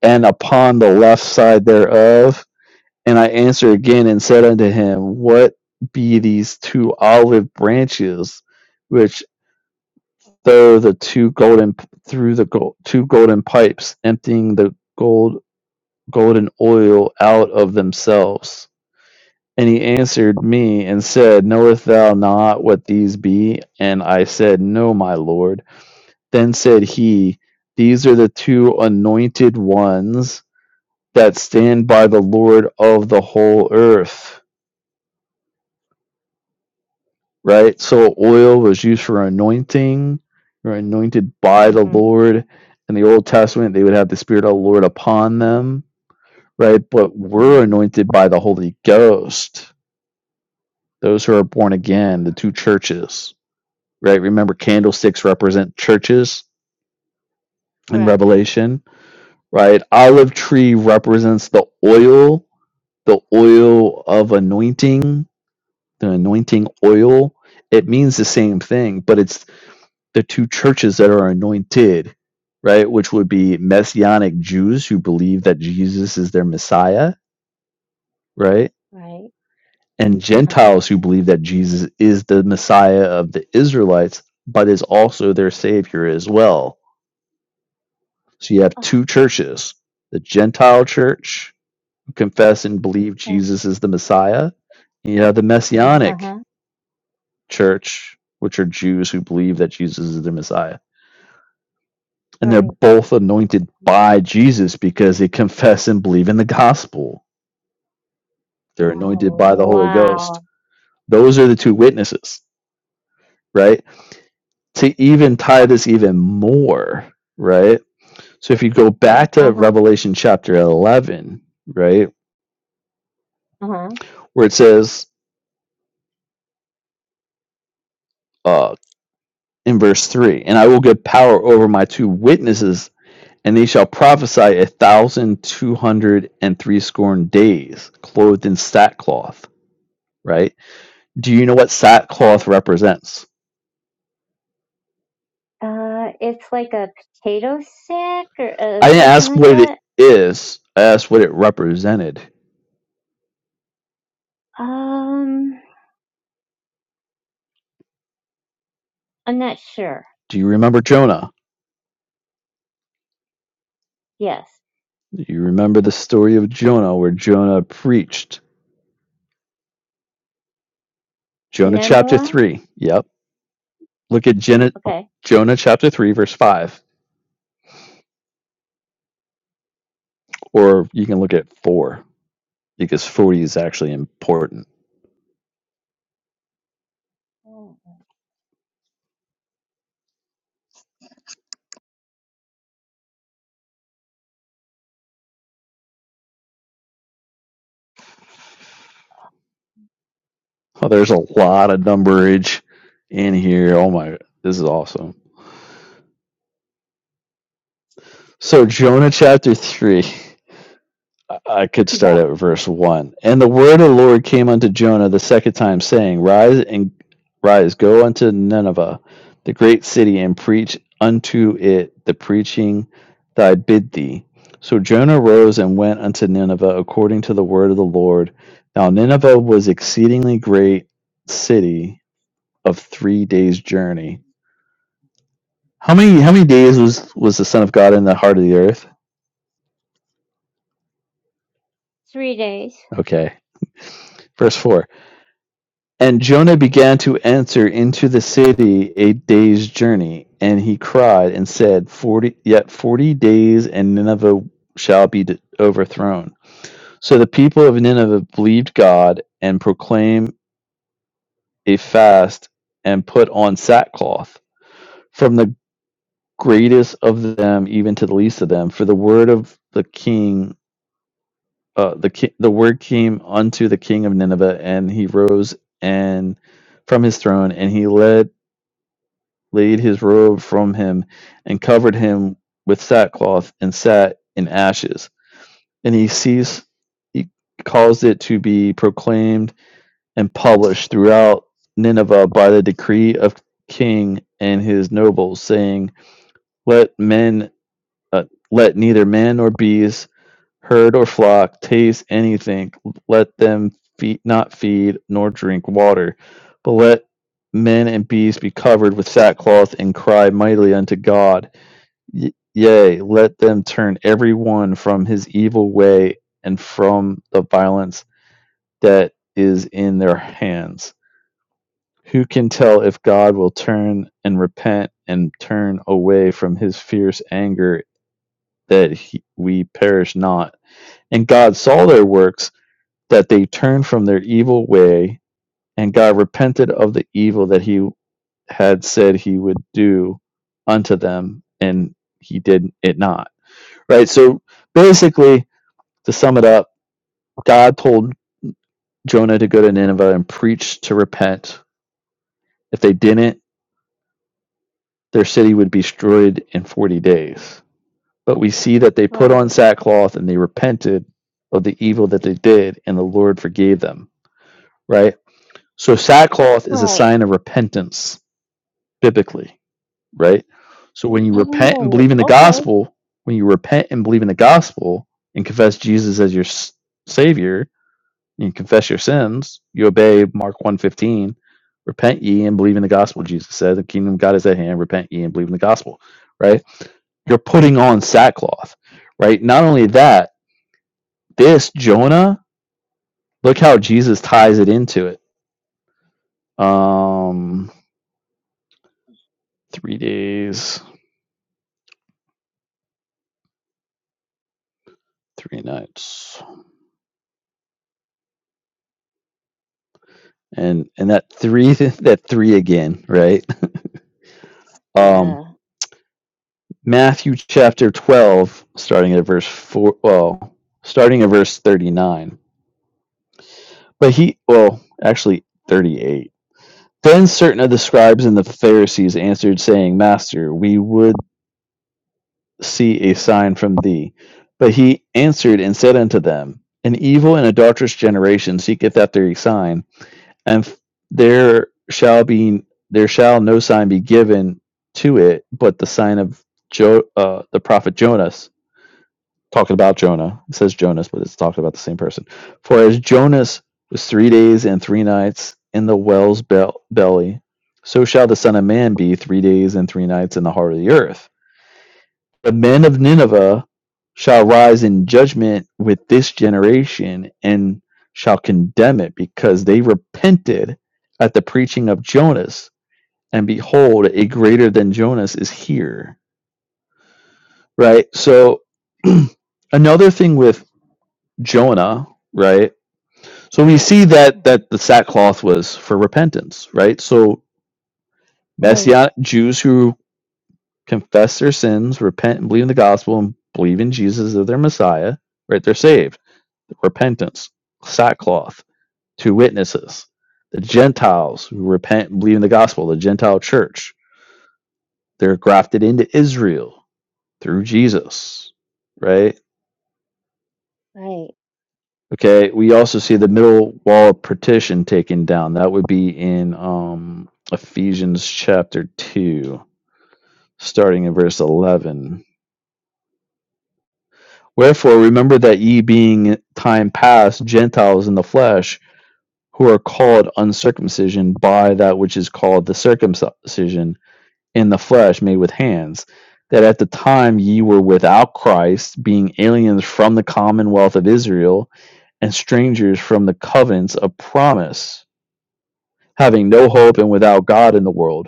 and upon the left side thereof and i answered again and said unto him what be these two olive branches which throw the two golden through the gold, two golden pipes emptying the gold golden oil out of themselves And he answered me and said, Knowest thou not what these be? And I said, No, my Lord. Then said he, These are the two anointed ones that stand by the Lord of the whole earth. Right? So oil was used for anointing, or anointed by the Mhm. Lord. In the Old Testament, they would have the Spirit of the Lord upon them, right? But we're Mhm. anointed by the Holy Ghost, those who are born again, the two churches right? Remember, candlesticks represent churches in Correct. Revelation, right? Olive tree represents the oil, the oil of anointing, the anointing oil. It means the same thing, but it's the two churches that are anointed, right? Which would be Messianic Jews who believe that Jesus is their Messiah, right? Right. And Uh huh. Gentiles who believe that Jesus is the Messiah of the Israelites, but is also their Savior as well So you have Ah. two churches the Gentile church, who confess and believe yeah. Jesus is the Messiah, and you have the Uh Messianic huh. church, which are Jews who believe that Jesus is the Messiah. And they're Right. both anointed by Jesus because they confess and believe in the gospel. They're anointed Oh by the Holy Ghost. wow. Those are the two witnesses, right? To even tie this even more, right? So if you go back to Uh-huh. Revelation chapter 11, right, Uh-huh. where it says, uh. in verse 3 and i will give power over my two witnesses and they shall prophesy a thousand two hundred and threescore days clothed in sackcloth right do you know what sackcloth Right. represents Uh, it's like a potato sack or uh, i didn't something ask like what it that. is i asked what it represented Um, I'm not sure. do you remember jonah Yes. do you remember the story of jonah where jonah preached To jonah chapter Nanawa? 3 yep look at Gen- Okay. jonah chapter 3 verse 5 or you can look at 4 because 40 is actually important Oh, Oh, there's a lot of numberage in here. Oh my, this is awesome. So Jonah chapter three. I could start Yeah. at verse one. And the word of the Lord came unto Jonah the second time, saying, Rise and rise, go unto Nineveh, the great city, and preach unto it the preaching that I bid thee. So Jonah rose and went unto Nineveh according to the word of the Lord. Now Nineveh was exceedingly great city of three days' journey. How many how many days was was the Son of God in the heart of the earth? Three days. Okay. Verse four. And Jonah began to enter into the city a day's journey, and he cried and said, Forty yet forty days and Nineveh shall be overthrown. So the people of Nineveh believed God and proclaimed a fast and put on sackcloth from the greatest of them even to the least of them, for the word of the king uh, the ki- the word came unto the king of Nineveh, and he rose and from his throne, and he led laid his robe from him, and covered him with sackcloth, and sat in ashes. And he ceased, he caused it to be proclaimed and published throughout Nineveh by the decree of king and his nobles, saying, "Let men, uh, let neither man nor beast." herd or flock taste anything, let them feed, not feed nor drink water, but let men and beasts be covered with sackcloth and cry mightily unto God. Y- yea, let them turn every one from his evil way and from the violence that is in their hands. Who can tell if God will turn and repent and turn away from his fierce anger that he, we perish not? And God saw their works that they turned from their evil way, and God repented of the evil that he had said he would do unto them, and he did it not. Right? So basically, to sum it up, God told Jonah to go to Nineveh and preach to repent. If they didn't, their city would be destroyed in 40 days. But we see that they put on right, sackcloth and they repented of the evil that they did, and the Lord forgave them. Right? So sackcloth is a right. sign of repentance biblically, right? So when you repent and Oh, believe in the okay. gospel, when you repent and believe in the gospel and confess Jesus as your s- savior and confess your sins, you obey Mark one fifteen: repent ye and believe in the gospel Jesus said, the kingdom of God is at hand, repent ye and believe in the gospel, right? You're putting on sackcloth, right? Not only that, this Jonah, look how Jesus ties it into it. Um 3 days, 3 nights. and and that three that three again right um Yeah. matthew chapter 12 starting at verse 4 well starting at verse 39 but he well actually 38 then certain of the scribes and the pharisees answered saying master we would see a sign from thee but he answered and said unto them an evil and adulterous generation seeketh after a sign and f- there shall be there shall no sign be given to it but the sign of jo- uh, the prophet jonas talking about jonah it says jonas but it's talking about the same person for as jonas was three days and three nights in the whale's bel- belly so shall the son of man be three days and three nights in the heart of the earth the men of Nineveh shall rise in judgment with this generation and shall condemn it because they repented at the preaching of Jonas. And behold, a greater than Jonas is here. Right? So, another thing with Jonah, right? So we see that hmm that the sackcloth was for repentance, right? So Right, messianic Jews who confess their sins, repent and believe in the gospel and believe in Jesus as their Messiah, right? They're saved repentance, sackcloth, two witnesses, the Gentiles who repent and believe in the gospel, the Gentile church. They're grafted into Israel through Jesus, right? right. Okay, we also see the middle wall of partition taken down. That would be in um, Ephesians chapter 2, starting in verse 11. Wherefore, remember that ye being time past Gentiles in the flesh, who are called uncircumcision by that which is called the circumcision in the flesh made with hands, that at the time ye were without Christ, being aliens from the commonwealth of Israel and strangers from the covenants of promise, having no hope and without God in the world.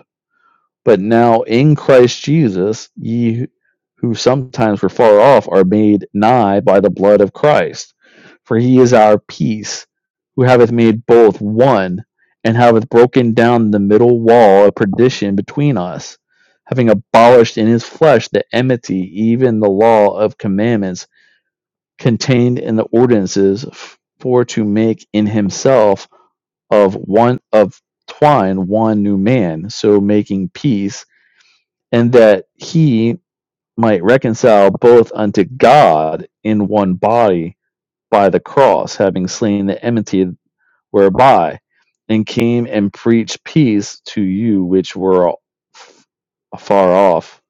But now in Christ Jesus, ye who sometimes were far off are made nigh by the blood of Christ. For he is our peace, who hath made both one, and hath broken down the middle wall of perdition between us, having abolished in his flesh the enmity, even the law of commandments contained in the ordinances, for to make in himself of one of twine one new man, so making peace and that he might reconcile both unto God in one body by the cross, having slain the enmity whereby, and came and preached peace to you which were af- afar off,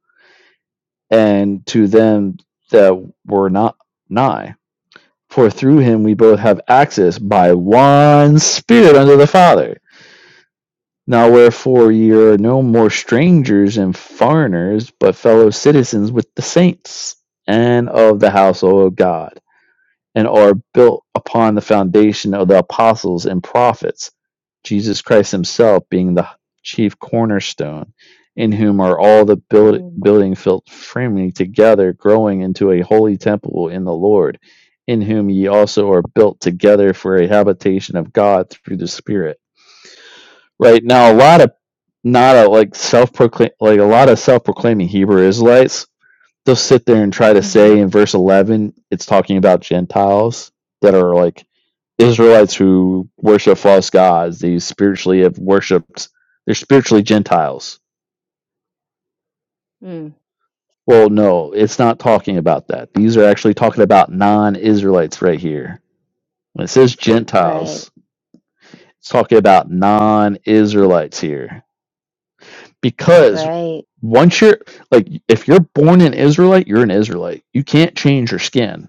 and to them that were not nigh. For through him we both have access by one Spirit unto the Father. Now wherefore ye are no more strangers and foreigners, but fellow citizens with the saints and of the household of God, and are built upon the foundation of the apostles and prophets, Jesus Christ himself being the chief cornerstone, in whom are all the build, Mm. building filled firmly together, growing into a holy temple in the Lord, in whom ye also are built together for a habitation of God through the Spirit right now a lot of not a like self-proclaim like a lot of self-proclaiming hebrew israelites they'll sit there and try to hmm say in verse 11 it's talking about gentiles that are like israelites who worship false gods they spiritually have worshiped they're spiritually gentiles Mm. well no it's not talking about that these are actually talking about non-israelites right here when it says Right, gentiles it's talking about non-israelites here because right. once you're like if you're born an israelite you're an israelite you can't change your skin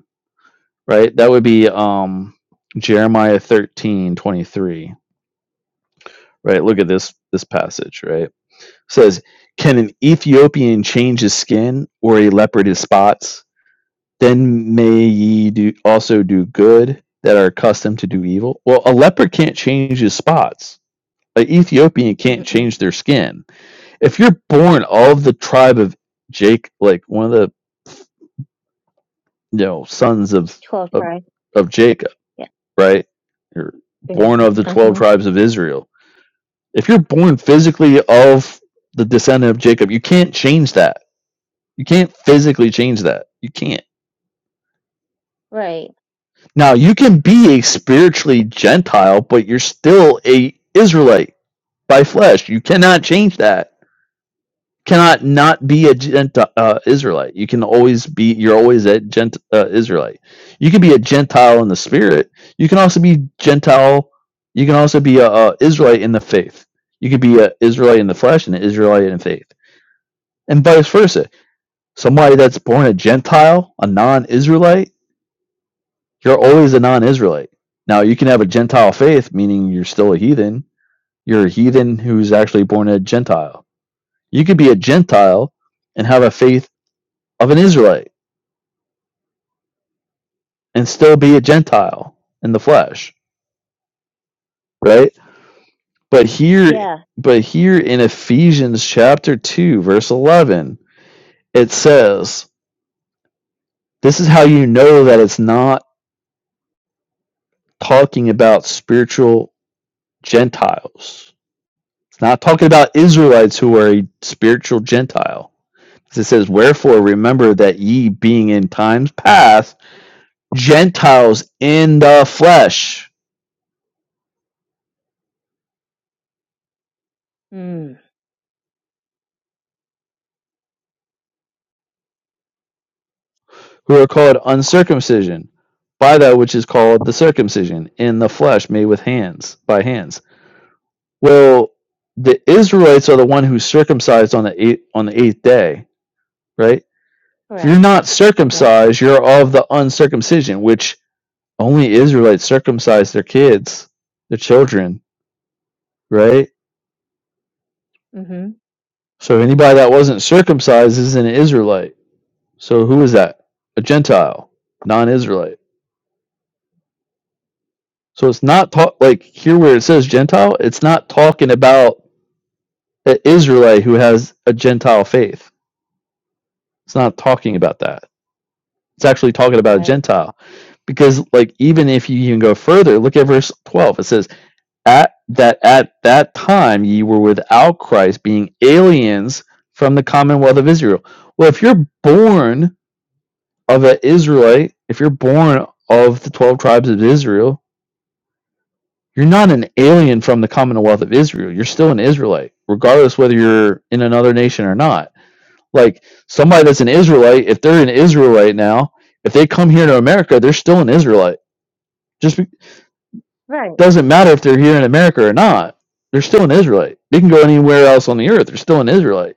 right that would be um jeremiah thirteen twenty three. right look at this this passage right It says can an ethiopian change his skin or a leopard his spots then may ye do also do good that are accustomed to do evil well a leopard can't change his spots an ethiopian can't Mm-mm. change their skin if you're born of the tribe of Jake, like one of the you know sons of 12 of, tries. of Jacob, Yeah. right? You're Yeah. born of the twelve Uh-huh. tribes of Israel. If you're born physically of the descendant of Jacob, you can't change that. You can't physically change that. You can't. Right. Now you can be a spiritually Gentile, but you're still a Israelite by flesh. You cannot change that cannot not be a Gentile uh, Israelite. You can always be. You're always a Gent uh, Israelite. You can be a Gentile in the spirit. You can also be Gentile. You can also be a, a Israelite in the faith. You could be a Israelite in the flesh and an Israelite in faith, and vice versa. Somebody that's born a Gentile, a non-Israelite, you're always a non-Israelite. Now you can have a Gentile faith, meaning you're still a heathen. You're a heathen who's actually born a Gentile. You could be a Gentile and have a faith of an Israelite and still be a Gentile in the flesh, right? But here, Yeah. but here in Ephesians chapter 2, verse 11, it says, This is how you know that it's not talking about spiritual Gentiles. It's not talking about Israelites who are a spiritual Gentile." It says, Wherefore remember that ye being in times past Gentiles in the flesh Mm. who are called uncircumcision by that which is called the circumcision in the flesh made with hands by hands well the israelites are the one who's circumcised on the eighth on the eighth day right if you're Correct. not Yeah. circumcised you're of the uncircumcision which only israelites circumcise their kids their children right hmm so anybody that wasn't circumcised is an israelite so who is that a gentile non-israelite So it's not talk like here where it says Gentile, it's not talking about an Israelite who has a Gentile faith. It's not talking about that. It's actually talking about a Right. Gentile. Because like even if you even go further, look at verse twelve. It says, At that at that time ye were without Christ, being aliens from the commonwealth of Israel. Well, if you're born of an Israelite, if you're born of the twelve tribes of Israel, You're not an alien from the Commonwealth of Israel. You're still an Israelite, regardless whether you're in another nation or not. Like somebody that's an Israelite, if they're an Israelite now, if they come here to America, they're still an Israelite. Just be- Right. doesn't matter if they're here in America or not. They're still an Israelite. They can go anywhere else on the earth. They're still an Israelite.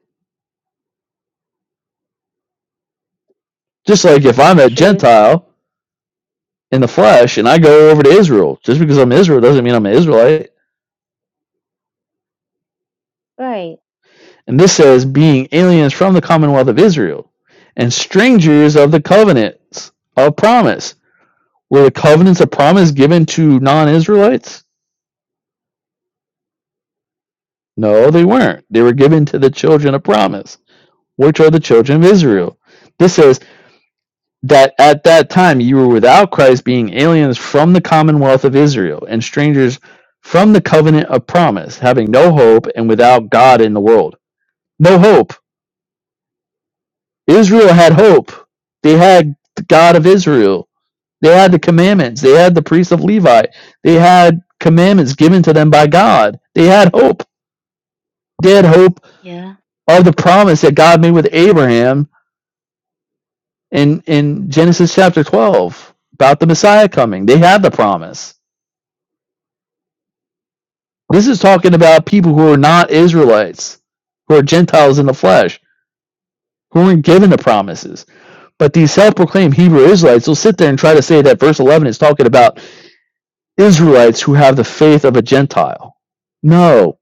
Just like if I'm a Truth. Gentile in the flesh and I go over to Israel, just because I'm Israel doesn't mean I'm an Israelite. Right. And this says, being aliens from the commonwealth of Israel and strangers of the covenants of promise. Were the covenants of promise given to non Israelites? No, they weren't. They were given to the children of promise, which are the children of Yes. Israel. This says that at that time you were without Christ, being aliens from the commonwealth of Israel and strangers from the covenant of promise, having no hope and without God in the world. No hope. Israel had hope, they had the God of Israel They had the commandments. They had the priests of Levi. They had commandments given to them by God. They had hope. They had hope Yeah. of the promise that God made with Abraham in, in Genesis chapter 12 about the Messiah coming. They had the promise. This is talking about people who are not Israelites, who are Gentiles in the flesh, who weren't given the promises. But these self proclaimed Hebrew Israelites will sit there and try to say that verse 11 is talking about Israelites who have the faith of a Gentile. No,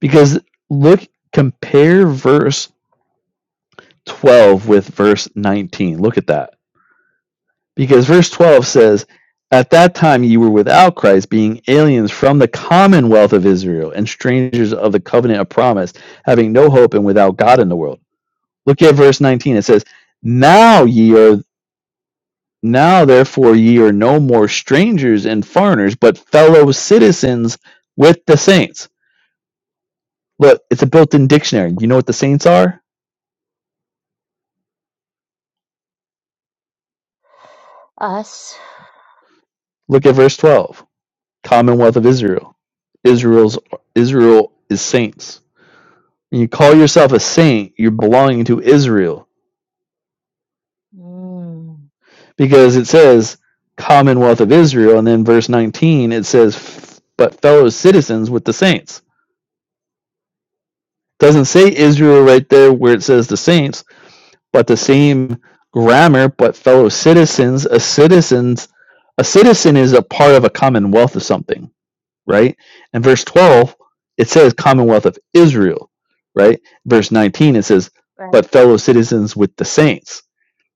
Because look, compare verse 12 with verse 19. Look at that. Because verse 12 says, At that time you were without Christ, being aliens from the commonwealth of Israel and strangers of the covenant of promise, having no hope and without God in the world. Look at verse 19. It says, Now ye are. Now, therefore, ye are no more strangers and foreigners, but fellow citizens with the saints. Look, it's a built in dictionary. You know what the saints are? Us. Look at verse 12. Commonwealth of Israel. Israel's Israel is saints. When you call yourself a saint, you're belonging to Israel Mm. because it says Commonwealth of Israel, and then verse 19 it says, "But fellow citizens with the saints." It Doesn't say Israel right there where it says the saints, but the same grammar. But fellow citizens, a citizens, a citizen is a part of a commonwealth of something right? And verse 12, it says Commonwealth of Israel, right? Verse 19, it says, but fellow citizens with the saints.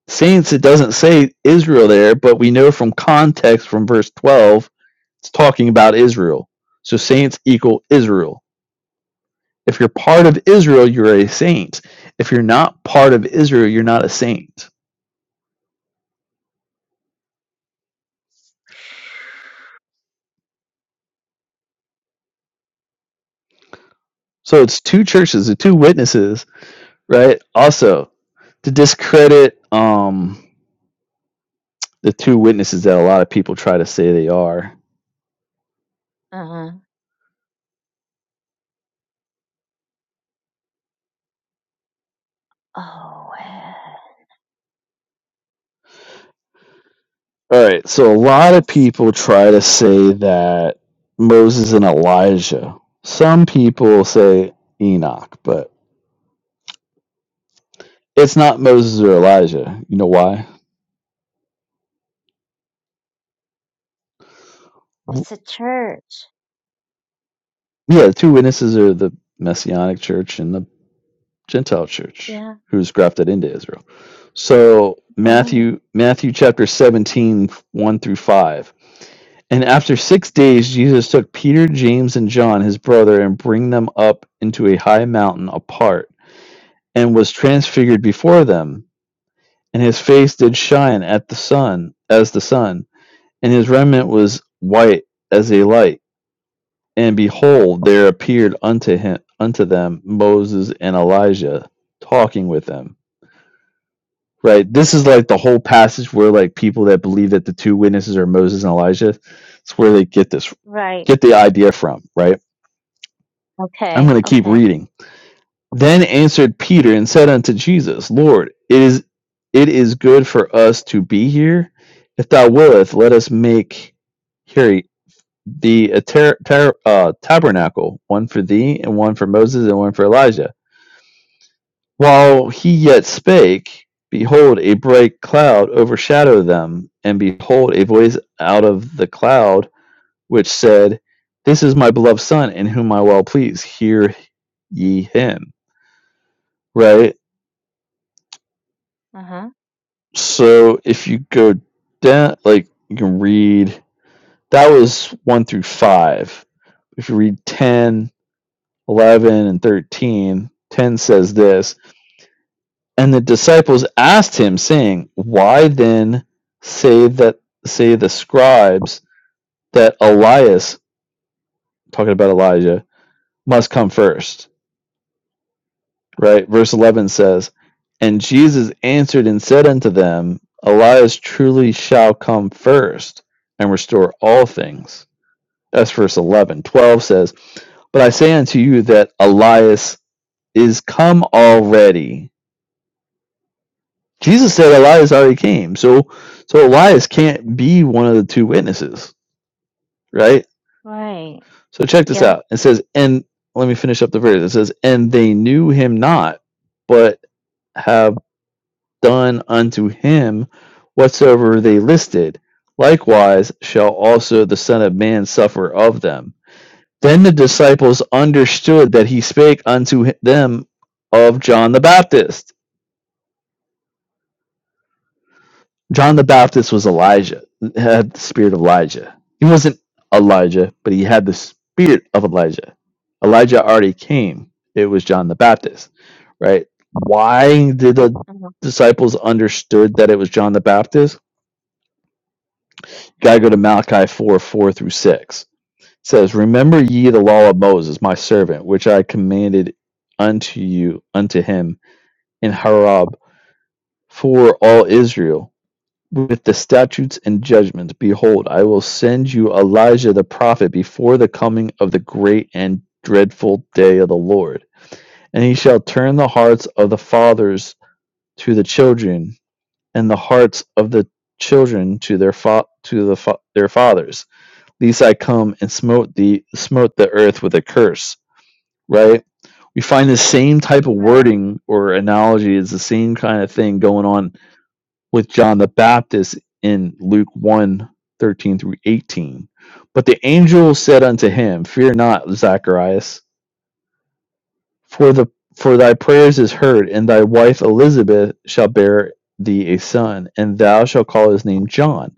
Saints, it doesn't say Israel there, but we know from context from verse 12, it's talking about Israel. So saints equal Israel. If you're part of Israel, you're a saint. If you're not part of Israel, you're not a saint. So it's two churches, the two witnesses, right? Also, to discredit um the two witnesses that a lot of people try to say they are. Uh-huh. Oh, eh, All right. So a lot of it's people try to say that Moses and Elijah. Some people say Enoch, but it's not Moses or Elijah. You know why? it's a church. Yeah, the two witnesses are the Messianic church and the Gentile church Yeah, who's grafted into Israel. So right. Matthew Matthew chapter seventeen, one through 5 And after six days, Jesus took Peter, James, and John, his brother, and bring them up into a high mountain apart, and was transfigured before them. And his face did shine at the sun, as the sun, and his raiment was white as a light. And behold, there appeared unto him, unto them, Moses and Elijah, talking with them. Right. This is like the whole passage where like people that believe that the two witnesses are Moses and Elijah. It's where they get this, Right. get the idea from. Right I'm Okay. going to keep Okay. reading. Then answered Peter and said unto Jesus, Lord, it is it is good for us to be here. If thou willest, let us make here the ter- ter- uh, tabernacle, one for thee, and one for Moses, and one for Elijah. While he yet spake, behold, a bright cloud overshadowed them, and behold, a voice out of the cloud which said, This is my beloved Son, in whom I well please. Hear ye him. Right? Uh-huh. So if you go down, like you can read, that was one through five. If you read 10, 11, and 13, 10 says this And the disciples asked him, saying, Why then say that, say the scribes that Elias, talking about Elijah, must come first? Right? Verse 11 says, And Jesus answered and said unto them, Elias truly shall come first and restore all things That's verse 11. 12 says, But I say unto you that Elias is come already. Jesus said Elias already came. So so Elias can't be one of the two witnesses, right? Right. So check this Yep. out. It says, and let me finish up the verse. It says, and they knew him not, but have done unto him whatsoever they listed. Likewise shall also the Son of Man suffer of them. Then the disciples understood that he spake unto them of John the Baptist. John the Baptist was Elijah, had the spirit of Elijah. He wasn't Elijah, but he had the spirit of Elijah. Elijah already came. It was John the Baptist, right? Why did the Uh-huh. disciples understood that it was John the Baptist? Gotta go to Malachi 4, 4 through 6. It says, Remember ye the law of Moses, my servant, which I commanded unto you, unto him in Horeb for all Israel with the statutes and judgments. Behold, I will send you Elijah the prophet before the coming of the great and dreadful day of the Lord. And he shall turn the hearts of the fathers to the children, and the hearts of the children to their fa- to the fa- their fathers. Lest I come and smote the smote the earth with a curse. Right? We find the same type of Right. wording or analogy is the same kind of thing going on with John the Baptist in Luke one 13 through 18. But the angel said unto him, Fear not, Zacharias, for the for thy prayers is heard, and thy wife Elizabeth shall bear thee a son, and thou shalt call his name John.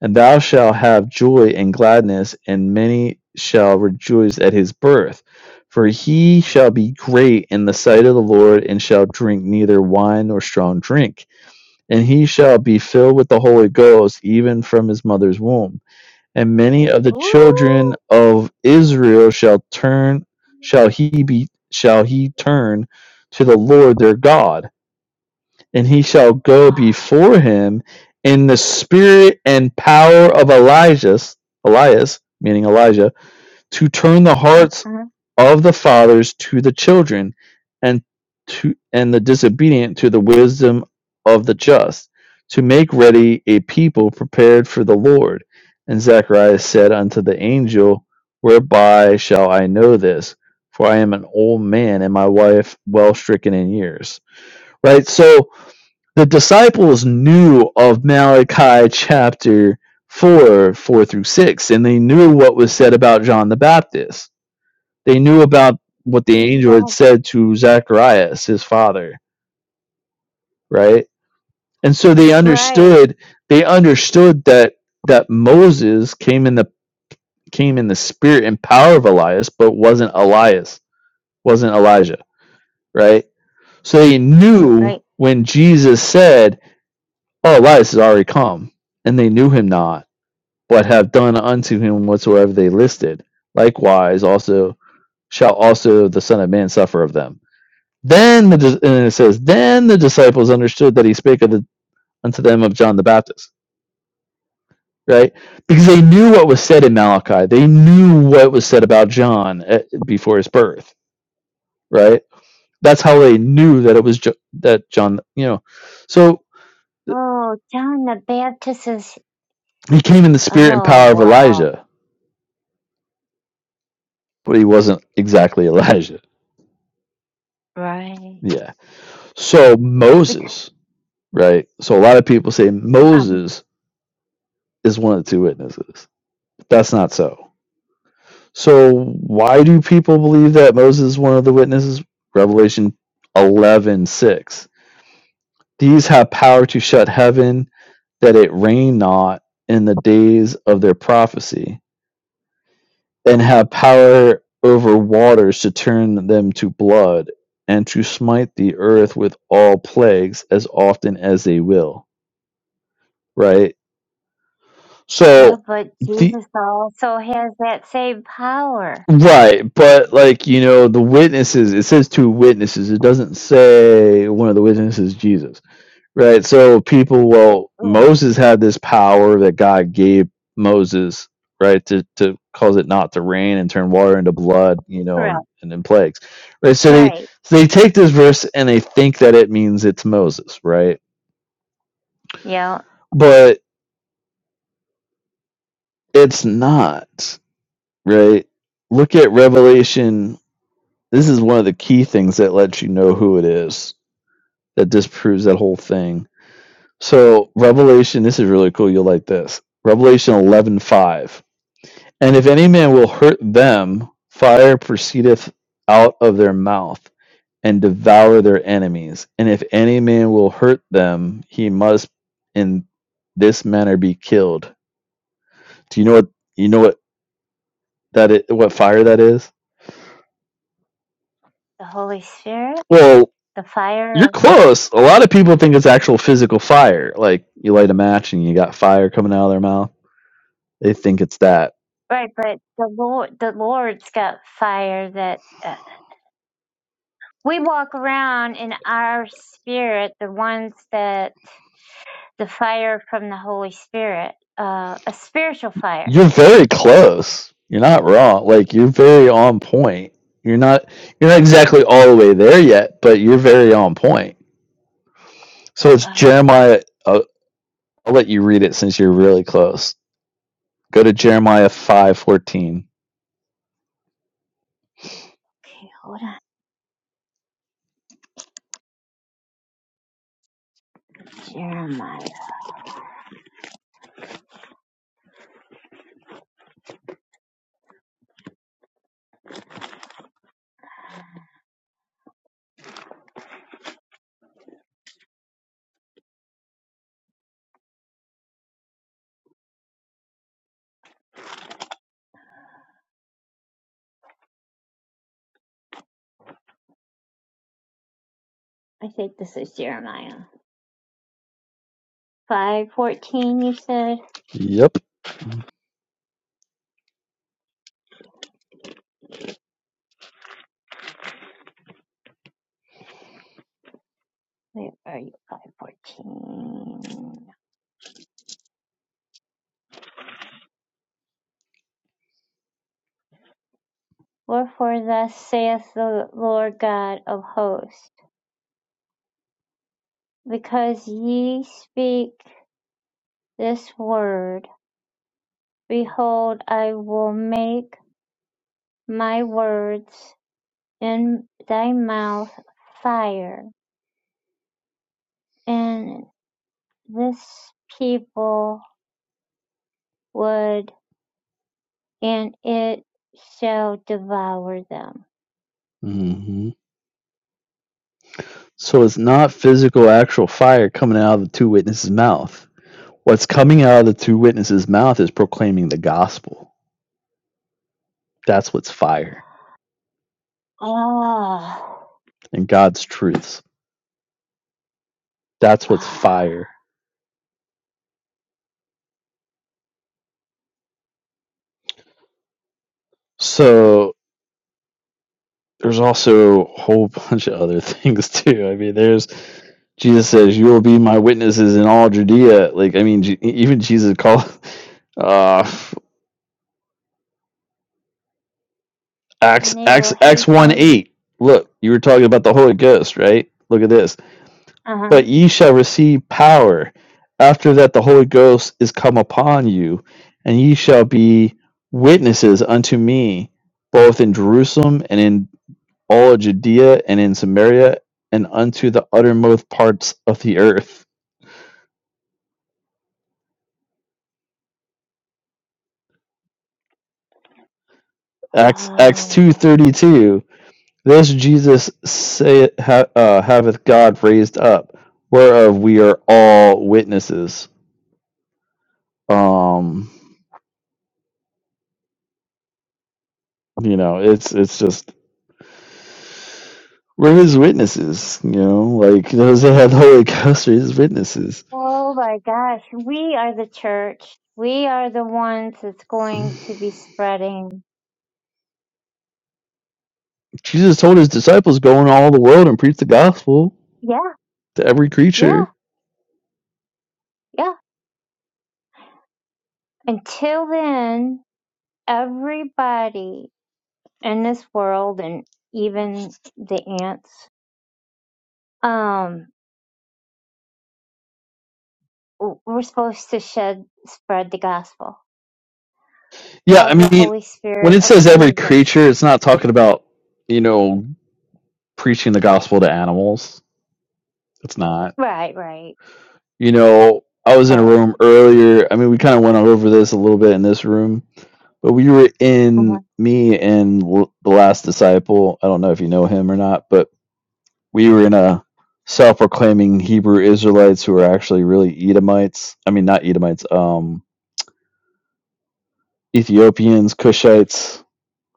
And thou shalt have joy and gladness, and many shall rejoice at his birth. For he shall be great in the sight of the Lord, and shall drink neither wine nor strong drink and he shall be filled with the Holy Ghost even from his mother's womb. And many of the children Ooh. of Israel shall turn shall he be shall he turn to the Lord their God, and he shall go Ah. before him in the spirit and power of Elijah, Elias, meaning Elijah, to turn the hearts Uh-huh. of the fathers to the children, and to and the disobedient to the wisdom of the just, to make ready a people prepared for the Lord. And Zacharias said unto the angel, Whereby shall I know this? For I am an old man, and my wife well stricken in years. Right. So the disciples knew of Malachi chapter four, four through six, and they knew what was said about John the Baptist they knew about what the angel had Right. said to Zacharias, his father, right? And so they Right. understood. They understood that that Moses came in the came in the spirit and power of Elias, but wasn't Elias, wasn't Elijah, right? So they knew Right. when Jesus said, "Oh, Elias is already come," and they knew him not, but have done unto him whatsoever they listed. Likewise, also shall also the Son of Man suffer of them Then the and it says, then the disciples understood that he spake of the, unto them of John the Baptist, right? Because they knew what was said in Malachi. They knew what was said about John eh, before his birth, right? That's how they knew that it was jo- that John, you know. So Oh, John the Baptist is. he came in the spirit and Oh, power of wow. Elijah, but he wasn't exactly Elijah. Right. Yeah. So Because, Moses, right? So a lot of people say um, Moses is one of the two witnesses. That's not so So why do people believe that Moses is one of the witnesses? Revelation eleven six. These have power to shut heaven that it rain not in the days of their prophecy, and have power over waters to turn them to blood, and to smite the earth with all plagues as often as they will. Right? yeah, So but the Jesus also has that same power. Right, but like you know, the witnesses. It says two witnesses. It doesn't say one of the witnesses is Jesus. Right. So people, well, Mm. Moses had this power that God gave Moses, right, to to cause it not to rain and turn water into blood, you know, Right. and and then plagues. Right. So they Right. so they take this verse and they think that it means it's Moses, right? Yeah. But it's not, right? Look at Revelation. This is one of the key things that lets you know who it is that disproves that whole thing. So Revelation, this is really cool. You'll like this. Revelation eleven five. And if any man will hurt them, fire proceedeth out of their mouth and devour their enemies. And if any man will hurt them, he must in this manner be killed. Do you know what you know what that is, what fire that is? The Holy Spirit, Well, the fire you're close. A lot of people think it's actual physical fire. Like you light a match and you got fire coming out of their mouth. They think it's that Right, but the Lord, the Lord's got fire that uh, we walk around in our spirit, the ones that the fire from the Holy Spirit, uh, a spiritual fire. You're very close. You're not wrong. Like you're very on point. You're not you're not exactly all the way there yet, but you're very on point. So it's Okay, Jeremiah. I'll, I'll let you read it since you're really close. Go to Jeremiah five fourteen. hold on. Jeremiah. I think this is Jeremiah. 514, you said? Yep. Where are you? 514. Wherefore thus saith the Lord God of hosts, because ye speak this word, Behold, I will make my words in thy mouth fire, and this people wood, and it shall devour them. hmm So it's not physical, actual fire coming out of the two witnesses' mouth. What's coming out of the two witnesses' mouth is proclaiming the gospel. That's what's fire Ah, and God's truths. That's what's ah, fire. So there's also a whole bunch of other things too. I mean, there's Jesus says, "You will be my witnesses in all Judea." Like, I mean, Je- even Jesus called uh, Acts and they will Acts Acts hate one them. eight. Look, you were talking about the Holy Ghost, right? Look at this. Uh-huh. But ye shall receive power after that the Holy Ghost is come upon you, and ye shall be witnesses unto me, both in Jerusalem and in all of Judea and in Samaria and unto the uttermost parts of the earth. Acts Acts two Ah. thirty two. This Jesus say, ha, uh, haveth God raised up, whereof we are all witnesses. Um, you know, it's it's just we're his witnesses. You know, like those that have the Holy Ghost are his witnesses. Oh my gosh, we are the church. We are the ones that's going to be spreading. Jesus told his disciples, "Go into all the world and preach the gospel Yeah, to every yeah, creature." yeah. Until then, everybody in this world and even the ants um w- we're supposed to shed spread the gospel Yeah, I of the mean, holy when spirit it of says every jesus creature, it's not talking about, you know, preaching the gospel to animals. It's not. right right You know, I was in a but room earlier. I mean, we kind of went over this a little bit in this room, but we were uh-huh. in me and l- the last disciple. I don't know if you know him or not, but we were in a self proclaiming Hebrew Israelites who are actually really Edomites. I mean, not Edomites, um, Ethiopians, Cushites,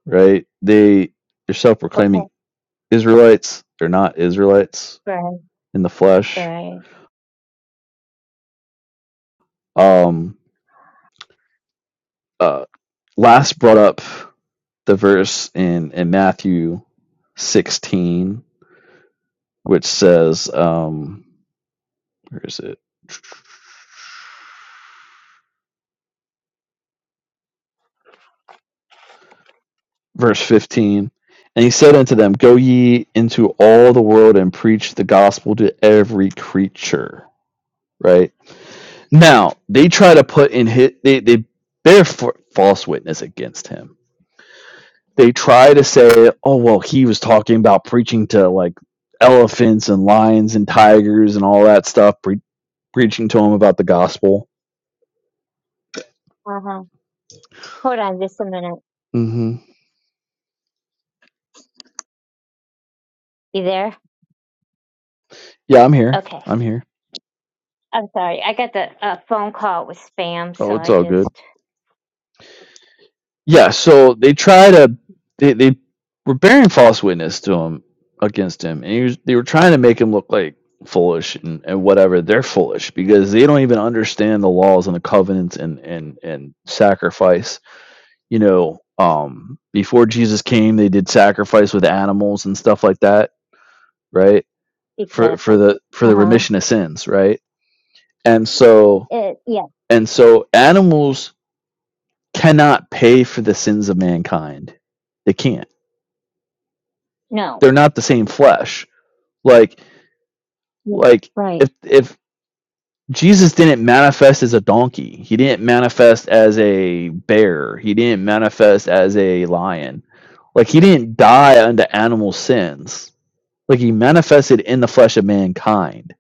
right? They, they're self proclaiming okay Israelites. They're not Israelites right in the flesh. right Um, uh, last brought up the verse in, in Matthew 16, which says, um, where is it? Verse 15. And he said unto them, Go ye into all the world and preach the gospel to every creature. Right? Now, they try to put in hit, they, they bear false witness against him they try to say, oh, well, he was talking about preaching to like elephants and lions and tigers and all that stuff, pre- preaching to them about the gospel. uh-huh hold on just a minute hmm you there Yeah, I'm here. okay I'm here. i'm sorry i got the uh, phone call with spam so Oh, it's i all good. just Yeah, so they try to, they, they were bearing false witness to him against him, and he was, they were trying to make him look like foolish and, and whatever. They're foolish because they don't even understand the laws and the covenants and, and, and sacrifice you know, um, before Jesus came, they did sacrifice with animals and stuff like that, right? For for exactly the for the uh-huh remission of sins, right? And so it yeah and so animals cannot pay for the sins of mankind. They can't. no They're not the same flesh. Like like right if if Jesus didn't manifest as a donkey, he didn't manifest as a bear, he didn't manifest as a lion. Like he didn't die unto animal sins Like he manifested in the flesh of mankind,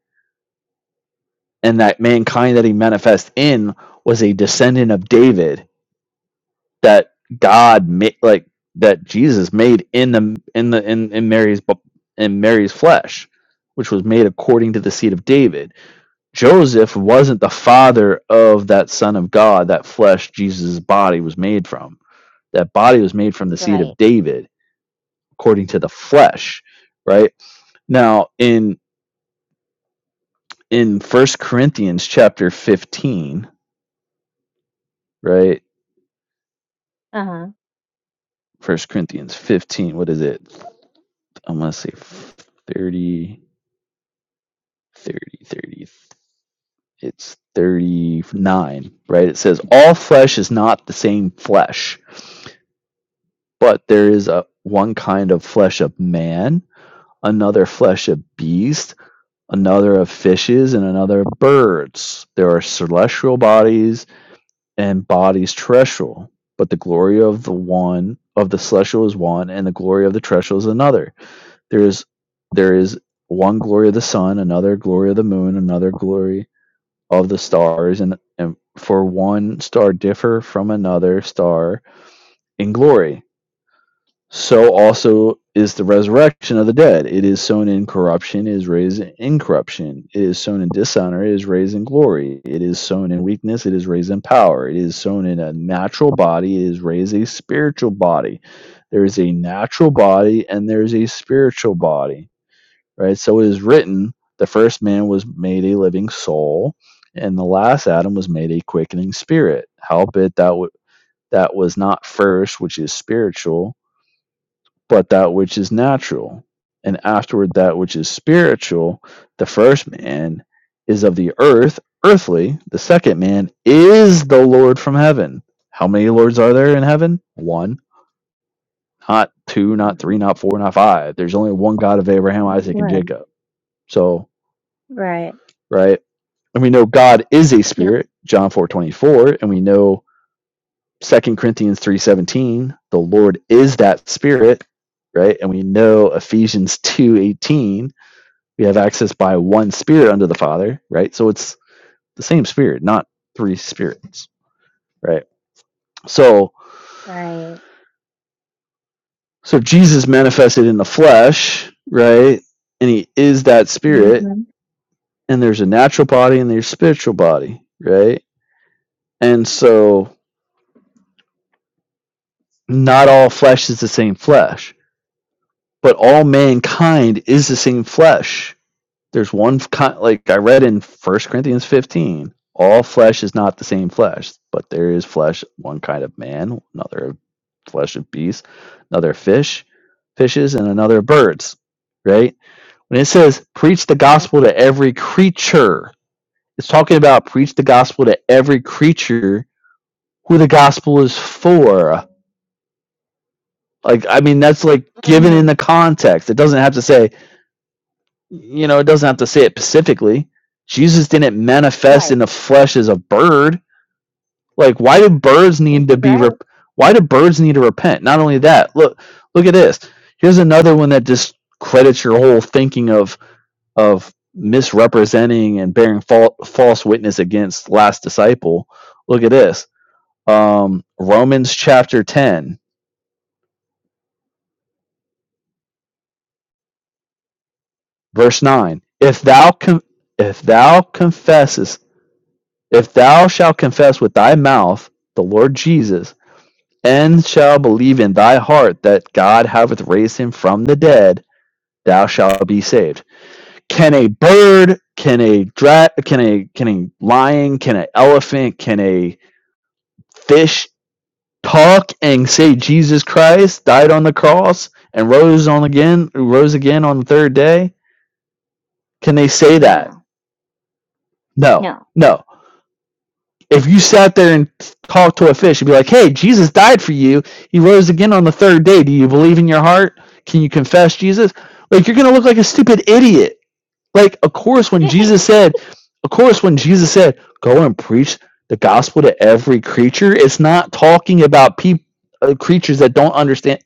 and that mankind that he manifest in was a descendant of David that God made, like that Jesus made in the in the in, in Mary's bu- in Mary's flesh, which was made according to the seed of David. Joseph wasn't the father of that son of God, that flesh Jesus' body was made from. That body was made from the seed right of David, according to the flesh, right? Now in in First Corinthians chapter 15, right? uh-huh First Corinthians 15, what is it? I'm going to say 30, 30, 30. It's 39, right? It says, All flesh is not the same flesh, but there is a one kind of flesh of man, another flesh of beast, another of fishes, and another of birds. There are celestial bodies embodies terrestrial, but the glory of the one of the celestial is one, and the glory of the terrestrial is another. There is there is one glory of the sun, another glory of the moon, another glory of the stars, and, and for one star differ from another star in glory so also is the resurrection of the dead. It is sown in corruption, it is raised in corruption. It is sown in dishonor, it is raised in glory. It is sown in weakness, it is raised in power. It is sown in a natural body, it is raised a spiritual body. There is a natural body and there is a spiritual body, right? So it is written the first man was made a living soul, and the last Adam was made a quickening spirit. Howbeit that, w- that was not first, which is spiritual but that which is natural, and afterward that which is spiritual, the first man is of the earth, earthly, the second man is the Lord from heaven. How many lords are there in heaven? One, not two, not hmm three, not four, not five. There's only one God of Abraham, Isaac, and right Jacob. So, right right? And we know God is a Yep. spirit, John 4:24, and we know 2 Corinthians 3:17. the Lord is that spirit, right? And we know Ephesians 2:18. We have access by one spirit unto the Father, right? So it's the same spirit, not three spirits, right? So Right. so Jesus manifested in the flesh, right? And he is that spirit, Mm-hmm. and there's a natural body and there's a spiritual body, right? And so not all flesh is the same flesh, but all mankind is the same flesh There's one kind like I read in First Corinthians 15, all flesh is not the same flesh, but there is flesh one kind of man, another flesh of beasts, another fish, fishes, and another birds. Right? When it says preach the hmm gospel to every creature, it's talking about preach the gospel to every creature who the gospel is for. Like I mean, that's like given in hmm the context. It doesn't have to say You know, it doesn't have to say it specifically. Jesus didn't manifest Right. in the flesh as a bird. Like, why do birds Yes. need to be? Right. Rep- why do birds need to repent? Not only that, look, look at this. Here's another one that discredits your whole thinking of of misrepresenting and bearing fal- false witness against last disciple. Look at this. Um, Romans chapter ten, verse nine. If thou con- if thou confesses If thou shalt confess with thy mouth the Lord Jesus, and shalt believe in thy heart that God hath raised him from the dead, thou shalt be saved. Can a bird, can a dra- can a can a lion, can an elephant, can a fish talk and say Jesus Christ died on the cross and rose on again, rose again on the third day? Can they say that? No. No. No. No If you sat there and talked to a fish and be like, hey, Jesus died for you, he rose again on the third day. Do you believe in your heart? Can you confess Jesus? Like, you're going to look like a stupid idiot. Like, of course, when Jesus said, of course, when Jesus said, go and preach the gospel to every creature, it's not talking about people. Uh, creatures that don't understand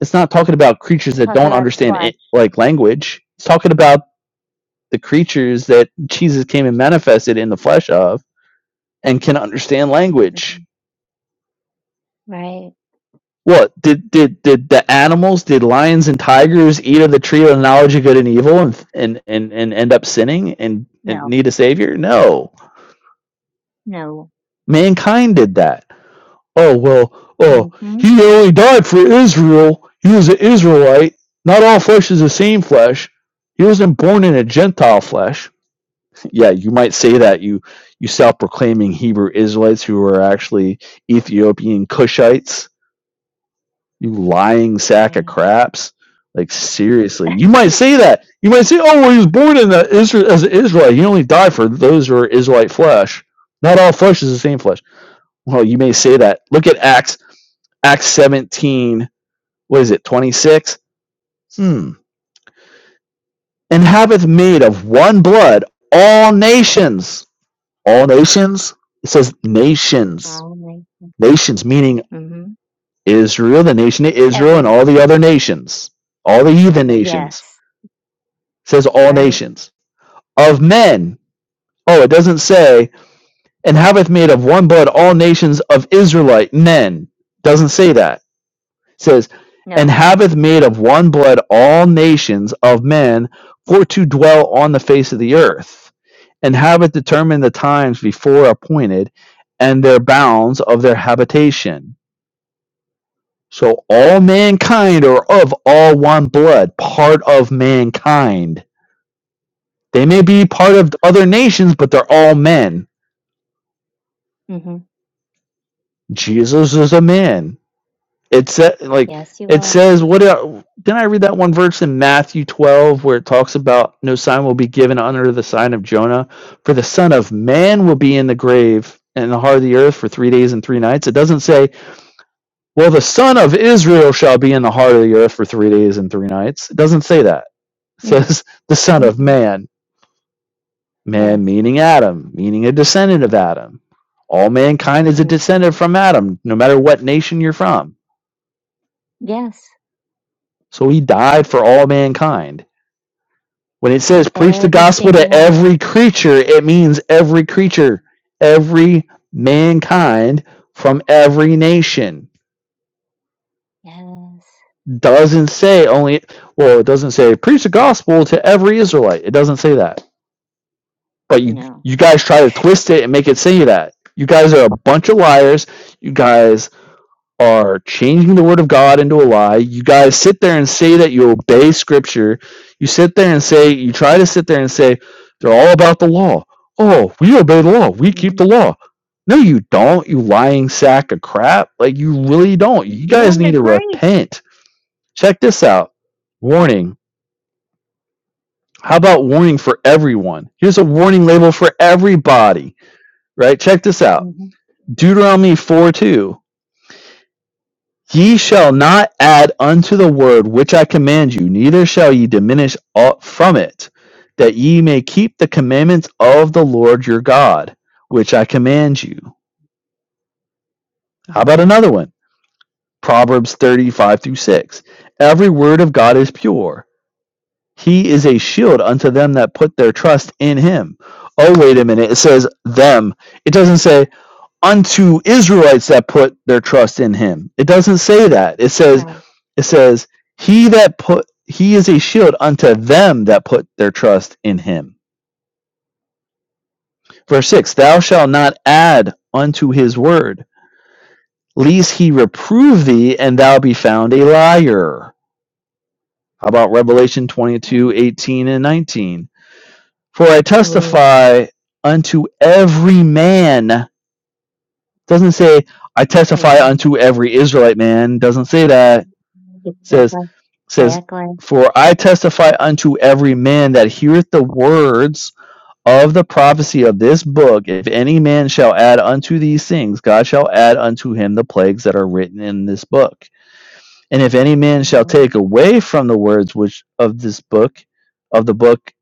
it's not talking about creatures that Talk don't about understand squash. it, like language it's talking about the creatures that jesus came and manifested in the flesh of and can understand language hmm Right. What did did did the animals? Did lions and tigers eat of the tree of the knowledge of good and evil and and and, and end up sinning and and No. need a savior? No, No. mankind did that. Oh well, oh Mm-hmm. he only died for Israel. He was an Israelite. Not all flesh is the same flesh. He wasn't born in a Gentile flesh. Yeah, you might say that you you self-proclaiming Hebrew Israelites who are actually Ethiopian Cushites You lying sack of Right. craps. Like seriously, you might say that. You might say, "Oh, well, he was born in the Israel as an Israelite. He only died for those who are Israelite flesh. Not all flesh is the same flesh." Well, you may say that. Look at Acts Acts 17, what is it, 26? Hmm. And haveth made of one blood all nations. All nations? It says nations. oh my. Nations meaning Mm-hmm. Israel, the nation of Israel, and Every. all the other nations, all the heathen nations Yes. says all Right. nations of men. Oh, it doesn't say and haveth made of one blood all nations of Israelite men. Doesn't say that. It says and No. haveth made of one blood all nations of men for to dwell on the face of the earth, and haveth determined the times before appointed, and their bounds of their habitation. So all mankind are of all one blood, part of mankind They may be part of other nations, but they're all men. Mm-hmm. Jesus is a man. It's said like Yes, you it are. says what did then I read that one verse in Matthew 12 where it talks about no sign will be given under the sign of Jonah for the son of man will be in the grave and in the heart of the earth for 3 days and 3 nights. It doesn't say well the son Yeah. of Israel shall be in the heart of the earth for 3 days and 3 nights. It doesn't say that. It Mm. says the son of Mm-mm. man Man, Yes. meaning Adam, meaning a descendant of Adam. All mankind is a descendant Mm-hmm. from Adam, no matter what nation you're from. Yes. So he died for all mankind. When it says preach the Every gospel single to one of us. every creature, it means every creature, every mankind from every nation. Yes. Doesn't say only, well, it doesn't say preach the gospel to every Israelite. It doesn't say that. But you, No. you guys try to twist it and make it say that. You guys are a bunch of liars. You guys are changing the word of God into a lie. You guys sit there and say that you obey scripture. You sit there and say, you try to sit there and say, they're all about the law. Oh, we obey the law. We keep Mm-hmm. the law. No, you don't, you lying sack of crap. Like, you really don't. You You're guys in need the to grace. repent. Check this out. Warning. How about warning for everyone? Here's a warning label for everybody, right? Check this out. Mm-hmm. Deuteronomy 4 2. Ye shall not add unto the word which I command you, neither shall ye diminish aught from it, that ye may keep the commandments of the Lord your God, which I command you. How about Amen. another one? Proverbs 35 through 6. Every word of God is pure. He is a shield unto them that put their trust in him. Oh, wait a minute. It says them. It doesn't say unto Israelites that put their trust in him. It doesn't say that. It says Right. it says he that put he is a shield unto them that put their trust in him. Verse 6 Thou shalt not add unto his word, lest he reprove thee and thou be found a liar. How about Revelation Right. twenty-two 18 and 19? For I Ooh, testify unto every man. Doesn't say, I testify amen. unto every Israelite man. Doesn't say that. It says, Exactly. says, Exactly. For I testify unto every man that heareth the words of the prophecy of this book, if any man shall add unto these things, God shall add unto him the plagues that are written in this book. And if any man shall Amen. take away from the words which of this book, of the book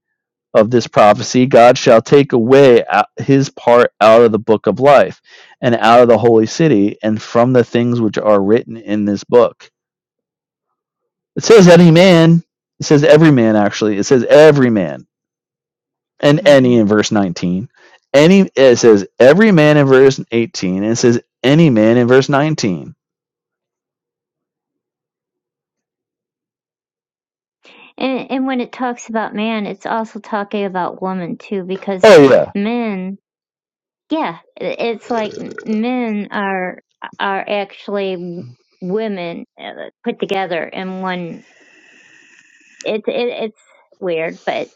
of this prophecy, God shall take away his part out of the book of life and out of the holy city and from the things which are written in this book it says any man. It says every man actually. It says every man and hmm any in verse 19. Any it says every man in verse 18 and it says any man in verse 19. And and when it talks about man, it's also talking about woman too, because Oh yeah. men, yeah, i- it's like m- men are are actually w- women uh, put together in one. It's it, it's weird, but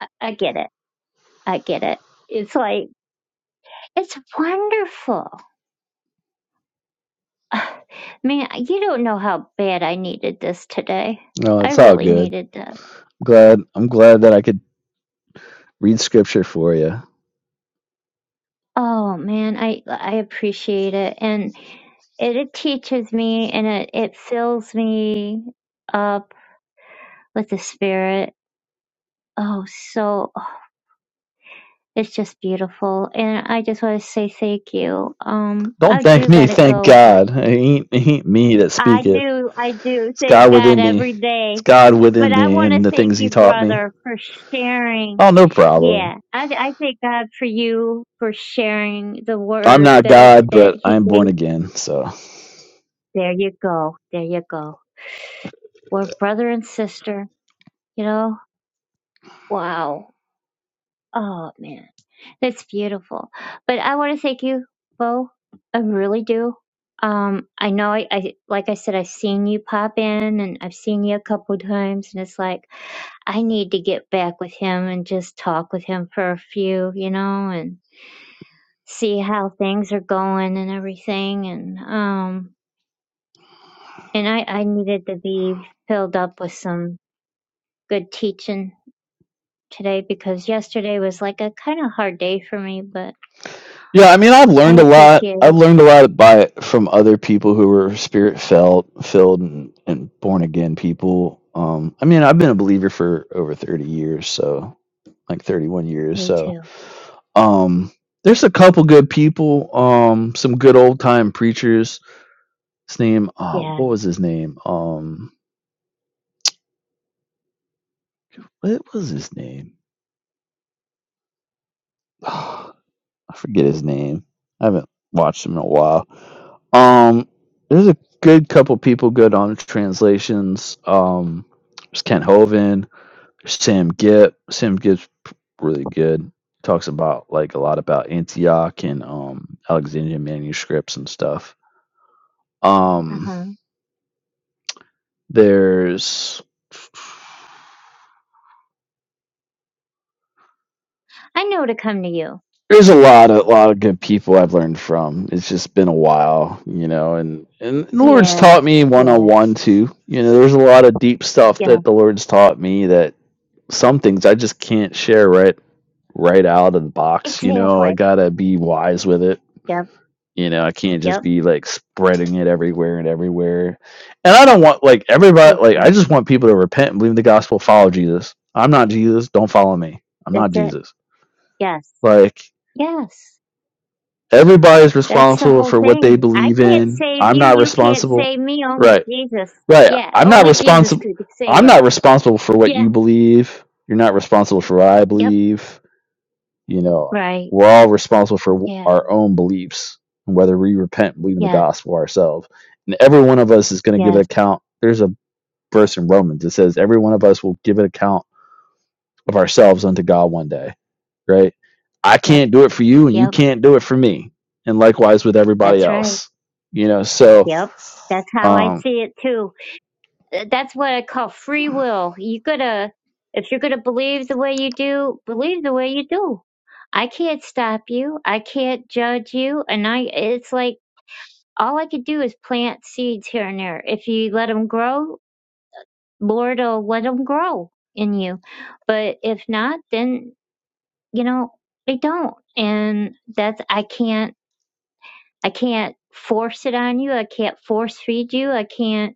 I, I get it. I get it. It's like it's wonderful. Man, you don't know how bad I needed this today. No, I it's all really good. needed this. I'm glad I'm glad that I could read scripture for you. Oh man, I I appreciate it, and it, it teaches me, and it it fills me up with the spirit. Oh, so it's just beautiful, and I just want to say thank you. Um, Don't I thank do me, gotta thank go, but God. It ain't, it ain't me that I speaketh. do, I do It's thank God God within me. every It's day. God within But I me want to and the thank things he you, taught me. brother, for sharing. Oh, no problem. Yeah, I I thank God for you for sharing the I'm word not that God, that but He I'm born gave again, so There you go. There you go. We're brother and sister, you know? Wow. Oh, man. That's beautiful. But I want to thank you, Bo. I really do. Um, I know I, I, like I said, I've seen you pop in and I've seen you a couple of times and it's like, I need to get back with him and just talk with him for a few, you know, and see how things are going and everything. And, um, and I, I needed to be filled up with some good teaching today because yesterday was like a kind of hard day for me, but Yeah, I mean, I've I learned a lot. appreciate I've it. learned a lot by it from other people who were spirit felt, filled, and, and born again people. Um, I mean, I've been a believer for over thirty years, so like thirty-one years. Me So, too. um, there's a couple good people. Um, some good old time preachers. His name, uh, Yeah. what was his name? Um, what was his name? I forget his name. I haven't watched him in a while. Um, there's a good couple people good on translations. Um, there's Ken Hovind, Sam Gibb. Sam Gibb's p- really good. Talks about like a lot about Antioch and um Alexandrian manuscripts and stuff. Uh Um, huh. there's I know to come to you. There's a lot of a lot of good people I've learned from. It's just been a while, you know, and, and the Lord's Yeah. taught me one on Yeah. one too. You know, there's a lot of deep stuff Yeah. that the Lord's taught me that some things I just can't share right right out of the box, you know. I Exactly. gotta be wise with it. Yep. You know, I can't just Yep. be like spreading it everywhere and everywhere. And I don't want like everybody like I just Exactly. want people to repent and believe the gospel, follow Jesus. I'm not Jesus, don't follow me. I'm not That's it. Jesus. Yes. Like Yes. Everybody's That's the responsible whole for what they thing. I believe can't in. save I'm you. not You can't responsible. save me. Only Right. Jesus. Right. Yeah. I'm not Only Jesus responsible. could save I'm us. not responsible for what Yeah. you believe. You're not responsible for what I Yep. believe. You know, Right. we're all responsible for w- Yeah. our own beliefs and whether we repent and believe in the Yes. gospel ourselves. And every one of us is going to give an Yes. account. There's a verse in Romans that says every one of us will give an account of ourselves unto God one day right? I Yep. can't do it for you and you Yep. can't do it for me. And likewise with everybody That's right. else. You know, so Yep. That's how I um see it too. Uh, That's what I call free will. You gotta, if you're gonna believe the way you do, believe the way you do. I can't stop you. I can't judge you. And I, it's like all I could do is plant seeds here and there. If you let them grow, Lord will let them grow in you. But if not, then, you know, they don't. And that's, I can't, I can't force it on you. I can't force feed you. I can't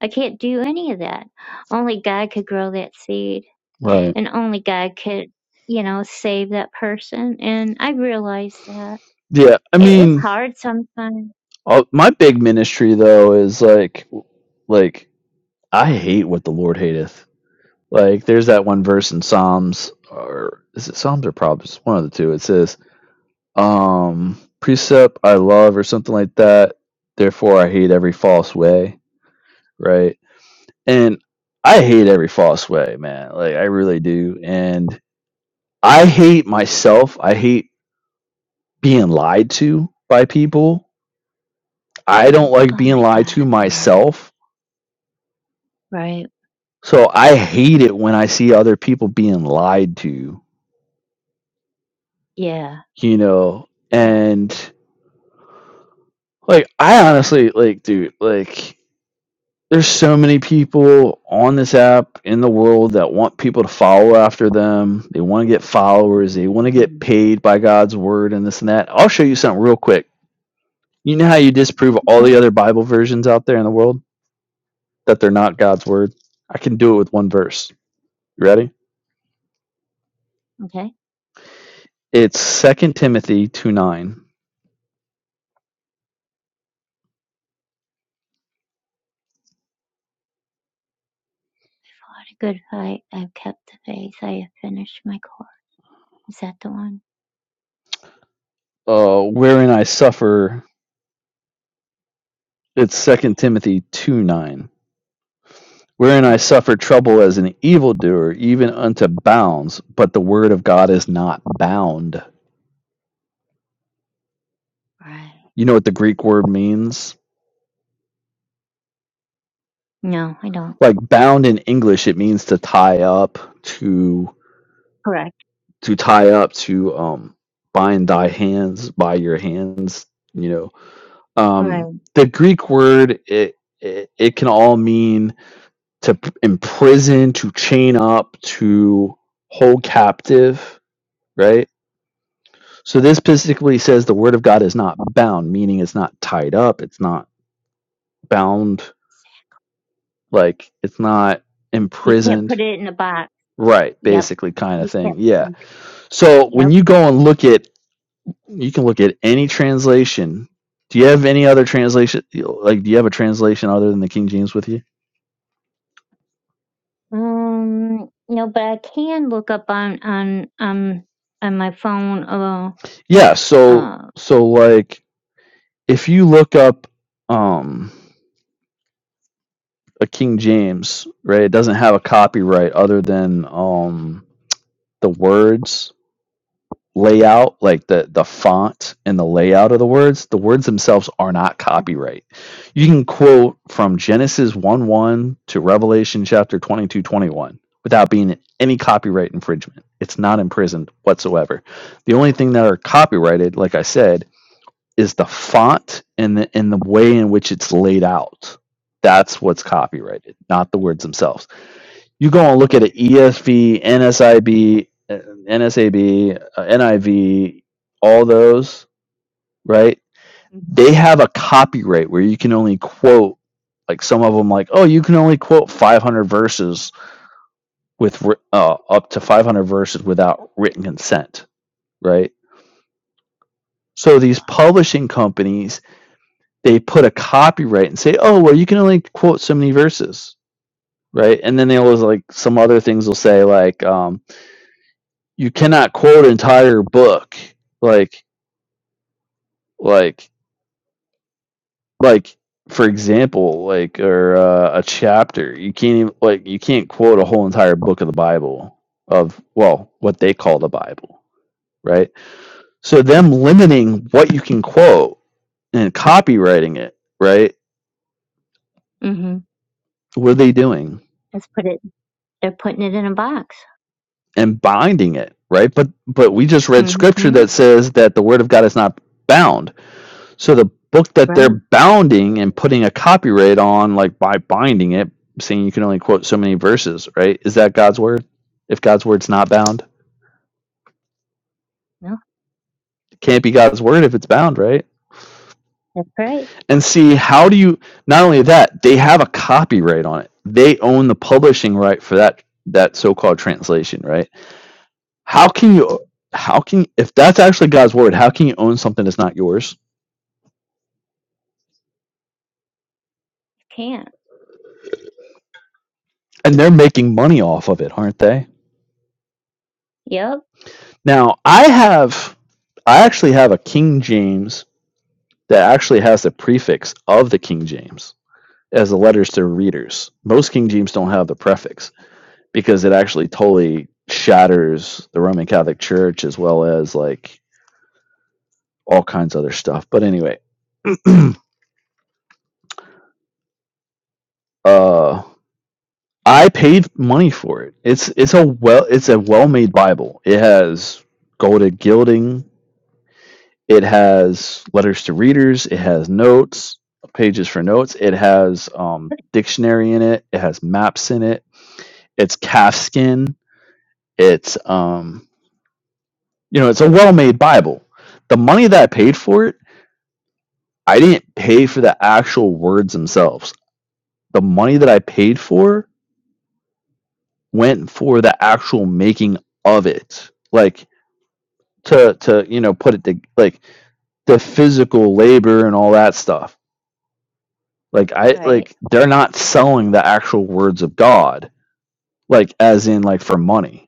I can't do any of that. Only God could grow that seed, right. and only God could, you know, save that person. And I realize that Yeah, I it is mean, hard sometimes. uh, my big ministry though is like like I hate what the Lord hateth. Like there's that one verse in Psalms or is it Psalms or Proverbs? One of the two. It says, um precept I love or something like that. Therefore I hate every false way, Right. and I hate every false way, man. Like I really do. And I Yeah. hate myself. I hate being lied to by people. I don't like Oh being my lied God. to Mhm. myself. Right. So I hate it when I see other people being lied to, Yeah. you know. Yeah. And like I honestly like dude, like there's so many people on this app in the world that want people to follow after them. They want to get followers. They want to get hmm paid by God's word and this and that. I'll show you something real quick. You know how you disprove all Okay. the other Bible versions out there in the world that they're not God's word? I can do it with one verse. You ready? Okay. It's Second Timothy 2 9, Fought a good fight. I've kept the faith. I have finished my course. Is that the one? uh, wherein I suffer. It's Second Okay. Timothy 2 9. wherein I Okay. suffer trouble as an evildoer, even unto bounds, but the word of God is not bound. Right. You know what the Greek word means? No, I don't. Like bound in English, it means to tie up, to Correct. to tie up, to um bind thy hands by your hands. You know, Right. um, the Greek word it it, it can all mean to p- imprison, to chain up, to hold captive, right? So this basically says the word of God is not bound, meaning it's not tied up, it's not bound, like it's not You can't imprisoned. put it in a box. Right, Yep. basically kind of You thing. can't. Yeah. you- So Yep. when you go and look at you can look at any translation. Do you have any other translation like do you have a translation other than the King James with you? Um, no, but I can look up on on um on my phone. Uh, Yeah, so uh, so like if you look up um a King James, right, it doesn't have a copyright other than um the words layout, like the the font and the layout of the words, the words themselves are not mm-hmm. copyright. You can quote from Genesis 1 1 to Revelation chapter 22 21 without being any copyright infringement. It's not imprisoned whatsoever. The only thing that are copyrighted, like I said, is the font and the and the way in which it's laid out. That's what's copyrighted, not the words themselves. You go and look at an ESV, NSIB, uh, NSAB, uh, NIV, all those, right? They have a copyright where you can only quote like some of them like, "Oh, you can only quote 500 verses with uh, up to 500 verses without written consent," right? So these wow. publishing companies, they put a copyright and say, "Oh, well, you can only quote so many verses." Right, and then they'll like some other things. will say like, um, you cannot quote an entire book like like like for example like or uh, a chapter you can't even like you can't quote a whole entire book of the bible of well what they call the bible right so them limiting what you can quote and copywriting it right Mm-hmm. what are they doing Let's put it. They're putting it in a box. and binding it right but but we just read scripture Mm-hmm. that says that the word of god is not bound So the book that they're Right. bounding and putting a copyright on, like by binding it, saying you can only quote so many verses, right? Is that God's word? If God's word's not bound, No, it can't be God's word if it's bound, right? that's right. And see, how do you? Not only that, they have a copyright on it. They own the publishing right for that that so-called translation, right? How can you? How can if that's actually God's word? How can you own something that's not yours? Can't. And they're making money off of it, aren't they? Yep. Now, I have, I actually have a King James that actually has the prefix of the King James as the letters to readers. Most King James don't have the prefix because it actually totally shatters the Roman Catholic Church as well as like all kinds of other stuff. But anyway, uh, I paid money for it. It's it's a well it's a well made Bible. It has golded gilding. It has letters to readers. It has notes, pages for notes. It has um, dictionary in it. It has maps in it. It's calfskin. It's um, you know, it's a well-made Bible. The money that I paid for it, I didn't pay for the actual words themselves. The money that I paid for went for the actual making of it, like to to you know put it to like the physical labor and all that stuff Like I Right. like they're not selling the actual words of God, like as in like for money.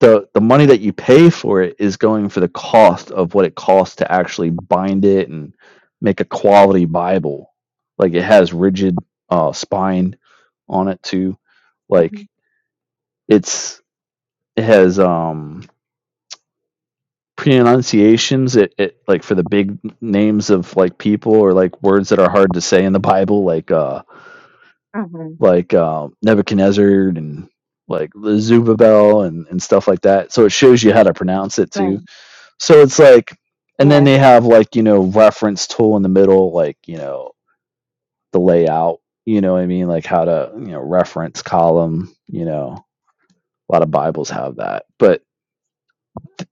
The the money that you pay for it is going for the cost of what it costs to actually bind it and make a quality Bible. Like it has rigid uh spine on it too. Like Mhm. it's it has um pronunciations it, it like for the big names of like people or like words that are hard to say in the Bible like uh Mhm. like um, Nebuchadnezzar and like Zubabel and, and stuff like that. So it shows you how to pronounce it too. Right. So it's like, and then Yeah. they have like, you know, reference tool in the middle, like, you know, the layout, you know what I mean? Like how to, you know, reference column, you know, a lot of Bibles have that, but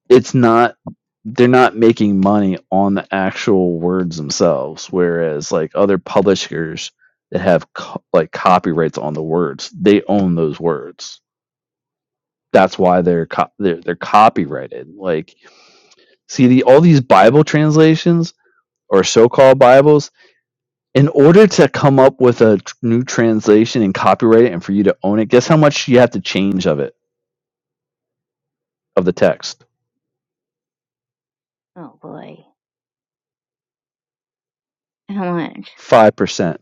it's not, they're not making money on the actual words themselves. Whereas like other publishers that have co- like copyrights on the words, they own those words that's why they're co- they're, they're copyrighted like see the all these bible translations or so-called bibles in order to come up with a tr- new translation and copyright it and for you to own it guess how much you have to change of it of the text Oh boy. How much? 5%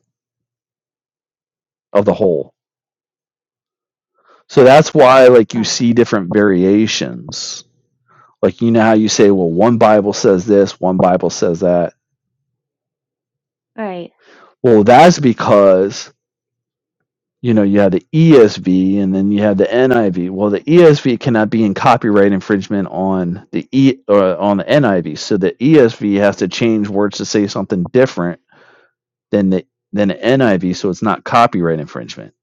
of the whole so that's why like you Um. see different variations like you know how you say well one bible says this one bible says that Right. well that's because you know, you have the ESV and then you have the NIV. Well, the ESV cannot be in copyright infringement on the E or on the NIV. So the ESV has to change words to say something different than the than the NIV, so it's not copyright infringement.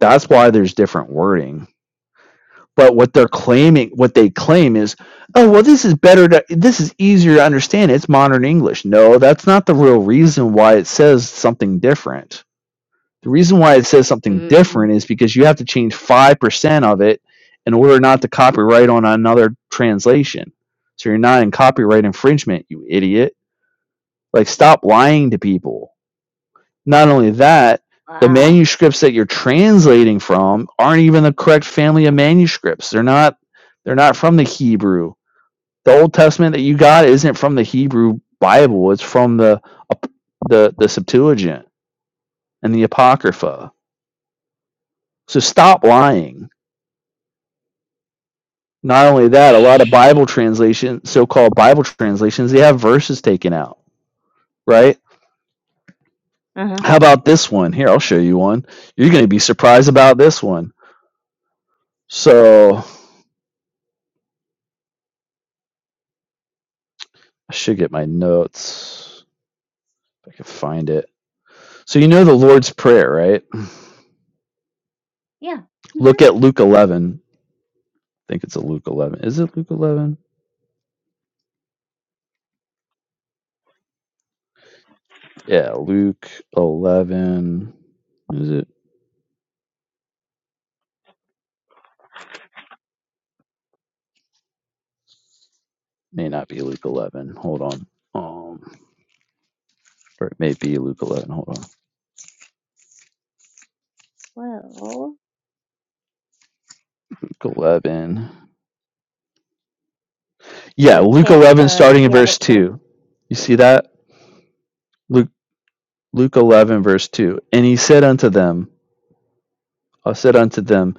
That's why there's different wording. But what they're claiming, what they claim is, oh well, this is better. To, this is easier to understand. It's modern English. No, that's not the real reason why it says something different the reason why it says something Mhm. different is because you have to change 5% of it in order not to copyright on another translation. So you're not in copyright infringement, you idiot. Like, stop lying to people. Not only that, the Wow. manuscripts that you're translating from aren't even the correct family of manuscripts. They're not they're not from the Hebrew. The Old Testament that you got isn't from the Hebrew Bible. It's from the the the Septuagint and the Apocrypha. So stop lying Not only that, a lot of Bible translation, so-called Bible translations, they have verses taken out, right? Uh huh. How about this one? Here, I'll show you one. You're going to be surprised about this one. So, I should get my notes if I can find it. So, you know the Lord's Prayer, right? Yeah. Mhm. Look at Luke 11. I think it's a Luke 11. Is it Luke 11? Yeah, Luke 11. Is it? May not be Luke 11. Hold on. Um, or it may be Luke 11. Hold on. Well, Luke 11. Yeah, what Luke chapter? 11, Or starting in yeah, what verse verse? 2. You see that? Luke, Luke 11, verse 2. And he said unto them, I said unto them,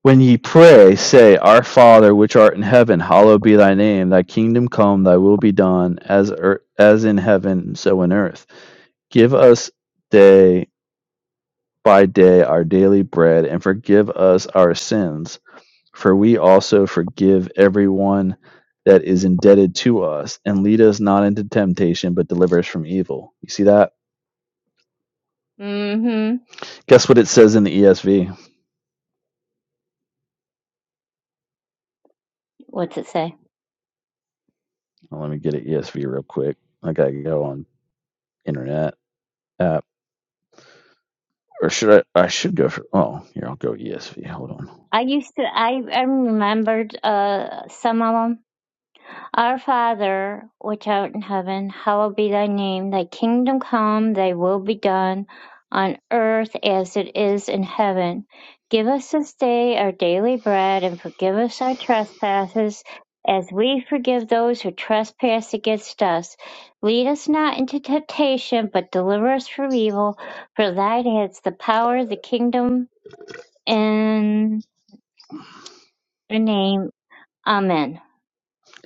When ye pray, say, Our Father, which art in heaven, hallowed be thy name. Thy kingdom come, thy will be done, as, ear- as in heaven, so in earth. Give us day by day our daily bread, and forgive us our sins For we also forgive everyone that is indebted to us, and lead us not into temptation, but deliver us from evil. You see that? Mhm. Guess what it says in the ESV? What's it say? Well, let me get an ESV real quick. I gotta go on internet app, or should I? I should go for. Oh, here I'll go ESV. Hold on. I used to. I I remembered uh some of 'em. Our Father, which art in heaven, hallowed be thy name. Thy kingdom come, thy will be done, on earth as it is in heaven. Give us this day our daily bread, and forgive us our trespasses, as we forgive those who trespass against us. Lead us not into temptation, but deliver us from evil. For thine is the power, the kingdom, and the name. Amen.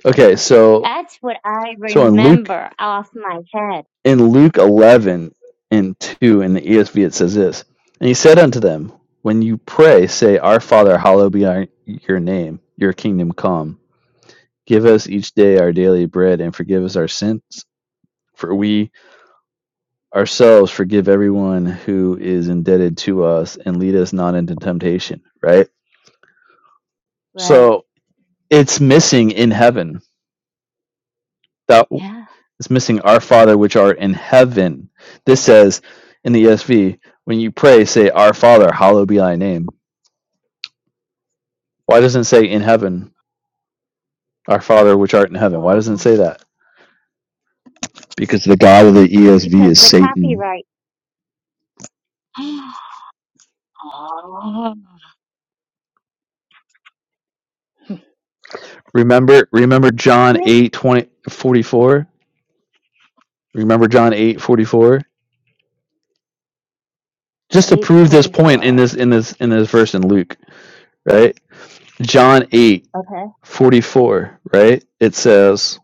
Okay, so That's what I so in Luke remember off my head. in Luke eleven and two in the ESV it says this, and he said unto them, When you pray, say, Our Father, hallowed be your name, your kingdom come. Give us each day our daily bread, and forgive us our sins, for we ourselves forgive everyone who is indebted to us, and lead us not into temptation. Right? Right. So it's missing in heaven. That Yeah. it's missing our Father which art in heaven. This says in the ESV, when you pray, say, Our Father, hallowed be thy name. Why doesn't it say in heaven, Our Father which art in heaven? Why Wow. doesn't it say that? Because the God of the ESV Because is the Satan. copyright. Ah. Remember, remember John 8 20 44. Remember John 8 44. Just to Eight prove this point in forty-four. this in this in this verse in Luke, right? John 8 Okay. 44. right? It says,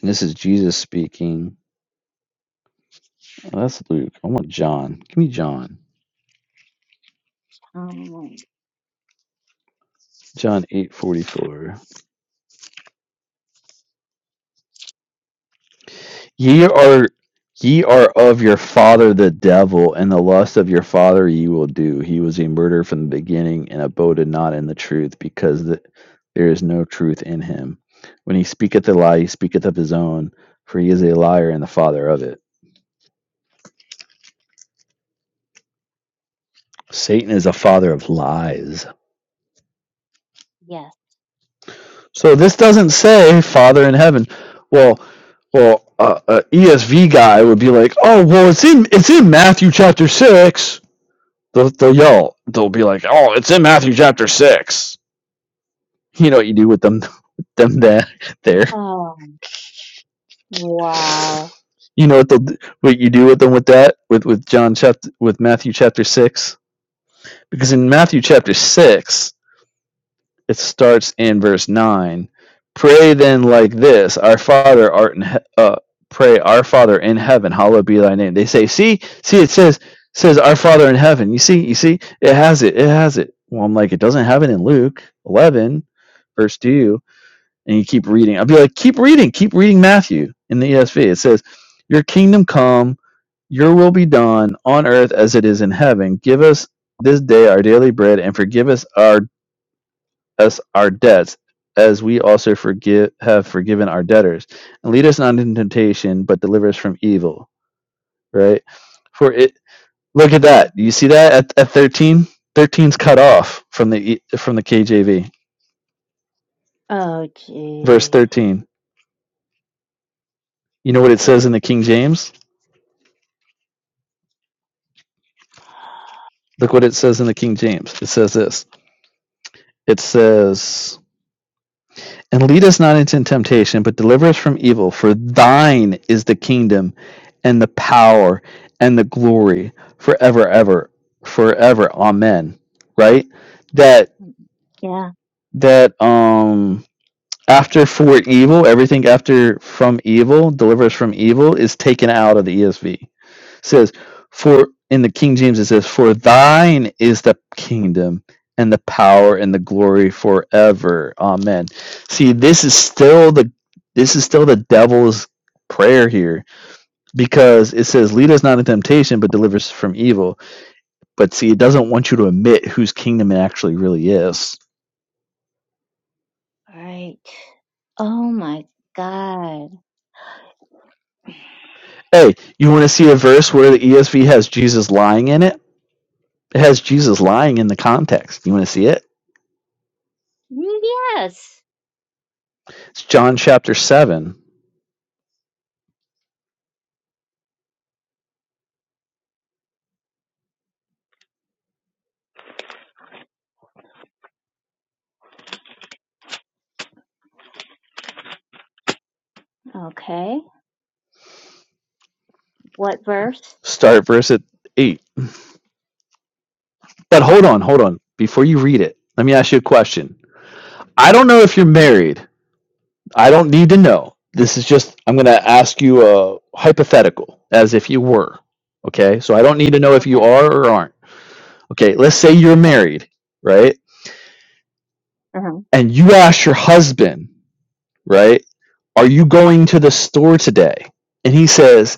and this is Jesus speaking. Oh, that's Luke. I want John. Give me John. Um. John 8 44. Ye are ye are of your father the devil, and the lust of your father ye will do. He was a murderer from the beginning, and aboded not in the truth, because th there is no truth in him. When he speaketh a lie, he speaketh of his own, for he is a liar and the father of it. Satan is a father of lies. Yes. So this doesn't say Father in heaven. Well, well, uh, a ESV guy would be like, oh, well, it's in it's in Matthew chapter six. They'll, they'll yell. They'll be like, "Oh, it's in Matthew chapter 6." You know what you do with them, with them that there. Oh. Wow. You know what they'll, what you do with them with that with with John chapter with Matthew chapter six because in Matthew chapter six it starts in verse 9 pray then like this our father art in he- uh, pray our father in heaven hallowed be thy name they say see see it says says our father in heaven you see you see it has it it has it well i'm like it doesn't have it in luke 11 verse 2 and you keep reading i'll be like keep reading keep reading matthew in the esv it says your kingdom come your will be done on earth as it is in heaven give us this day our daily bread and forgive us our us our debts, as we also forgive have forgiven our debtors, and lead us not into temptation, but deliver us from evil. Right? For it, look at that. hmm You see that at at thirteen. thirteen's cut off from the E- from the KJV. Oh, Verse geez. thirteen. You know what it says in the King James? Look what it says in the King James. It says this. It says And lead us not into temptation, but deliver us from evil. For thine is the kingdom and the power and the glory forever, ever, forever. Amen. Right? That, Yeah. that, um, after for evil, everything after from evil, deliver us from evil, is taken out of the ESV. It says, for in the King James it says, for thine is the kingdom and the power and the glory forever. Amen. See, this is still the this is still the devil's prayer here because it says lead us not into temptation but deliver us from evil but see it doesn't want you to admit whose kingdom it actually really is Right. Oh my God. hey you want to see a verse where the esv has jesus lying in it It has Jesus lying in the context. You want to see it? Mm, Yes. It's John chapter 7. Okay. What verse? Start verse at 8. But hold on, hold on. Before you read it, let me ask you a question. I don't know if you're Uh huh. married. I don't need to know. This is just, I'm going to ask you a hypothetical as if you were. Okay. So I don't need to know if you Okay. are or aren't. Okay. Let's say you're Okay. married, right? Uh huh. And you ask your husband, right? Are you going to the store today? And he says,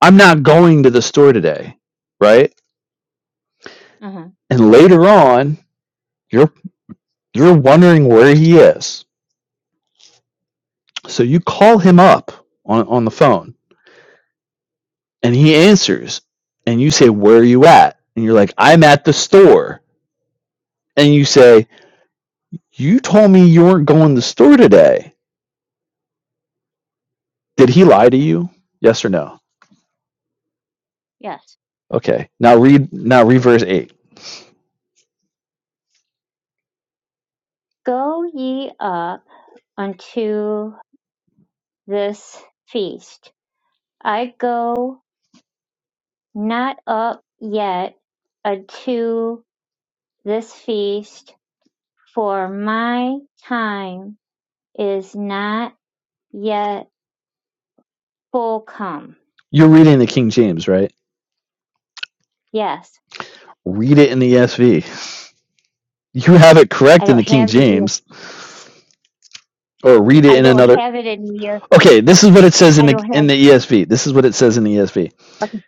I'm not going to the store today, right? Uh huh. And later on, you're you're wondering where he is. So you call him up on, on the phone and he answers and you say, Where are you at? And you're like, I'm at the store. And you say, You told me you weren't going to the store today. Did he lie to you? Yes or no? Yes. Okay. Now read now read verse eight. Go ye up unto this feast. I go not up yet unto this feast, for my time is not yet full come. You're reading the King James, right? Yes, Read it in the ESV. You have it I correct in the don't King have the ear. James, or read it I in don't another have it in here. Okay, this is what it says in I don't the in have. the ESV. This is what it says in the ESV. Okay.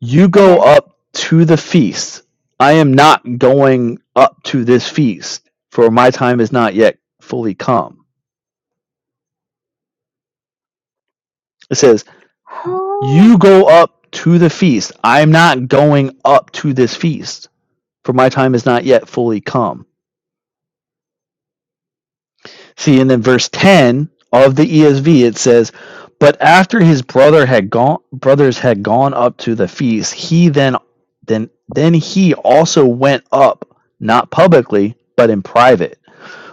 You go Okay. up to the feast. I am not going up to this feast, for my time is not yet fully come. It says, Oh, "You go up to the feast. I am not going up to this feast, for my time is not yet fully come." See, and then verse 10 of the ESV it says, "But after his brother had gone brothers had gone up to the feast, he then then then he also went up, not publicly, but in private."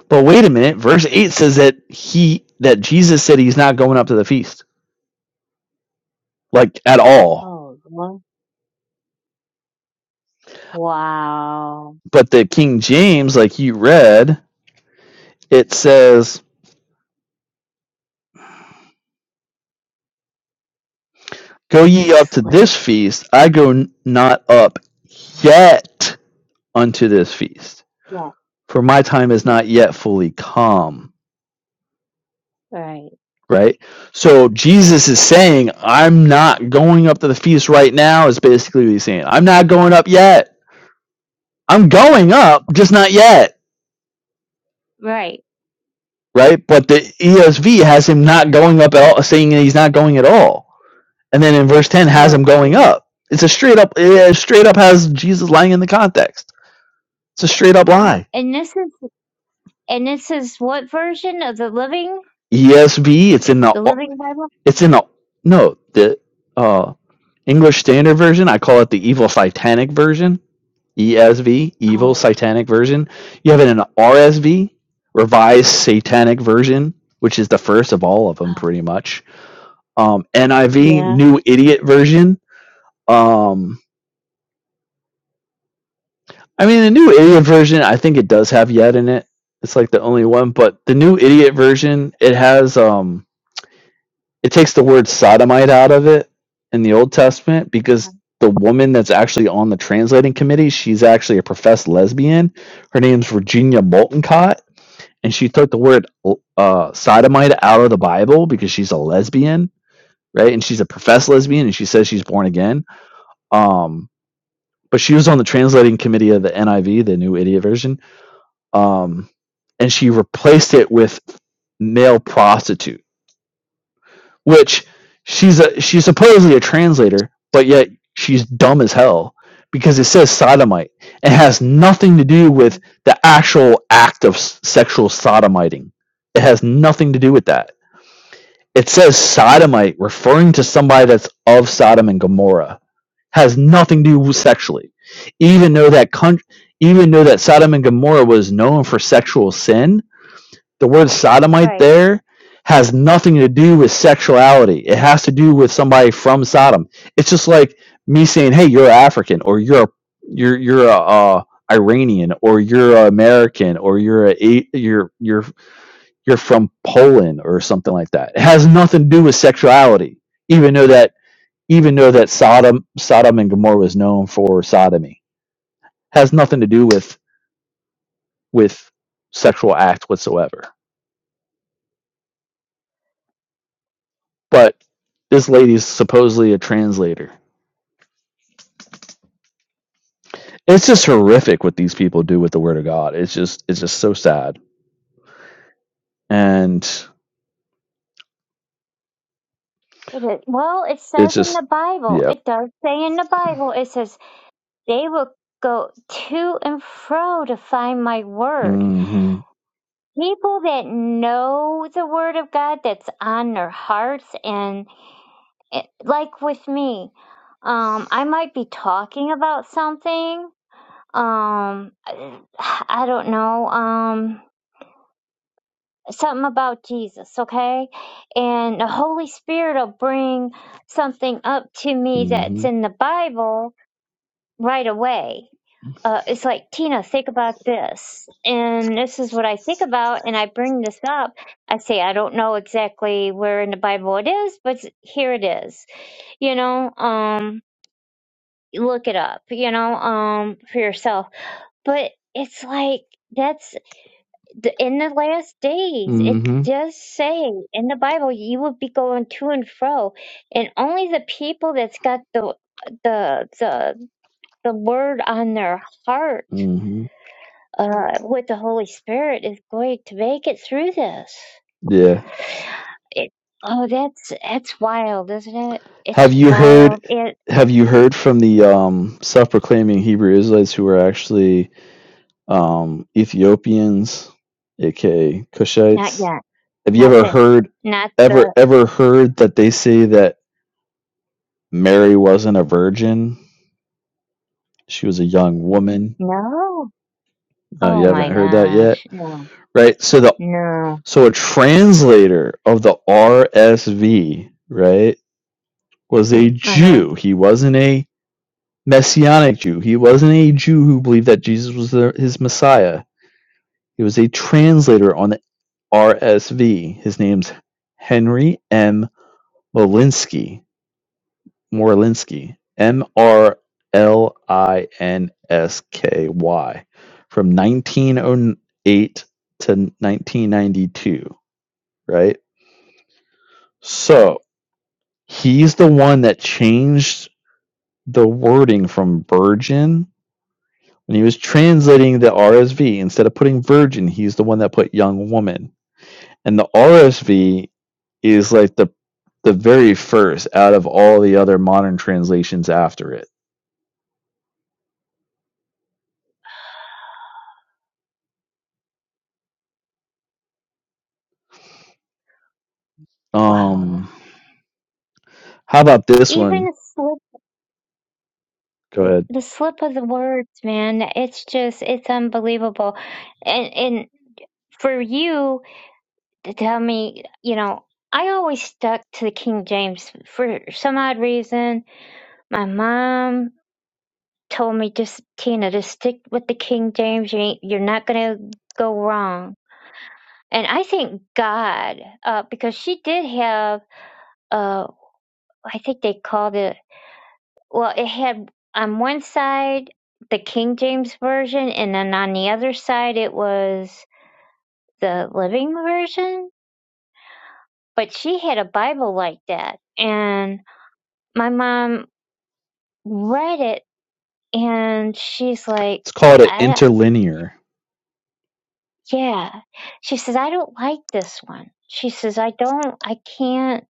But wait a minute, verse 8 says that he that Jesus said he's not going up to the feast like at all. oh Lord. Wow. But the King James like you read, it says, "Go ye up to Slick. this feast, I go not up yet unto this feast." Yeah. for my time is Yeah. not yet fully come. Right. Right? So Jesus is saying, I'm not going up to the feast right now, is basically what he's saying. I'm not going up yet. I'm going up, just not yet. Right. Right? But the ESV has him not going up at all, saying he's not going at all. And then in verse 10 has Oh, him going gee. up. It's a straight up, it straight up has Jesus lying in the context. It's a straight up lie. And this is And this is what version of the Living, ESV, it's in the, the Living Bible? it's in the, no, the, uh, English Standard Version, I call it the Evil Satanic Version, ESV, Evil Oh, Satanic Version. You have it in an RSV, Revised Satanic Version, which is the first of all of them, oh pretty much. Um, NIV, yeah, New Idiot Version. Um, I mean, the New Idiot Version, I think it does have yet in it. It's like the only one, but the New Idiot Version, it has um, it takes the word sodomite out of it in the Old Testament uh-huh, because the woman that's actually on the translating committee, she's actually a professed lesbian. Her name's Virginia Moltencott, and she took the word uh, sodomite out of the Bible because she's a lesbian, right? And she's a professed lesbian, and she says she's born again. Um, but she was on the translating committee of the NIV, the New Idiot Version, um, and she replaced it with male prostitute which she's a she's supposedly a translator, but yet she's dumb as hell because it says sodomite and has nothing to do with the actual act of s- sexual sodomiting. It has nothing to do with that. It says sodomite referring to somebody that's of Sodom and Gomorrah has nothing to do with sexually. Even though that country, even though that Sodom and Gomorrah was known for sexual sin, the word sodomite right. there has nothing to do with sexuality. It has to do with somebody from Sodom. It's just like me saying, "Hey, you're African, or you're a, you're you're a, uh Iranian, or you're a American, or you're a a- you're you're you're from Poland, or something like that." It has nothing to do with sexuality, even though that even though that Sodom Sodom and Gomorrah was known for sodomy, It has nothing to do with with sexual act whatsoever. but this lady's supposedly a translator. It's just horrific what these people do with the word of God. It's just it's just so sad, and It is. Well, it it's says in just the Bible, yeah. it does say in the Bible, it says they will go to and fro to find my word. Mm-hmm. People that know the word of God that's on their hearts, and it, like with me, um, I might be talking about something. Um, I I don't know. Um, something about Jesus, okay? And the Holy Spirit will bring something up to me that's Mm-hmm. in the Bible right away. Uh, it's like, Tina, think about this. And this is what I think about. And I bring this up. I say, I don't know exactly where in the Bible it is, but here it is. You know, um, look it up, you know, um, for yourself. But it's like, that's the, in the last days it Mm-hmm. does say in the bible you will be going to and fro and only the people that's got the the the, the word on their heart Mm-hmm. uh, with the holy spirit is going to make it through this Yeah. it, oh that's that's wild isn't it it's Have you heard? wild it Have you heard from the um, self-proclaiming Hebrew Israelites who are actually um, Ethiopians, aka not Cushites? yet Have you not ever the heard, not ever the ever heard that they say that Mary wasn't a virgin? she was a young woman. no No, you oh my haven't heard that yet, gosh no right? So the no so a translator of the RSV, right, was a uh-huh Jew. He wasn't a messianic Jew. He wasn't a Jew who believed that Jesus was the, his Messiah. He was a translator on the RSV. His name's Henry M. Molinsky. Morlinsky, M R L I N S K Y, from 1908 to 1992, right? okay So he's the one that changed the wording from virgin when he was translating the RSV. Instead of putting virgin, he's the one that put young woman. And the RSV is like the the very first out of all the other modern translations after it. wow Um, How about this one? even slip Go ahead. the slip of the words man it's just it's unbelievable and and for you to tell me you know i always stuck to the king james for some odd reason my mom told me just tina just stick with the king james you ain't, you're not gonna go wrong and i thank god uh because she did have uh i think they called it Well, it had on one side the King James version, and then on the other side it was the Living version. But she had a Bible like that, and my mom read it, and she's like, It's called an I, interlinear. "Yeah," she says, "I don't like this one." She says, "I don't, I can't."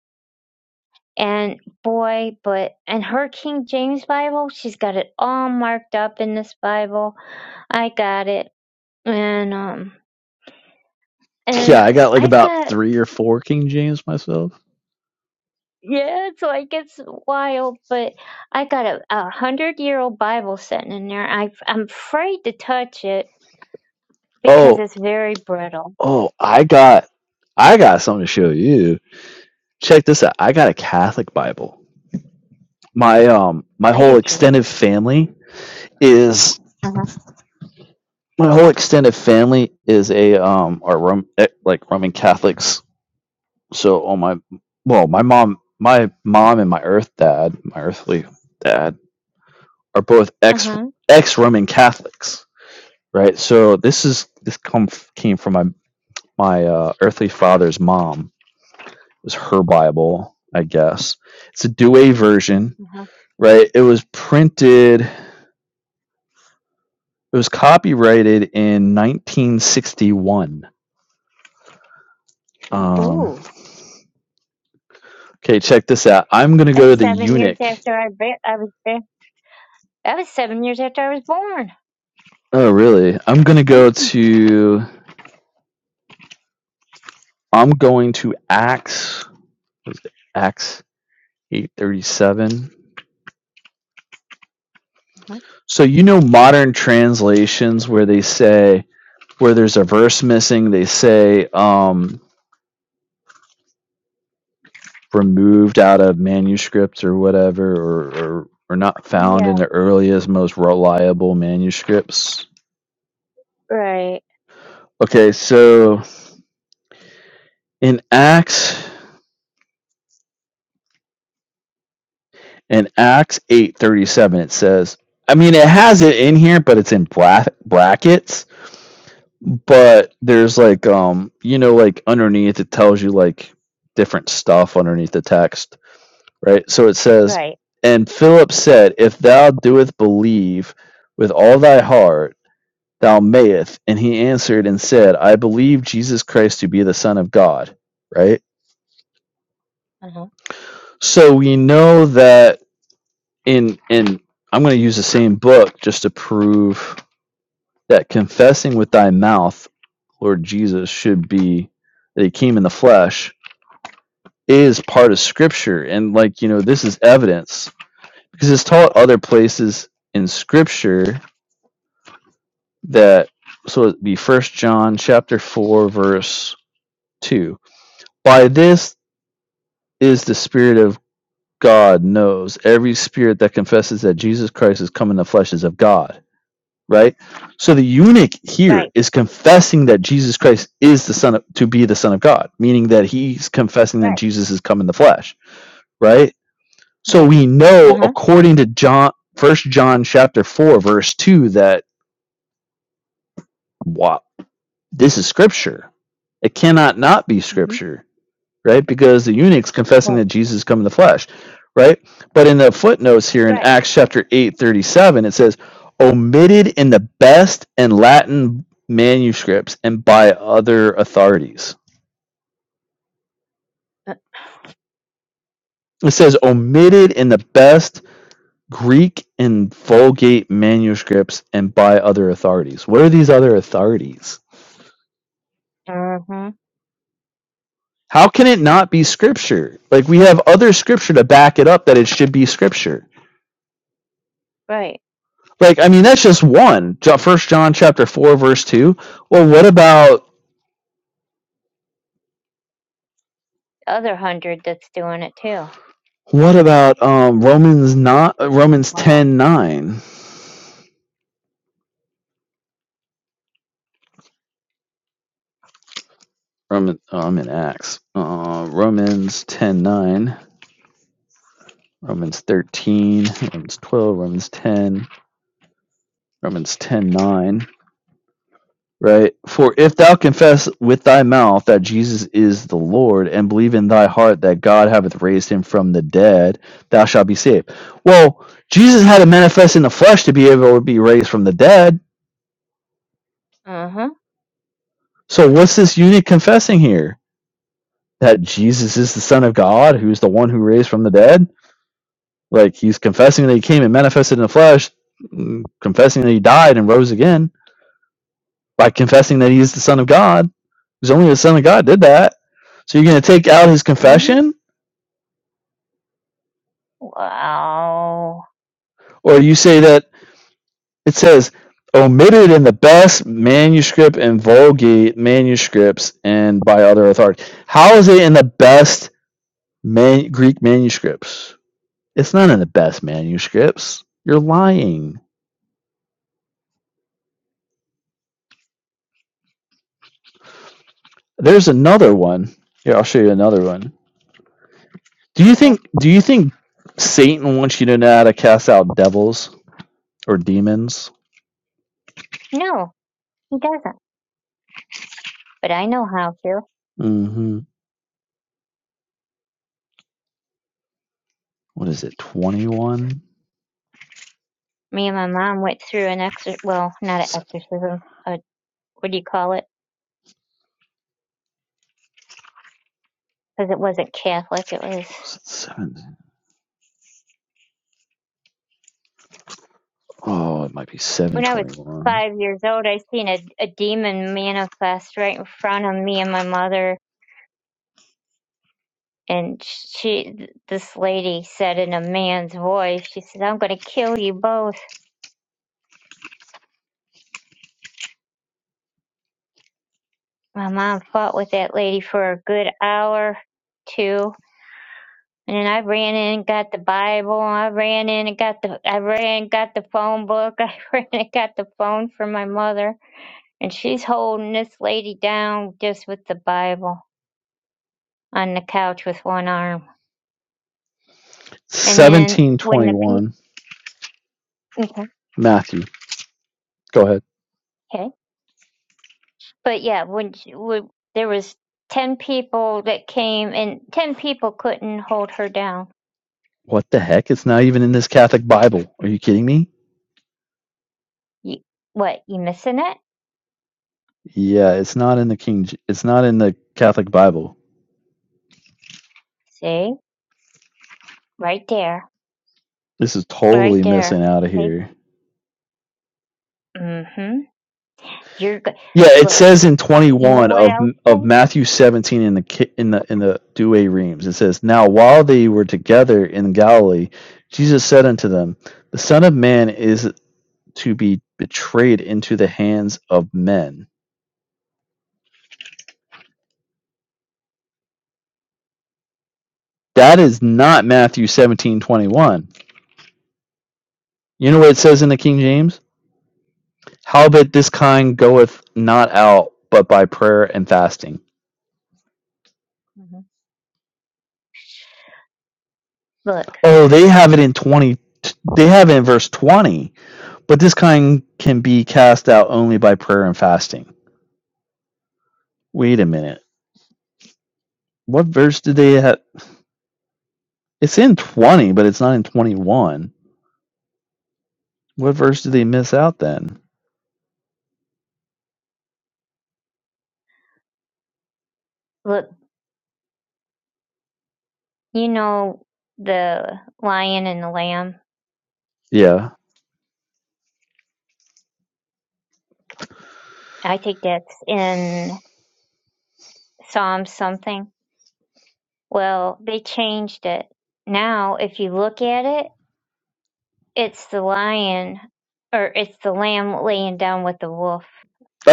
And boy, but and her King James Bible, she's got it all marked up in this Bible. I got it, and um Yeah, and I got like I about got three or four King James myself. yeah, so I gets wild, but I got a, a hundred year old Bible sitting in there. I I'm afraid to touch it because Oh, it's very brittle. oh, I got, I got something to show you. Check this out. I got a Catholic Bible. My um, my I do whole too. extended family is Uh huh. my whole extended family is a um, are Rom- eh, like Roman Catholics. So on my, well, my mom, my mom and my earth dad, my earthly dad, are both Uh ex huh. ex Roman Catholics. right? So this is this come came from my my uh, earthly father's mom. It was her Bible, I guess. It's a Douay version, Uh huh. right? It was printed. It was copyrighted in 1961. Um, Ooh, okay, check this out. I'm gonna go that's to the seven years eunuch. after I be- I was there. That was seven years after I was born. Oh, really? I'm gonna go Uh-huh. to. I'm going to Acts. what is it? Acts 837. So you know modern translations where they say where there's a verse missing, they say um, removed out of manuscripts or whatever, or, or or not found in Yeah. the earliest, most reliable manuscripts. Right. Okay, so in Acts, in Acts eight thirty seven, it says. I mean, it has it in here, but it's in black brackets. But there's like, um, you know, like underneath it tells you like different stuff underneath the text right? So it says, Right. And Philip said, If thou doest believe with all thy heart, thou mayest. And he answered and said, I believe Jesus Christ to be the Son of God, right? Uh huh. So we know that in, in, I'm going to use the same book just to prove that confessing with thy mouth, Lord Jesus, should be that he came in the flesh is part of scripture. And like, you know, this is evidence because it's taught other places in scripture that so it'd be first john chapter 4 verse 2 by this is the spirit of god knows every spirit that confesses that jesus christ has come in the flesh is of god right so the eunuch here Right. is confessing that jesus christ is the son of to be the son of god meaning that he's confessing that Right. jesus has come in the flesh right so Right. we Uh know huh. according to john first john chapter 4 verse 2 that wow, This is scripture. It cannot not be Mhm. scripture, right? Because the eunuch's confessing Right. that Jesus is come in the flesh, right? But in the footnotes here in Right. Acts chapter 8 37, it says, omitted in the best and Latin manuscripts and by other authorities. It says omitted in the best Greek and Vulgate manuscripts and by other authorities. What are these other authorities? Uh huh. How can it not be scripture? Like we have other scripture to back it up that it should be scripture. Right. Like I mean that's just one. First John chapter 4 verse 2. Well, what about Other hundred that's doing it too. what about um Romans not uh, Romans Wow. 10:9? Roman oh, I'm in Acts. Uh, Romans 10:9, Romans 13, Romans 12, Romans 10, Romans 10:9. right? For if thou confess with thy mouth that Jesus is the Lord and believe in thy heart that God hath raised him from the dead, thou shalt be saved. Well, Jesus had to manifest in the flesh to be able to be raised from the dead. Uh-huh. So what's this unit confessing here? That Jesus is the Son of God, who's the one who raised from the dead? Like he's confessing that he came and manifested in the flesh, mm, confessing that he died and rose again by confessing that he is the Son of God. Because only the Son of God did that. So you're going to take out his Mm-hmm. confession? Wow. Or you say that it says omitted in the best manuscript and Vulgate manuscripts and by other authority. How is it in the best man- Greek manuscripts? It's not in the best manuscripts. You're lying. There's another one. Here, I'll show you another one. Do you Okay. think do you think Satan wants you to know how to cast out devils or demons? No, he doesn't. But I know how to. Mm-hmm. what is it, 21? Me and my mom went through an exor well, not an Seven, exorcism. A, what do you call it? Because it wasn't Catholic. It was was it seven? Oh, it might be when I was 721. five years old. I seen a, a demon manifest right in front of me and my mother. And she, th- this lady said in a man's voice, she said, "I'm going to kill you both." My mom fought with that lady for a good hour, two. And I ran in and got the Bible. I ran in and got the I ran and got the phone book. I ran and got the phone for my mother. And she's holding this lady down just with the Bible on the couch with one arm. And then when the people, 1721. okay, Matthew, go ahead. okay. but yeah, when, she, when there was ten people that came, and ten people couldn't hold her down. What the heck? It's not even in this Catholic Bible. Are you kidding me? You, what you missing it? Yeah, it's not in the King. It's not in the Catholic Bible. See, right there, This is right totally missing there. out of See, here. mm-hmm. You're good. Yeah, it Look. says in You know 21 what of else, of Ken? Matthew 17 in the Ki- in the in the Douay Reams. It says, "Now while they were together in Galilee, Jesus said unto them, The Son of Man is to be betrayed into the hands of men. That is not Matthew seventeen twenty one. You know what it says in the King James? Howbeit this kind goeth not out but by prayer and fasting. hmm Look, Oh, they have it in 20. They have it in verse 20, but this kind can be cast out only by prayer and fasting. Wait a minute. What verse did they have? It's in 20, but it's not in 21. What verse did they miss out then? look, you know the lion and the lamb? Yeah. I think that's in Psalm something. Well, they changed it. Now, if you look at it, it's the lion or it's the lamb laying down with the wolf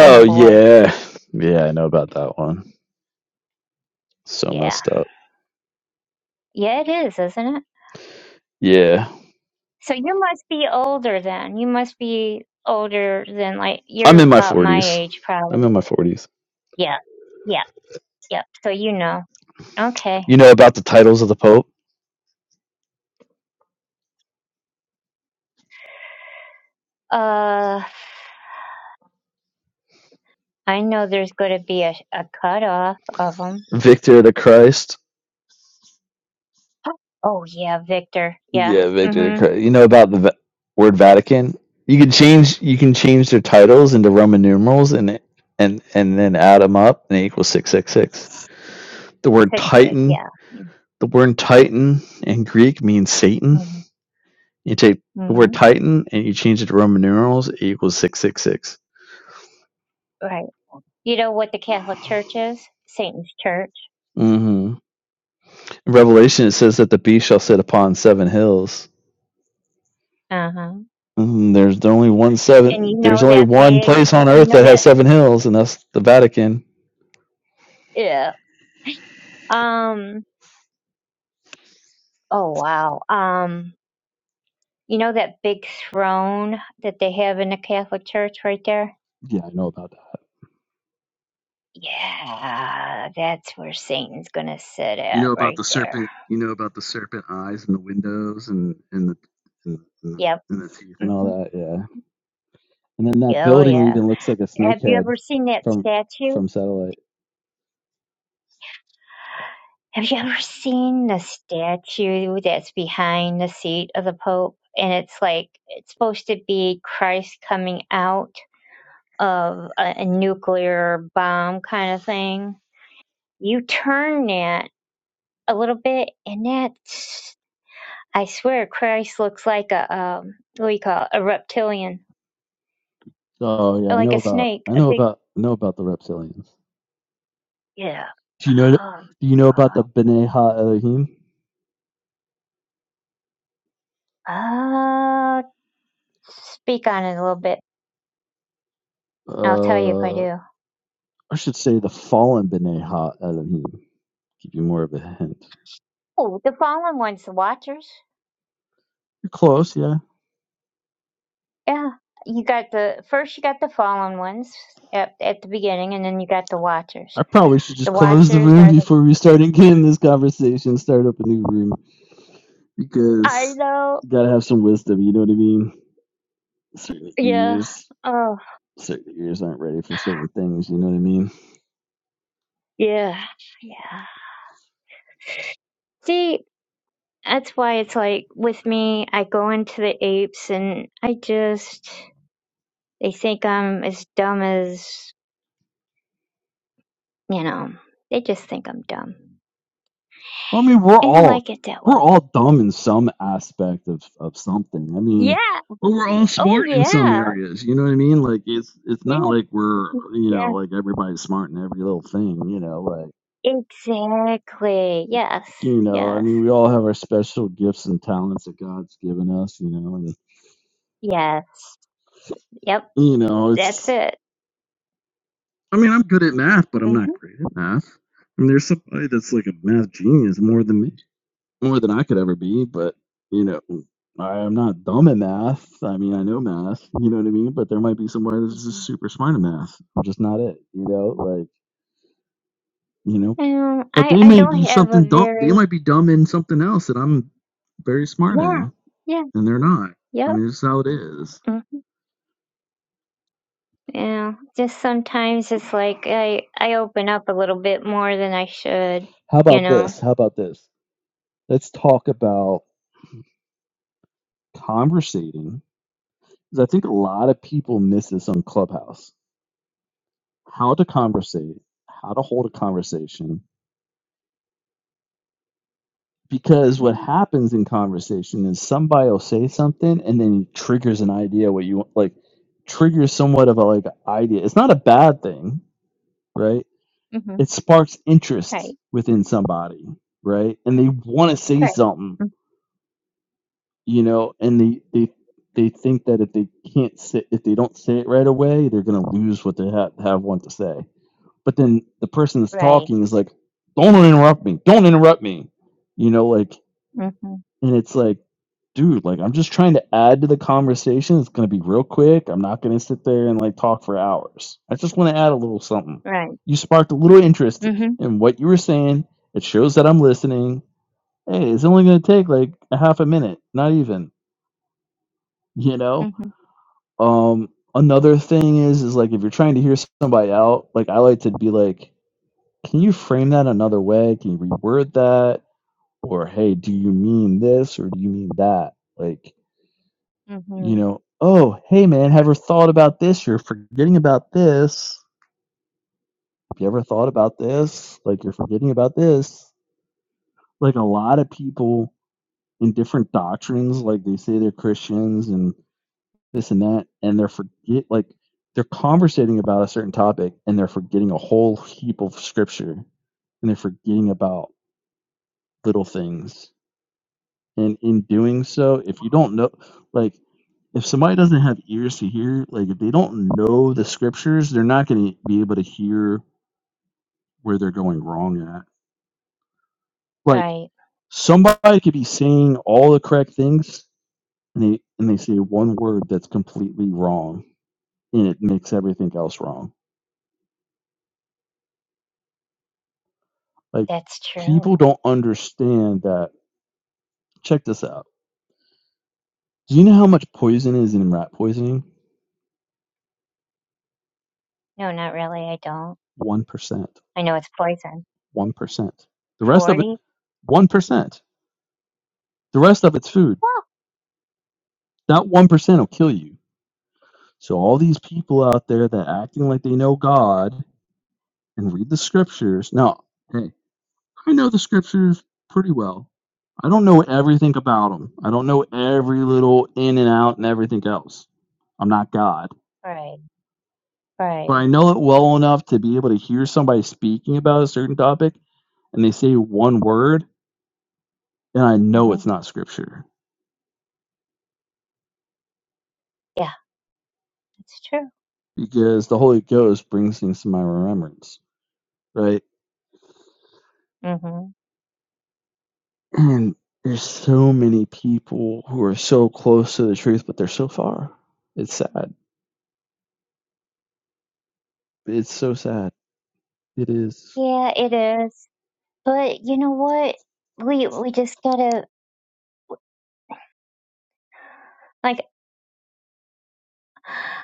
and the boy. yeah. Yeah, I know about that one. So Yeah. messed up. Yeah, it is, isn't it? Yeah. So you must be older then. You must be older than like I'm you're in my about my 40s. age I'm probably. in my 40s. Yeah. Yeah. Yep. So you know. Okay. You know about the titles of the Pope? Uh, I know there's going to be a, a cutoff of them. Victor the Christ. Oh yeah, Victor. Yeah. Yeah, Victor the hmm Christ. You know about the va- word Vatican? You can change you can change their titles into Roman numerals and it- and and then add them up and it equals 666. The word Fix it. Titan, Yeah. the word Titan in Greek means Satan. hmm You take the hmm word Titan and you change it to Roman numerals, it equals 666. Right. You know what the Catholic Church is? Satan's Church. Mhm. In Revelation, it says that the beast shall sit upon seven hills. Uh huh. Mm, there's only one And seven. you know There's only that one big. place on You earth know that has that. seven hills, and that's the Vatican. Yeah. Um. Oh wow. Um. You know that big throne that they have in the Catholic Church right there? Yeah, I know about that. Yeah, that's where Satan's gonna sit You know at about right the there. serpent. You know about the serpent eyes and the windows and and the and the, Yep and the teeth and all hmm that. Yeah, and then that Oh building yeah. even looks like a Have you snakehead ever seen that from statue? from satellite. Have you ever seen the statue that's behind the seat of the Pope? And it's like it's supposed to be Christ coming out of a, a nuclear bomb kind of thing. You turn that a little bit, and that's I swear Christ looks like a um what do you call it? a reptilian, Oh yeah, I like know a about. snake, I a know big about. I know about the reptilians. yeah. Do you know? Do Um, you know about the B'nai Ha Elohim? uh, speak on it a little bit. I'll tell you if I Uh, do. I should say the fallen B'nai Ha Elohim. Give you more of a hint. Oh, the fallen ones, the Watchers. You're close, yeah. Yeah, you got the first. You got the fallen ones at at the beginning, and then you got the Watchers. I probably should just The close the Watchers room are the. before we start again this conversation, start up a new room, I because know. you gotta have some wisdom, you know what I mean? Certain Yeah. ears, Oh, certain ears aren't ready for certain things, you know what I mean? yeah, yeah. See, that's why it's like with me. I go into the apes, and I just they think I'm as dumb as you know. They just think I'm dumb, I mean, we're and I all like it that way. we're all dumb in some aspect of of something. I mean, Yeah. but we're all Oh smart in some yeah. areas. You know what I mean? Like it's it's not Yes, like we're you know yes, like everybody's smart in every little thing. You know, like exactly. Yes, you know, I yes, mean, we all have our special gifts and talents that God's given us. You know, and yes. Yep, you know, that's it's. it. I mean, I'm good at math, but I'm hmm not great at math. I mean, there's somebody that's like a math genius more than me. more than I could ever be, but you know, I am not dumb in math. I mean, I know math, you know what I mean? But there might be somebody that's just hmm super smart in math. I'm just not it, you know, like, you know, Um, but I they I may don't be have a something dumb. They very might be dumb in something else that I'm very smart yeah in, yeah and they're not. I yep mean, this is how it is. mm, yeah. Just sometimes it's like I I open up a little bit more than I should, How you about know. this? How about this? Let's talk about conversating. 'cause I think a lot of people miss this on Clubhouse. How to conversate, how to hold a conversation, because what hmm happens in conversation is somebody will say something and then it triggers an idea what you want like triggers somewhat of a like idea it's not a bad thing right hmm it sparks interest Right, within somebody right and they want to say right, something mm, you know and they they they think that if they can't say if they don't say it right away they're going to lose what they have have want to say but then the person that's right, talking is like don't interrupt me don't interrupt me you know like hmm And it's like, dude, like I'm just trying to add to the conversation. It's gonna be real quick. I'm not gonna sit there and like talk for hours. I just want to add a little something. right, You sparked a little interest hmm in what you were saying. It shows that I'm listening. Hey, it's only gonna take like a half a minute, not even. You know. hmm Um, another thing is is like if you're trying to hear somebody out, like I like to be like, can you frame that another way? Can you reword that? Or hey, do you mean this or do you mean that? Like you hmm know, oh, hey man, have you ever thought about this? You're forgetting about this. Have you ever thought about this? Like you're forgetting about this. Like a lot of people in different doctrines, like they say they're Christians and this and that, and they're forget like they're conversating about a certain topic and they're forgetting a whole heap of scripture and they're forgetting about little things and in doing so if you don't know like if somebody doesn't have ears to hear like if they don't know the scriptures they're not going to be able to hear where they're going wrong at like right. somebody could be saying all the correct things and they and they say one word that's completely wrong and it makes everything else wrong like That's true. people don't understand that check this out do you know how much poison is in rat poisoning No, not really. I don't. 1% I know it's poison. 1% the rest of it 40? 1% The rest of it's food. Well, Not 1% will kill you. So all these people out there that are acting like they know God and read the scriptures. Now, hey, I know the scriptures pretty well. I don't know everything about them. I don't know every little in and out and everything else. I'm not God. right, But right. I know it well enough to be able to hear somebody speaking about a certain topic and they say one word and I know hmm it's not scripture Yeah, it's true. because the Holy Ghost brings things to my remembrance, right? hmm And there's so many people who are so close to the truth, but they're so far. It's sad. It's so sad. It is. Yeah, it is. But you know what? We we just gotta like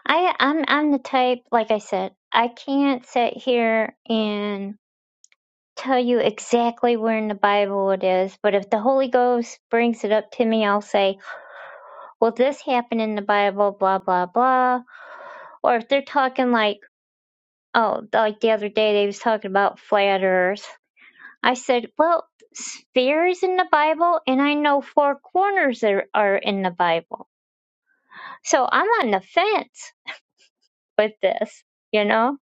I I'm I'm the type like I said, I can't sit here and tell you exactly where in the Bible it is, but if the Holy Ghost brings it up to me, I'll say, "Well, this happened in the Bible, blah blah blah." Or if they're talking like, oh, like the other day they was talking about flat earth I said, Well, sphere is in the Bible, and I know four corners are, are in the Bible. So I'm on the fence with this, you know?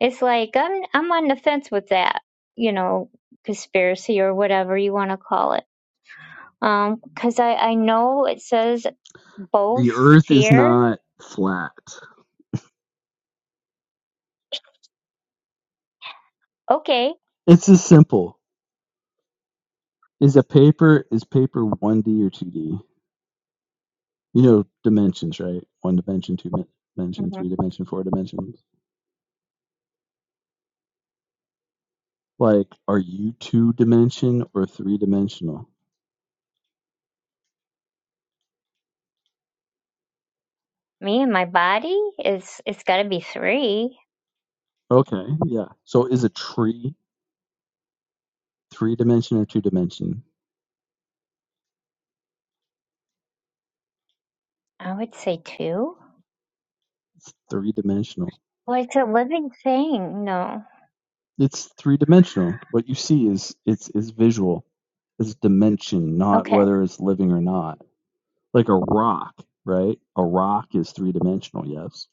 It's like I'm, I'm on the fence with that, you know, conspiracy or whatever you want to call it. Because I, I know it says both The earth is sphere. not flat. Okay. It's as simple. Is a paper is paper one D or two D? You know dimensions, right? One dimension, two men- dimension, hmm three dimension, four dimensions. Like, are you two dimension or three dimensional? Me and my body is, it's got to be three. Okay, yeah. So is a tree three dimension or two dimension? I would say two. It's three dimensional Well, it's a living thing. No. It's three dimensional. What you see is it's is visual. It's dimension, not Okay. whether it's living or not. Like a rock, right? A rock is three dimensional, yes.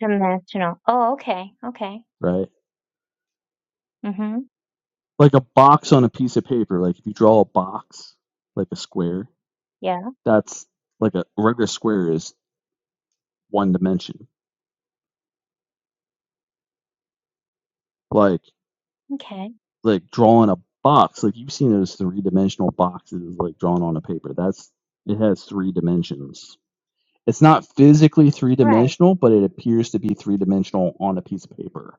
Dimensional. Oh, okay. Okay. Right? Mm-hmm. Like a box on a piece of paper. Like if you draw a box, like a square, Yeah. that's like a right, a regular square is one dimension. Like Okay. like drawing a box, like you've seen those three dimensional boxes like drawn on a paper. That's it has three dimensions It's not physically three Right. dimensional, but it appears to be three dimensional on a piece of paper,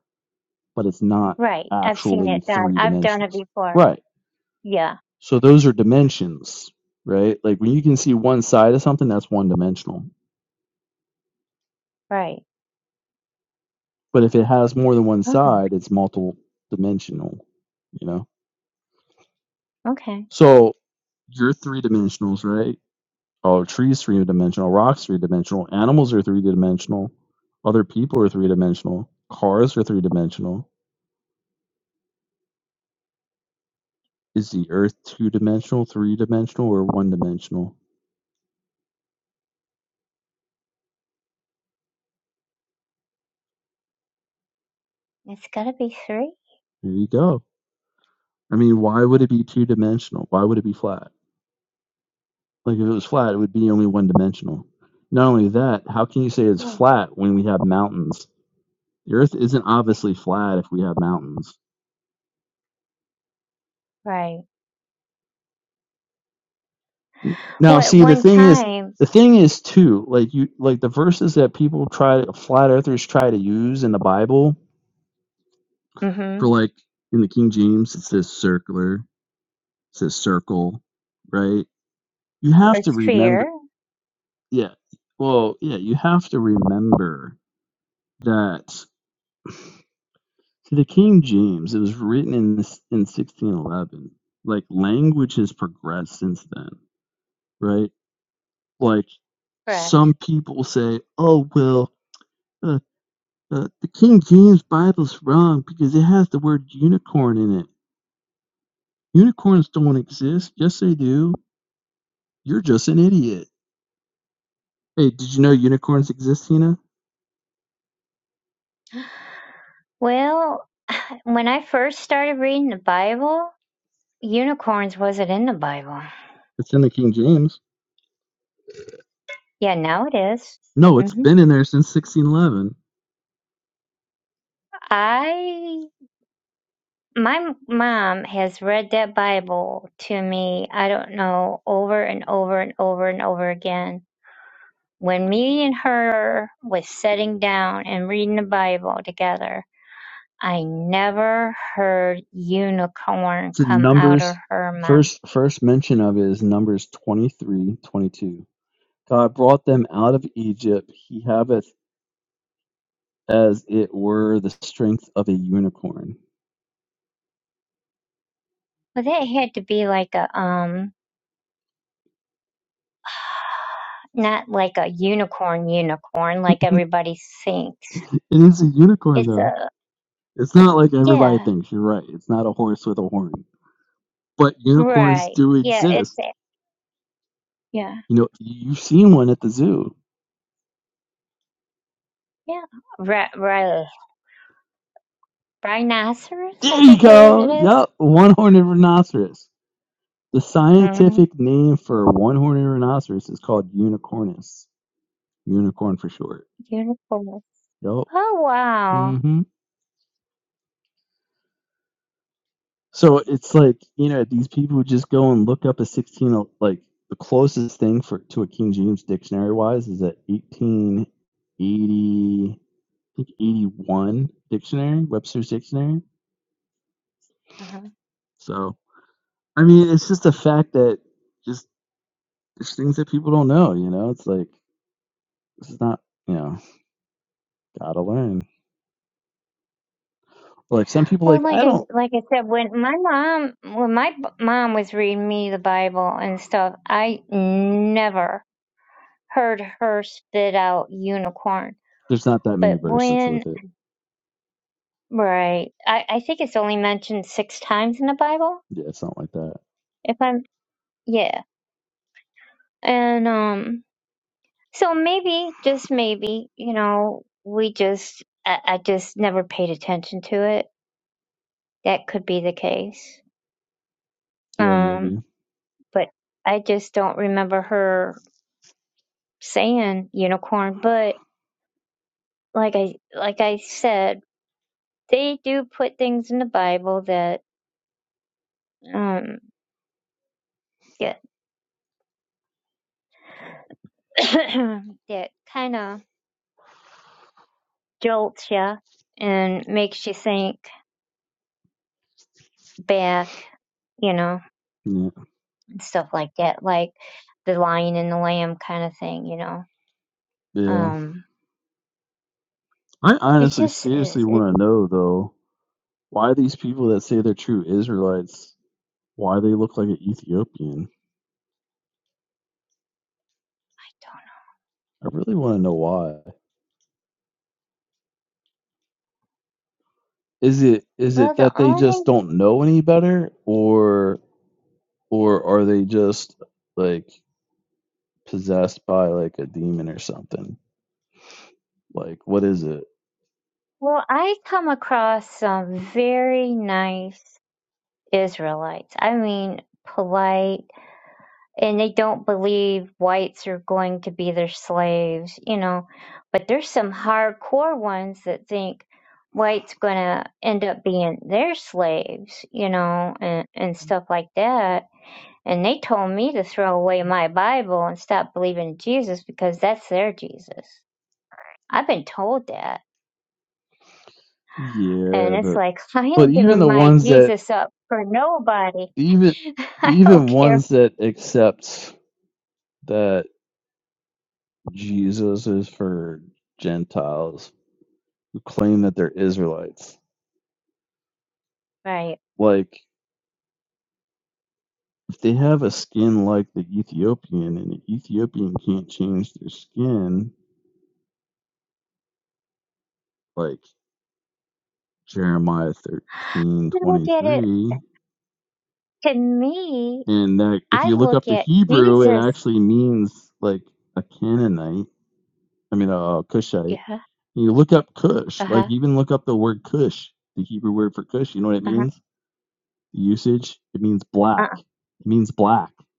but it's not Right. I've seen actually it done. three I've done it dimensions. before. Right. Yeah. So those are dimensions, right? Like when you can see one side of something, that's one dimensional. Right. But if it has more than one Oh, side, it's multiple dimensional, you know? okay. So you're three dimensionals, right? Oh, trees three dimensional, rocks three dimensional, animals are three dimensional, other people are three dimensional, cars are three dimensional Is the Earth two dimensional, three dimensional, or one dimensional? It's gotta be three. There you go. I mean, why would it be two dimensional? Why would it be flat? Like, if it was flat, it would be only one dimensional. Not only that, how can you say it's Hmm. flat when we have mountains? The Earth isn't obviously flat if we have mountains. Right. Now, Well, at see, the one thing is, time, the thing is too, like you, like the verses that people try, flat earthers try to use in the Bible mm-hmm, for, like in the King James, it says circular, it says circle, right? you have or to sphere, remember yeah well yeah you have to remember that to the king james it was written in this in 1611 like language has progressed since then right like correct. some people say oh well uh, uh, the king james bible's wrong because it has the word unicorn in it unicorns don't exist yes they do you're just an idiot hey did you know unicorns exist tina Well, when I first started reading the Bible, unicorns wasn't in the Bible. it's in the king james Yeah, now it is. No, it's Mm-hmm. been in there since 1611. I My mom has read that Bible to me, I don't know, over and over and over and over again. When me and her was sitting down and reading the Bible together, I never heard unicorn It's in come out of Numbers. her mouth. First, first mention of it is Numbers 23:22. God brought them out of Egypt. He haveth as it were the strength of a unicorn. But that had to be like a um not like a unicorn unicorn like everybody thinks. It is a unicorn, It's though. a It's not like everybody yeah, thinks. You're right. It's not a horse with a horn. But unicorns right. do Yeah, exist. it's a yeah. You know, you've seen one at the zoo. Yeah. Right, right. Rhinoceros, I There you think it is. go. It is. Yup, one-horned rhinoceros. The Mm-hmm. scientific name for one-horned rhinoceros is called unicornus. Unicorn for short. Unicorns. Yup. Oh wow. hmm So it's like, you know, these people just go and look up a 16, like the closest thing for to a King James dictionary wise is that 1880, I think 81 dictionary, Webster's dictionary. Uh-huh. So, I mean, it's just a fact that just there's things that people don't know, you know? It's like, this is not, you know, gotta learn like some people Well, like like i I don't like I said, when my mom when my b- mom was reading me the Bible and stuff, I never heard her spit out unicorn. There's not that many But verses when with it. right, I I think it's only mentioned six times in the Bible. Yeah, it's not like that. If I'm yeah, and um, so maybe just maybe you know we just I, I just never paid attention to it that could be the case. Yeah, Um, maybe. but I just don't remember her saying unicorn. But like I like I said, they do put things in the Bible that um that that kind of jolts you and makes you think back, you know, Yeah. and stuff like that, like the lion and the lamb kind of thing, you know. Yeah. Um, I it's honestly just it, seriously it, want to know though why these people that say they're true Israelites, why they look like an Ethiopian. I really want to know why. Is it is well, it the that they only just don't know any better or or are they just like possessed by like a demon or something? Like what is it? Well, I come across some very nice Israelites. I mean, polite, and they don't believe whites are going to be their slaves, you know. But there's some hardcore ones that think whites going to end up being their slaves, you know, and, and stuff like that. And they told me to throw away my Bible and stop believing in Jesus because that's their Jesus. I've been told that And Yeah, it's but like, I but ain't even giving the my ones that Jesus up for nobody. even I don't even care. ones that accept that Jesus is for Gentiles who claim that they're Israelites, Right. like if they have a skin like the Ethiopian and the Ethiopian can't change their skin, like Jeremiah thirteen I look twenty at it, three, to me, and that if I you look look up the at Hebrew, Jesus. it actually means like a Canaanite I mean, uh, Yeah. Cushite. You look up Cush, Uh like huh. even look up the word Cush, the Hebrew word for Cush. You know what it Uh huh. means? The usage, it means Uh black. huh. It means black. It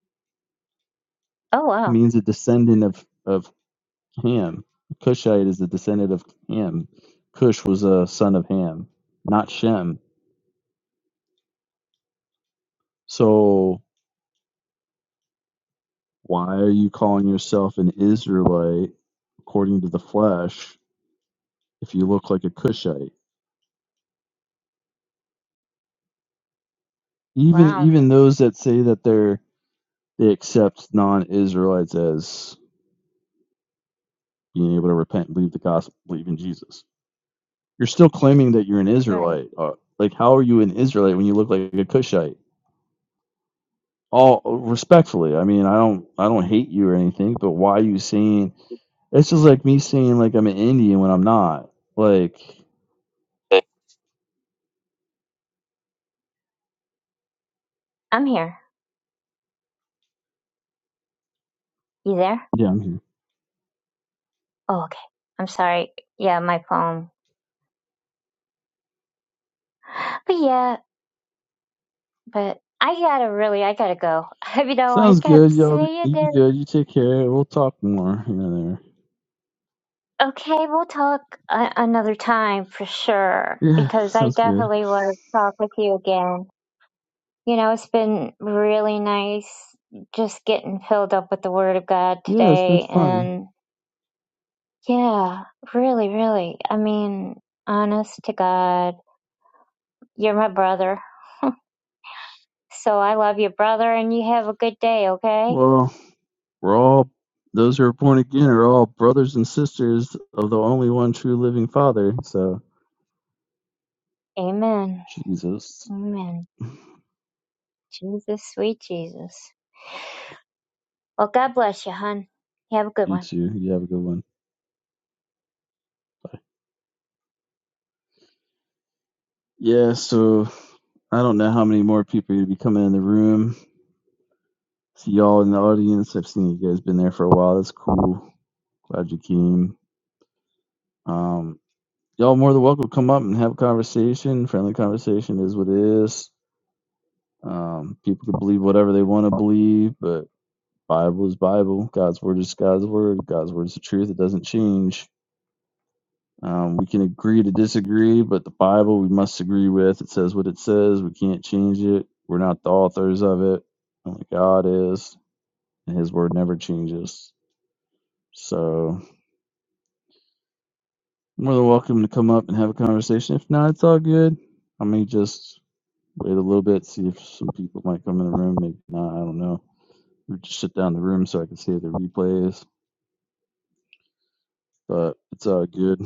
Oh, wow. means a descendant of of Ham. Cushite is a descendant of Ham. Cush was a son of Ham, not Shem. So why are you calling yourself an Israelite according to the flesh if you look like a Cushite? Even Wow. even those that say that they're They accept non-Israelites as being able to repent, and believe the gospel, believe in Jesus. You're still claiming that you're an Right. Israelite. Uh, like, how are you an Israelite when you look like a Cushite? All respectfully, I mean, I don't, I don't hate you or anything, but why are you saying? It's just like me saying like I'm an Indian when I'm not. Like, I'm here. You there? yeah, I'm here. Oh, okay. I'm sorry. Yeah, my phone. But yeah, but I gotta really, I gotta go. You know, I Sounds kept good, y'all. Be, saying you be it. good. You take care. We'll talk more here and Okay, we'll talk a- another time for sure there. Yeah, because I sounds good. definitely want to talk with you again. You know, it's been really nice just getting filled up with the Word of God Yeah, it's been today. fun. And yeah, really, really. I mean, honest to God, you're my brother. So I love you, brother, and you have a good day, okay? Well, We're all those who are born again are all brothers and sisters of the only one true living Father. So Amen. Jesus, Amen. Jesus, sweet Jesus. Well, God bless you, hon. You have a good one. you too. You have a good one. Bye. Yeah. So I don't know how many more people are gonna be coming in the room. See y'all in the audience. I've seen you guys been there for a while. That's cool. Glad you came. Um, y'all more than welcome to come up and have a conversation. Friendly conversation is what it is. Um, people can believe whatever they want to believe, but Bible is Bible. God's word is God's word. God's word is the truth. It doesn't change. Um, we can agree to disagree, but the Bible we must agree with. It says what it says. We can't change it. We're not the authors of it. Only God is, and His word never changes. So, more than welcome to come up and have a conversation. If not, it's all good. I may just wait a little bit, see if some people might come in the room. Maybe not. I don't know. We just shut down the room so I can see the replays. But it's all good.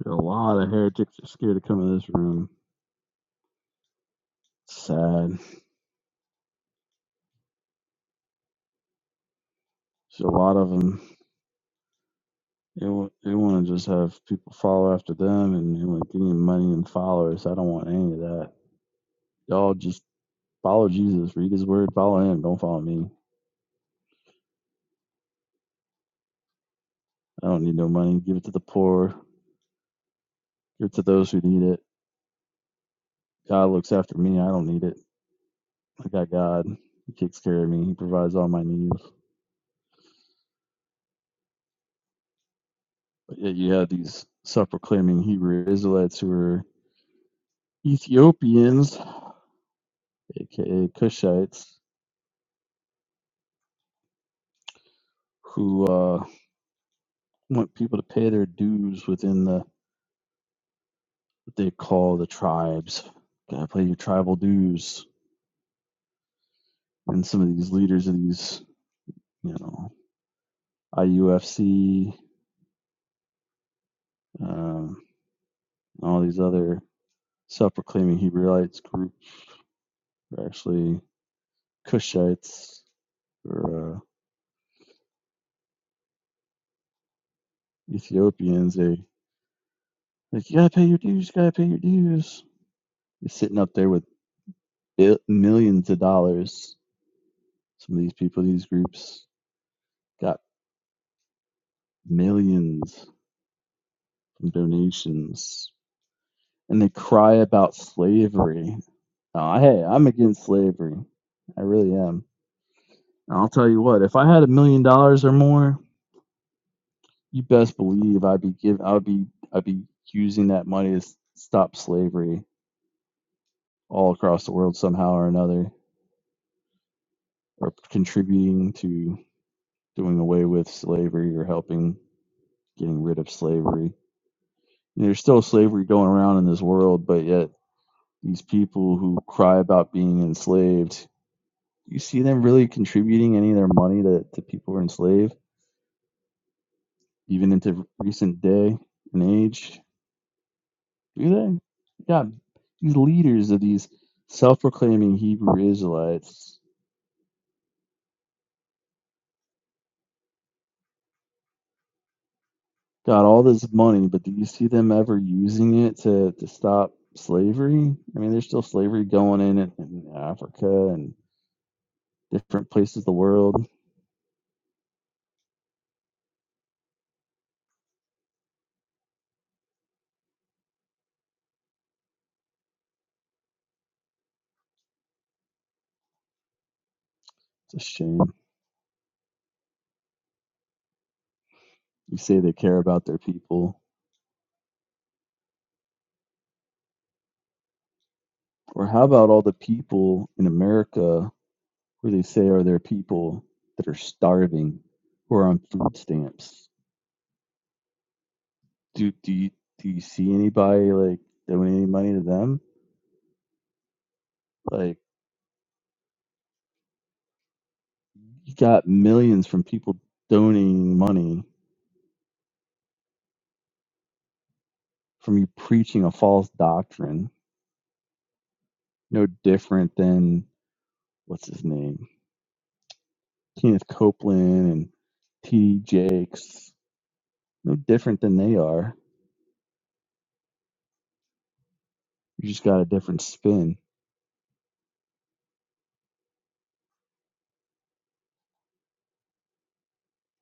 There a lot of heretics that are scared to come in this room. It's Sad. There's a lot of them. They, want they want to just have people follow after them and they want to gain money and followers. I don't want any of that. Y'all just follow Jesus, read his word, follow him. Don't follow me. I don't need no money. Give it to the poor, give it to those who need it. God looks after me. I don't need it. I got God. He takes care of me, He provides all my needs. But yet you have these self proclaiming Hebrew Israelites who are Ethiopians, aka Cushites who uh, want people to pay their dues within the what they call the tribes. Gotta pay your tribal dues. And some of these leaders of these, you know, IUFC, um, all these other self-proclaiming Hebrewites groups are actually Cushites or uh, Ethiopians. They like you gotta pay your dues. You gotta pay your dues. They're sitting up there with millions of dollars. Some of these people, these groups, got millions and donations. And they cry about slavery. Uh, hey, I'm against slavery. I really am. And I'll tell you what, if I had a million dollars or more, you best believe I'd be give I'd be I'd be using that money to stop slavery all across the world somehow or another, or contributing to doing away with slavery or helping getting rid of slavery. And there's still slavery going around in this world, but yet these people who cry about being enslaved you see them really contributing any of their money to, to people who are enslaved, even into recent day and age? Do they? God, these leaders of these self-proclaiming Hebrew Israelites got all this money, but do you see them ever using it to, to stop slavery? I mean, there's still slavery going in, in in Africa and different places of the world. It's a shame. You say they care about their people. Or how about all the people in America where they say, "Are there people that are starving or on food stamps?" Do do you do you see anybody like donating money to them? Like you got millions from people donating money from you preaching a false doctrine, no different than what's his name, Kenneth Copeland and T. D. Jakes, no different than they are. You just got a different spin.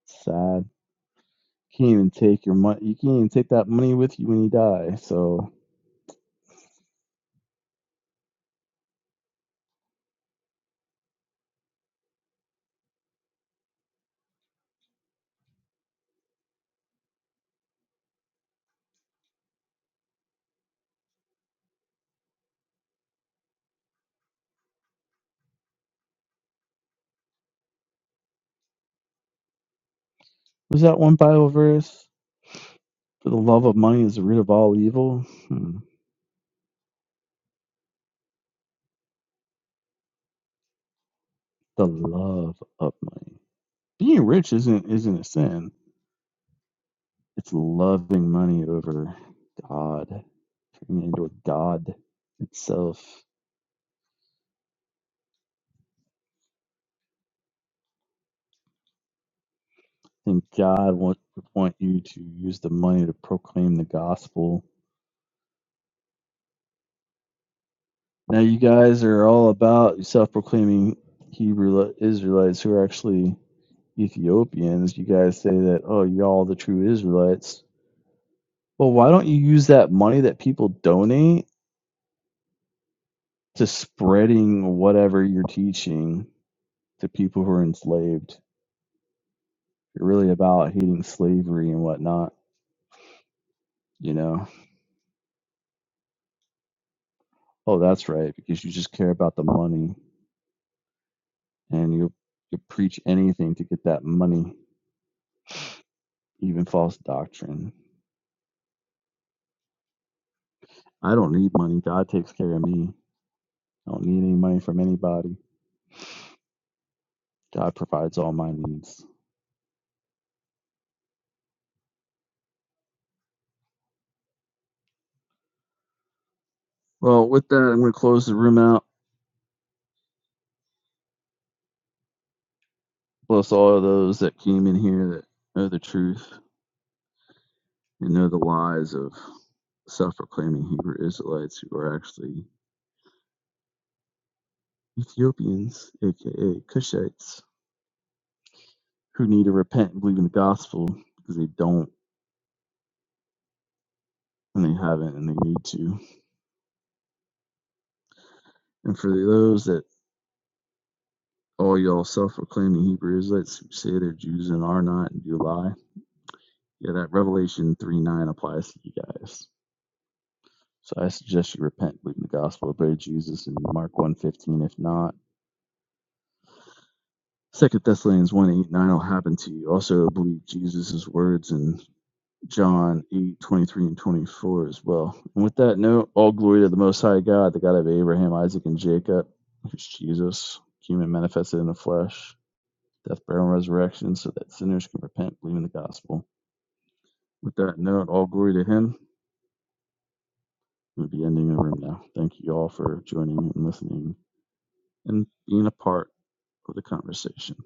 Sad. Can't even take your money. You can't even take that money with you when you die. So Was that one Bible verse? For the love of money is the root of all evil. Hmm. The love of money. Being rich isn't isn't a sin. It's loving money over God, turning it into a God itself. And God want want you to use the money to proclaim the gospel. Now you guys are all about self-proclaiming Hebrew Israelites who are actually Ethiopians. You guys say that oh, y'all the true Israelites Well, why don't you use that money that people donate to spreading whatever you're teaching to people who are enslaved? If You're really about hating slavery and whatnot, you know? Oh, that's right, because you just care about the money and you you preach anything to get that money, even false doctrine. I don't need money. God takes care of me. I don't need any money from anybody. God provides all my needs. Well, with that, I'm going to close the room out. Bless all of those that came in here that know the truth. and know the lies of self-proclaiming Hebrew Israelites who are actually Ethiopians, aka Cushites, who need to repent and believe in the gospel because they don't and they haven't and they need to. And for those that all y'all self-proclaiming Hebrew Israelites who say they're Jews and are not and do lie, yeah, that Revelation three nine applies to you guys. So I suggest you repent, believe in the gospel, obey Jesus, and Mark one fifteen. If not, Second Thessalonians one 8 9 will happen to you. Also, believe Jesus' words in John eight twenty three and 24 as well. And with that note, all glory to the Most High God, the God of Abraham, Isaac, and Jacob, who's Jesus, human manifested in the flesh, death, burial, and resurrection, so that sinners can repent, believe in the gospel. With that note, all glory to Him. We'll be ending the room now. Thank you all for joining and listening and being a part of the conversation.